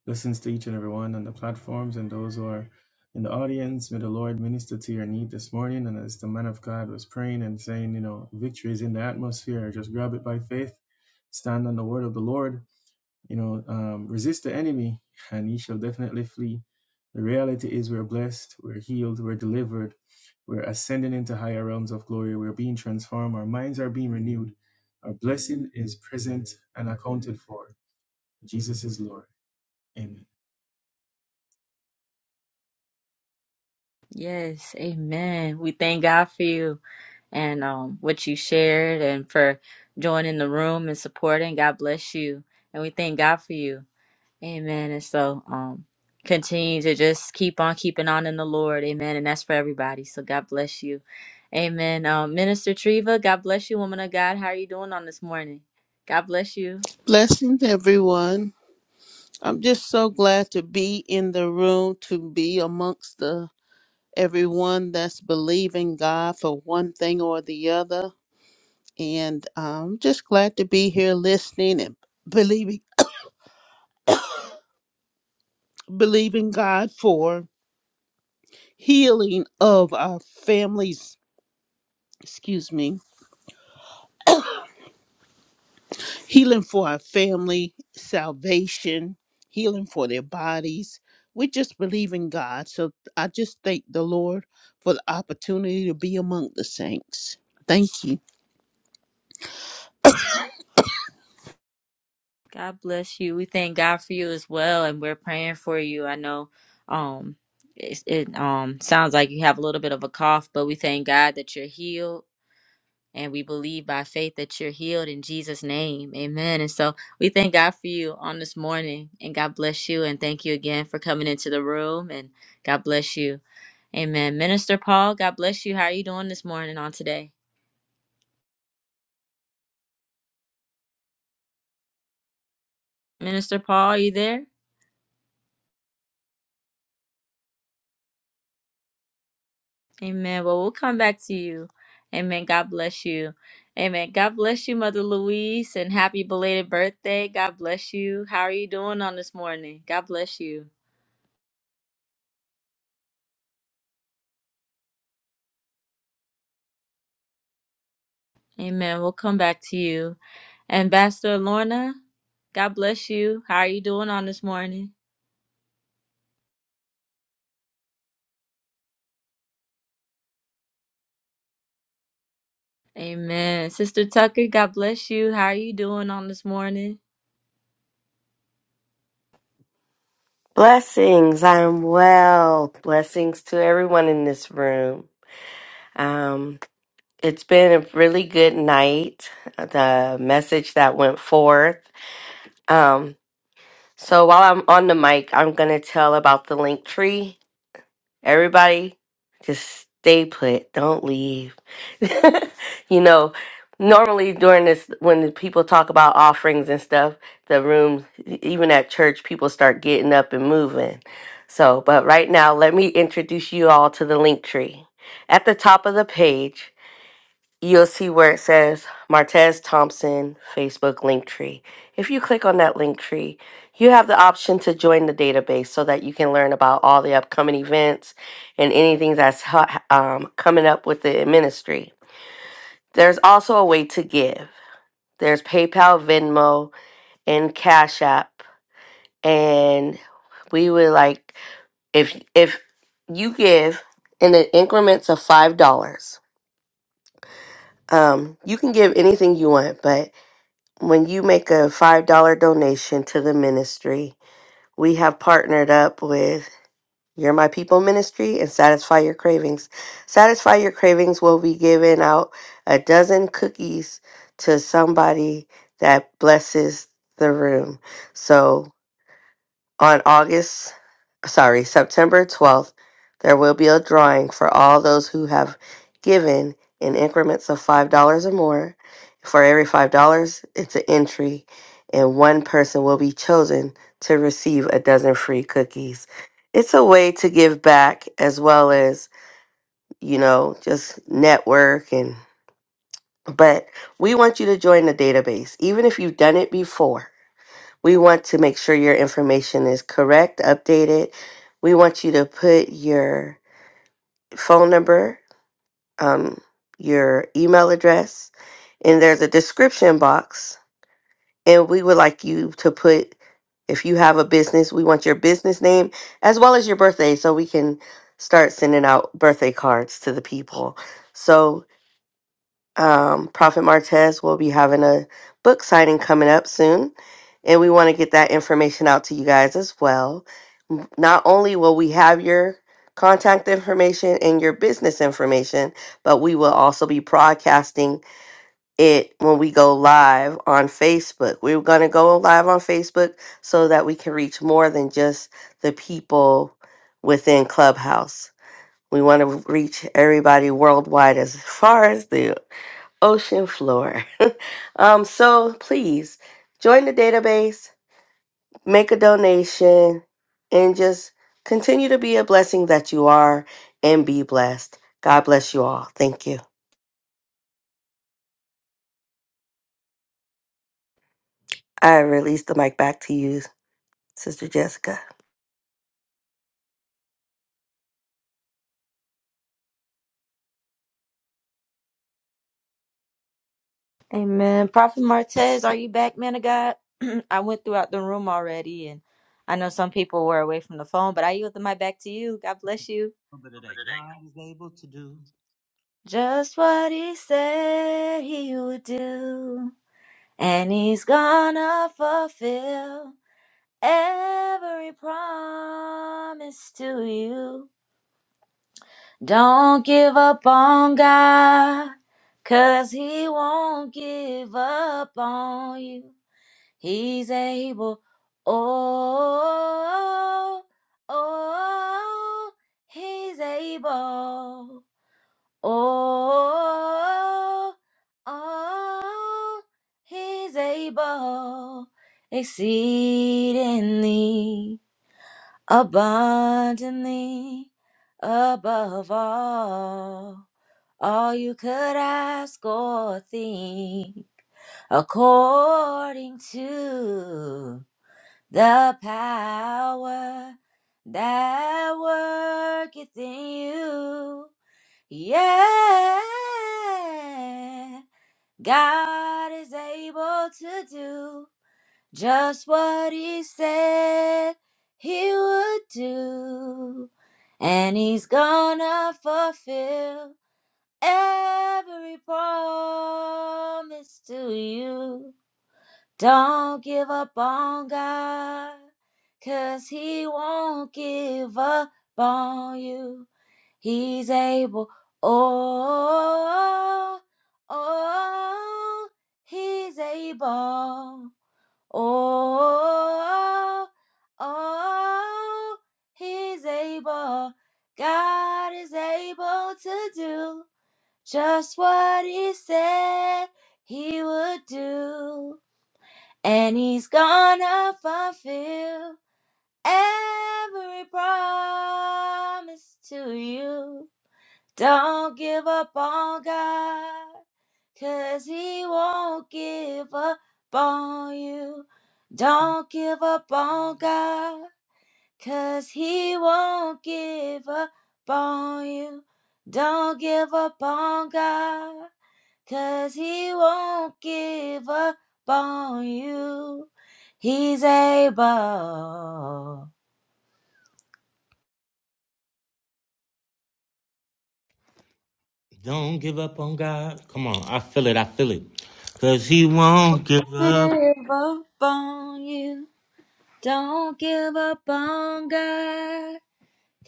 Speaker 11: Blessings to each and every one on the platforms and those who are in the audience. May the Lord minister to your need this morning. And as the man of God was praying and saying, you know, victory is in the atmosphere, just grab it by faith. Stand on the word of the Lord. You know, um, resist the enemy and he shall definitely flee. The reality is we're blessed, we're healed, we're delivered, we're ascending into higher realms of glory, we're being transformed, our minds are being renewed, our blessing is present and accounted for. Jesus is Lord. Amen.
Speaker 9: Yes. Amen. We thank God for you. and um, what you shared and for joining the room and supporting. God bless you. And we thank God for you. Amen. And so um, continue to just keep on keeping on in the Lord. Amen. And that's for everybody. So God bless you. Amen. Um, Minister Treva, God bless you, woman of God. How are you doing on this morning? God bless you.
Speaker 12: Blessings, everyone. I'm just so glad to be in the room, to be amongst the everyone that's believing God for one thing or the other, and uh, I'm just glad to be here listening and believing, believing God for healing of our families. Excuse me healing for our family, salvation, healing for their bodies. We just believe in God. So I just thank the Lord for the opportunity to be among the saints. Thank you.
Speaker 9: God bless you. We thank God for you as well. And we're praying for you. I know um, it, it um, sounds like you have a little bit of a cough, but we thank God that you're healed And we believe by faith that you're healed in Jesus' name. Amen. And so we thank God for you on this morning. And God bless you. And thank you again for coming into the room. And God bless you. Amen. Minister Paul, God bless you. How are you doing this morning on today? Minister Paul, are you there? Amen. Well, we'll come back to you. Amen. God bless you. Amen. God bless you, Mother Louise, and happy belated birthday. God bless you. How are you doing on this morning? God bless you. Amen. We'll come back to you. Ambassador Lorna, God bless you. How are you doing on this morning? Amen. Sister Tucker, God bless you. How are you doing on this morning?
Speaker 1: Blessings. I'm well. Blessings to everyone in this room. Um, it's been a really good night. The message that went forth. Um, so while I'm on the mic, I'm gonna tell about the link tree. Everybody, just stay put. Don't leave. you know, normally during this, when the people talk about offerings and stuff, the room, even at church, people start getting up and moving. So, but right now, let me introduce you all to the link tree. At the top of the page, You'll see where it says Martez Thompson Facebook link tree. If you click on that link tree, you have the option to join the database so that you can learn about all the upcoming events and anything that's ha- um, coming up with the ministry. There's also a way to give. There's PayPal, Venmo, and Cash App, and we would like if if you give in the increments of five dollars. Um, you can give anything you want, but when you make a $5 donation to the ministry, we have partnered up with You're My People Ministry and Satisfy Your Cravings. Satisfy Your Cravings will be giving out a dozen cookies to somebody that blesses the room. So on August, sorry, September 12th, there will be a drawing for all those who have given in increments of $5 or more. For every $5, it's an entry, and one person will be chosen to receive a dozen free cookies. It's a way to give back as well as, you know, just network and but we want you to join the database even if you've done it before we want to make sure your information is correct, updated. We want you to put your phone number, um, your email address, and there's a description box. And we would like you to put, if you have a business, we want your business name as well as your birthday so we can start sending out birthday cards to the people. So Um, Prophet Martez will be having a book signing coming up soon, and we want to get that information out to you guys as well. M- Not only will we have your contact information and your business information, but we will also be broadcasting it when we go live on Facebook. We're going to go live on Facebook so that we can reach more than just the people within Clubhouse. We want to reach everybody worldwide as far as the ocean floor. um, so please join the database, make a donation, and just continue to be a blessing that you are and be blessed. God bless you all. Thank you. I release the mic back to you, Sister Jessica.
Speaker 9: Amen. Prophet Martez, are you back, man of God? I went throughout the room already, and I know some people were away from the phone, but I yield the mic back to you. God bless you.
Speaker 2: A little bit of that God is able to do.
Speaker 9: Just what he said he would do, and he's gonna fulfill every promise to you. Don't give up on God, 'cause He won't give up on you. He's able. Oh, oh, He's able. Oh, oh, He's able. Exceedingly, abundantly, above all all you could ask or think according to the power that worketh in you. Yeah. God is able to do just what he said he would do, and he's gonna fulfill every promise to you. Don't give up on God, 'cause He won't give up on you. He's able, oh, oh, He's able, oh, oh, He's able. God is able to do just what he said he would do. And he's gonna fulfill every promise to you. Don't give up on God, 'cause he won't give up on you. Don't give up on God, 'cause he won't give up on you. Don't give up on God. Cause he won't give up on you. He's able.
Speaker 2: Don't give up on God. Come on, I feel it. I feel it. Cause he won't give up.
Speaker 9: Give up on you. Don't give up on God.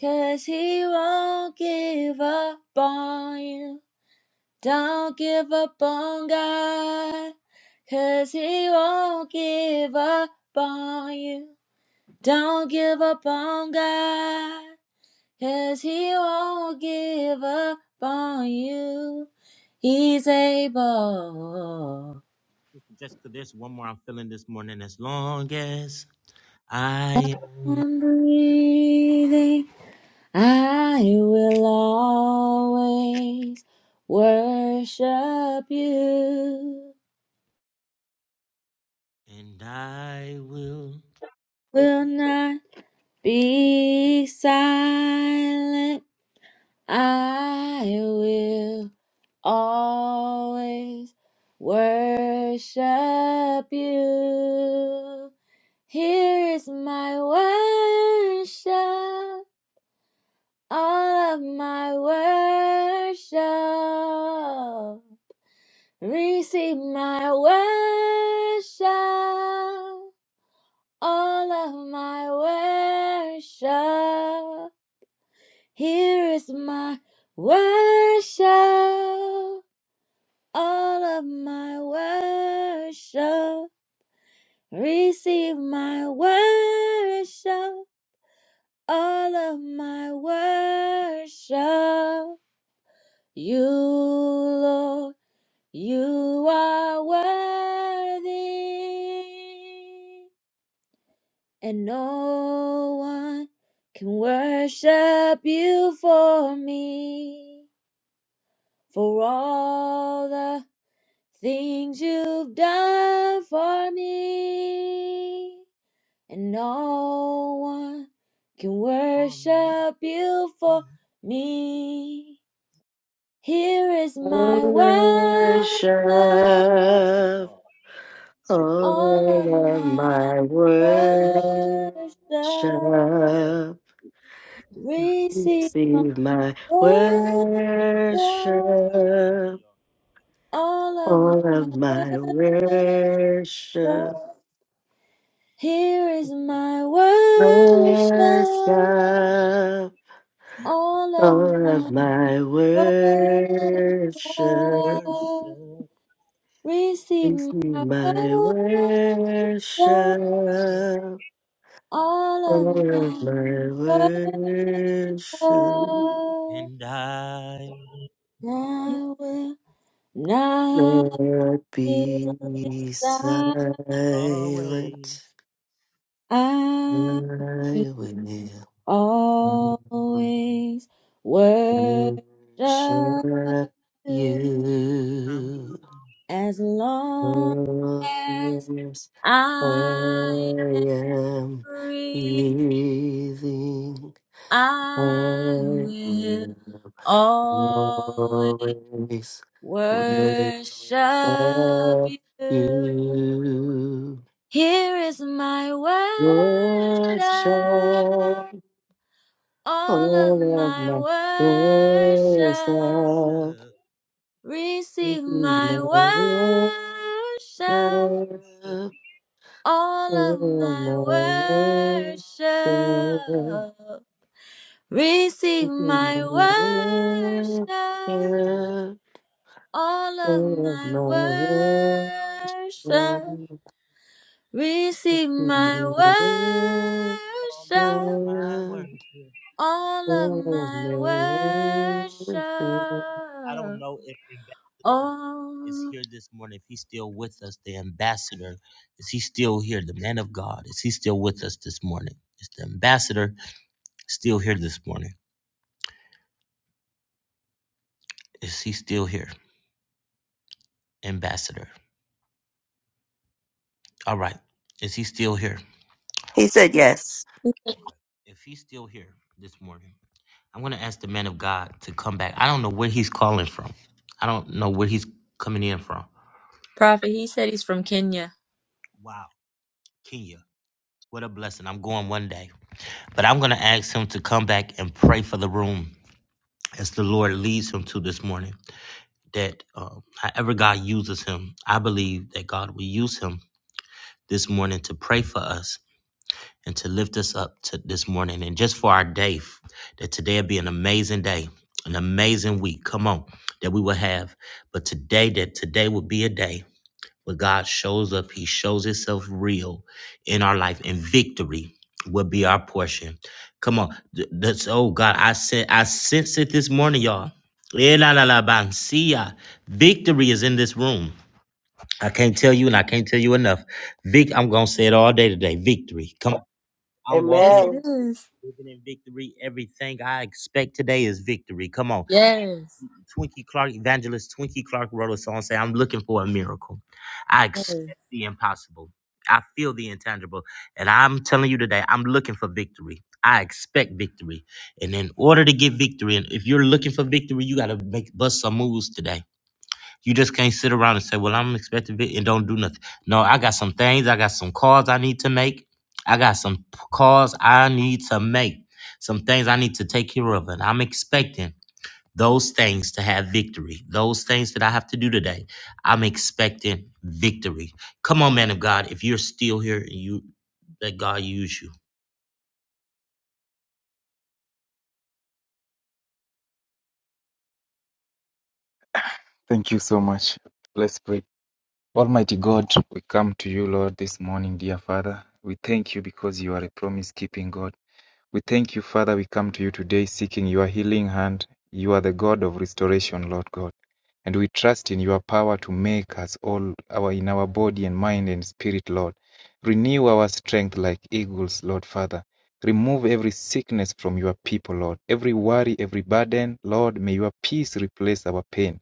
Speaker 9: 'Cause he won't give up on you. Don't give up on God. 'Cause he won't give up on you. Don't give up on God. Cause he won't give up on you. He's able.
Speaker 2: Jessica, there's one more I'm feeling this morning. As long as I am
Speaker 9: I'm breathing. I will always worship you.
Speaker 2: and I will.
Speaker 9: Will not be silent. I will always worship you. Here is my worship, all of my worship. Receive my worship, all of my worship. Here is my worship, all of my worship. Receive my worship all of my worship. You, Lord, you are worthy, and no one can worship you for me, for all the things you've done for me. and no one can worship you for me. Here is my worship,
Speaker 2: That's
Speaker 1: Worship,
Speaker 2: it, y'all.
Speaker 9: all of my worship.
Speaker 2: Yeah.
Speaker 9: Receive my
Speaker 1: see,
Speaker 9: worship,
Speaker 1: worship,
Speaker 9: all of my
Speaker 1: all of my worship,
Speaker 9: worship. Here is my worship,
Speaker 1: worship.
Speaker 9: all of
Speaker 1: All of
Speaker 9: my
Speaker 1: my worship,
Speaker 9: worship.
Speaker 2: Worship
Speaker 9: Receive
Speaker 1: receive
Speaker 9: my
Speaker 1: my
Speaker 9: worship, all
Speaker 1: worship. All
Speaker 9: of
Speaker 1: of
Speaker 9: my
Speaker 1: my
Speaker 9: worship.
Speaker 1: worship,
Speaker 9: I
Speaker 2: and I
Speaker 9: will not
Speaker 1: Lord,
Speaker 9: be
Speaker 1: be
Speaker 9: silent.
Speaker 1: silent.
Speaker 2: always.
Speaker 1: I
Speaker 9: I will always
Speaker 1: will
Speaker 9: worship
Speaker 1: worship
Speaker 9: you
Speaker 2: Cause I'm
Speaker 1: you.
Speaker 9: as long
Speaker 1: Oh,
Speaker 9: as
Speaker 1: yes, I
Speaker 9: I
Speaker 1: am
Speaker 9: breathe.
Speaker 1: breathing. I
Speaker 9: I will.
Speaker 1: am
Speaker 9: Always
Speaker 1: always without
Speaker 9: worship you.
Speaker 1: you.
Speaker 9: Here is my worship,
Speaker 1: Worship
Speaker 9: all of
Speaker 1: all of my
Speaker 9: my worship.
Speaker 1: worship,
Speaker 9: Receive my
Speaker 1: my
Speaker 9: worship,
Speaker 1: worship.
Speaker 9: all of
Speaker 1: All
Speaker 9: my
Speaker 1: my worship, all my
Speaker 9: worship. Receive
Speaker 1: worship,
Speaker 9: my worship, all of
Speaker 1: all
Speaker 9: my
Speaker 1: my
Speaker 9: worship.
Speaker 1: worship.
Speaker 9: Receive my
Speaker 2: all
Speaker 9: worship,
Speaker 2: of my worship.
Speaker 9: all of my
Speaker 2: I don't
Speaker 9: worship.
Speaker 2: know if ambassador. is
Speaker 9: Oh,
Speaker 2: here this morning. If he's still with us, the ambassador, is he still here? The man of God, is he still with us this morning? Is the ambassador still here this morning? Is he still here? Ambassador. All right. Is he still here?
Speaker 1: He said yes
Speaker 2: Okay. If he's still here this morning, I'm going to ask the man of God to come back. I don't know where he's calling from. I don't know where he's coming in from.
Speaker 9: Prophet, he said he's from Kenya.
Speaker 2: Wow. Kenya. What a blessing. I'm going one day. But I'm going to ask him to come back and pray for the room as the Lord leads him to this morning. that um, however God uses him, I believe that God will use him this morning to pray for us and to lift us up to this morning and just for our day, f- that today will be an amazing day, an amazing week. Come on, that we will have. But today, that today will be a day. When God shows up, He shows Himself real in our life, and victory will be our portion. Come on, th- that's oh God, I said I sense it this morning, y'all. Eh, la, la, la, ban, see ya. Victory is in this room. I can't tell you, and I can't tell you enough. Vic, I'm gonna say it all day today. Victory. Come on, I'm walking
Speaker 9: Yes,
Speaker 2: in,
Speaker 9: it is.
Speaker 2: living in victory. Everything I expect today is victory. Come on.
Speaker 9: Yes,
Speaker 2: Twinkie Clark, evangelist Twinkie Clark wrote a song saying, I'm looking for a miracle. I
Speaker 9: yes.
Speaker 2: expect the impossible. I feel the intangible. And I'm telling you today, I'm looking for victory. I expect victory. And in order to get victory, and if you're looking for victory, you gotta make bust some moves today. You just can't sit around and say, Well, I'm expecting it and don't do nothing. No, I got some things, I got some calls I need to make. I got some p- calls I need to make. Some things I need to take care of. And I'm expecting those things to have victory, those things that I have to do today, I'm expecting victory. Come on, man of God, if you're still here and you let God use you.
Speaker 10: Thank you so much. Let's pray. Almighty God, we come to you, Lord, this morning, dear Father. We thank you because you are a promise keeping God. We thank you, Father. We come to you today seeking your healing hand. You are the God of restoration, Lord God. And we trust in your power to make us all our in our body and mind and spirit, Lord. Renew our strength like eagles, Lord Father. Remove every sickness from your people, Lord. Every worry, every burden, Lord, may your peace replace our pain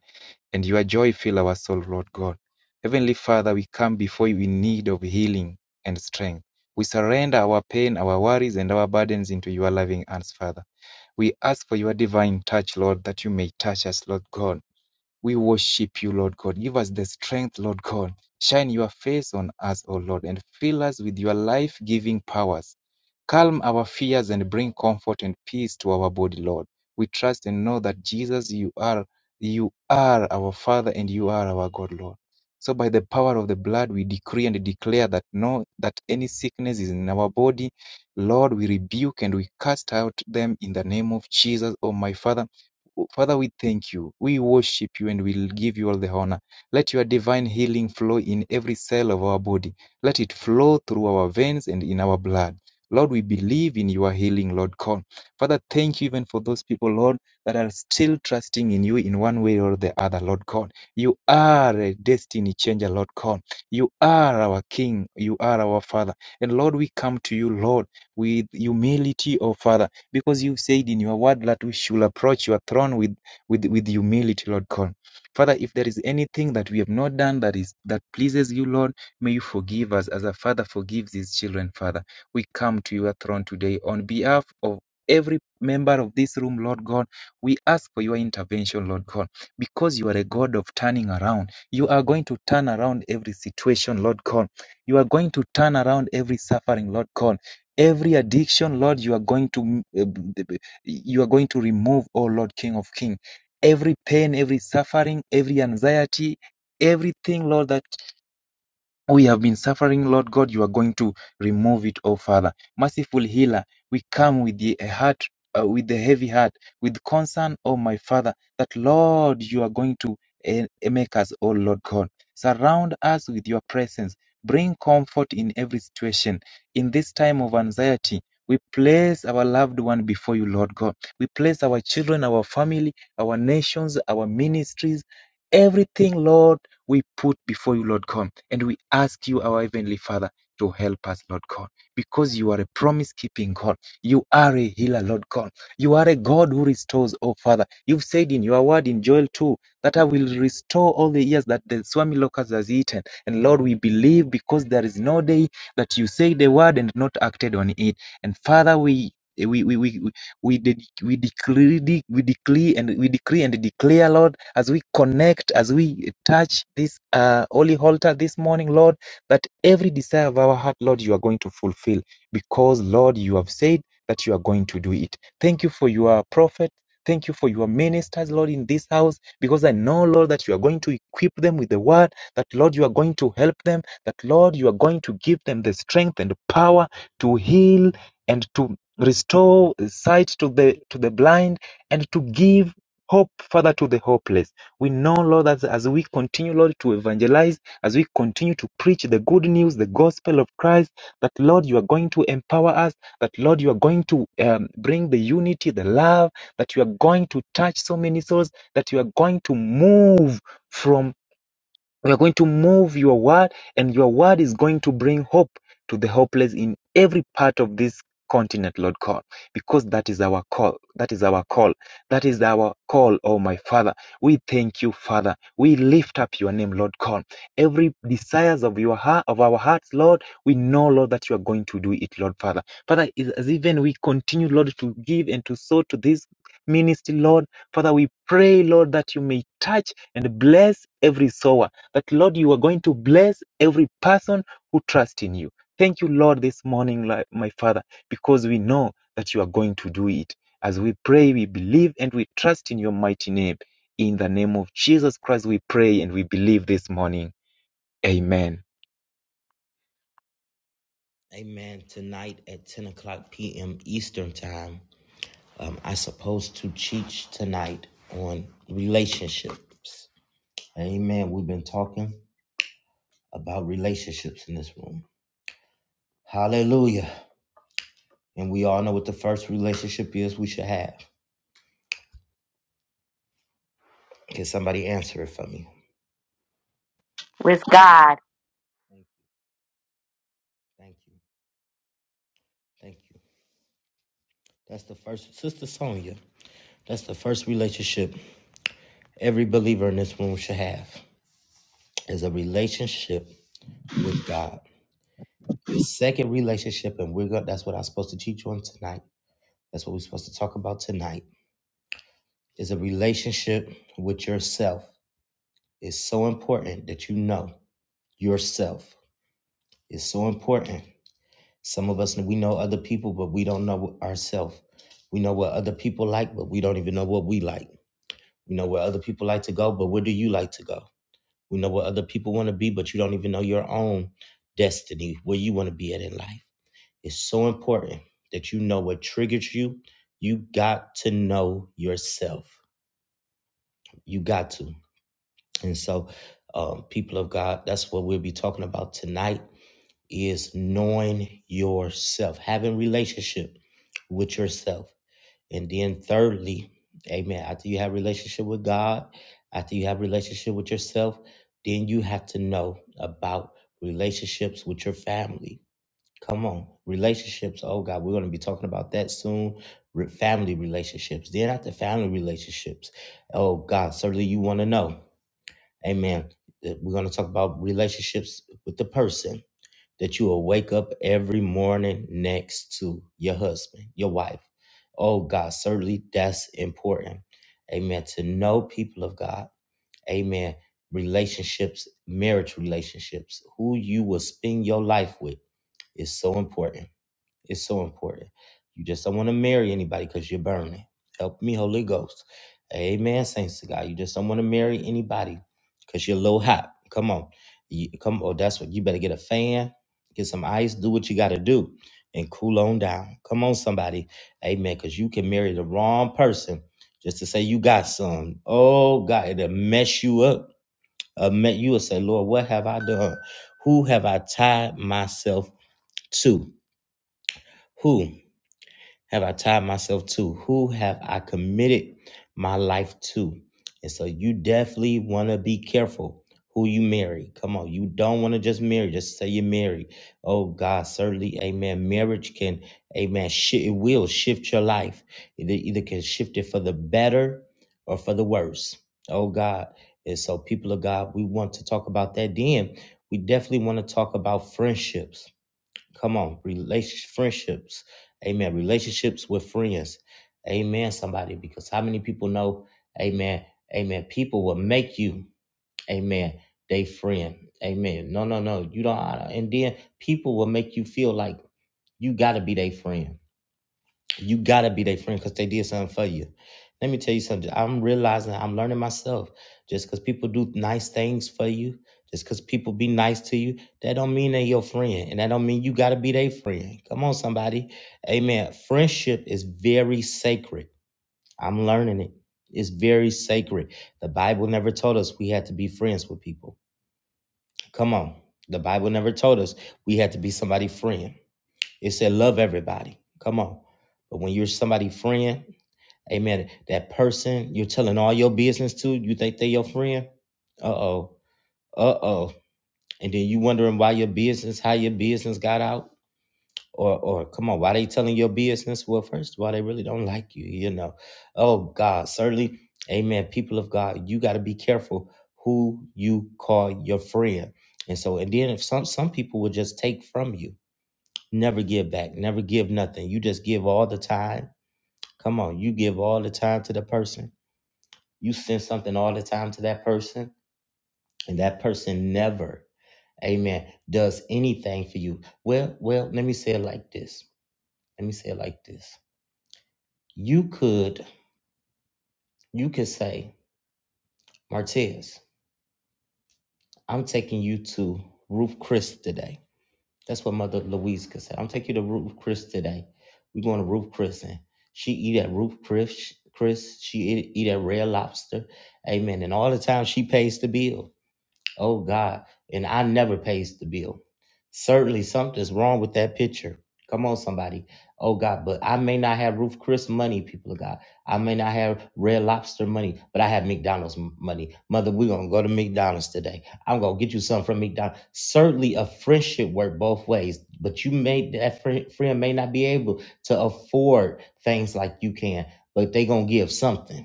Speaker 10: and your joy fill our soul, Lord God. Heavenly Father, we come before you in need of healing and strength. We surrender our pain, our worries, and our burdens into your loving hands, Father. We ask for your divine touch, Lord, that you may touch us, Lord God. We worship you, Lord God. Give us the strength, Lord God. Shine your face on us, O Lord, and fill us with your life giving powers Calm our fears and bring comfort and peace to our body, Lord. We trust and know that Jesus, you are you are our Father and you are our God, Lord. So by the power of the blood, we decree and declare that no that any sickness is in our body. Lord, we rebuke and we cast out them in the name of Jesus, oh my Father. Father, we thank you. We worship you and we give you all the honor. Let your divine healing flow in every cell of our body. Let it flow through our veins and in our blood. Lord, we believe in your healing, Lord God. Father, thank you even for those people, Lord, that are still trusting in you in one way or the other, Lord God. You are a destiny changer, Lord God. You are our King. You are our Father. And Lord, we come to you, Lord, with humility, oh Father, because you said in your word that we should approach your throne with, with, with humility, Lord God. Father, if there is anything that we have not done that is that pleases you, Lord, may you forgive us as a father forgives his children, Father. We come to your throne today on behalf of every member of this room, Lord God. We ask for your intervention, Lord God, because you are a God of turning around. You are going to turn around every situation, Lord God. You are going to turn around every suffering, Lord God. Every addiction, Lord, you are going to uh, you are going to remove, oh Lord, King of King. Every pain, every suffering, every anxiety, everything, Lord, that we have been suffering, Lord God. You are going to remove it, oh Father. Merciful healer, we come with the heart, uh, with the heavy heart, with concern, oh my Father, that Lord, you are going to eh, make us, oh Lord God. Surround us with your presence. Bring comfort in every situation. In this time of anxiety, we place our loved one before you, Lord God. We place our children, our family, our nations, our ministries, everything, Lord we put before you, Lord God, and we ask you, our Heavenly Father, to help us, Lord God, because you are a promise keeping God. You are a healer, Lord God. You are a God who restores, oh Father. You've said in your word in Joel 2 that I will restore all the years that the swami locust has eaten. And Lord, we believe because there is no day that you say the word and not acted on it. And Father, we we, we, we we did we decree de- we decree and we decree and declare, Lord, as we connect, as we touch this uh, holy altar this morning, Lord, that every desire of our heart, Lord, you are going to fulfill because, Lord, you have said that you are going to do it. Thank you for your prophet. Thank you for your ministers, Lord, in this house, because I know, Lord, that you are going to equip them with the word, that, Lord, you are going to help them, that, Lord, you are going to give them the strength and the power to heal and to restore sight to the to the blind and to give hope father to the hopeless we know lord that as we continue lord to evangelize as we continue to preach the good news the gospel of christ that lord you are going to empower us that lord you are going to um, bring the unity the love that you are going to touch so many souls that you are going to move from. We are going to move your word, and your word is going to bring hope to the hopeless in every part of this continent, Lord God, because that is our call. That is our call. That is our call, oh my Father. We thank you, Father. We lift up your name, Lord God. Every desires of your heart, of our hearts, Lord, we know, Lord, that you are going to do it, Lord Father. Father, as even we continue, Lord, to give and to sow to this ministry, Lord, Father, we pray, Lord, that you may touch and bless every sower that, Lord, you are going to bless every person who trusts in you. Thank you, Lord, this morning, my Father, because we know that you are going to do it. As we pray, we believe and we trust in your mighty name. In the name of Jesus Christ, we pray and we believe this morning. Amen.
Speaker 2: Amen. Tonight at 10 o'clock p.m. Eastern time, um, I supposed to teach tonight on relationships. Amen. We've been talking about relationships in this room. Hallelujah. And we all know what the first relationship is we should have. Can somebody answer it for me?
Speaker 1: with God.
Speaker 2: Thank you. Thank you. That's the first, Sister Sonia. That's the first relationship every believer in this room should have is a relationship with God. The second relationship, and we're going that's what I'm supposed to teach you on tonight. That's what we're supposed to talk about tonight is a relationship with yourself. It's so important that you know yourself. It's so important. Some of us we know other people, but we don't know ourselves. We know what other people like, but we don't even know what we like. We know where other people like to go, but where do you like to go? We know what other people want to be, but you don't even know your own destiny, where you want to be at in life. It's so important that you know what triggers you. You got to know yourself. You got to. And so, um, people of God, that's what we'll be talking about tonight is knowing yourself, having relationship with yourself. And then thirdly, amen, after you have relationship with God, after you have relationship with yourself, then you have to know about relationships with your family. Come on, relationships. Oh God, we're going to be talking about that soon. Re- family relationships. Then after family relationships, oh God, certainly you want to know. Amen. That We're going to talk about relationships with the person that you will wake up every morning next to your husband, your wife. Oh, God, certainly that's important. Amen. To know people of God. Amen. Relationships, marriage relationships, who you will spend your life with is so important. It's so important. You just don't want to marry anybody because you're burning. Help me, Holy Ghost. Amen, saints to God. You just don't want to marry anybody because you're low hot. Come on. You, come Oh, That's what you better get a fan, get some ice, do what you got to do, and cool on down. Come on, somebody. Amen. Because you can marry the wrong person just to say you got some. Oh, God, it'll mess you up. Uh, met you will say, Lord, what have I done? Who have I tied myself to? Who? have I tied myself to? Who have I committed my life to? And so you definitely want to be careful who you marry. Come on, you don't want to just marry, just say you're married. Oh God, certainly, amen. Marriage can, amen, shi it will shift your life. It e, either can shift it for the better or for the worse. Oh God. And so people of God, we want to talk about that. Then we definitely want to talk about friendships Come on, relationships, friendships, amen. Relationships with friends, amen. Somebody, because how many people know, amen, amen. People will make you, amen, they friend, amen. No, no, no, you don't. uh, And then people will make you feel like you gotta be their friend you gotta be their friend because they did something for you. Let me tell you something. I'm realizing I'm learning myself. Just because people do nice things for you, just because people be nice to you, that don't mean they're your friend, and that don't mean you gotta be their friend. Come on, somebody. Amen. Friendship is very sacred. I'm learning it. It's very sacred. The Bible never told us we had to be friends with people. Come on. The Bible never told us we had to be somebody's friend. It said love everybody. Come on. But when you're somebody's friend, Amen. That person you're telling all your business to, you think they your friend? Uh oh. Uh oh. And then you wondering why your business, how your business got out, or or come on, why they telling your business? Well, first of all, they really don't like you, you know. Oh God, certainly, Amen. People of God, you got to be careful who you call your friend. And so, and then if some some people will just take from you, never give back, never give nothing. You just give all the time. Come on, you give all the time to the person you send something all the time to that person, and that person never, amen, does anything for you. Well, well, let me say it like this. Let me say it like this. You could, you could say, Martez, I'm taking you to Ruth Chris today. That's what Mother Louise could say. I'm taking you to Ruth Chris today. We're going to Ruth Chris, and she eat at Ruth Chris. Chris, she eat, eat at Red Lobster. Amen. And all the time she pays the bill. Oh God. And I never pays the bill. Certainly something's wrong with that picture. Come on, somebody. Oh God, but I may not have Ruth Chris money, people of God. I may not have Red Lobster money, but I have McDonald's m- money. Mother, we're gonna go to McDonald's today. I'm gonna get you something from McDonald's. Certainly a friendship work both ways, but you may that friend, friend may not be able to afford things like you can, but they gonna give something.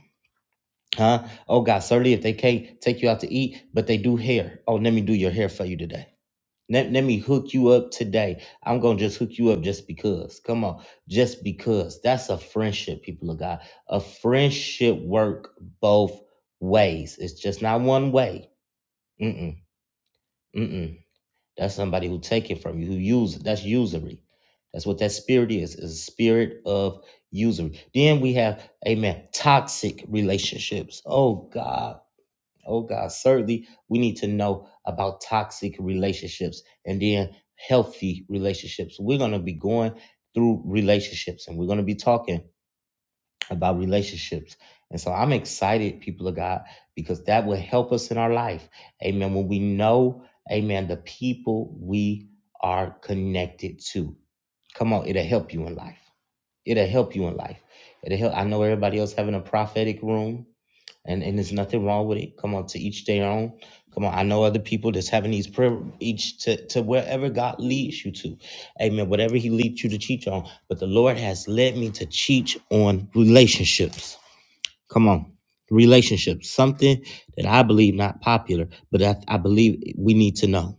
Speaker 2: Huh? Oh God, certainly if they can't take you out to eat, but they do hair. Oh, let me do your hair for you today. Let, let me hook you up today. I'm gonna just hook you up just because. Come on, just because. That's a friendship, people of God. A friendship work both ways. It's just not one way. Mm-mm. Mm-mm. That's somebody who take it from you, who use it. that's usury. That's what that spirit is, is a spirit of usury. Then we have, amen, toxic relationships. Oh God Oh God, certainly we need to know about toxic relationships and then healthy relationships. We're going to be going through relationships and we're going to be talking about relationships. And so I'm excited, people of God, because that will help us in our life. Amen. When we know, amen, the people we are connected to. Come on, it'll help you in life. It'll help you in life. It'll help. I know everybody else having a prophetic room and and there's nothing wrong with it. Come on, to each their own. Come on, I know other people that's having these prayer each to to wherever God leads you to, Amen. Whatever He leads you to teach on, but the Lord has led me to teach on relationships. Come on, relationships, something that I believe not popular, but I, I believe we need to know.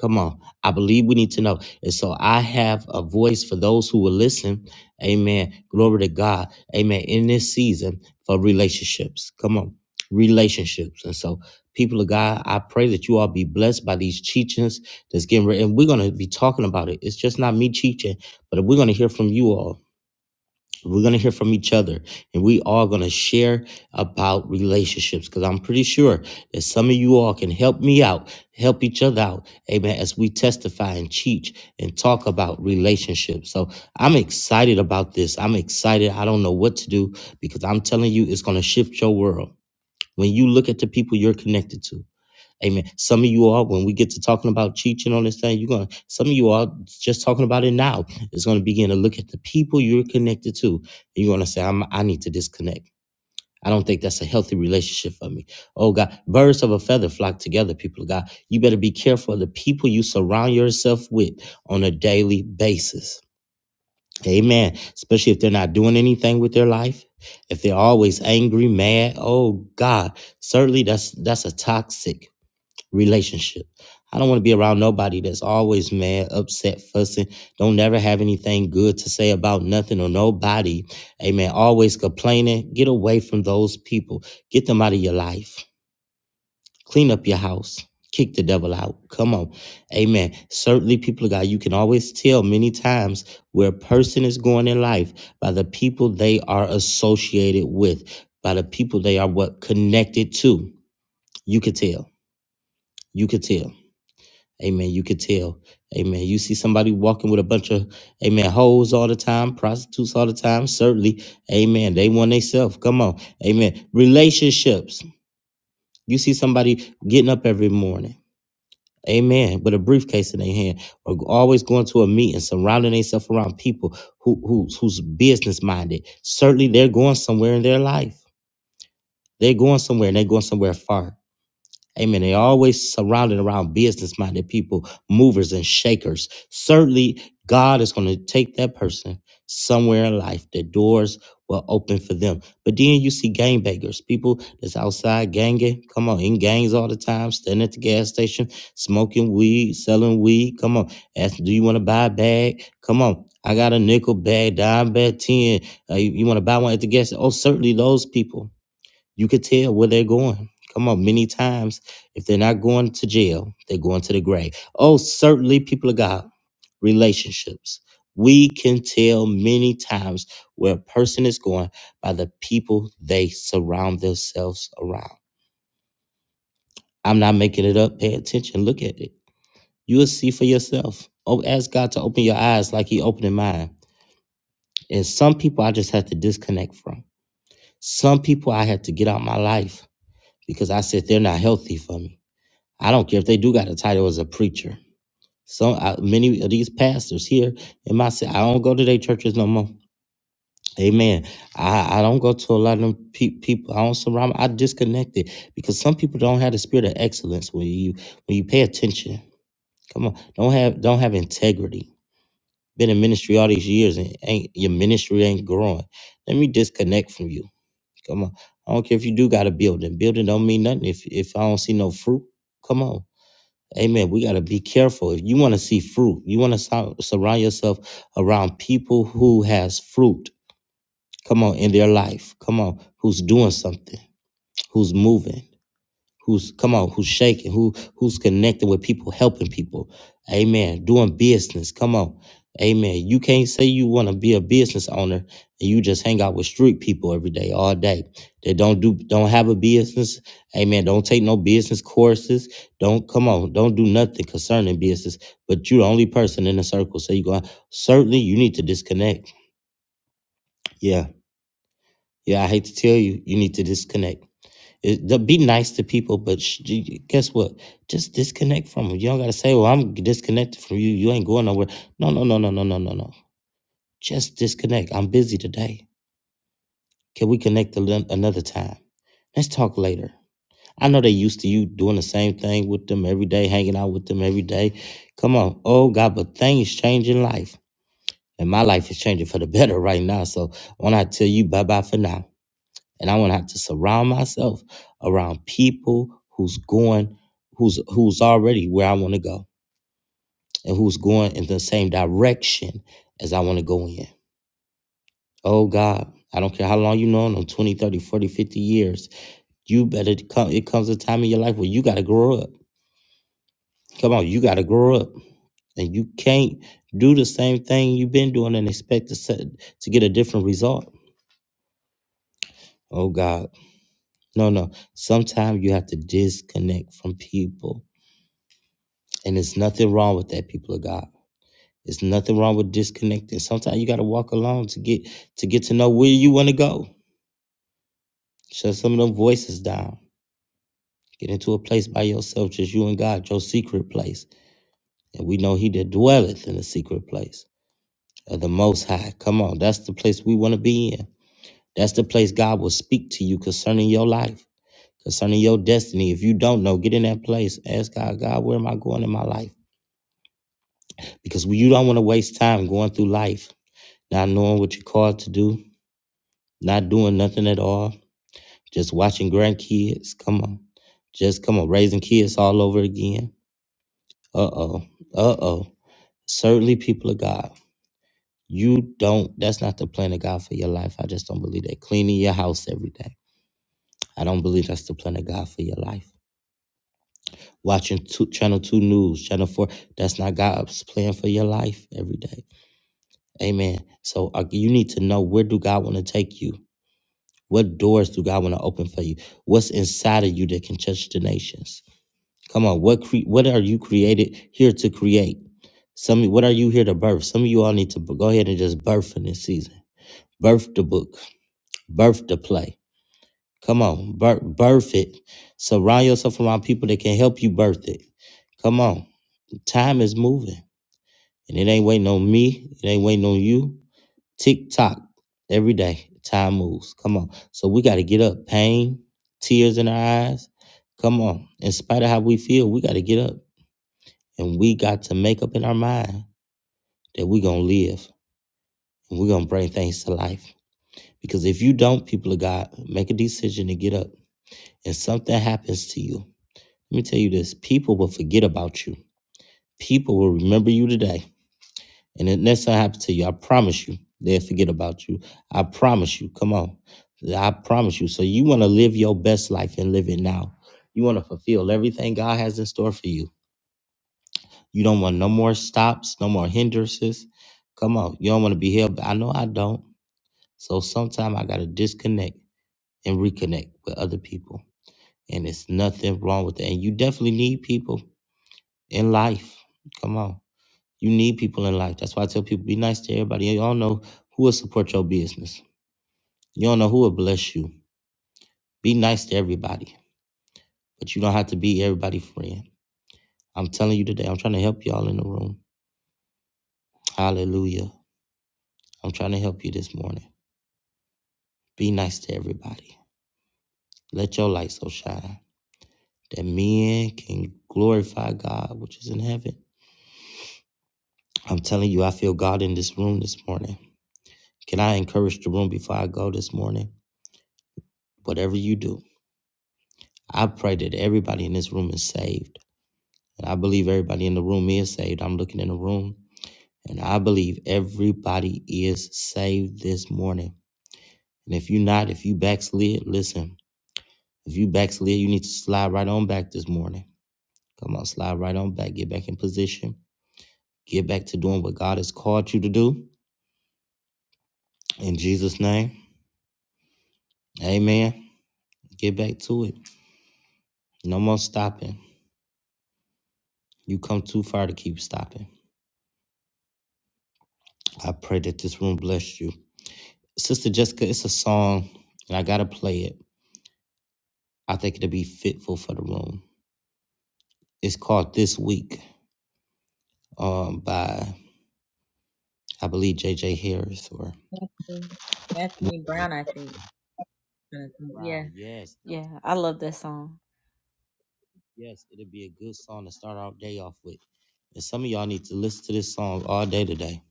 Speaker 2: Come on. I believe we need to know. And so I have a voice for those who will listen. Amen. Glory to God. Amen. In this season for relationships. Come on. Relationships. And so, people of God, I pray that you all be blessed by these teachings that's getting ready. And we're going to be talking about it. It's just not me teaching, but we're going to hear from you all. We're going to hear from each other and we are going to share about relationships because I'm pretty sure that some of you all can help me out, help each other out. Amen. As we testify and teach and talk about relationships. So I'm excited about this. I'm excited. I don't know what to do because I'm telling you, it's going to shift your world. When you look at the people you're connected to, Amen. Some of you all, when we get to talking about teaching on this thing, you're gonna. Some of you all just talking about it now is gonna begin to look at the people you're connected to, and you're gonna say, "I'm. I need to disconnect. I don't think that's a healthy relationship for me." Oh God, birds of a feather flock together. People of God, you better be careful of the people you surround yourself with on a daily basis. Amen. Especially if they're not doing anything with their life, if they're always angry, mad. Oh God, certainly that's that's a toxic relationship. I don't want to be around nobody that's always mad, upset, fussing, don't never have anything good to say about nothing or nobody. Amen. Always complaining. Get away from those people. Get them out of your life. Clean up your house. Kick the devil out. Come on. Amen. Certainly, people of God, you can always tell many times where a person is going in life by the people they are associated with, by the people they are what connected to. You could tell. You could tell. Amen. You could tell. Amen. You see somebody walking with a bunch of, amen, hoes all the time, prostitutes all the time. Certainly, amen. They want themselves. Come on. Amen. Relationships. You see somebody getting up every morning. Amen. With a briefcase in their hand, or always going to a meeting, surrounding themselves around people who, who who's business minded. Certainly, they're going somewhere in their life. They're going somewhere, and they're going somewhere far. Amen. They always surrounded around business minded people, movers and shakers. Certainly, God is going to take that person somewhere in life. The doors will open for them. But then you see gangbangers, people that's outside ganging. Come on, in gangs all the time, standing at the gas station, smoking weed, selling weed. Come on, ask, do you want to buy a bag? Come on. I got a nickel bag, dime bag, 10. Uh, you you want to buy one at the gas? station? Oh, certainly those people you could tell where they're going. Come on, many times, if they're not going to jail, they're going to the grave. Oh, certainly, people of God, relationships. We can tell many times where a person is going by the people they surround themselves around. I'm not making it up. Pay attention. Look at it. You will see for yourself. Oh, ask God to open your eyes like He opened mine. And some people I just had to disconnect from. Some people I had to get out my life because I said they're not healthy for me. I don't care if they do got a title as a preacher. Some I, many of these pastors here in my city, I don't go to their churches no more. Amen. I, I don't go to a lot of them pe- people. I don't surround. I disconnected because some people don't have the spirit of excellence when you when you pay attention. Come on, don't have don't have integrity. Been in ministry all these years and ain't your ministry ain't growing. Let me disconnect from you. Come on, I don't care if you do got a building. Building don't mean nothing if if I don't see no fruit. Come on. Amen. We got to be careful. If you want to see fruit, you want to sur- surround yourself around people who has fruit. Come on, in their life. Come on, who's doing something, who's moving who's come on who's shaking who who's connecting with people helping people amen doing business come on amen you can't say you want to be a business owner and you just hang out with street people every day all day they don't do don't have a business amen don't take no business courses don't come on don't do nothing concerning business but you're the only person in the circle so you go certainly you need to disconnect yeah yeah i hate to tell you you need to disconnect it, the- be nice to people, but sh- you- guess what? Just disconnect from them. You don't gotta say, "Well, I'm disconnected from you. You ain't going nowhere." No, no, no, no, no, no, no, no. Just disconnect. I'm busy today. Can we connect a lit- another time? Let's talk later. I know they used to you doing the same thing with them every day, hanging out with them every day. Come on. Oh God, but things change in life. And my life is changing for the better right now. So when I tell you bye bye for now. and I want to have to surround myself around people who's going, who's who's already where I want to go, and who's going in the same direction as I want to go in. Oh God, I don't care how long you know them 20, 30, 40, fifty years. You better come. It comes a time in your life where you got to grow up. Come on, you got to grow up, and you can't do the same thing you've been doing and expect to set, to get a different result. Oh God, no, no. Sometimes you have to disconnect from people And there's nothing wrong with that, people of God. There's nothing wrong with disconnecting. Sometimes you gotta walk alone to get to get to know where you wanna go. Shut some of them voices down. Get into a place by yourself, just you and God, your secret place. And we know he that dwelleth in the secret place of the most high. Come on, that's the place we wanna be in. That's the place God will speak to you concerning your life, concerning your destiny. If you don't know, get in that place. Ask God, God, where am I going in my life? Because you don't want to waste time going through life not knowing what you're called to do, not doing nothing at all, just watching grandkids. Come on. Just come on, raising kids all over again. Uh oh. Uh oh. Certainly, people of God, you don't, that's not the plan of God for your life. I just don't believe that. Cleaning your house every day. I don't believe that's the plan of God for your life. Watching two, Channel 2 News, Channel 4, that's not God's plan for your life every day. Amen. So uh, you need to know where do God want to take you? What doors do God want to open for you? What's inside of you that can touch the nations? Come on, what cre- what are you created here to create? Some what are you here to birth? Some of you all need to b- go ahead and just birth in this season. Birth the book, birth the play. Come on, birth, birth it. Surround yourself around people that can help you birth it. Come on, time is moving, and it ain't waiting on me. It ain't waiting on you. Tick tock. Every day, time moves. Come on. So we got to get up. Pain, tears in our eyes. Come on. In spite of how we feel, we got to get up. And we got to make up in our mind that we're going to live and we're going to bring things to life. Because if you don't, people of God, make a decision to get up. And something happens to you. Let me tell you this people will forget about you, people will remember you today And the next time happens to you, I promise you, they'll forget about you. I promise you. Come on. I promise you. So you want to live your best life and live it now. You want to fulfill everything God has in store for you. You don't want no more stops, no more hindrances. Come on. You don't want to be held. back. I know I don't. So sometimes I got to disconnect and reconnect with other people. And it's nothing wrong with that. And you definitely need people in life. Come on. You need people in life. That's why I tell people be nice to everybody. You all know who will support your business. You don't know who will bless you. Be nice to everybody, but you don't have to be everybody's friend. I'm telling you today, I'm trying to help y'all in the room. Hallelujah. I'm trying to help you this morning. Be nice to everybody. Let your light so shine that men can glorify God, which is in heaven. I'm telling you, I feel God in this room this morning. Can I encourage the room before I go this morning? Whatever you do, I pray that everybody in this room is saved. And I believe everybody in the room is saved. I'm looking in the room and I believe everybody is saved this morning. And if you're not, if you backslid, listen, if you backslid, you need to slide right on back this morning. Come on, slide right on back. Get back in position. Get back to doing what God has called you to do. In Jesus' name, amen. Get back to it. No more stopping. You come too far to keep stopping. I pray that this room bless you. Sister Jessica, it's a song and I got to play it. I think it'll be fitful for the room. It's called This Week um, by, I believe, J.J. Harris or
Speaker 9: Anthony Brown, I think. Yeah,
Speaker 2: Brown. Yes,
Speaker 9: yeah, I love that song.
Speaker 2: yes, it'll be a good song to start our day off with. And some of y'all need to listen to this song all day today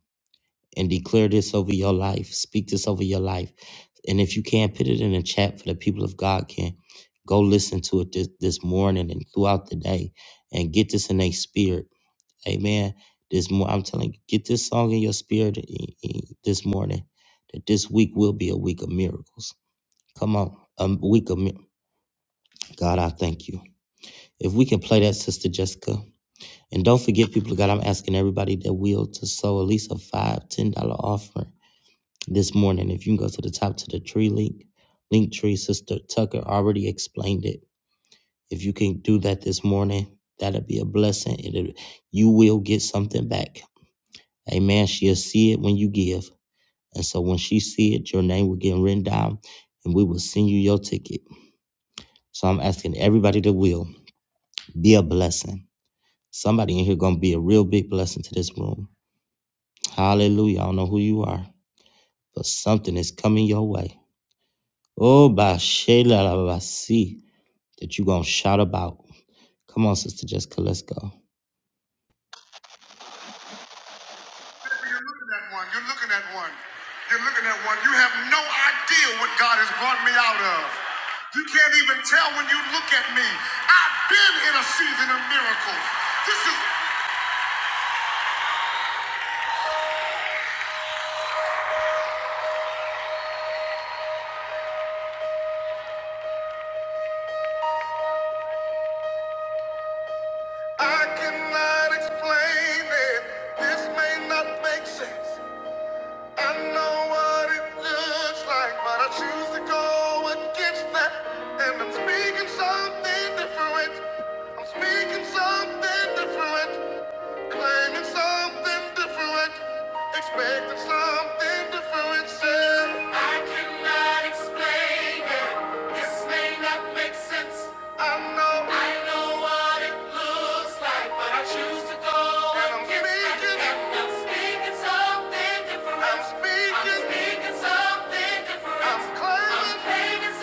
Speaker 2: and declare this over your life. Speak this over your life. And if you can't put it in the chat for the people of God can, go listen to it this, this morning and throughout the day and get this in their spirit Amen. This more, I'm telling you, get this song in your spirit i- i- this morning. That this week will be a week of miracles. Come on, a week of mi- God. I thank you. If we can play that, Sister Jessica, and don't forget, people of God, I'm asking everybody that will to sow at least a five, ten dollar offering this morning. If you can go to the top to the tree link, link tree, Sister Tucker already explained it. If you can do that this morning, that'll be a blessing. It'll, you will get something back Amen. She'll see it when you give. And so when she see it, your name will get written down and we will send you your ticket. So I'm asking everybody that will be a blessing. Somebody in here gonna be a real big blessing to this room. Hallelujah. I don't know who you are, but something is coming your way. Oh by Shayla see that you gonna shout about. Come on, Sister Jessica, let's go.
Speaker 9: You're looking at one. You're looking at one. You're looking at one. You have no idea what God has brought me out of. You can't even tell when you look at me. I've been in a season of miracles. This is. I cannot explain it. This may not make sense. I know what it looks like, but I choose to go against that. And I'm speaking something different. I'm speaking something different. Claiming something different, expecting something different. Still, I cannot explain it. This may not make sense. I know, I know what it looks like, but I choose to go. I'm speaking, something different. I'm speaking, something different. I'm claiming,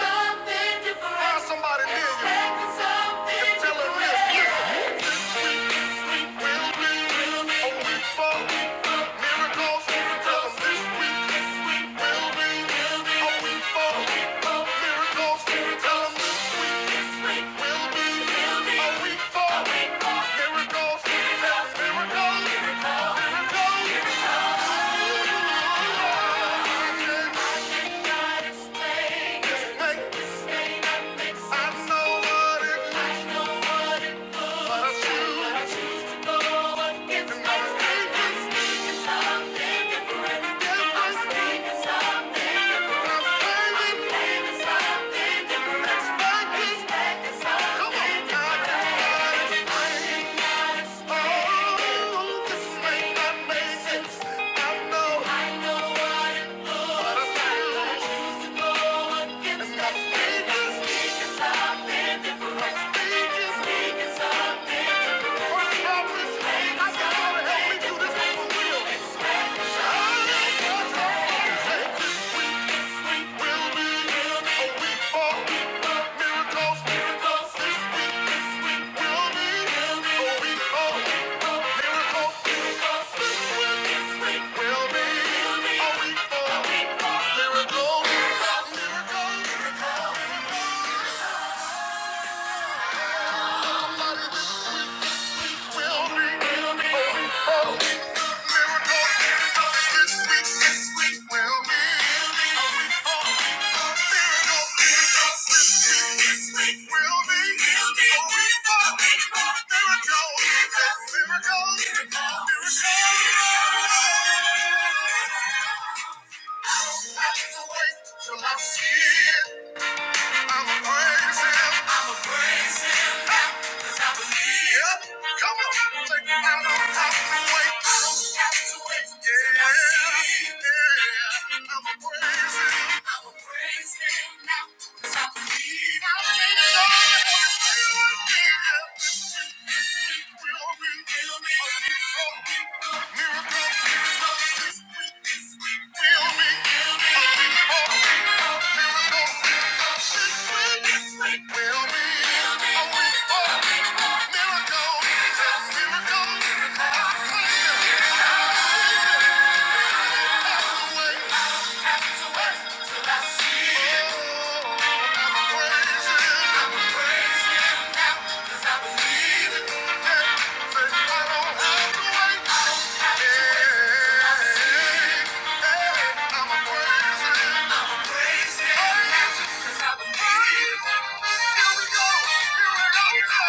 Speaker 9: something different. Find somebody near this. week, this week will be will be a miracles. this week, this week will be a week for miracles. miracles. Tell 'em this week. A week for miracles. Miracles. miracles. Oh, this may not make sense. I know. Miracles, miracles, this week, this week will be, will be a week of Miracle. Miracle. Miracle. miracle. I'll have to wait till I see. it. I'ma praise him. I'ma praise him. Cause I believe. Yep. Come on. Take me out of out the way. I don't have to wait. till I see him. Yeah. I'ma praise him. I'ma praise him now. Cause I believe. I believe in God. Miracles, miracles, this week, this week, feel me, feel me. Here we go. Here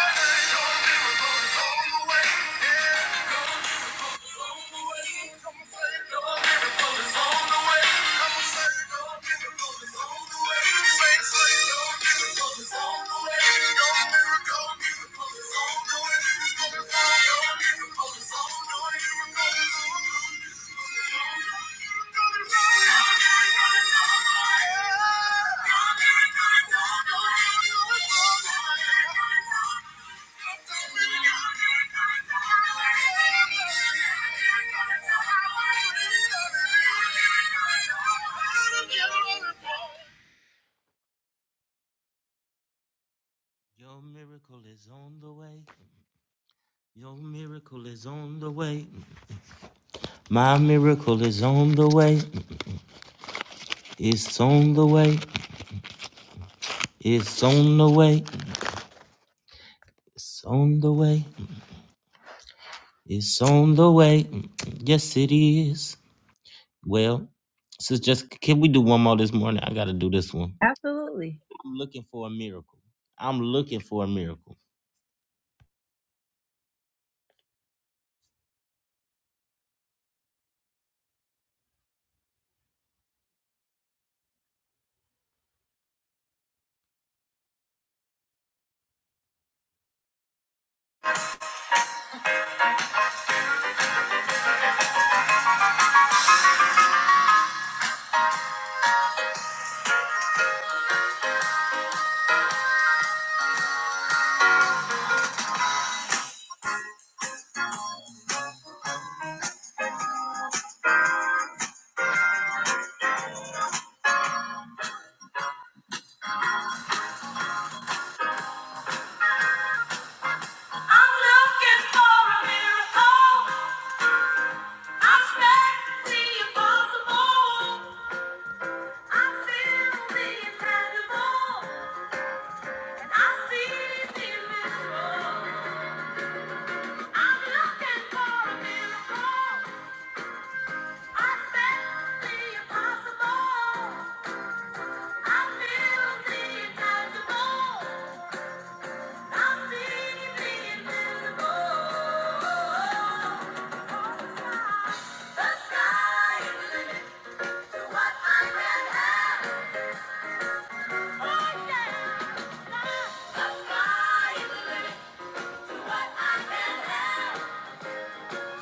Speaker 9: we go. Here we go, Thank you.
Speaker 2: Your miracle is on the way. Your miracle is on the way. My miracle is on the way. It's on the way. It's on the way. It's on the way. It's on the way. Yes, it is. Well, so just can we do one more this morning? I gotta do this one.
Speaker 9: Absolutely.
Speaker 2: I'm looking for a miracle. I'm looking for a miracle.
Speaker 9: I'm looking for a miracle. I'm expecting the impossible. I'm feeling incredible. I see it in I'm looking for a miracle. I said the impossible. I feel the intangible. I see the invisible. The sky is the limit to what I can have. Oh yeah. The sky is the limit to what I can have. I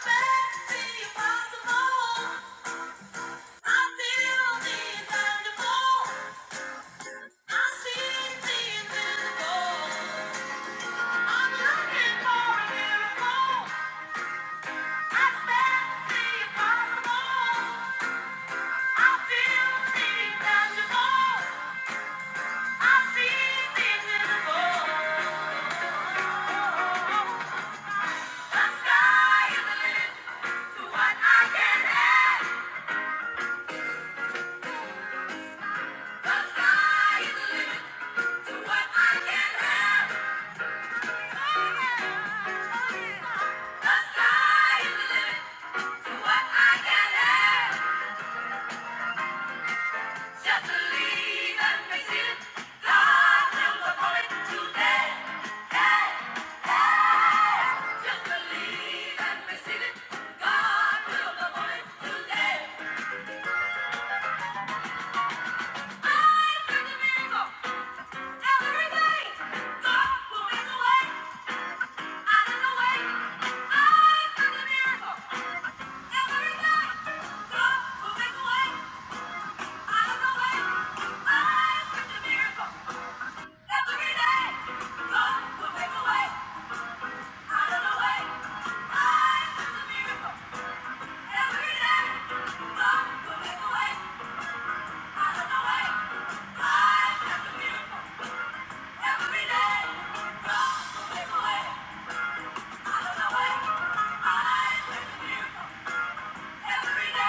Speaker 9: spent the impossible. I feel the The sky is the limit to what I can have. Every day, God will make a way. Every day, God will make a way out of the way. I make a miracle. Every day!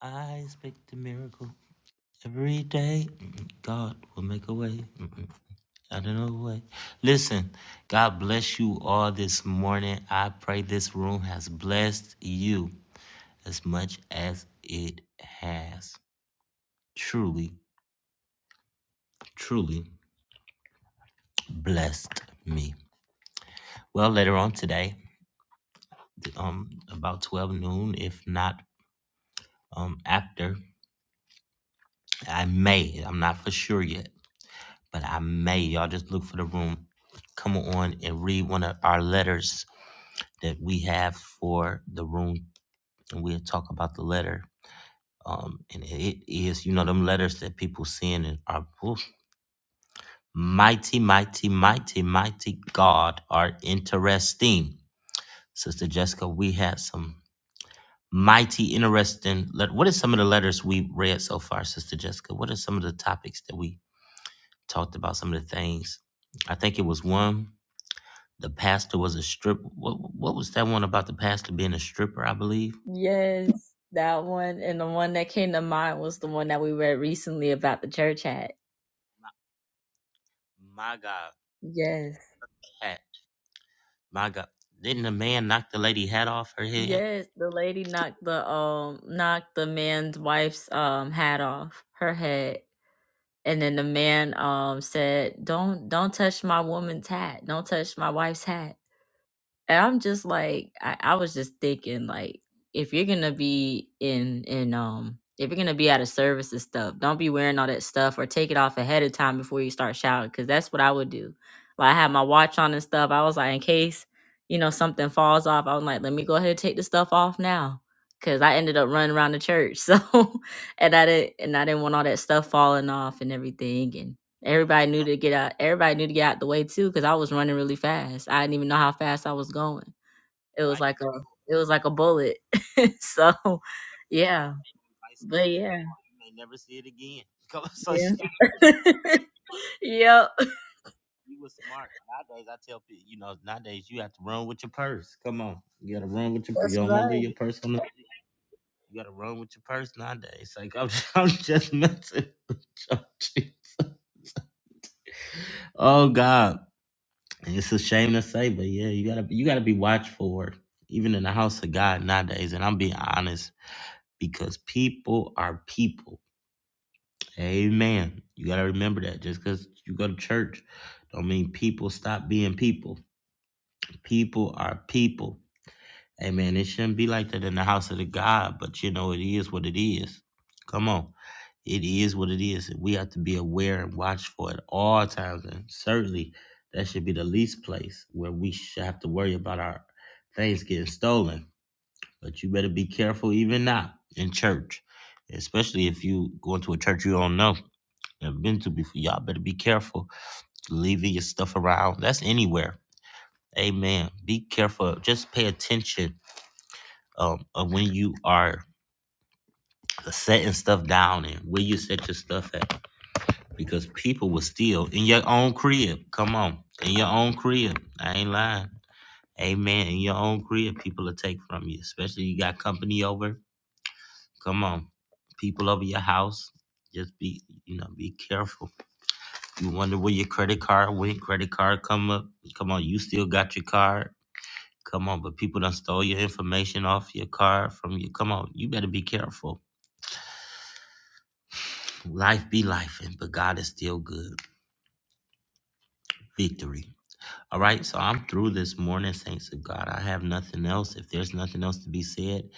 Speaker 2: I expect a miracle every day. God will make a way. I don't know what. Listen, God bless you all this morning. I pray this room has blessed you. as much as it has truly, truly blessed me. Well, later on today, um, about 12 noon, if not um, after, I may, I'm not for sure yet, but I may, y'all just look for the room, come on and read one of our letters that we have for the room, and we'll talk about the letter. Um, and it is, you know, them letters that people send and are, oof, Mighty, mighty, mighty, mighty God are interesting. Sister Jessica, we had some mighty, interesting. Let, what are some of the letters we read so far, Sister Jessica? What are some of the topics that we talked about? Some of the things. I think it was one. The pastor was a strip. What, what was that one about the pastor being a stripper? I believe.
Speaker 9: Yes, that one. And the one that came to mind was the one that we read recently about the church hat.
Speaker 2: My God,
Speaker 9: Yes.
Speaker 2: hat. My God, didn't the man knock the lady hat off her head?
Speaker 9: Yes, the lady knocked the um knocked the man's wife's um hat off her head. and then the man um said don't don't touch my woman's hat don't touch my wife's hat and I'm just like, I, I was just thinking, like, if you're gonna be in in um if you're gonna be out of service and stuff, don't be wearing all that stuff or take it off ahead of time before you start shouting, because that's what I would do. Like I had my watch on and stuff. I was like, in case, you know, something falls off, I was like, let me go ahead and take the stuff off now. Cause I ended up running around the church. So and I didn't and I didn't want all that stuff falling off and everything. Everybody knew to get out. Everybody knew to get out the way too, because I was running really fast. I didn't even know how fast I was going. It
Speaker 2: It
Speaker 9: was
Speaker 2: might
Speaker 9: like
Speaker 2: be.
Speaker 9: a, it was like a bullet. so, yeah,
Speaker 2: it Might
Speaker 9: but
Speaker 2: steal it.
Speaker 9: yeah,
Speaker 2: You may never see it again. Come on, so she-
Speaker 9: yeah, yep.
Speaker 2: You was smart. Nowadays, I tell people, you know, nowadays you have to run with your purse. Come on, you gotta run with your. purse. You
Speaker 9: that's
Speaker 2: don't
Speaker 9: right.
Speaker 2: want to leave your purse on the. You gotta run with your purse nowadays. Like I'm, I'm just messing. With you. Jesus. oh God, it's a shame to say, but yeah, you gotta, you gotta be watchful, for it, even in the house of God nowadays. And I'm being honest because people are people. Amen. You gotta remember that. Just because you go to church, don't mean people stop being people. People are people Amen. It shouldn't be like that in the house of the God, but you know, it is what it is. Come on. It is what it is. We have to be aware and watch for it all times. And certainly that should be the least place where we should have to worry about our things getting stolen. But you better be careful even now in church. Especially if you go into a church you don't know, never been to before. Y'all better be careful leaving your stuff around. That's anywhere. Amen. Be careful. Just pay attention um, of when you are setting stuff down and where you set your stuff at. Because people will steal in your own crib. Come on, in your own crib. I ain't lying. Amen. In your own crib, people will take from you, especially you got company over. Come on, people over your house. Just be, you know, be careful. You wonder where your credit card went. Credit card come up. Come on, you still got your card. Come on, but people done stole your information off your card from you. Come on, you better be careful Life be life, and but God is still good. Victory. All right, so I'm through this morning, saints of God. I have nothing else. If there's nothing else to be said,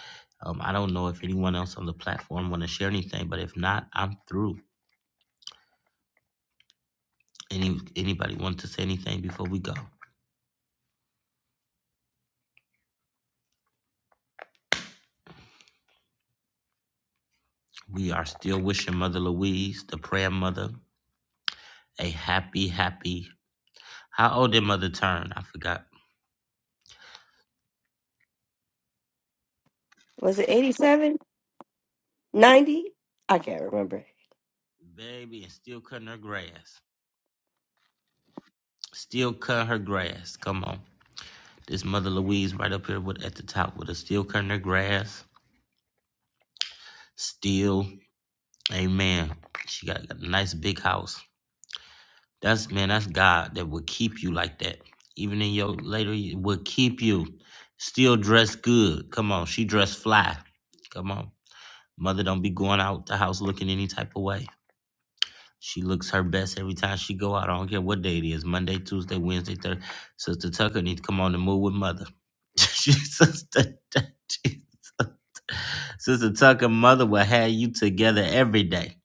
Speaker 2: um, I don't know if anyone else on the platform want to share anything, but if not, I'm through. Any anybody want to say anything before we go? We are still wishing Mother Louise, the prayer mother, a happy, happy. How old did Mother turn? I forgot.
Speaker 1: Was it 87? 90? I can't remember.
Speaker 2: Baby, and still cutting her grass. Still cut her grass. Come on. This Mother Louise right up here with at the top with a steel cutting her grass. Steel. Amen. She got a nice big house. That's man, that's God that would keep you like that. Even in your later ye- would keep you. Still dressed good. Come on. She dressed fly. Come on. Mother don't be going out the house looking any type of way. She looks her best every time she go out. I don't care what day it is. Monday, Tuesday, Wednesday, Thursday. Sister Tucker needs to come on the move with mother. Sister, Sister Tucker, mother will have you together every day.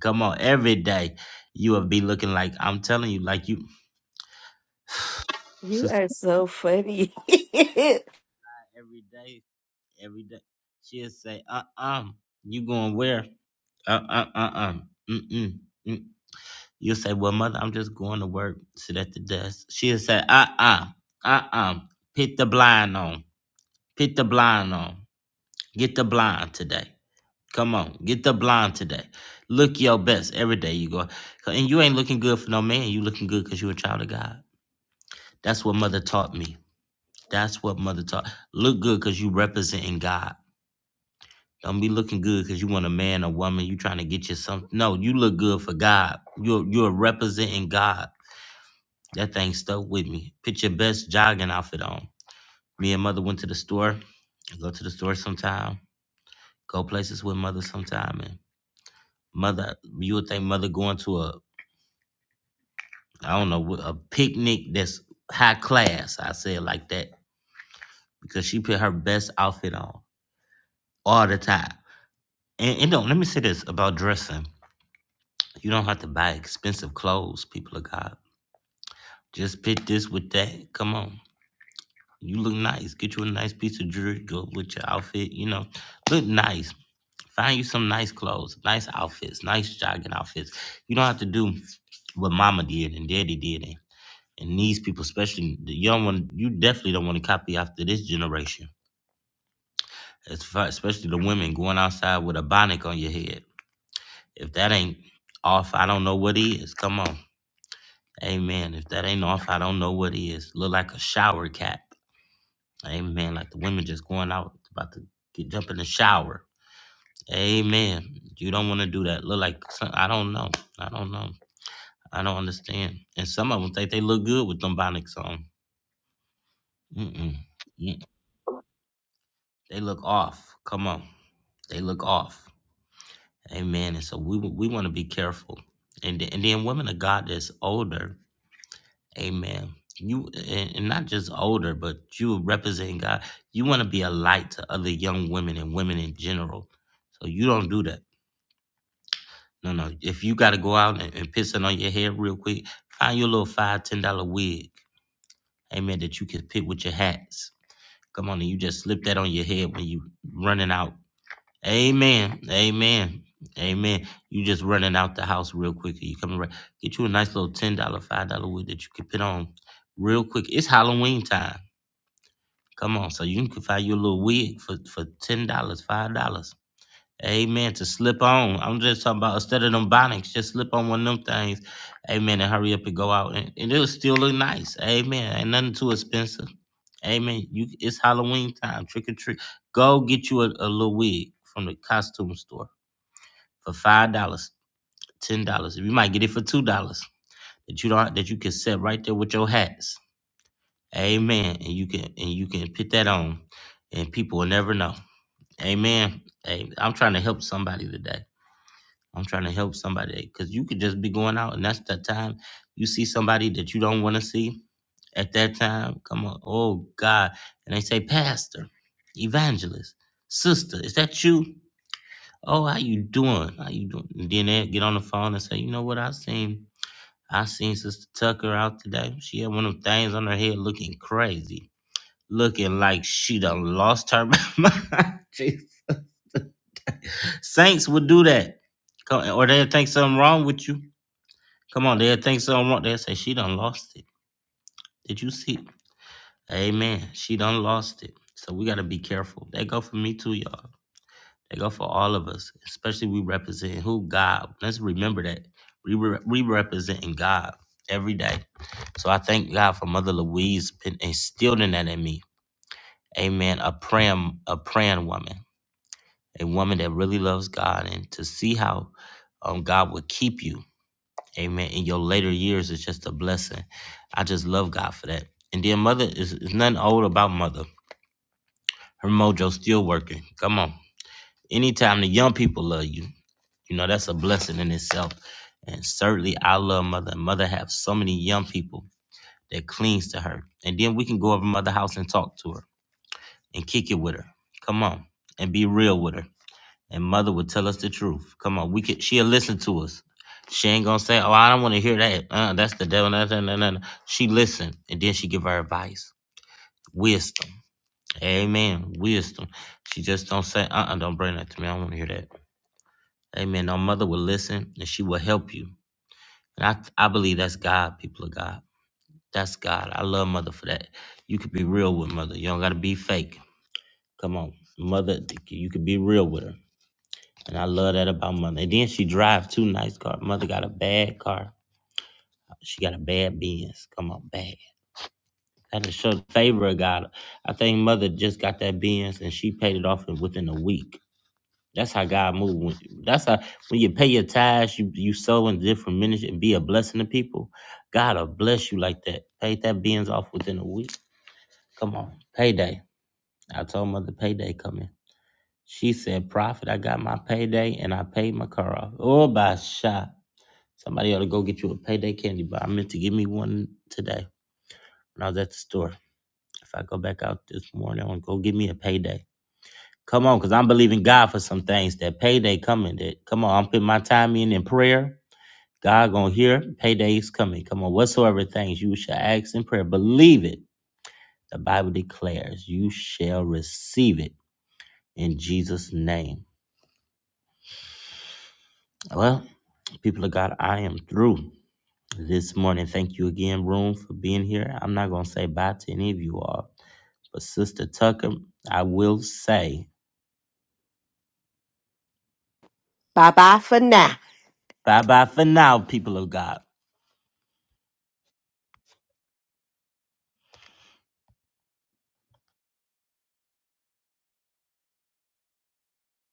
Speaker 2: Come on, every day you will be looking like I'm telling you, like you, sister.
Speaker 1: So funny.
Speaker 2: Every day, every day, she'll say, "Uh, uh you going where? Uh, uh, uh, uh, mm, mm, You say, Well, mother, I'm just going to work, sit at the desk. She'll say, Uh uh, uh uh, pick the blind on, pick the blind on, get the blind today. Come on, get the blind today. Look your best every day you go. And you ain't looking good for no man, you looking good because you a child of God. That's what mother taught me. That's what mother taught. Look good because you representing God. Don't be looking good because you want a man or woman. You trying to get you something. No, you look good for God. You're you're representing God. That thing stuck with me. Put your best jogging outfit on. Me and mother went to the store. Go to the store sometime. Go places with mother sometime. And mother, you would think mother going to a, I don't know, a picnic that's high class. I say it like that because she put her best outfit on all the time. And, and don't let me say this about dressing. You don't have to buy expensive clothes, people of God. Just pick this with that. Come on. You look nice. Get you a nice piece of jewelry. Go with your outfit. You know, look nice. Find you some nice clothes, nice outfits, nice jogging outfits. You don't have to do what Mama did and Daddy did and, and these people, especially the young one. You definitely don't want to copy after this generation. As far, especially the women going outside with a bonnet on your head. If that ain't off, I don't know what is. Come on, Amen. If that ain't off, I don't know what is. Look like a shower cat Amen. Like the women just going out, about to get jump in the shower. Amen. You don't want to do that. Look like some, I don't know. I don't know. I don't understand. And some of them think they look good with them bonics on. Mm-mm. Mm. They look off. Come on. They look off. Amen. And so we we want to be careful. And th- and then women of God that's older Amen. You and and not just older, but you representing God. You want to be a light to other young women and women in general. So you don't do that. No, no. If you got to go out and, and piss it on your head real quick, find your little five ten dollar wig. Amen. That you can pick with your hats. Come on, and you just slip that on your head when you running out. Amen. Amen. Amen. You just running out the house real quick. You coming right. Get you a nice little ten dollar, five dollar wig that you can put on real quick. It's Halloween time. Come on, so you can find you a little wig for for ten dollars, five dollars. Amen. To slip on. I'm just talking about instead of them bonnets, just slip on one of them things. Amen. And hurry up and go out. And, and it'll still look nice. Amen. Ain't nothing too expensive. Amen. You it's Halloween time. Trick or treat. Go get you a, a little wig from the costume store for five dollars, ten dollars. You might get it for two dollars. That you don't that you can set right there with your hats. Amen. And you can and you can put that on, and people will never know. Amen. Hey, I'm trying to help somebody today. I'm trying to help somebody because you could just be going out, and that's the time you see somebody that you don't want to see at that time. Come on, oh God! And they say, Pastor, Evangelist, Sister, is that you? Oh, how you doing? How you doing? And then they get on the phone and say, You know what? I seen, I seen Sister Tucker out today. She had one of them things on her head looking crazy looking like she done lost her mind. Jesus. Saints would do that. Come- Or they'll think something wrong with you. Come on, they'll think something wrong. They'll say, She done lost it. Did you see? Amen. She done lost it. So we gotta be careful. That go for me too, y'all. That go for all of us, especially we represent who God. Let's remember that. We, re- we representing God every day. So I thank God for Mother Louise been instilling that in me. Amen. A praying, a praying woman. a woman that really loves God, and to see how um, God would keep you, amen, in your later years is just a blessing. I just love God for that. And then mother is, is nothing old about mother. Her mojo still working. Come on. Anytime the young people love you, you know, that's a blessing in itself. And certainly I love mother. Mother have so many young people that clings to her. And then we can go over mother house and talk to her and kick it with her. Come on. And be real with her and mother would tell us the truth. Come on, we could she'll listen to us. She ain't gonna say, "Oh, I don't want to hear that. Uh, that's the devil." Nah, nah, nah, nah. nah. She listen, and then she give her advice, wisdom. Amen, wisdom. She just don't say, "Uh, uh don't bring that to me. I don't want to hear that." Amen. No mother will listen, and she will help you. And I, I believe that's God, people of God. That's God. I love mother for that. You could be real with mother. You don't gotta be fake. Come on, mother. You could be real with her. And I love that about mother. And then she drive two nice car. Mother got a bad car. She got a bad Benz. Come on, bad. That just shows favor of God. I think mother just got that Benz and she paid it off in- within a week. That's how God moves. That's how when you pay your tithes, you you sow in different ministry and be a blessing to people. God will bless you like that. Paid that Benz off within a week. Come on, payday. I told mother payday coming. She said, "Prophet, I got my payday and I paid my car off." Oh, by shot. Somebody ought to go get you a payday candy bar. I meant to give me one today when I was at the store. If I go back out this morning, I'm gonna go give me a payday. Come on, because I'm believing God for some things. That payday coming. That come on, I'm putting my time in in prayer. God gonna hear. Payday's coming. Come on, whatsoever things you shall ask in prayer, believe it. The Bible declares you shall receive it in Jesus' name. Well, people of God, I am through. this morning. Thank you again, Room, for being here. I'm not going to say bye to any of you all, but Sister Tucker, I will say
Speaker 1: bye bye for now.
Speaker 2: bye bye for now, people of God.